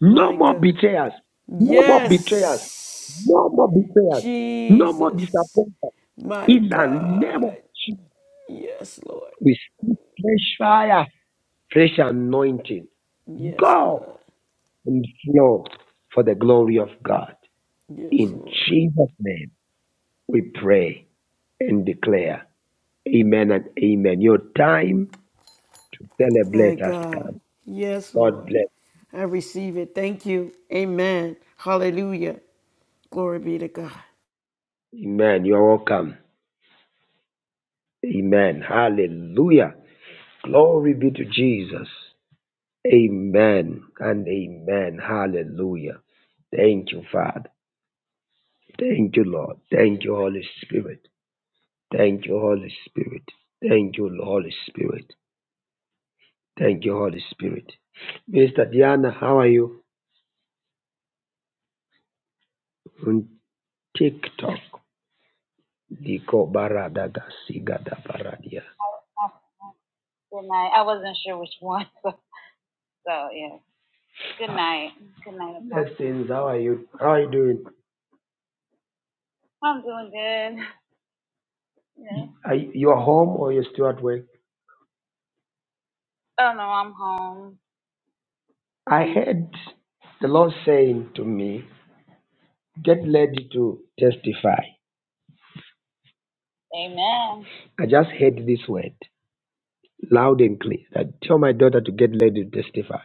A: No
I: My
A: more
I: God.
A: betrayers. No more betrayers.
I: Yes.
A: No more betrayers. No more
I: Jesus.
A: disappointment.
I: My
A: In the name
I: God.
A: of Jesus,
I: Yes, Lord.
A: we speak fresh fire, fresh anointing.
I: Yes,
A: Go
I: God.
A: and flow for the glory of God.
I: Yes,
A: In
I: Lord.
A: Jesus' name. We pray and declare, Amen and Amen. Your time to
I: My
A: celebrate has
I: God.
A: come.
I: Yes,
A: God
I: Lord.
A: bless.
I: I receive it. Thank you. Amen. Hallelujah. Glory be to God.
A: Amen. You're welcome. Amen. Hallelujah. Glory be to Jesus. Amen and amen. Hallelujah. Thank you, Father. Thank you, Lord. Thank you, Holy Spirit. Thank you, Holy Spirit. Thank you, Holy Spirit. Thank you, Holy Spirit. Mr. Diana, how are you on TikTok? Diko baradaga sigada baradia. Blessings, how are you? How are you doing? Are you you're home or you're still at work? I heard the Lord saying to me, Get ready to testify. I just heard this word loud and clear. I tell my daughter to get ready to testify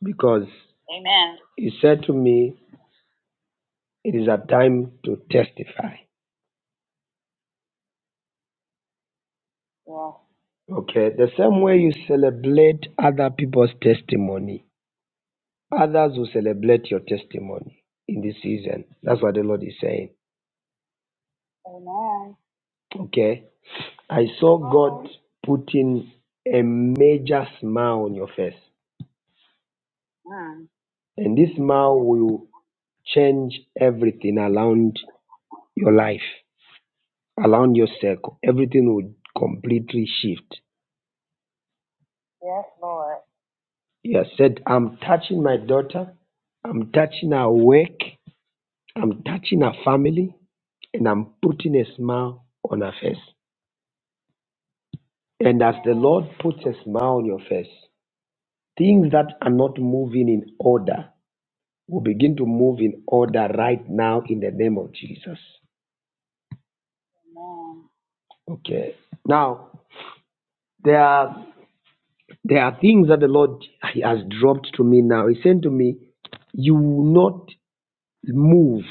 A: because He said to me, It is a time to testify. Okay, the same way you celebrate other people's testimony, Others will celebrate your testimony in this season. That's what the Lord is saying. Okay? I saw God putting a major smile on your face. And this smile will change everything around your life, around your circle. Everything will completely shift. He has said, I'm touching my daughter, I'm touching her work, I'm touching her family, and I'm putting a smile on her face. And as the Lord puts a smile on your face, things that are not moving in order will begin to move in order right now in the name of Jesus. Okay. Now, there are there are things that the Lord has dropped to me now. He said to me, You will not move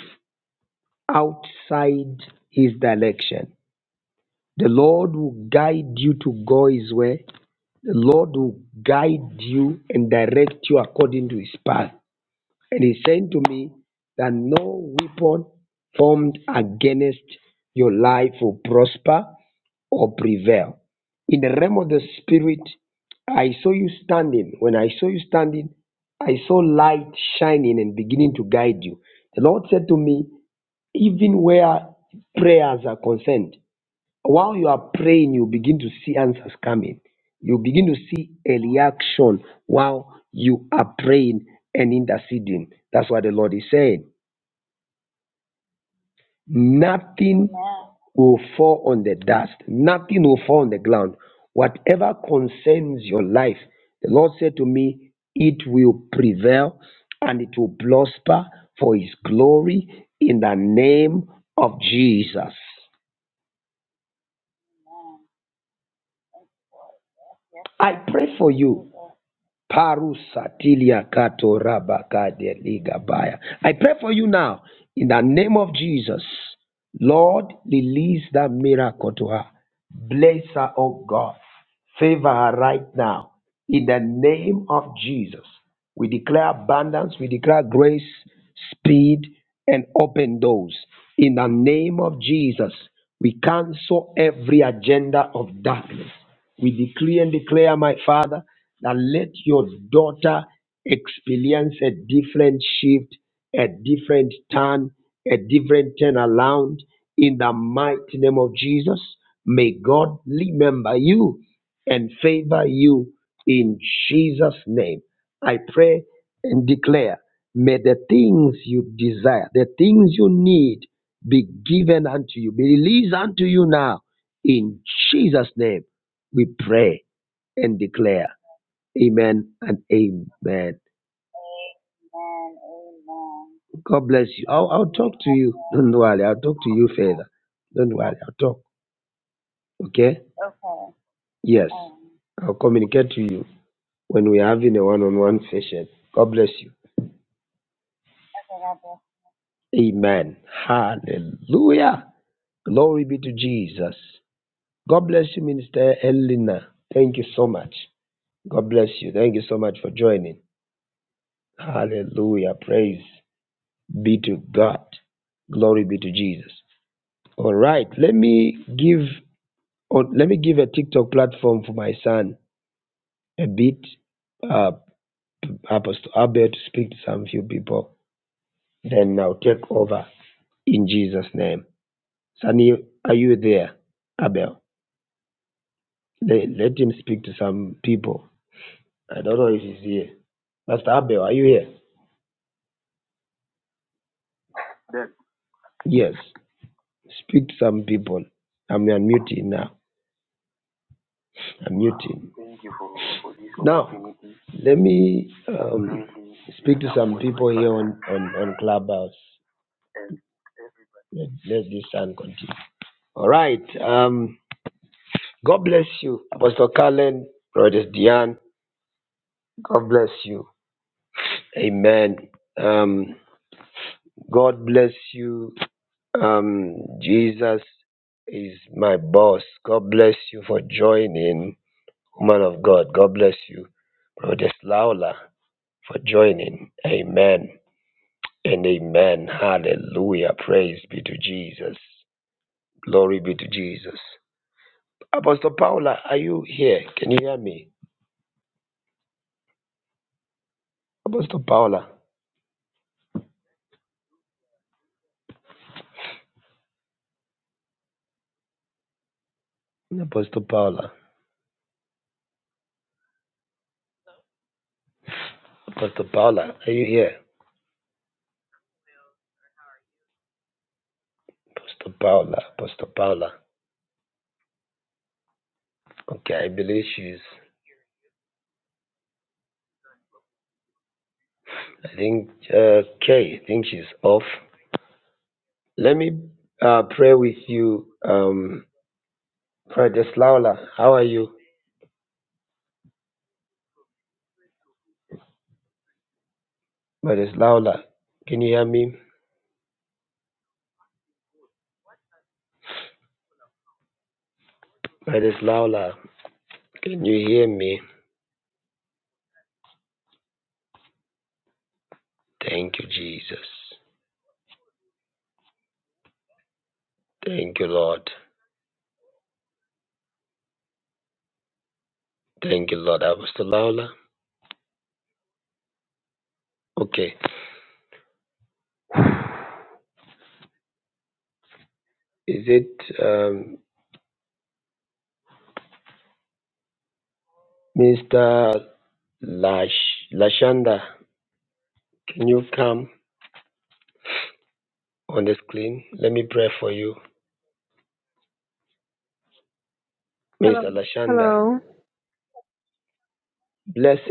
A: outside his direction. The Lord will guide you to go his way. The Lord will guide you and direct you according to his path. And he said to me that no weapon formed against your life will prosper or prevail. In the realm of the spirit, I saw you standing. When I saw you standing, I saw light shining and beginning to guide you. The Lord said to me, even where prayers are concerned, while you are praying, you begin to see answers coming. You begin to see a reaction while you are praying and interceding. That's what the Lord is saying. Nothing will fall on the dust, nothing will fall on the ground. Whatever concerns your life, the Lord said to me, it will prevail and it will prosper for his glory in the name of Jesus. I pray for you Parusatilia kato rabakade ligabaya. I pray for you now in the name of Jesus. Lord, release that miracle to her. Bless her, oh God. Favor her right now. In the name of Jesus, we declare abundance, we declare grace, speed, and open doors. In the name of Jesus, we cancel every agenda of darkness. We decree and declare, my Father that let your daughter experience a different shift, a different turn, a different turn around in the mighty name of Jesus. May God remember you and favor you in Jesus' name. I pray and declare, may the things you desire, the things you need be given unto you, be released unto you now. In Jesus' name, we pray and declare. Amen and amen. God bless you. I'll, I'll talk to you. Don't worry. I'll talk to you further. Don't worry. I'll talk. Okay? Yes. I'll communicate to you when we're having a one on one session. God bless you. Amen. Hallelujah. Glory be to Jesus. God bless you, Minister Elena. Thank you so much. God bless you. Thank you so much for joining. Hallelujah. Praise be to God. Glory be to Jesus. All right, let me give or let me give a TikTok platform for my son a bit. Uh, Apostle Abel to speak to some few people. Then I'll take over in Jesus' name. Sunny, are you there, Abel? Let, let him speak to some people. I don't know if he's here. Pastor Abel, are you here? Yes. Speak to some people. I'm unmuting now. I'm muting. Now, let me um, speak to some people here on, on, on Clubhouse. Let, let this sound continue. All right. Um, God bless you, Apostle Cullen, Brother Diane. God bless you. Amen. Um, God bless you. Um, Jesus is my boss. God bless you for joining, woman of God. God bless you, Brother Laula, for joining. Amen. And amen. Hallelujah. Praise be to Jesus. Glory be to Jesus. Apostle Paula, are you here? Can you hear me? Apostle Paula. Apostle Paula. Apostle Paula, are you here? Apostle Paula. Apostle Paula. Okay, I believe she's, I think, uh, okay, I think she's off. Let me uh, pray with you, um, Brothers Laula. How are you? Brothers Laula, can you hear me? Brothers Laula, can you hear me? Thank you, Jesus. Thank you, Lord. Thank you, Lord. Apostle Laola. Okay. Is it um, Mr. Lash Lashanda? Can you come on the screen? Let me pray for you.
J: Hello.
A: Mr. Lashanda.
J: Hello.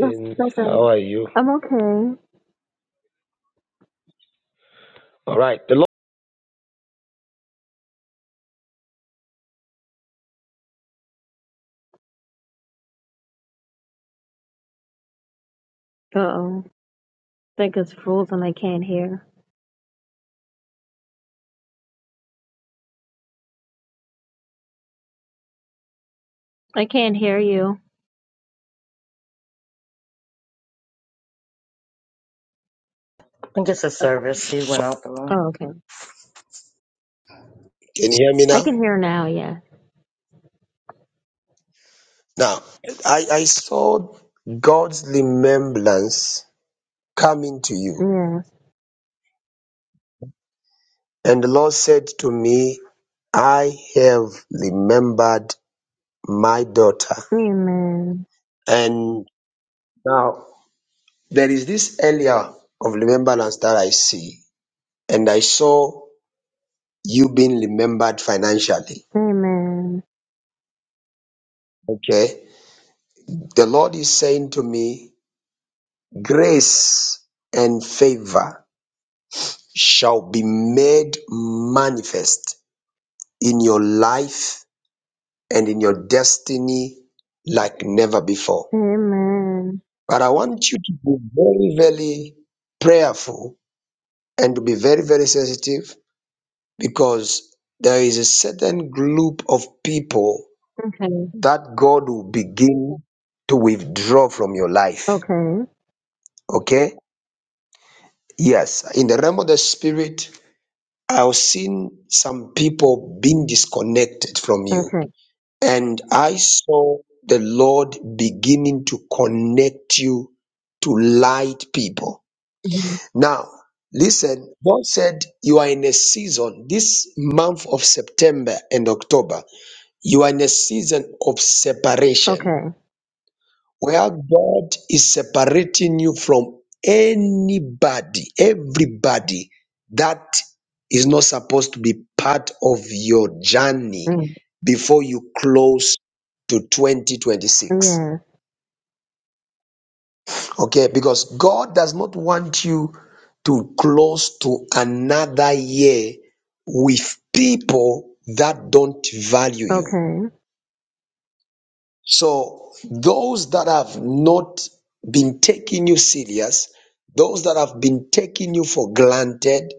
J: Yes,
A: How
J: listen.
A: are you?
J: I'm okay.
A: All right. The Lord
J: Uh oh. think it's frozen. I can't hear. I can't hear you.
B: I think it's a service. He went out the room.
J: Oh, okay.
A: can you hear me
J: I
A: now.
J: can hear now, yeah.
A: Now I, I saw God's remembrance coming to you.
J: Yeah.
A: And the Lord said to me, I have remembered my daughter.
J: Amen.
A: And now there is this area of remembrance that I see, and I saw you being remembered financially.
J: Amen.
A: Okay. The Lord is saying to me, grace and favor shall be made manifest in your life and in your destiny like never before.
J: Amen.
A: But I want you to be very, very prayerful and to be very, very sensitive because there is a certain group of people
J: Okay.
A: that God will begin to withdraw from your life.
J: Okay.
A: Okay? Yes. In the realm of the spirit, I've seen some people being disconnected from you.
J: Okay.
A: And I saw the Lord beginning to connect you to light people.
J: Mhm.
A: Now, listen, God said you are in a season, this month of September and October. You are in a season of separation
J: Okay.
A: where God is separating you from anybody, everybody that is not supposed to be part of your journey
J: Mm.
A: before you close to 2026.
J: Yes.
A: Okay, because God does not want you to close to another year with people that don't value you.
J: Okay.
A: So those that have not been taking you serious, those that have been taking you for granted,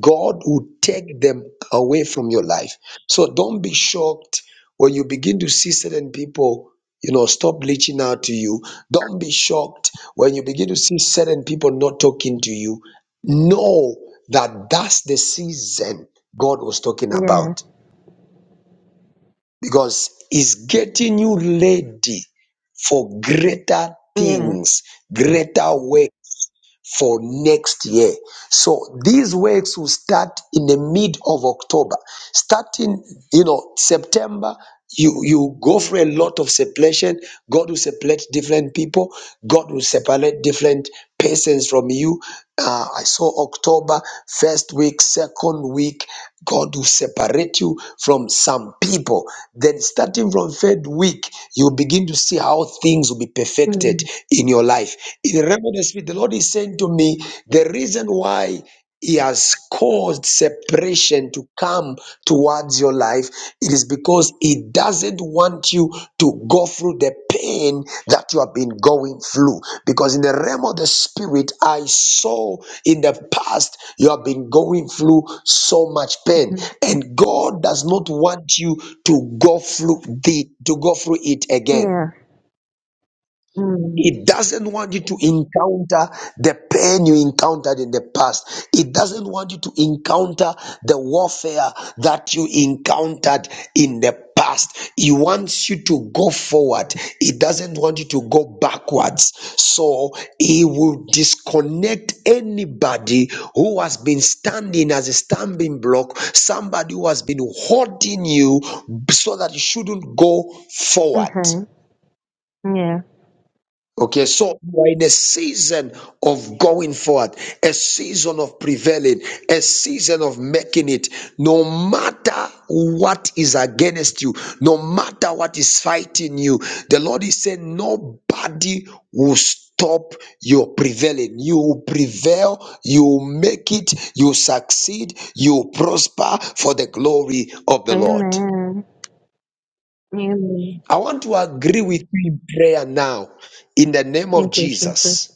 A: God will take them away from your life. So don't be shocked when you begin to see certain people, you know, stop reaching out to you. Don't be shocked when you begin to see certain people not talking to you. Know that that's the season God was talking
J: Yes.
A: about because it's getting you ready for greater
J: Yeah.
A: things, greater work for next year. So these works will start in the mid of October. Starting, you know, September, you, you go for a lot of separation. God will separate different people. God will separate different persons from you. Uh, I saw October, first week, second week, God will separate you from some people. Then starting from third week, you begin to see how things will be perfected
J: Mm.
A: in your life. In the realm of the spirit, the Lord is saying to me, the reason why He has caused separation to come towards your life, it is because He doesn't want you to go through the pain that you have been going through. Because in the realm of the spirit, I saw in the past you have been going through so much pain,
J: Mhm.
A: and God does not want you to go through the to go through it again.
J: Yes. Mm.
A: It doesn't want you to encounter the pain you encountered in the past. It doesn't want you to encounter the warfare that you encountered in the past. It wants you to go forward. It doesn't want you to go backwards. So it will disconnect anybody who has been standing as a stumbling block, somebody who has been holding you so that you shouldn't go forward.
J: Okay. Yeah.
A: Okay, so you are in a season of going forward, a season of prevailing, a season of making it. No matter what is against you, no matter what is fighting you, the Lord is saying, Nobody will stop your prevailing. You will prevail, you will make it, you will succeed, you will prosper for the glory of the Lord.
J: Amen. Amen.
A: I want to agree with you in prayer now in the name of
J: Thank you, Jesus.
A: Jesus.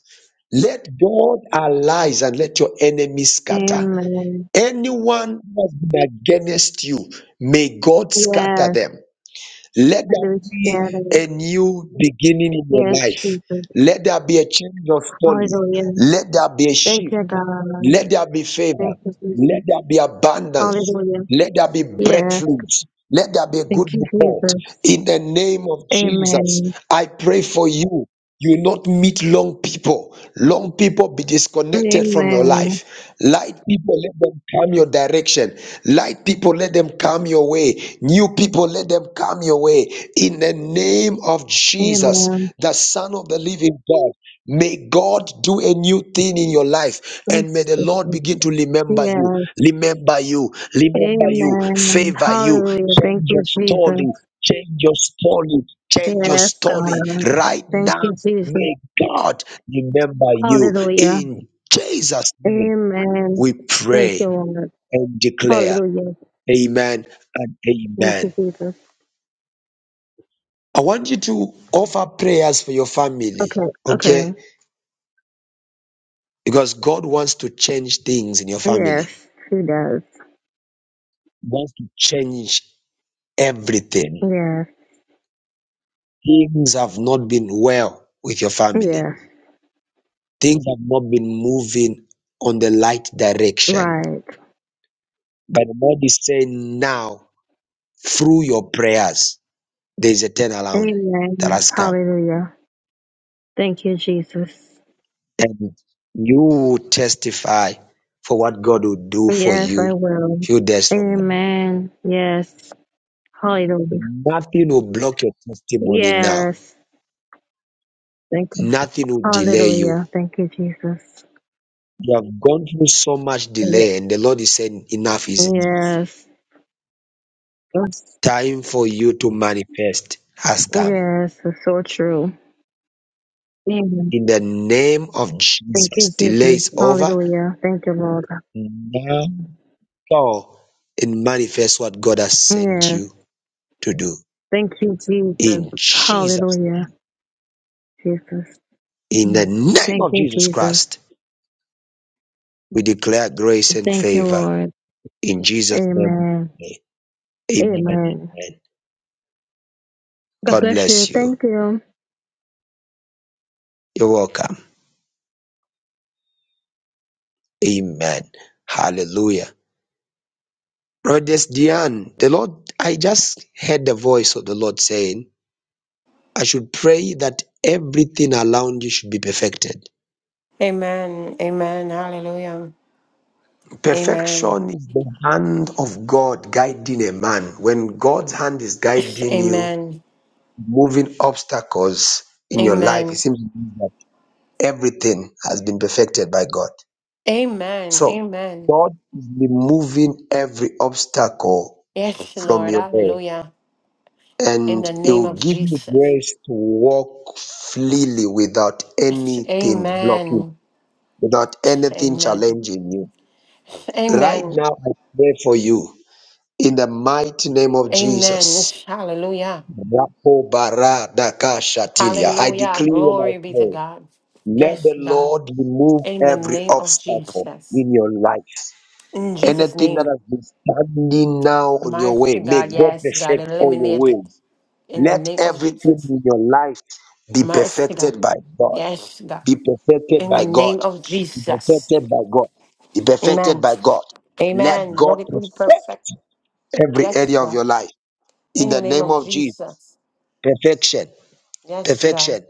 A: Let God arise and let your enemies scatter.
J: Amen.
A: Anyone who has been against you, may God scatter
J: Yes,
A: them. Let
J: and they were
A: there be
J: together.
A: a new beginning in your
J: Yes,
A: life.
J: Jesus.
A: Let there be a change of story.
J: Hallelujah.
A: Let there be a shift.
J: Thank you, God.
A: Let there be favor.
J: Thank you,
A: Let
J: Jesus.
A: there be abundance.
J: Hallelujah.
A: Let there be
J: Yes.
A: breakthroughs. Let there be a good
J: Thank you,
A: report.
J: Jesus.
A: In the name of Jesus,
J: Amen.
A: I pray for you. You will not meet long people. Long people be disconnected from your
J: Amen.
A: life. Light people, let them come your direction. Light people, let them come your way. New people, let them come your way. In the name of Jesus,
J: Amen.
A: the Son of the Living God. May God do a new thing in your life and may
J: Yes,
A: the Lord
J: Jesus.
A: begin to remember you,
J: Yes.
A: remember you, remember you,
J: Amen.
A: favor you,
J: Hallelujah.
A: change
J: Thank you,
A: your
J: Jesus.
A: story, change your story, change your
J: Yes,
A: story
J: God.
A: right
J: Thank
A: now.
J: you, Jesus.
A: May God remember you.
J: Hallelujah.
A: In Jesus' name,
J: Amen.
A: we
J: Thank you,
A: pray
J: Lord.
A: and declare,
J: Hallelujah.
A: Amen and
J: Thank
A: Amen.
J: you, Jesus.
A: I want you to offer prayers for your family,
J: Okay. Okay.
A: okay? Because God wants to change things in your family.
J: Yes, he does.
A: That's to change everything.
J: Yes,
A: Things have not been well with your family.
J: yes,
A: Things have not been moving on the right direction.
J: right.
A: But the Lord is saying now, through your prayers, there is a turnaround that
J: Amen.
A: has come.
J: Hallelujah. Thank you, Jesus.
A: And you will testify for what God will do for
J: Yes, I
A: you
J: will.
A: few days from now.
J: Amen. Yes. Hallelujah.
A: Nothing will block your testimony now.
J: Yes. Thank you.
A: Nothing will delay you.
J: Hallelujah. Thank you, Jesus.
A: You have gone through so much
J: Ye-
A: delay, and the Lord is saying, Enough is enough.
J: Yes. Yes,
A: Time for you to manifest has come.
J: Yes, it's so true. Amen.
A: In the name of
J: Thank you,
A: Jesus, delay
J: Jesus.
A: is over.
J: Hallelujah. Thank you, Lord.
A: Now go and manifest what God has sent
J: Yes.
A: you to do.
J: Thank you, Jesus.
A: In Jesus'
J: Hallelujah,
A: name.
J: Jesus.
A: In the
J: Mm.
A: name
J: Thank
A: of
J: you,
A: Jesus
J: Jesus.
A: Christ, we declare grace and
J: Thank you,
A: favor.
J: Lord.
A: In Jesus' name,
J: Amen.
A: we pray. amen and
J: Amen.
A: amen.
J: God
A: God
J: bless you.
A: bless you.
J: Thank you.
A: You're welcome. Amen. Hallelujah. Brothers Diane, the Lord, I just heard the voice of the Lord saying, I should pray that everything around you should be perfected.
K: Amen. Amen. Hallelujah. Amen.
A: Perfection is the hand of God guiding a man. When God's hand is guiding you,
K: Amen.
A: moving obstacles in your life, it
K: Amen.
A: seems that everything has been perfected by God.
K: Amen.
A: So
K: Amen.
A: God is removing every obstacle
K: Yes,
A: from
K: Lord.
A: your way
K: Hallelujah. In
A: and
K: the
A: it
K: name
A: will
K: of
A: give you
K: Jesus.
A: grace to walk freely without
K: Yes,
A: anything blocking,
K: Amen.
A: without anything
K: Amen.
A: challenging you. Right
K: Amen.
A: now, I pray for you in the mighty name of
K: Amen.
A: Jesus.
K: Yes, Hallelujah.
A: Rapo bara daka shatilia. I
K: Hallelujah.
A: decree and I
K: Glory be to
A: pray,
K: God.
A: let
K: Yes,
A: the
K: God.
A: Lord remove
K: In the
A: every
K: name of
A: obstacle
K: Jesus.
A: in your life.
K: In Jesus'
A: Anything that
K: name.
A: has been standing now on your
K: Mighty
A: way, may
K: God.
A: God
K: Yes, God.
A: perfect all your
K: Eliminate
A: ways.
K: it. In the
A: Let
K: name of
A: everything
K: Jesus.
A: in your life be
K: Mighty God.
A: perfected by God.
K: Yes, God.
A: Be perfected
K: In the
A: by God.
K: name of
A: Be
K: Jesus.
A: perfected by God. Be perfected
K: Amen.
A: by God. Let
K: Amen.
A: God
K: Let it be perfect.
A: perfect every
K: Yes,
A: area of
K: God.
A: your life in
K: In the
A: the
K: name
A: name
K: of
A: of Jesus.
K: Jesus.
A: Perfection
K: Yes, God.
A: perfection,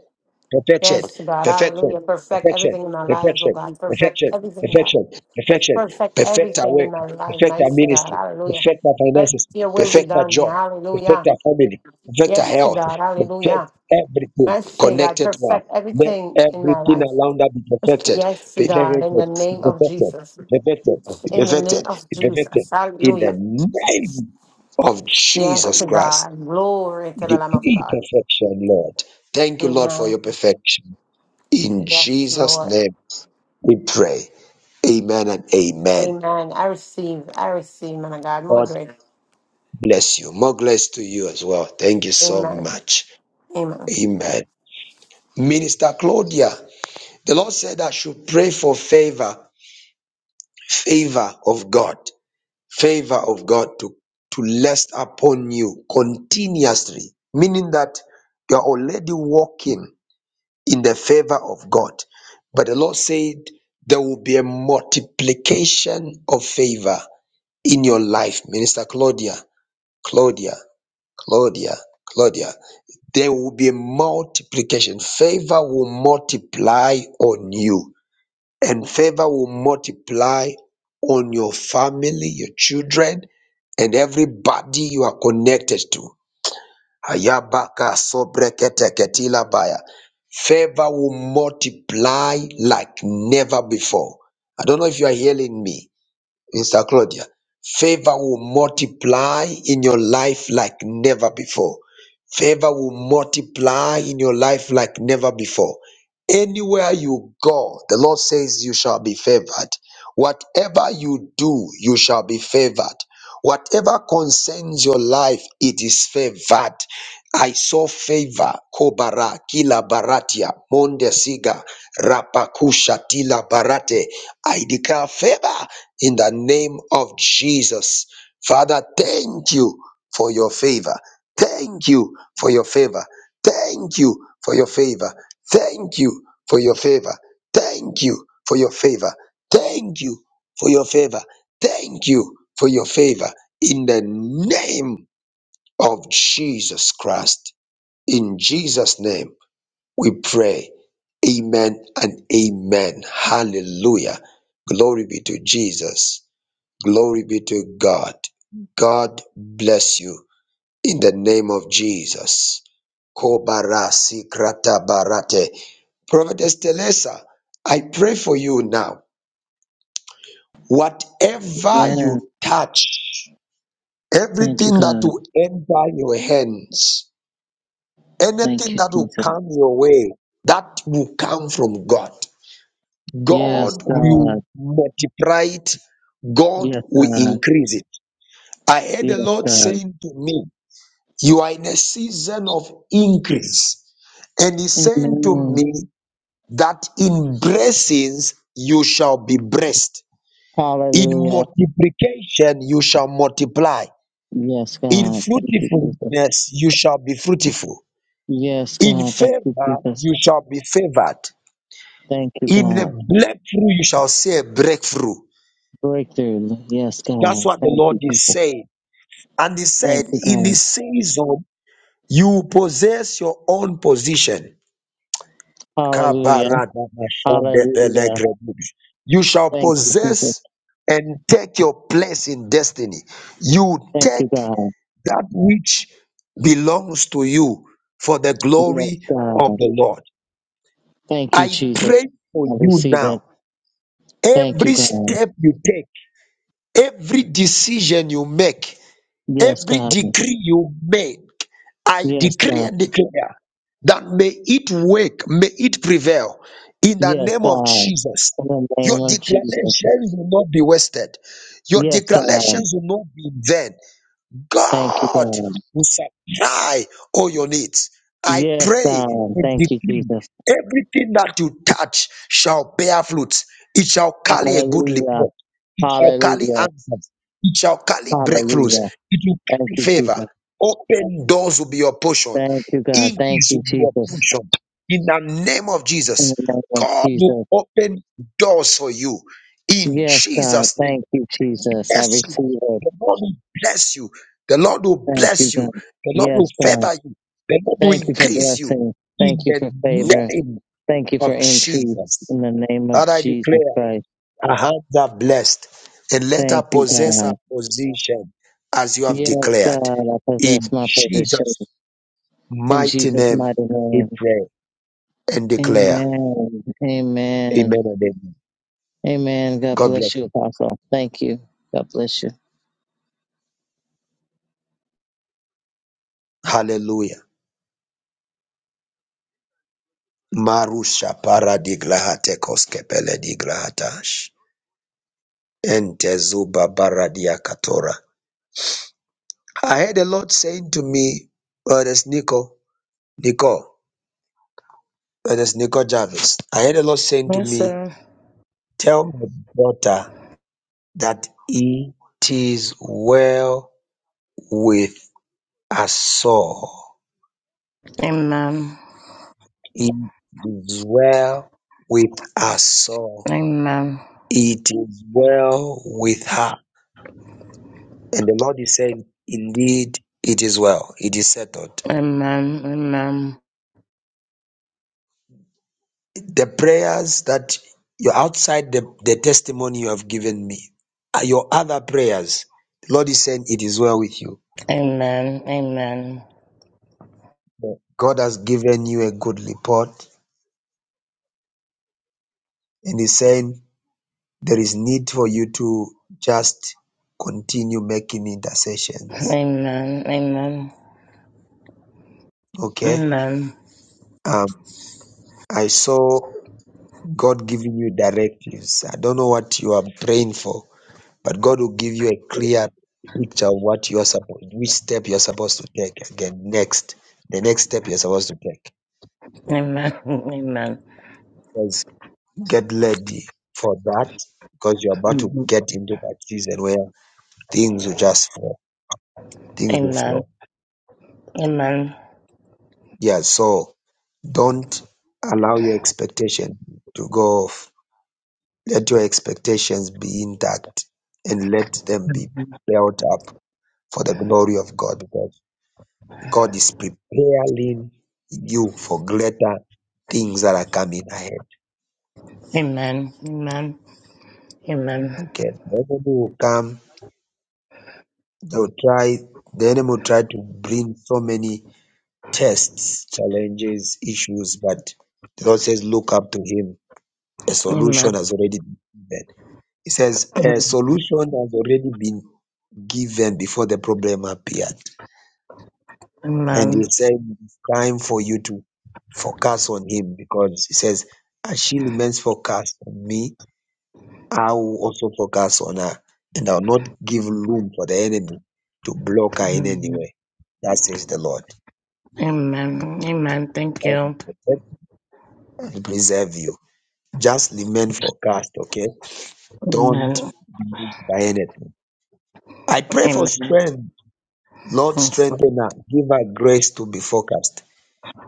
A: perfection,
K: Yes, God.
A: perfection,
K: Hallelujah. Perfect
A: perfection,
K: everything in my life, oh
A: perfection,
K: God. Perfect
A: perfection,
K: everything, God.
A: perfection, perfection,
K: Perfect
A: perfect our
K: everything
A: work,
K: in my life,
A: perfect our
K: mighty God.
A: ministry,
K: Hallelujah.
A: perfect our
K: Let
A: finances,
K: your will be
A: perfect our
K: done.
A: job, perfect
K: Hallelujah.
A: our family, perfect our
K: Yes,
A: health,
K: God. Hallelujah.
A: perfect everything
K: Mercy, God.
A: connected to us.
K: Perfect
A: Let
K: everything in my
A: everything
K: life.
A: around us be perfected,
K: Yes,
A: be
K: God.
A: perfected,
K: In the
A: be
K: name of
A: perfected,
K: Jesus.
A: be perfected, be
K: In the name
A: perfected,
K: of
A: be perfected.
K: Jesus.
A: In
K: Hallelujah.
A: the name of
K: Yes,
A: Jesus
K: to
A: Christ.
K: God. Glory to
A: We
K: the Lamb of
A: decree
K: God.
A: perfection, Lord. Thank you, Lord, for
K: Amen.
A: your perfection. In
K: Yes,
A: Jesus'
K: Lord.
A: name we pray. Amen and amen.
K: Amen. I receive. I receive, man of God. More
A: God
K: grace.
A: bless you. More grace to you as well. Thank you so
K: Amen.
A: much.
K: Amen.
A: Amen. Minister Claudia, the Lord said I should pray for favor, favor of God, favor of God to, to rest upon you continuously, meaning that you're already walking. in the favor of God. But the Lord said there will be a multiplication of favor in your life, Minister Claudia, Claudia, Claudia, Claudia. There will be a multiplication. Favor will multiply on you, and favor will multiply on your family, your children, and everybody you are connected to. Ayabaka sobrekete ketila baya. Favor will multiply like never before. I don't know if you are hearing me, Mr. Claudia. Favor will multiply in your life like never before. Favor will multiply in your life like never before. Anywhere you go, the Lord says you shall be favored. Whatever you do, you shall be favored. Whatever concerns your life, it is favored. I saw favor, Kobara, Kila Baratia, Monde Siga, Rapakusha, Tila Barate. I declare favor in the name of Jesus. Father, thank you for your favor. Thank you for your favor. Thank you for your favor. Thank you for your favor. Thank you for your favor. Thank you for your favor. Thank you for your favor. In the name of Jesus Christ. In Jesus' name we pray. Amen and amen. Hallelujah. Glory be to Jesus. Glory be to God. God bless you in the name of Jesus. Kobarasi barate. Prophetess Telesa, I pray for you now. Whatever
L: Yeah,
A: you touch,
L: thank you,
A: everything that
L: God.
A: will enter your hands,
L: Thank
A: anything
L: you,
A: that will
L: Jesus.
A: come your way that will come from god
L: Yes,
A: god will
L: God.
A: multiply it god
L: Yes,
A: will
L: God.
A: increase it i heard the
L: Yes,
A: lord
L: God.
A: saying to me you are in a season of increase and he's saying to
L: Amen.
A: me that in blessings you shall be blessed in
L: Hallelujah.
A: multiplication you shall multiply
L: Yes,
A: in
L: God. Thank you, Jesus.
A: fruitfulness you shall be fruitful
L: Yes,
A: in
L: God. Thank you,
A: favor
L: Jesus.
A: you shall be favored
L: Thank you,
A: In the
L: God.
A: breakthrough, you shall see a breakthrough.
L: Breakthrough. Yes,
A: That's
L: God.
A: what the
L: Thank
A: Lord
L: you,
A: is
L: Jesus.
A: saying. And He
L: Thank
A: said,
L: you,
A: In
L: God.
A: this season, you possess your own position.
L: Hallelujah. Hallelujah.
A: Kabaradabashandebelegredibi. You shall
L: Thank you, Jesus.
A: possess and take your place in destiny. You
L: Thank
A: take
L: you, God.
A: that which belongs to you for the
L: Yes,
A: glory of
L: God.
A: the Lord.
L: Thank you,
A: I
L: Jesus.
A: pray for
L: I
A: you
L: receive it.
A: now.
L: Thank you,
A: Every
L: God.
A: step you take. Every decision you make,
L: Yes,
A: every
L: God.
A: decree you make, I
L: Yes,
A: decree
L: God.
A: and declare that may it work, may it prevail in the
L: Yes,
A: name of
L: God.
A: Jesus.
L: In the
A: Your
L: name of Jesus.
A: declarations will not be wasted. Your
L: Yes, God.
A: declarations will not be in vain.
L: Thank you,
A: God
L: God.
A: will supply all your needs. I
L: Yes,
A: pray
L: God.
A: and
L: Thank you,
A: decree
L: Jesus.
A: everything that you touch shall bear fruit. It shall carry a good
L: Hallelujah.
A: report. It shall carry
L: Hallelujah.
A: answers. It shall carry breakthroughs.
L: Hallelujah.
A: It will
L: Thank
A: carry
L: you,
A: favor.
L: Jesus.
A: Open doors will be your portion.
L: Thank you, God. Thank
A: Increase
L: you,
A: will be your
L: Jesus.
A: portion. In the name of Jesus,
L: In the name of
A: God will
L: Jesus.
A: open doors for you. In
L: Yes, God.
A: Jesus' name
L: Thank you, Jesus. I
A: bless you.
L: receive it.
A: The Lord will bless you. The Lord will
L: Thank you,
A: bless you.
L: God.
A: The Lord will
L: Yes, God.
A: favor you. The Lord will
L: Thank you for
A: increase you
L: blessing. Thank
A: in
L: you
A: the
L: for favor.
A: name
L: Thank you for
A: of
L: increase.
A: Jesus.
L: In the name of
A: That I
L: Jesus
A: declare,
L: Christ.
A: our hands are blessed, and let her
L: Thank you,
A: possess
L: God.
A: her position as you have
L: Yes,
A: declared.
L: God, I possess
A: In
L: my position
A: Jesus'
L: in
A: mighty
L: Jesus'
A: name,
L: mighty
A: we
L: name.
A: pray and declare.
L: Amen. Amen.
A: Amen and amen.
L: Amen. God
A: God
L: bless
A: bless.
L: you,
A: you.
L: Apostle. Thank you. God bless you.
A: Hallelujah. Marusha paradiglahate koskepele diglahatash. Entezuba Baradia Katora. I heard the Lord saying to me, uh, there's Nico, Nico, uh, there's Nico Jarvis. I heard the Lord saying to
B: Yes,
A: me,
B: sir.
A: tell my daughter that it is well with us all.
B: Amen.
A: It is well with us all.
B: Amen.
A: It is well with her. And the Lord is saying, indeed, it is well. It is settled.
B: Amen. Amen.
A: the prayers that you're outside the, the testimony you have given me are your other prayers. The Lord is saying it is well with you.
B: Amen. Amen.
A: God has given you a good report and He's saying there is need for you to just continue making intercessions.
B: Amen. Amen.
A: Okay?
B: Amen.
A: Um, I saw God giving you directives. I don't know what you are praying for, But God will give you a clear picture of what you are supposed, which step you are supposed to take. Again, next, the next step you are supposed to take.
B: Amen. Amen.
A: Says, get ready for that because you are about to
B: Mhm.
A: get into that season where things will just flow. Things will
B: Amen.
A: flow.
B: Amen.
A: Yeah. So don't allow your expectation to go off. Let your expectations be intact and let them be built up for the glory of God. God is preparing you for greater things that are coming ahead.
B: Amen. Amen. Amen.
A: Okay. The enemy will come, they'll try, the enemy will try to bring so many tests, challenges, issues, but the Lord says, look up to him. A
B: Amen.
A: solution has already been given. He says, a solution has already been given before the problem appeared.
B: Amen.
A: And he
B: Amen.
A: said, it's time for you to focus on him because he says, as she remains focused on me, I will also focus on her and I'll not give room for the enemy to block her in any way. That says the Lord.
B: Amen. Amen. Thank
A: I will
B: you.
A: protect and preserve you. Just remain focused, okay? Don't
B: Amen.
A: be moved by anything. I pray for
B: Amen.
A: strength. Lord,
B: Yes, Lord.
A: strengthen her. Give her grace to be focused.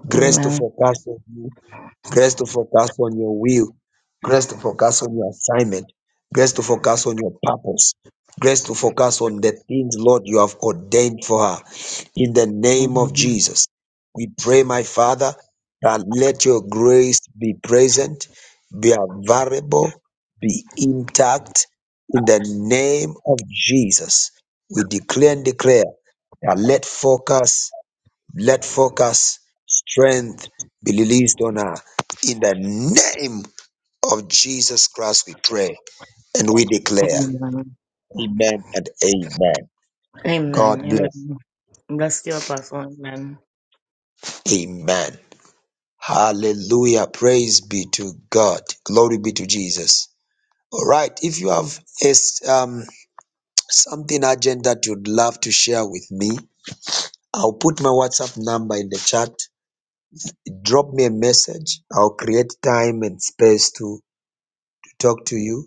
A: Grace to
B: Amen.
A: focus on you grace to focus on your will, grace to focus on your assignment, grace to focus on your purpose, grace to focus on the things, Lord, you have ordained for her. In the name of Jesus, we pray, my Father, that let your grace be present, be available, be intact. In the name of Jesus, we declare and declare that let focus let focus, strength be released on her. In the name of Jesus Christ, we pray and we declare,
B: Amen.
A: Amen and Amen.
B: Amen.
A: God bless.
B: Amen. Bless you, Apostle. Amen.
A: Amen. Hallelujah. Praise be to God. Glory be to Jesus. All right. If you have a s- um, something urgent that you'd love to share with me, I'll put my WhatsApp number in the chat. Drop me a message. I'll create time and space to to talk to you.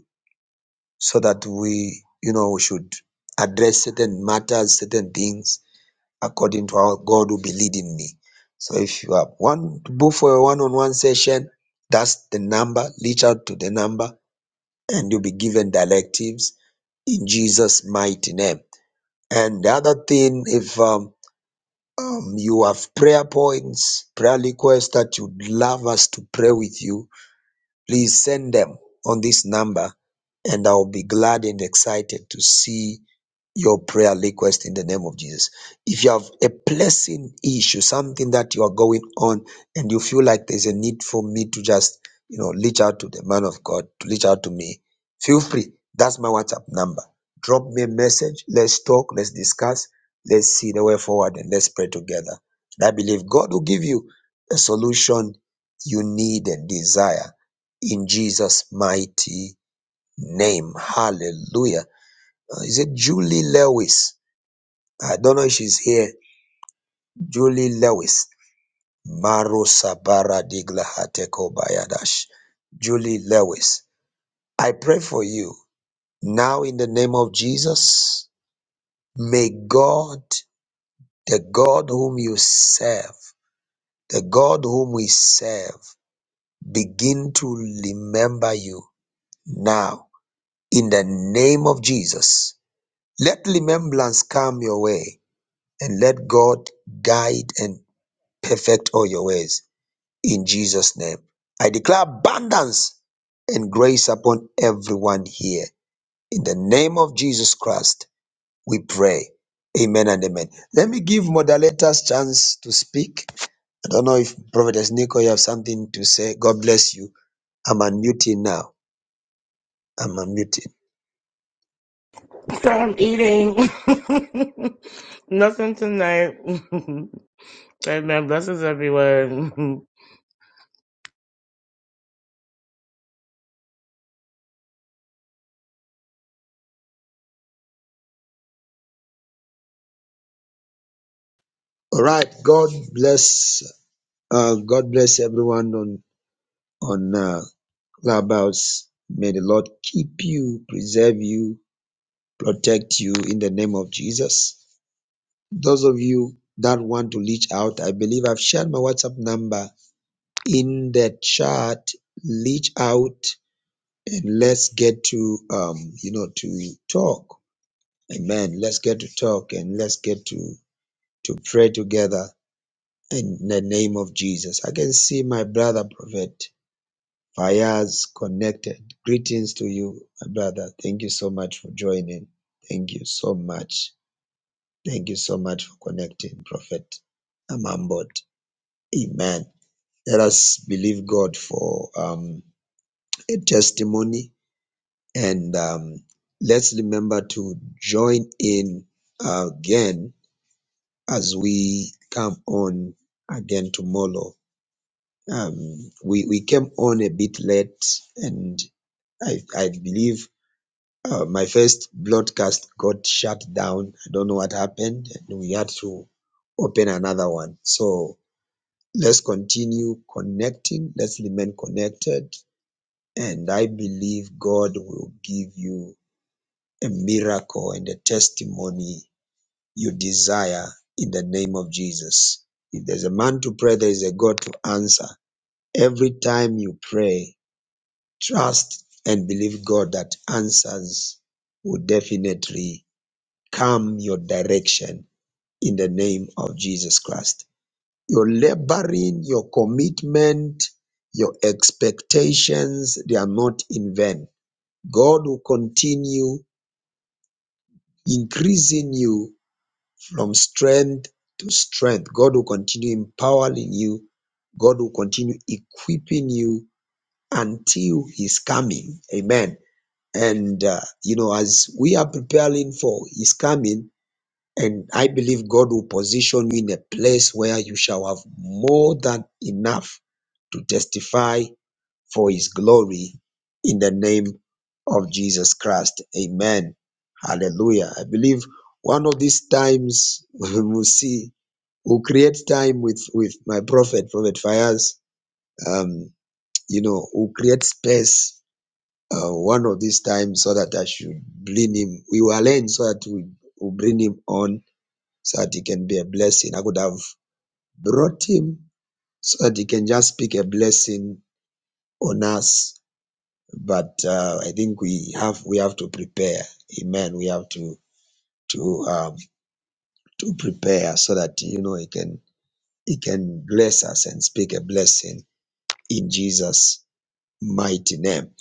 A: so that we, you know, we should address certain matters, certain things according to how God will be leading me. So if you have one to book for a one-on-one session, that's the number. Reach out to the number, and you'll be given directives in Jesus' mighty name. And the other thing, if um, um, you have prayer points, prayer requests that you'd love us to pray with you, Please send them on this number, and I'll be glad and excited to see your prayer request in the name of Jesus. If you have a blessing issue, something that you are going on, and you feel like there's a need for me to just, you know, reach out to the man of God, to reach out to me, feel free. That's my WhatsApp number. Drop me a message. Let's talk. Let's discuss. Let's see the way forward and let's pray together. And I believe God will give you a solution you need and desire in Jesus' mighty name. Hallelujah. Uh, Is it Julie Lewis? I don't know if she's here. Julie Lewis. Maro Sabara Digla Hateko Bayadash. Julie Lewis. I pray for you now in the name of Jesus. May God, the God whom you serve, the God whom we serve, begin to remember you now in the name of Jesus Let remembrance come your way and let God guide and perfect all your ways. In Jesus' name, I declare abundance and grace upon everyone here. In the name of Jesus Christ, we pray. Amen and amen. Let me give moderators chance to speak. I don't know if Prophetess Nico, you have something to say. God bless you. I'm unmuting now. I'm unmuting.
B: So I'm eating. Nothing tonight. Amen. Blessings everywhere.
A: All right. God bless. Uh, God bless everyone on on uh, Clubhouse. May the Lord keep you, preserve you, protect you in the name of Jesus. Those of you that want to reach out, I believe I've shared my WhatsApp number in the chat. Reach out and let's get to um, you know, to talk. Amen. Let's get to talk and let's get to to pray together in the name of Jesus. I can see my brother prophet. Fayaz Connected. Greetings to you, my brother. Thank you so much for joining. Thank you so much. Thank you so much for connecting, Prophet Amambot. Amen. Let us believe God for um, a testimony and um, let's remember to join in again as we come on again tomorrow. Um, we, we came on a bit late and I, I believe uh, my first broadcast got shut down. I don't know what happened. And we had to open another one. So let's continue connecting. Let's remain connected. And I believe God will give you a miracle and a testimony you desire in the name of Jesus. If there's a man to pray, there is a God to answer. Every time you pray, trust and believe God that answers will definitely come your direction in the name of Jesus Christ. Your laboring, your commitment, your expectations, they are not in vain. God will continue increasing you from strength to strength. God will continue empowering you. God will continue equipping you until His coming. Amen. And, uh, you know, as we are preparing for His coming, And I believe God will position you in a place where you shall have more than enough to testify for his glory in the name of Jesus Christ. Amen. Hallelujah. I believe one of these times we will see, we'll create time with, with my prophet, Prophet Fires. Um, you know, we'll create space uh, one of these times so that I should bring him. We will arrange so that we will bring him on so that he can be a blessing. I could have brought him so that he can just speak a blessing on us. But uh, I think we have we have to prepare. Amen. We have to to um, to prepare so that you know he can he can bless us and speak a blessing in Jesus' mighty name.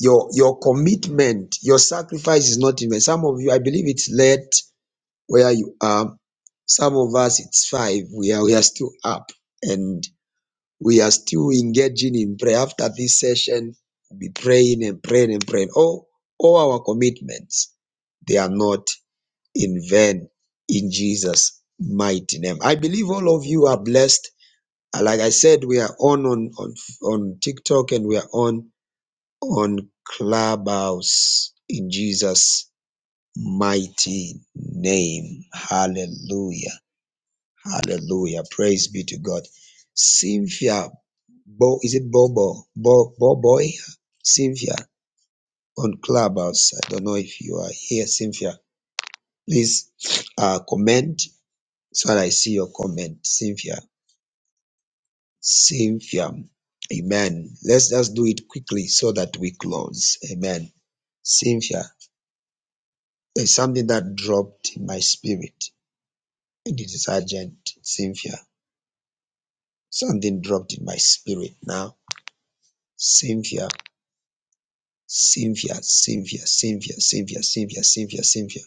A: Your your commitment, your sacrifice is not in vain. Some of you, I believe it's late where you are. Some of us it's five. We are we are still up. and. We are still engaging in prayer. After this session, we'll be praying and praying and praying. All, all our commitments, they are not in vain in Jesus' mighty name. I believe all of you are blessed. Uh, Like I said, we are on on on, on TikTok and we are on on Clubhouse in Jesus' mighty name. Hallelujah. Hallelujah. Praise be to God. Sylvia, Bo, is it Bobo? Bo, Bo Boy? Sylvia on Clubhouse. I don't know if you are here, Cynthia. Please uh, comment so that I see your comment, Cynthia. Cynthia. Amen. Let's just do it quickly so that we close. Amen. Cynthia, there's something that dropped in my spirit. And it is urgent, Cynthia. Something dropped in my spirit now. Cynthia. savior, savior, savior, savior, savior, savior, savior.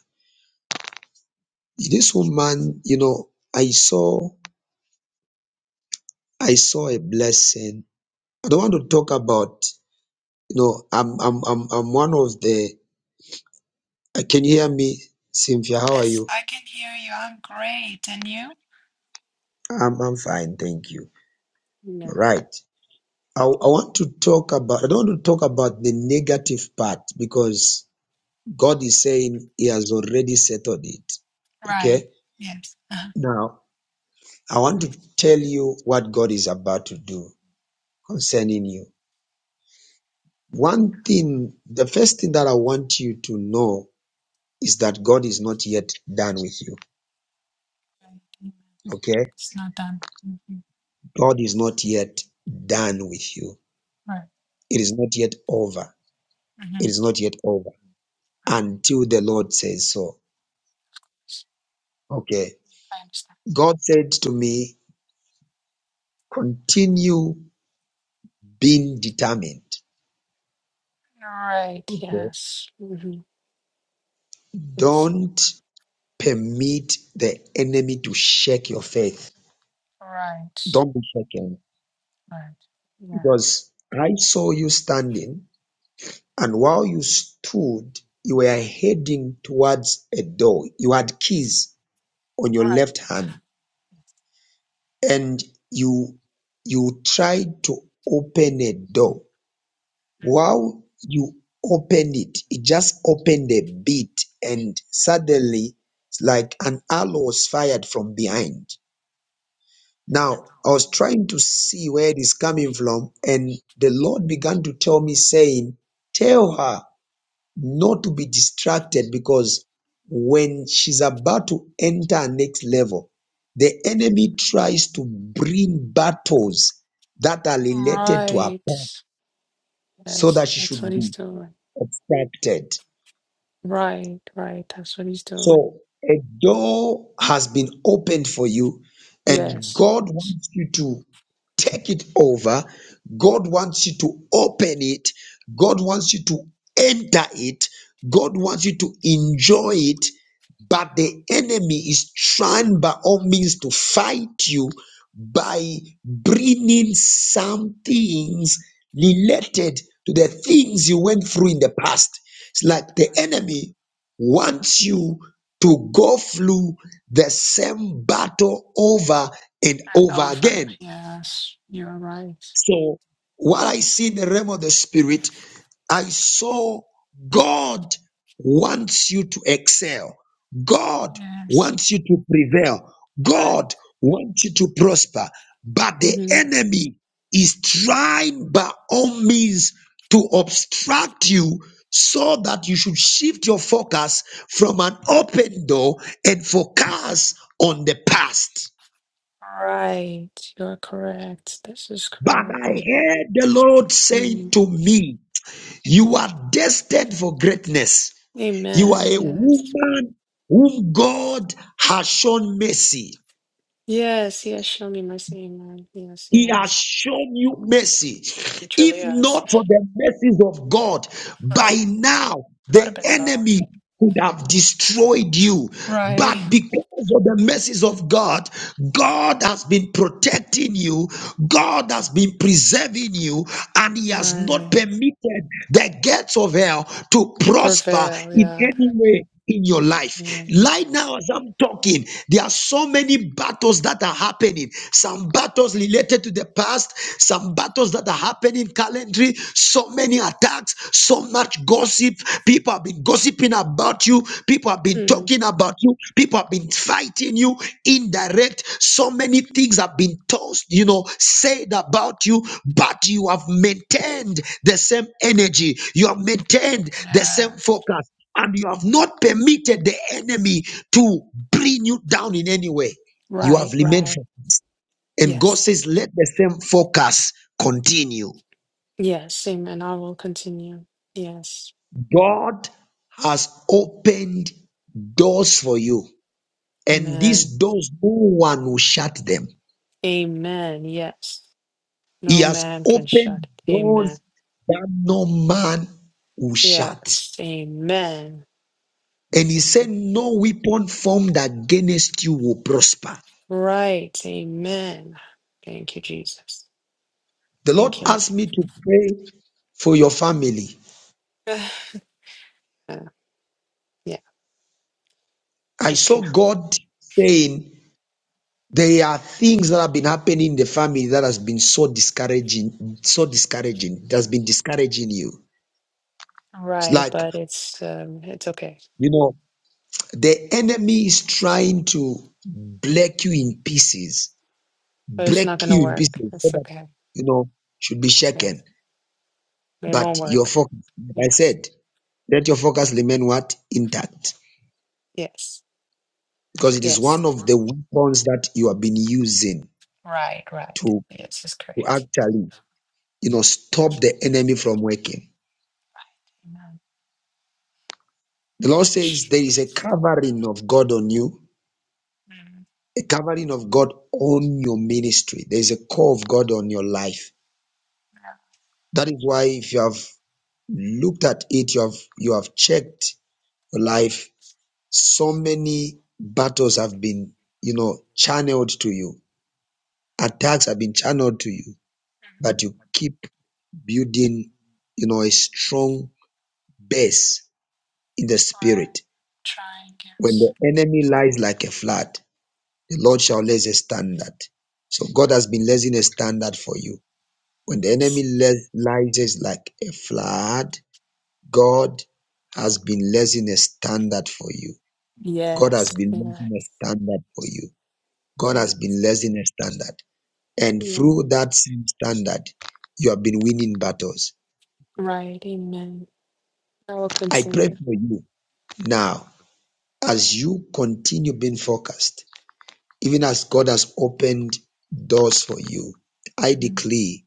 A: This woman, you know, I saw, I saw a blessing. I don't want to talk about, you know, I'm, I'm, I'm, I'm one of the. Uh, can you hear me, Cynthia? How are
M: Yes,
A: you?
M: I can hear you. I'm great. And you?
A: I'm, I'm fine, thank you.
M: Yeah.
A: All right. I, I want to talk about. I don't want to talk about the negative part because God is saying He has already settled it.
M: Right.
A: Okay.
M: Yes.
A: Now I want to tell you what God is about to do. concerning you. One thing, the first thing that I want you to know is that God is not yet done with you.
M: Right. Amen.
A: Okay?
M: It's not done. Mhm.
A: God is not yet done with you.
M: Right.
A: It is not yet over. It
M: hmm
A: is not yet over
M: Right.
A: until the Lord says so. Okay?
M: I understand.
A: God said to me, continue being determined.
M: Right.
A: Okay?
M: Yes. hmm Yes.
A: Don't permit the enemy to shake your faith.
M: Right.
A: Don't be shaken
M: Right. Yeah.
A: because I saw you standing And while you stood, you were heading towards a door. You had keys on your
M: Right.
A: left hand and you, you tried to open a door.
M: Mhm.
A: While you opened it, it just opened a bit and suddenly it's like an arrow was fired from behind. Now, I was trying to see where it is coming from and the Lord began to tell me saying, tell her not to be distracted because when she's about to enter her next level, the enemy tries to bring battles that are related to her past
M: Right.
A: so
M: Yes.
A: that she
M: That's
A: should
M: what he's
A: be
M: doing.
A: distracted.
M: Right. Right. That's what he's doing.
A: So a door has been opened for you, and
M: Yes.
A: God
M: Yes.
A: wants you to take it over. God wants you to open it. God wants you to enter it. God wants you to enjoy it. But the enemy is trying by all means to fight you by bringing some things related to the things you went through in the past. It's like the
M: Right.
A: enemy wants you to go through the same battle over and
M: And
A: over
M: over.
A: again.
M: Yes. You're right.
A: So while I see the realm of the spirit, I saw God wants you to excel. God
M: Yes.
A: wants you to prevail.
M: Right.
A: God wants you to prosper. But the
M: Mhm.
A: enemy is trying by all means to obstruct you so that you should shift your focus from an open door and focus on the past.
M: Right, you are correct. This is
A: But
M: correct.
A: I heard the Lord saying
M: Mm.
A: to me, You are destined for greatness. You are
M: Amen.
A: a
M: Yes.
A: woman whom God has shown mercy.
M: Yes, yes, show me mercy. Amen. Yes,
A: He has
M: yes.
A: shown you mercy.
M: He truly
A: If
M: is.
A: not for the mercies of God,
M: Right.
A: by now the
M: God have been God.
A: enemy could have destroyed you.
M: Right.
A: But because of the mercies of God, God has been protecting you, God has been preserving you, and He has not
M: Right.
A: permitted the gates of hell to
M: To
A: prosper
M: prevail,
A: in
M: yeah.
A: any way in your life.
M: Yes.
A: Right now, as I'm talking, there are so many battles that are happening. Some battles related to the past, some battles that are happening currently, so many attacks, so much gossip. People have been gossiping about you, people have been
M: Mm.
A: talking about you, people have been fighting you indirect. So many things have been tossed, you know, said about you, but you have maintained the same energy, you have maintained the same
M: Yes.
A: focus and you have not permitted the enemy to bring you down in any way. You have
M: Right,
A: remained
M: right.
A: firm. And God
M: Yes.
A: says, let the same focus continue.
M: Yes. Amen. I will continue. Yes.
A: God has opened doors for you, and
M: Amen.
A: these doors, no one will shut them.
M: Amen. Yes.
A: He
M: No
A: has
M: man can shut
A: opened
M: it. Amen.
A: doors that no man will shut.
M: Yes. Amen.
A: And he said, No weapon formed against you will prosper.
M: Right. Amen. Thank you, Jesus.
A: The Lord
M: Thank you, Lord.
A: asked me to pray for your family.
M: Ugh. Uh, yeah.
A: I
M: Okay.
A: saw God saying there are things that have been happening in the family that has been so discouraging, so discouraging, that's been discouraging you.
M: Right,
A: It's like,
M: But it's um, it's okay.
A: you know, the enemy is trying to break you in pieces,
M: But it's not
A: break
M: gonna
A: you in pieces
M: work.
A: so
M: It's
A: that,
M: okay.
A: you know, should be
M: Yeah.
A: shaken.
M: It won't
A: But your
M: work.
A: focus, like I
M: Yes.
A: said, let your focus remain what? Intact.
M: Yes.
A: because it is
M: Yes.
A: one of the weapons that you have been using
M: Right. Right.
A: to,
M: Yes. is
A: to
M: correct.
A: actually you know stop the enemy from working
M: Right. Amen.
A: the lord says there
M: Mm-hmm.
A: is a covering of god on you a covering of god on your ministry there is a call of god on your life that is why if you have looked at it you have you have checked your life so many battles have been you know channeled to you attacks have been channeled to you but you keep building, you know, a strong base in the
M: Right.
A: spirit.
M: Trying.
A: When
M: Yes.
A: the enemy lies like a flood, the Lord shall raise a standard. So God has been raising a standard for you. When the enemy
M: Yes.
A: le- lies like a flood, God has been raising a standard for you. God has
M: Yes.
A: been raising a
M: Yes.
A: standard for you. God
M: Yeah.
A: has been raising a standard. And
M: Yeah.
A: through that same standard, you have been winning battles.
M: Right. Amen. I will
A: I pray
M: continue.
A: for you Now, as you continue being focused, even as God has opened doors for you, I
M: Amen.
A: decree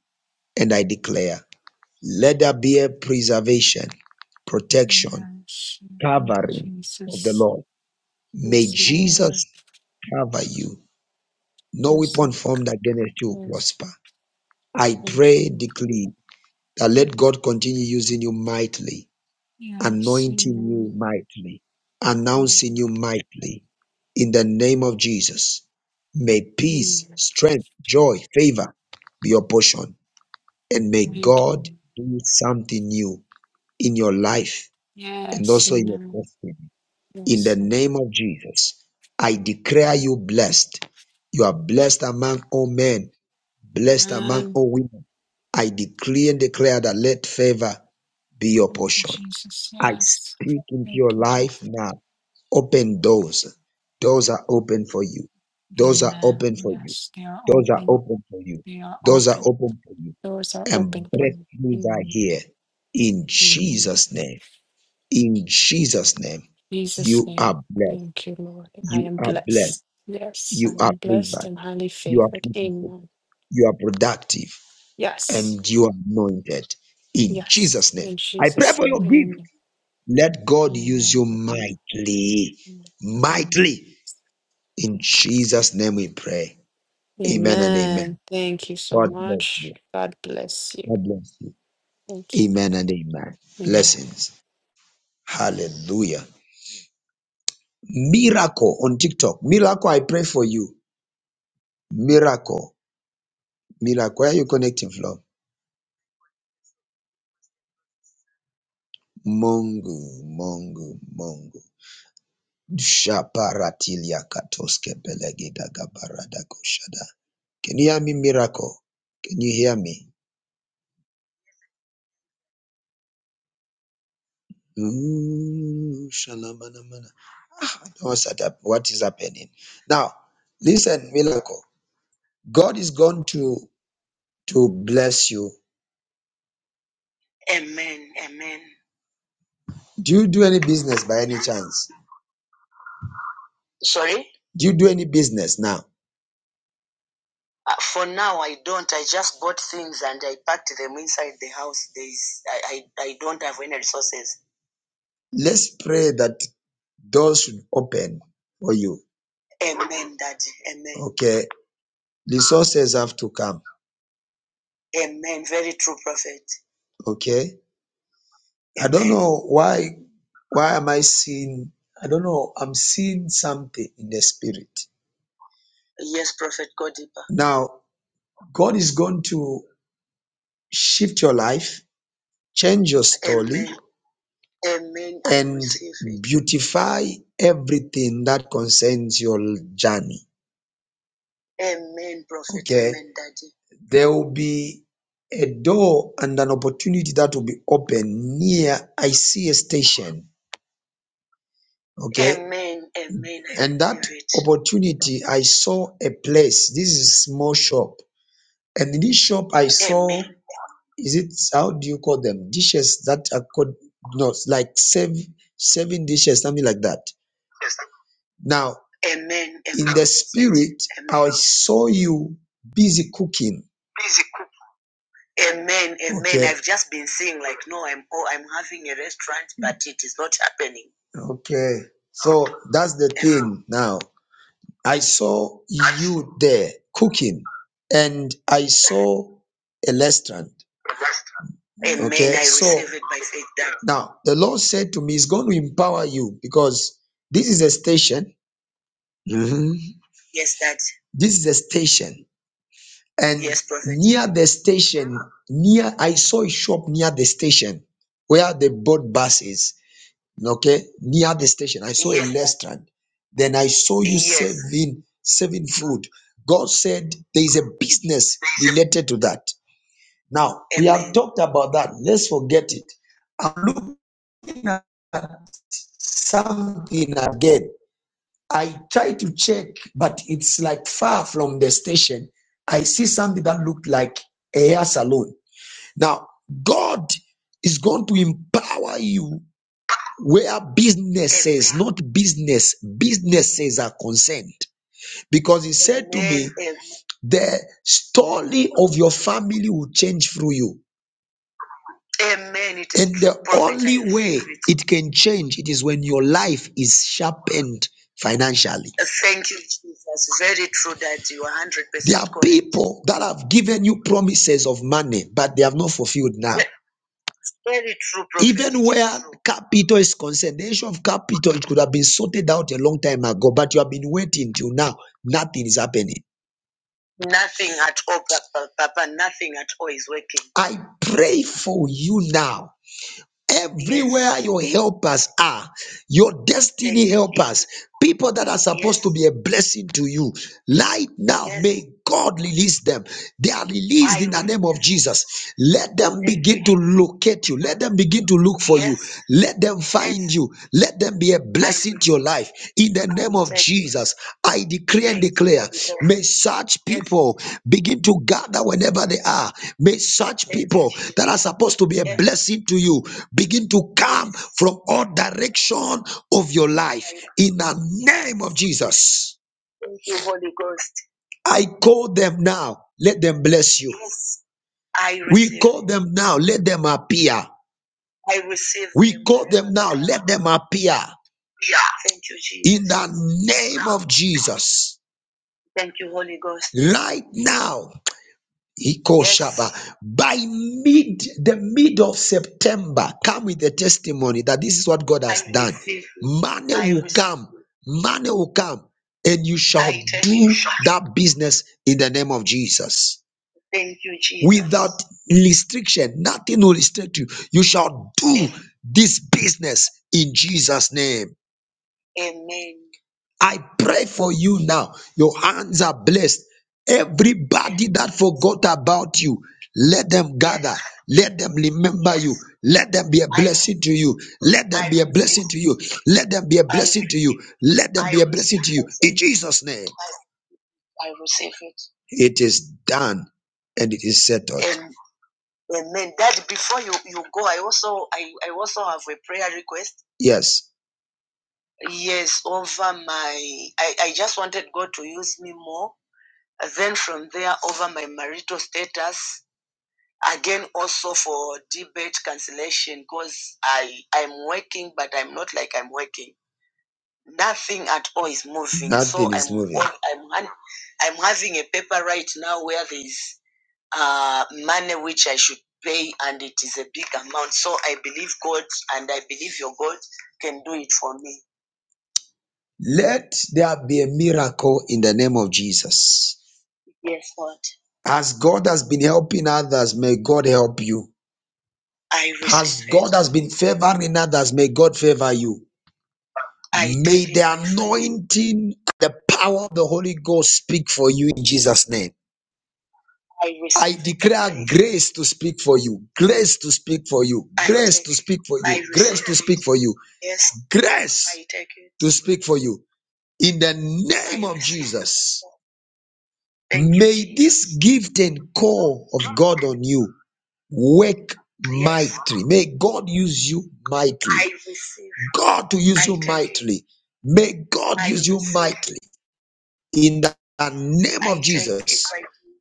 A: and I declare, let there be a preservation, protection,
M: Yes. Thank you,
A: covering of the
M: Jesus.
A: Lord. May
M: Yes, Lord.
A: Jesus cover you. No
M: Yes,
A: weapon
M: Lord.
A: formed against you will
M: Yes,
A: prosper.
M: Lord.
A: I
M: Thank
A: pray, decree that let God continue using you mightily
M: you. Yes,
A: anointing you
M: Amen.
A: mightily,
M: Thank
A: announcing you mightily. In the name of Jesus, may peace,
M: you.
A: strength, joy, favor be your portion. And may
M: Thank
A: God
M: you.
A: do something new in your life and
M: Yes,
A: also in your
M: Amen.
A: destiny. In the
M: Yes, Lord.
A: name of Jesus, I declare you blessed. You are blessed among all men, blessed among
M: Amen.
A: all women. I decree and declare that let favor be your
M: Thank you,
A: portion.
M: Jesus.
A: I
M: Yes.
A: speak into
M: Thank
A: your
M: you.
A: life now. Open doors. Doors are open for you. Doors are
M: Amen.
A: open for you.
M: Yes, they are
A: Doors are
M: open.
A: open for you.
M: They are
A: Doors are
M: open.
A: open for you.
M: Doors are
A: And
M: open for me.
A: breakthroughs are here. In
M: Amen.
A: Jesus' name. In Jesus' name.
M: Jesus'
A: You
M: name.
A: are blessed.
M: Thank you, Lord. I
A: You
M: am
A: are blessed.
M: blessed. Yes, I
A: You are
M: am blessed
A: favored.
M: and highly
A: You are
M: favored.
A: beautiful.
M: Amen.
A: You are productive.
M: Yes,
A: And you are anointed. In
M: yes.
A: Jesus' name.
M: In
A: I pray
M: Jesus'
A: for your gift.
M: name.
A: Let God use
M: Amen.
A: you
M: Amen.
A: mightily,
M: Amen.
A: mightily. In Jesus' name we pray. Amen and
M: Amen.
A: amen.
M: Thank you so
A: God bless
M: much.
A: you.
M: God bless you.
A: God bless you.
M: Thank you.
A: Amen and amen.
M: Amen.
A: Blessings. Hallelujah. Miracle on TikTok. Miracle, I pray for you. Miracle. Miracle. Where are you connecting from? Mongo, Mongo, Mongo. Shaparatilia katoske belegida gabarada koshada. Can you hear me, Miracle? Can you hear me? Ooh, shalamanamana. Ah, I know what's up? what is happening. Now, listen, miracle. God is going to to bless you. Do you do any business by any chance? Do you do any business now? Let's pray that doors should open for you. Okay. Resources have to come. Okay. I don't know why why am I seeing I don't know. I'm seeing something in the spirit. Now, God is going to shift your life, change your schedule, and beautify everything that concerns your journey. Okay, there will be a door and an opportunity that will be open near I see a station. Okay, amen, amen. I And that hear it. opportunity, I saw a place. This is a small shop, and in this shop, I saw Amen. is it how do you call them dishes that are called no like serve serving dishes something like that Yes. now Amen. in the spirit Amen. i saw you busy cooking Please cook. Amen. Amen. okay I've just been seeing like, no, I'm oh, I'm having a restaurant, but it is not happening. okay so that's the Amen. thing now i saw you there cooking and i saw a restaurant Amen. Okay, I so receive it by faith now. now the Lord said to me, He's going to empower you because this is a station. Mhm. Yes, Dad. This is a station, and Yes, near the station, near I saw a shop near the station where the they bus is. Okay, near the station, I saw yes. a Yes. restaurant. Then I saw you Yes. serving serving food. God said there is a business related to that. Now, we have talked about that. Let's forget it. I'm looking at something again. I try to check, but it's like far from the station. I see something that looked like a hair salon. Now, God is going to empower you where businesses, not business, businesses are concerned. Because He said to me, the story of your family will change through you. Amen. It is and true, the true prophet. only I way agree with it can change it is when your life is sharpened financially. Thank you, Jesus. Very true that you are hundred percent. There percent are correct. people that have given you promises of money, but they have not fulfilled now. Ve- Very true. Prophet. Even It is where True. capital is concerned, the issue of capital it could have been sorted out a long time ago, but you have been waiting till now. Nothing is happening. Nothing at all, Papa. Papa, Nothing at all is working. I pray for you now Everywhere your helpers are, your destiny helpers, people that are supposed to be a blessing to you, right now, may God release them. They are released in the name of Jesus. Let them begin to locate you. Let them begin to look for you. Let them find you. Let them be blessing to your life in the name of Thank Jesus. I decree and declare may such Yes, people begin to gather whenever they are. May such people that are supposed to be a Yes, blessing to you begin to come from all direction of your life in the name of Jesus. thank you, Holy Ghost. I call them now, let them bless you. Yes, I We receive. call them now, let them appear. I receive We them call them now, let them appear Yeah. Thank you, Jesus. in the name of Jesus. Thank you, Holy Ghost. Right now, Ikoshaba. Yes. By mid the mid of September, come with the testimony that this is what God has I done. receive Money I will receive come, money will come, and you shall I tell you. do that business in the name of Jesus. Thank you, Jesus. Without restriction, nothing will restrict you. You shall do this business in Jesus' name. Amen. I pray for you now. Your hands are blessed. Everybody that forgot about you, let them gather. Let them remember you. Let them be a I, blessing to you. Let them I be a receive. blessing to you. Let them be a I blessing to you. receive. Let them I be a blessing receive to you. it. In Jesus' name, I, I receive it. it is done and it is settled. Amen. Amen. Dad, before you, you go, I also I, I also have a prayer request. Yes yes over my I, I just wanted god to use me more And then from there over my marital status again also for debate cancellation because i i'm working but i'm not like i'm working nothing at all is moving so Nothing i'm is moving. going- i'm i'm having a paper right now where there is uh money which i should pay and it is a big amount so i believe god and i believe your god can do it for me let there be a miracle in the name of Jesus. Yes, Lord. As God has been helping others, may God help you. I receive As it. God has been favoring others, may God favor you. I May the anointing, the power of the Holy Ghost speak for you in Jesus' name. I I receive it. declare grace to speak for you, grace to speak for you, grace to speak for you, grace to speak for you, grace to speak for you in the name of Jesus. May this gift and call of God on you work mightily. May God use you mightily. God to use you mightily. May God use you mightily. In the name of Jesus,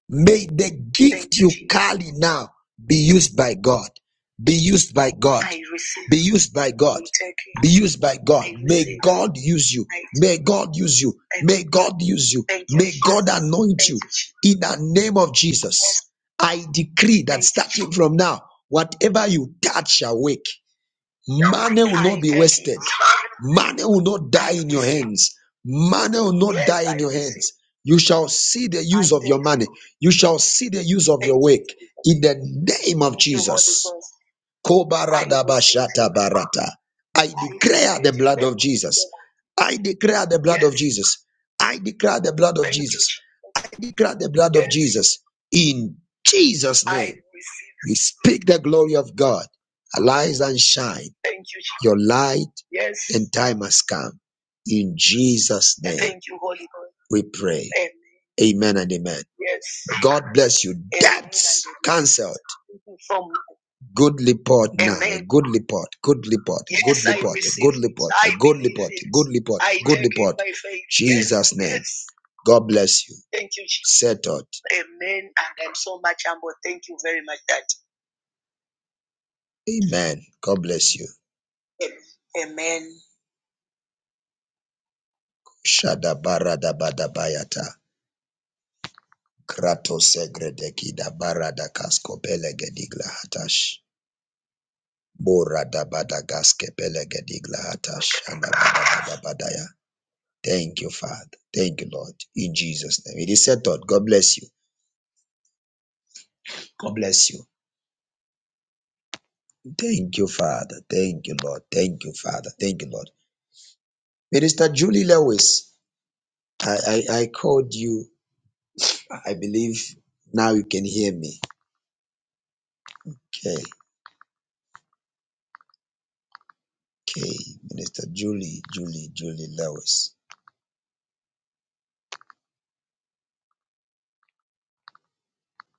A: may the gift you carry now be used by God. Be used by God. Be used by God be used by God. May God use you. May God use you. May God use you. May God anoint you in the name of Jesus. I decree that starting from now, whatever you touch shall wake. Money will not be wasted. Money will not die in your hands. Money will not die in your hands. You shall see the use of your money. You shall see the use of your work in the name of Jesus. Kobaradabashata barata. I declare the blood of Jesus. I declare the blood of Jesus. I declare the blood of Jesus. I declare the blood of Jesus. In Jesus' name, we speak the glory of God. Arise and shine. Your light Yes. and time has come. In Jesus' name, Thank you, Holy Ghost. we pray. Amen. Amen and amen. Yes. God bless you. Amen. Debts cancelled. Good report now. good report. Good report. Good Yes, I report. good report. good report. Good report. Good report. by Yes, Jesus' name. yes. God bless you. Thank you, Jesus. Settled. Amen. And I'm so much humble. Thank you very much, Dad. Amen. God bless you. Amen. Shadabaradabadabayata. Krato segredeki da barada kasko pelegedigla hatash. Borada badagaske pelegedigla hatash. Shadabadabadabadaya. Thank you, Father. Thank you, Lord. In Jesus' name. It is settled. God bless you. God bless you. Thank you, Father. Thank you, Lord. Thank you, Father. Thank you, Lord. Minister Julie Lewis, I, I, I called you. I believe now you can hear me. Okay. Okay, Minister Julie, Julie, Julie Lewis.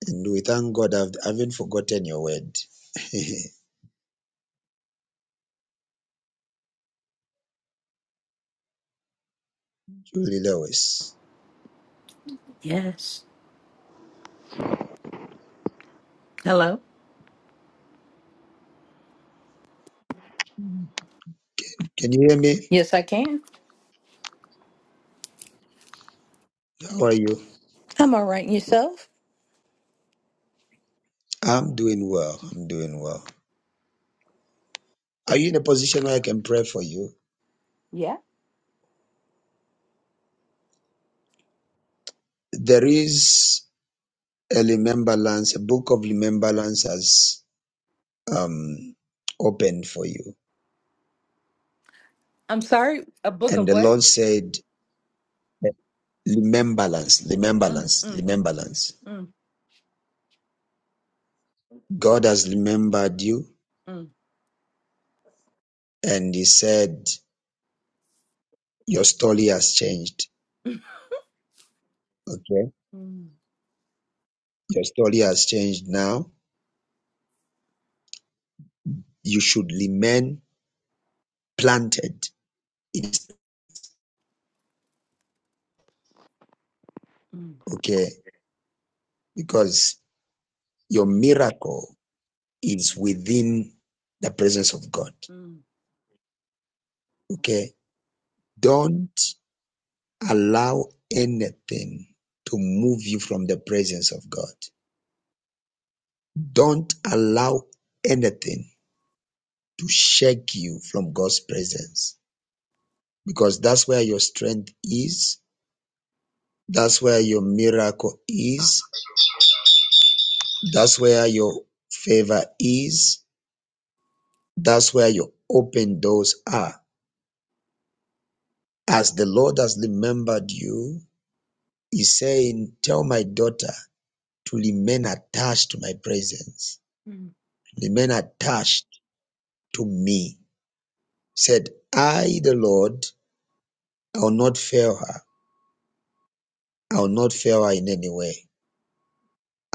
A: And we thank God I've, I have have not forgotten your word. Julie Lewis.
N: Yes. Hello?
A: Can you hear me?
N: Yes, I can.
A: How are you?
N: I'm all right. And yourself?
A: I'm doing well. I'm doing well. Are you in a position where I can pray for you?
N: Yeah.
A: There is a remembrance, a book of remembrance has um, opened for you.
N: I'm sorry. A book
A: And
N: of
A: the
N: what?
A: Lord said, remembrance,
N: Mm,
A: remembrance,
N: mm,
A: remembrance.
N: mm,
A: God has remembered you
N: mm,
A: and He said, Your story has changed.
N: mm,
A: Okay.
N: mm,
A: Your story has changed now. You should remain planted. It's
N: mm,
A: okay. Because your miracle is within the presence of God.
N: mm,
A: Okay. Don't allow anything to move you from the presence of God. Don't allow anything to shake you from God's presence because that's where your strength is. That's where your miracle is. That's where your favor is. That's where your open doors are. As the Lord has remembered you, He's saying, Tell my daughter to remain attached to my presence,
N: mm,
A: remain attached to me. Said, I, the Lord, I will not fail her. I will not fail her in any way.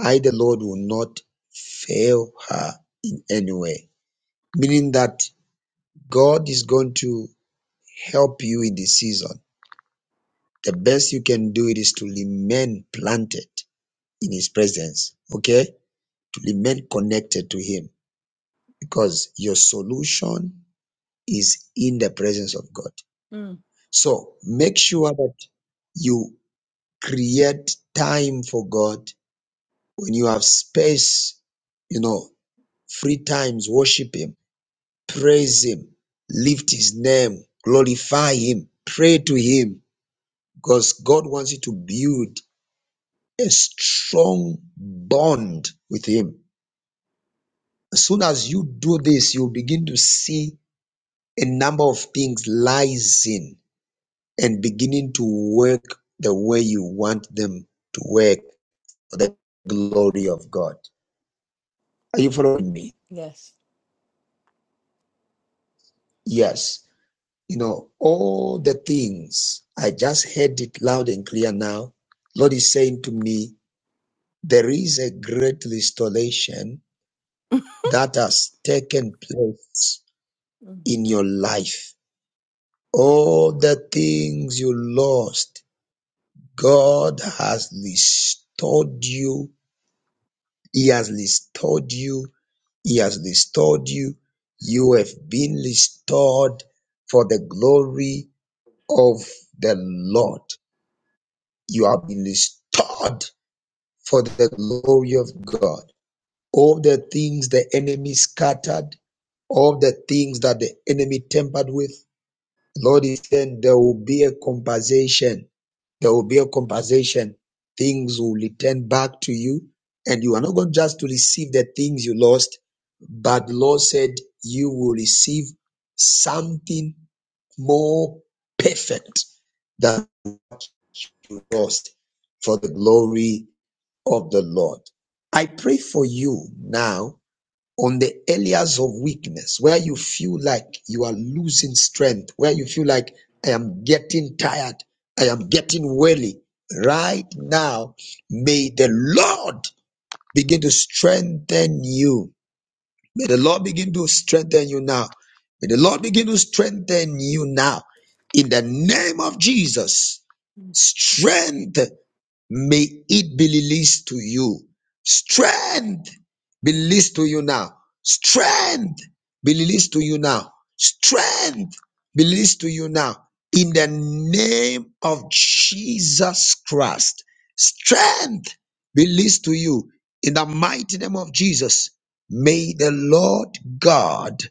A: I, the Lord, will not fail her in any way. Meaning that God is going to help you in this season. the best you can do it is to remain planted in his presence okay to remain connected to him because your solution is in the presence of god
N: mm.
A: so make sure that you create time for god when you have space you know free times worship him praise him lift his name glorify him pray to him because god wants you to build a strong bond with Him. As soon as you do this, you begin to see a number of things rising and beginning to work the way you want them to work for the glory of God. Are you following me?
N: Yes.
A: Yes. You know, all the things, I just heard it loud and clear now. Lord is saying to me, there is a great restoration
N: Mm,
A: that has taken place
N: mm,
A: in your life All the things you lost, God has restored you. He has restored you. He has restored you. You have been restored for the glory of the Lord. You have been restored for the glory of God. All the things the enemy scattered, all the things that the enemy tampered with, The Lord is saying there will be a compensation. There will be a compensation. Things will return back to you, and you are not going just to receive the things you lost, but the Lord said you will receive something more perfect than you lost for the glory of the Lord. I pray for you now on the areas of weakness where you feel like you are losing strength, where you feel like I am getting tired, I am getting weary. Right now, may the Lord begin to strengthen you May the Lord begin to strengthen you now. May the Lord begin to strengthen you now. In the name of Jesus, strength may it be released to you. Strength be
N: mm.
A: released to you now. Strength be released to you now. Strength be released to you now. In the name of Jesus Christ, strength be released to you. In the mighty name of Jesus, May the Lord God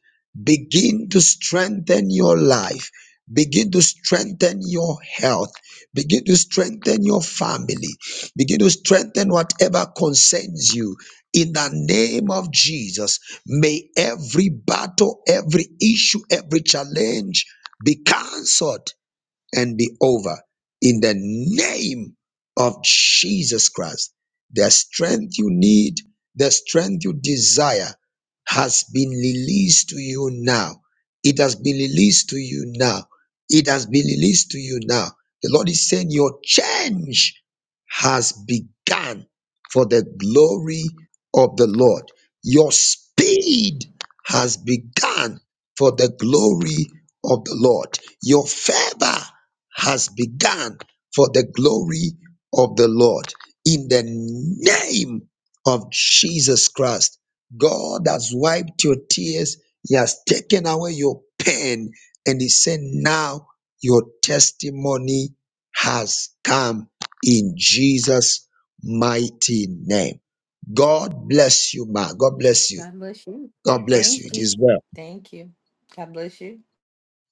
A: begin to strengthen your life, begin to strengthen your health, begin to strengthen your family, begin to strengthen whatever concerns you. In the name of Jesus, may every battle, every issue, every challenge be cancelled and be over in the name of Jesus Christ. The strength you need, the strength you desire has been released to you now. It has been released to you now. It has been released to you now. The Lord is saying your change has begun for the glory of the Lord. Your speed has begun for the glory of the Lord. Your favor has begun for the glory of the Lord. In the name of Jesus Christ, God has wiped your tears, He has taken away your pain, and He said, Now your testimony has come in Jesus' mighty name. God bless you, ma. God bless you.
N: God bless you.
A: God bless you.
N: Thank
A: It
N: you.
A: is well.
N: Thank you. God bless you.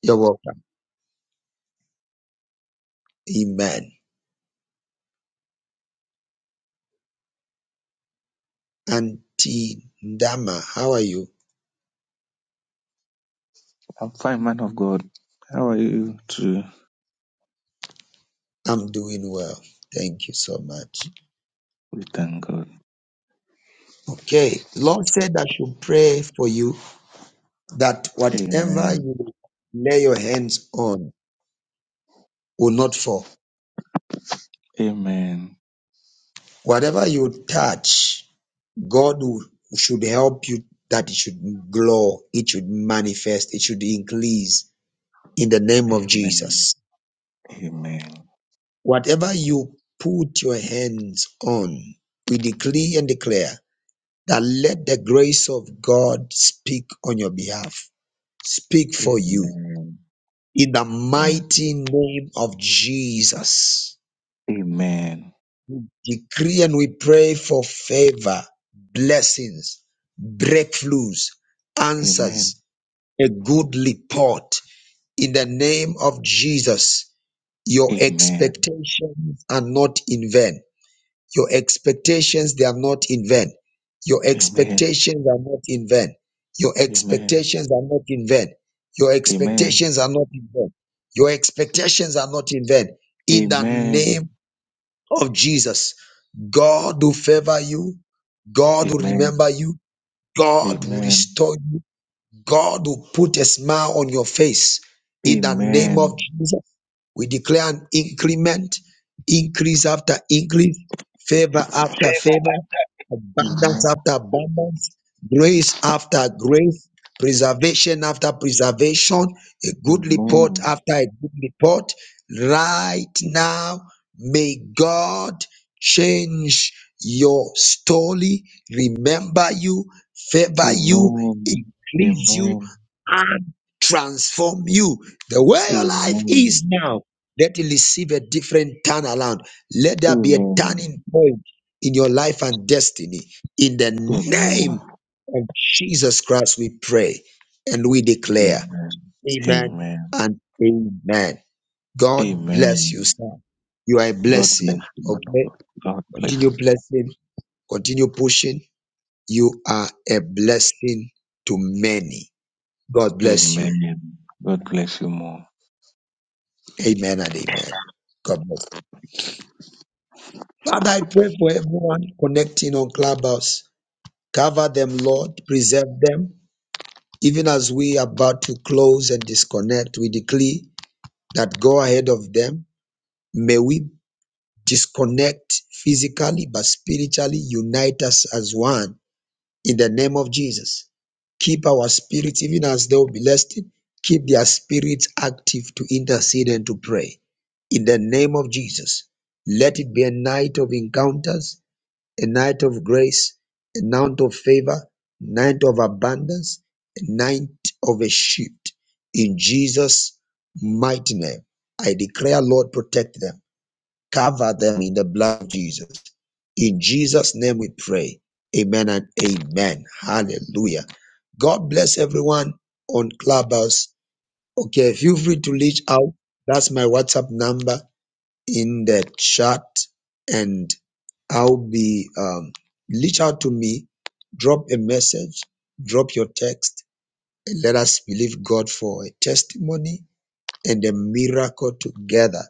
A: You're welcome. Amen. Auntie Ndama, how are you?
O: I'm fine, man of God. How are you too?
A: I'm doing well. Thank you so much.
O: We thank God.
A: Okay. Lord said I should pray for you that whatever
O: Amen.
A: you lay your hands on will not fall.
O: Amen.
A: Whatever you touch, God will, should help you that it should glow, it should manifest, it should increase in the name of
O: Amen.
A: Jesus.
O: Amen.
A: Whatever you put your hands on, we decree and declare that let the grace of God speak on your behalf speak for you
O: Amen.
A: in the
O: Amen.
A: mighty name of Jesus.
O: Amen.
A: Decree and we pray for favor, blessings, breakthroughs,
O: Amen. Amen.
A: answers, a good report in the name of Jesus. Your
O: Amen.
A: expectations are not in vain. Your expectations, they are not in vain. Your
O: Amen.
A: expectations are not in vain. Your
O: Amen.
A: expectations are not in vain. Your expectations are not in vain. Your expectations are not in vain.
O: Amen. Amen. Amen. Amen.
A: In the name of Jesus, God will favor you.
O: Amen. Amen. Amen.
A: God will remember you. God will
O: Amen.
A: restore you. God will put a smile on your face. In the name of Jesus. We declare an increment, increase after increase, favor after favor, abundance after abundance, grace after grace, preservation after preservation, a good report after a good report. Right now, may God change your story, remember you, favor you, increase you, and transform you. The way your life is now let you receive a different turnaround. Let there be a
O: Amen.
A: turning point in your life and destiny. In the
O: Amen.
A: name of Jesus Christ, we pray and we
O: Amen.
A: declare,
O: Amen.
A: Amen
O: Amen.
A: and Amen. God bless you,
O: Amen.
A: sir. You are a
O: God bless
A: blessing.
O: you, man of
A: Okay.
O: God. God bless
A: Continue
O: you.
A: blessing, continue pushing. You are a blessing to many. God bless you.
O: Amen. God bless you more.
A: Amen and amen. God bless. you. Father, I pray for everyone connecting on Clubhouse. Cover them, Lord. Preserve them. Even as we are about to close and disconnect, we decree that go ahead of them. May we disconnect physically, but spiritually unite us as one in the name of Jesus. Keep our spirits, even as they will be blessed, keep their spirits active to intercede and to pray. In the name of Jesus, let it be a night of encounters a night of grace, a night of favor, night of abundance, a night of a shift. In Jesus' mighty name, I declare, Lord, protect them, cover them in the blood of Jesus. In Jesus' name we pray. Amen and amen. Hallelujah. God bless everyone on Clubhouse. Okay, feel free to reach out. That's my WhatsApp number in that chat and I'll be um, reach out to me, drop a message, drop your text, and let us believe God for a testimony and a miracle together.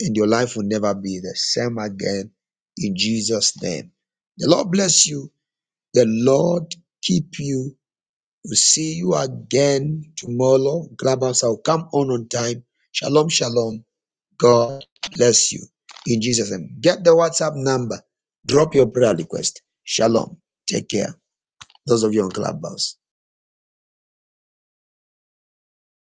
A: And your life will never be the same again in Jesus' name. The Lord bless you. The Lord keep you. We'll see you again tomorrow. Clubhouse, I'll come on on time. Shalom, shalom. God bless you. In Jesus' name. Get the WhatsApp number. Drop your prayer request. Shalom. Take care. Those of you on Clubhouse.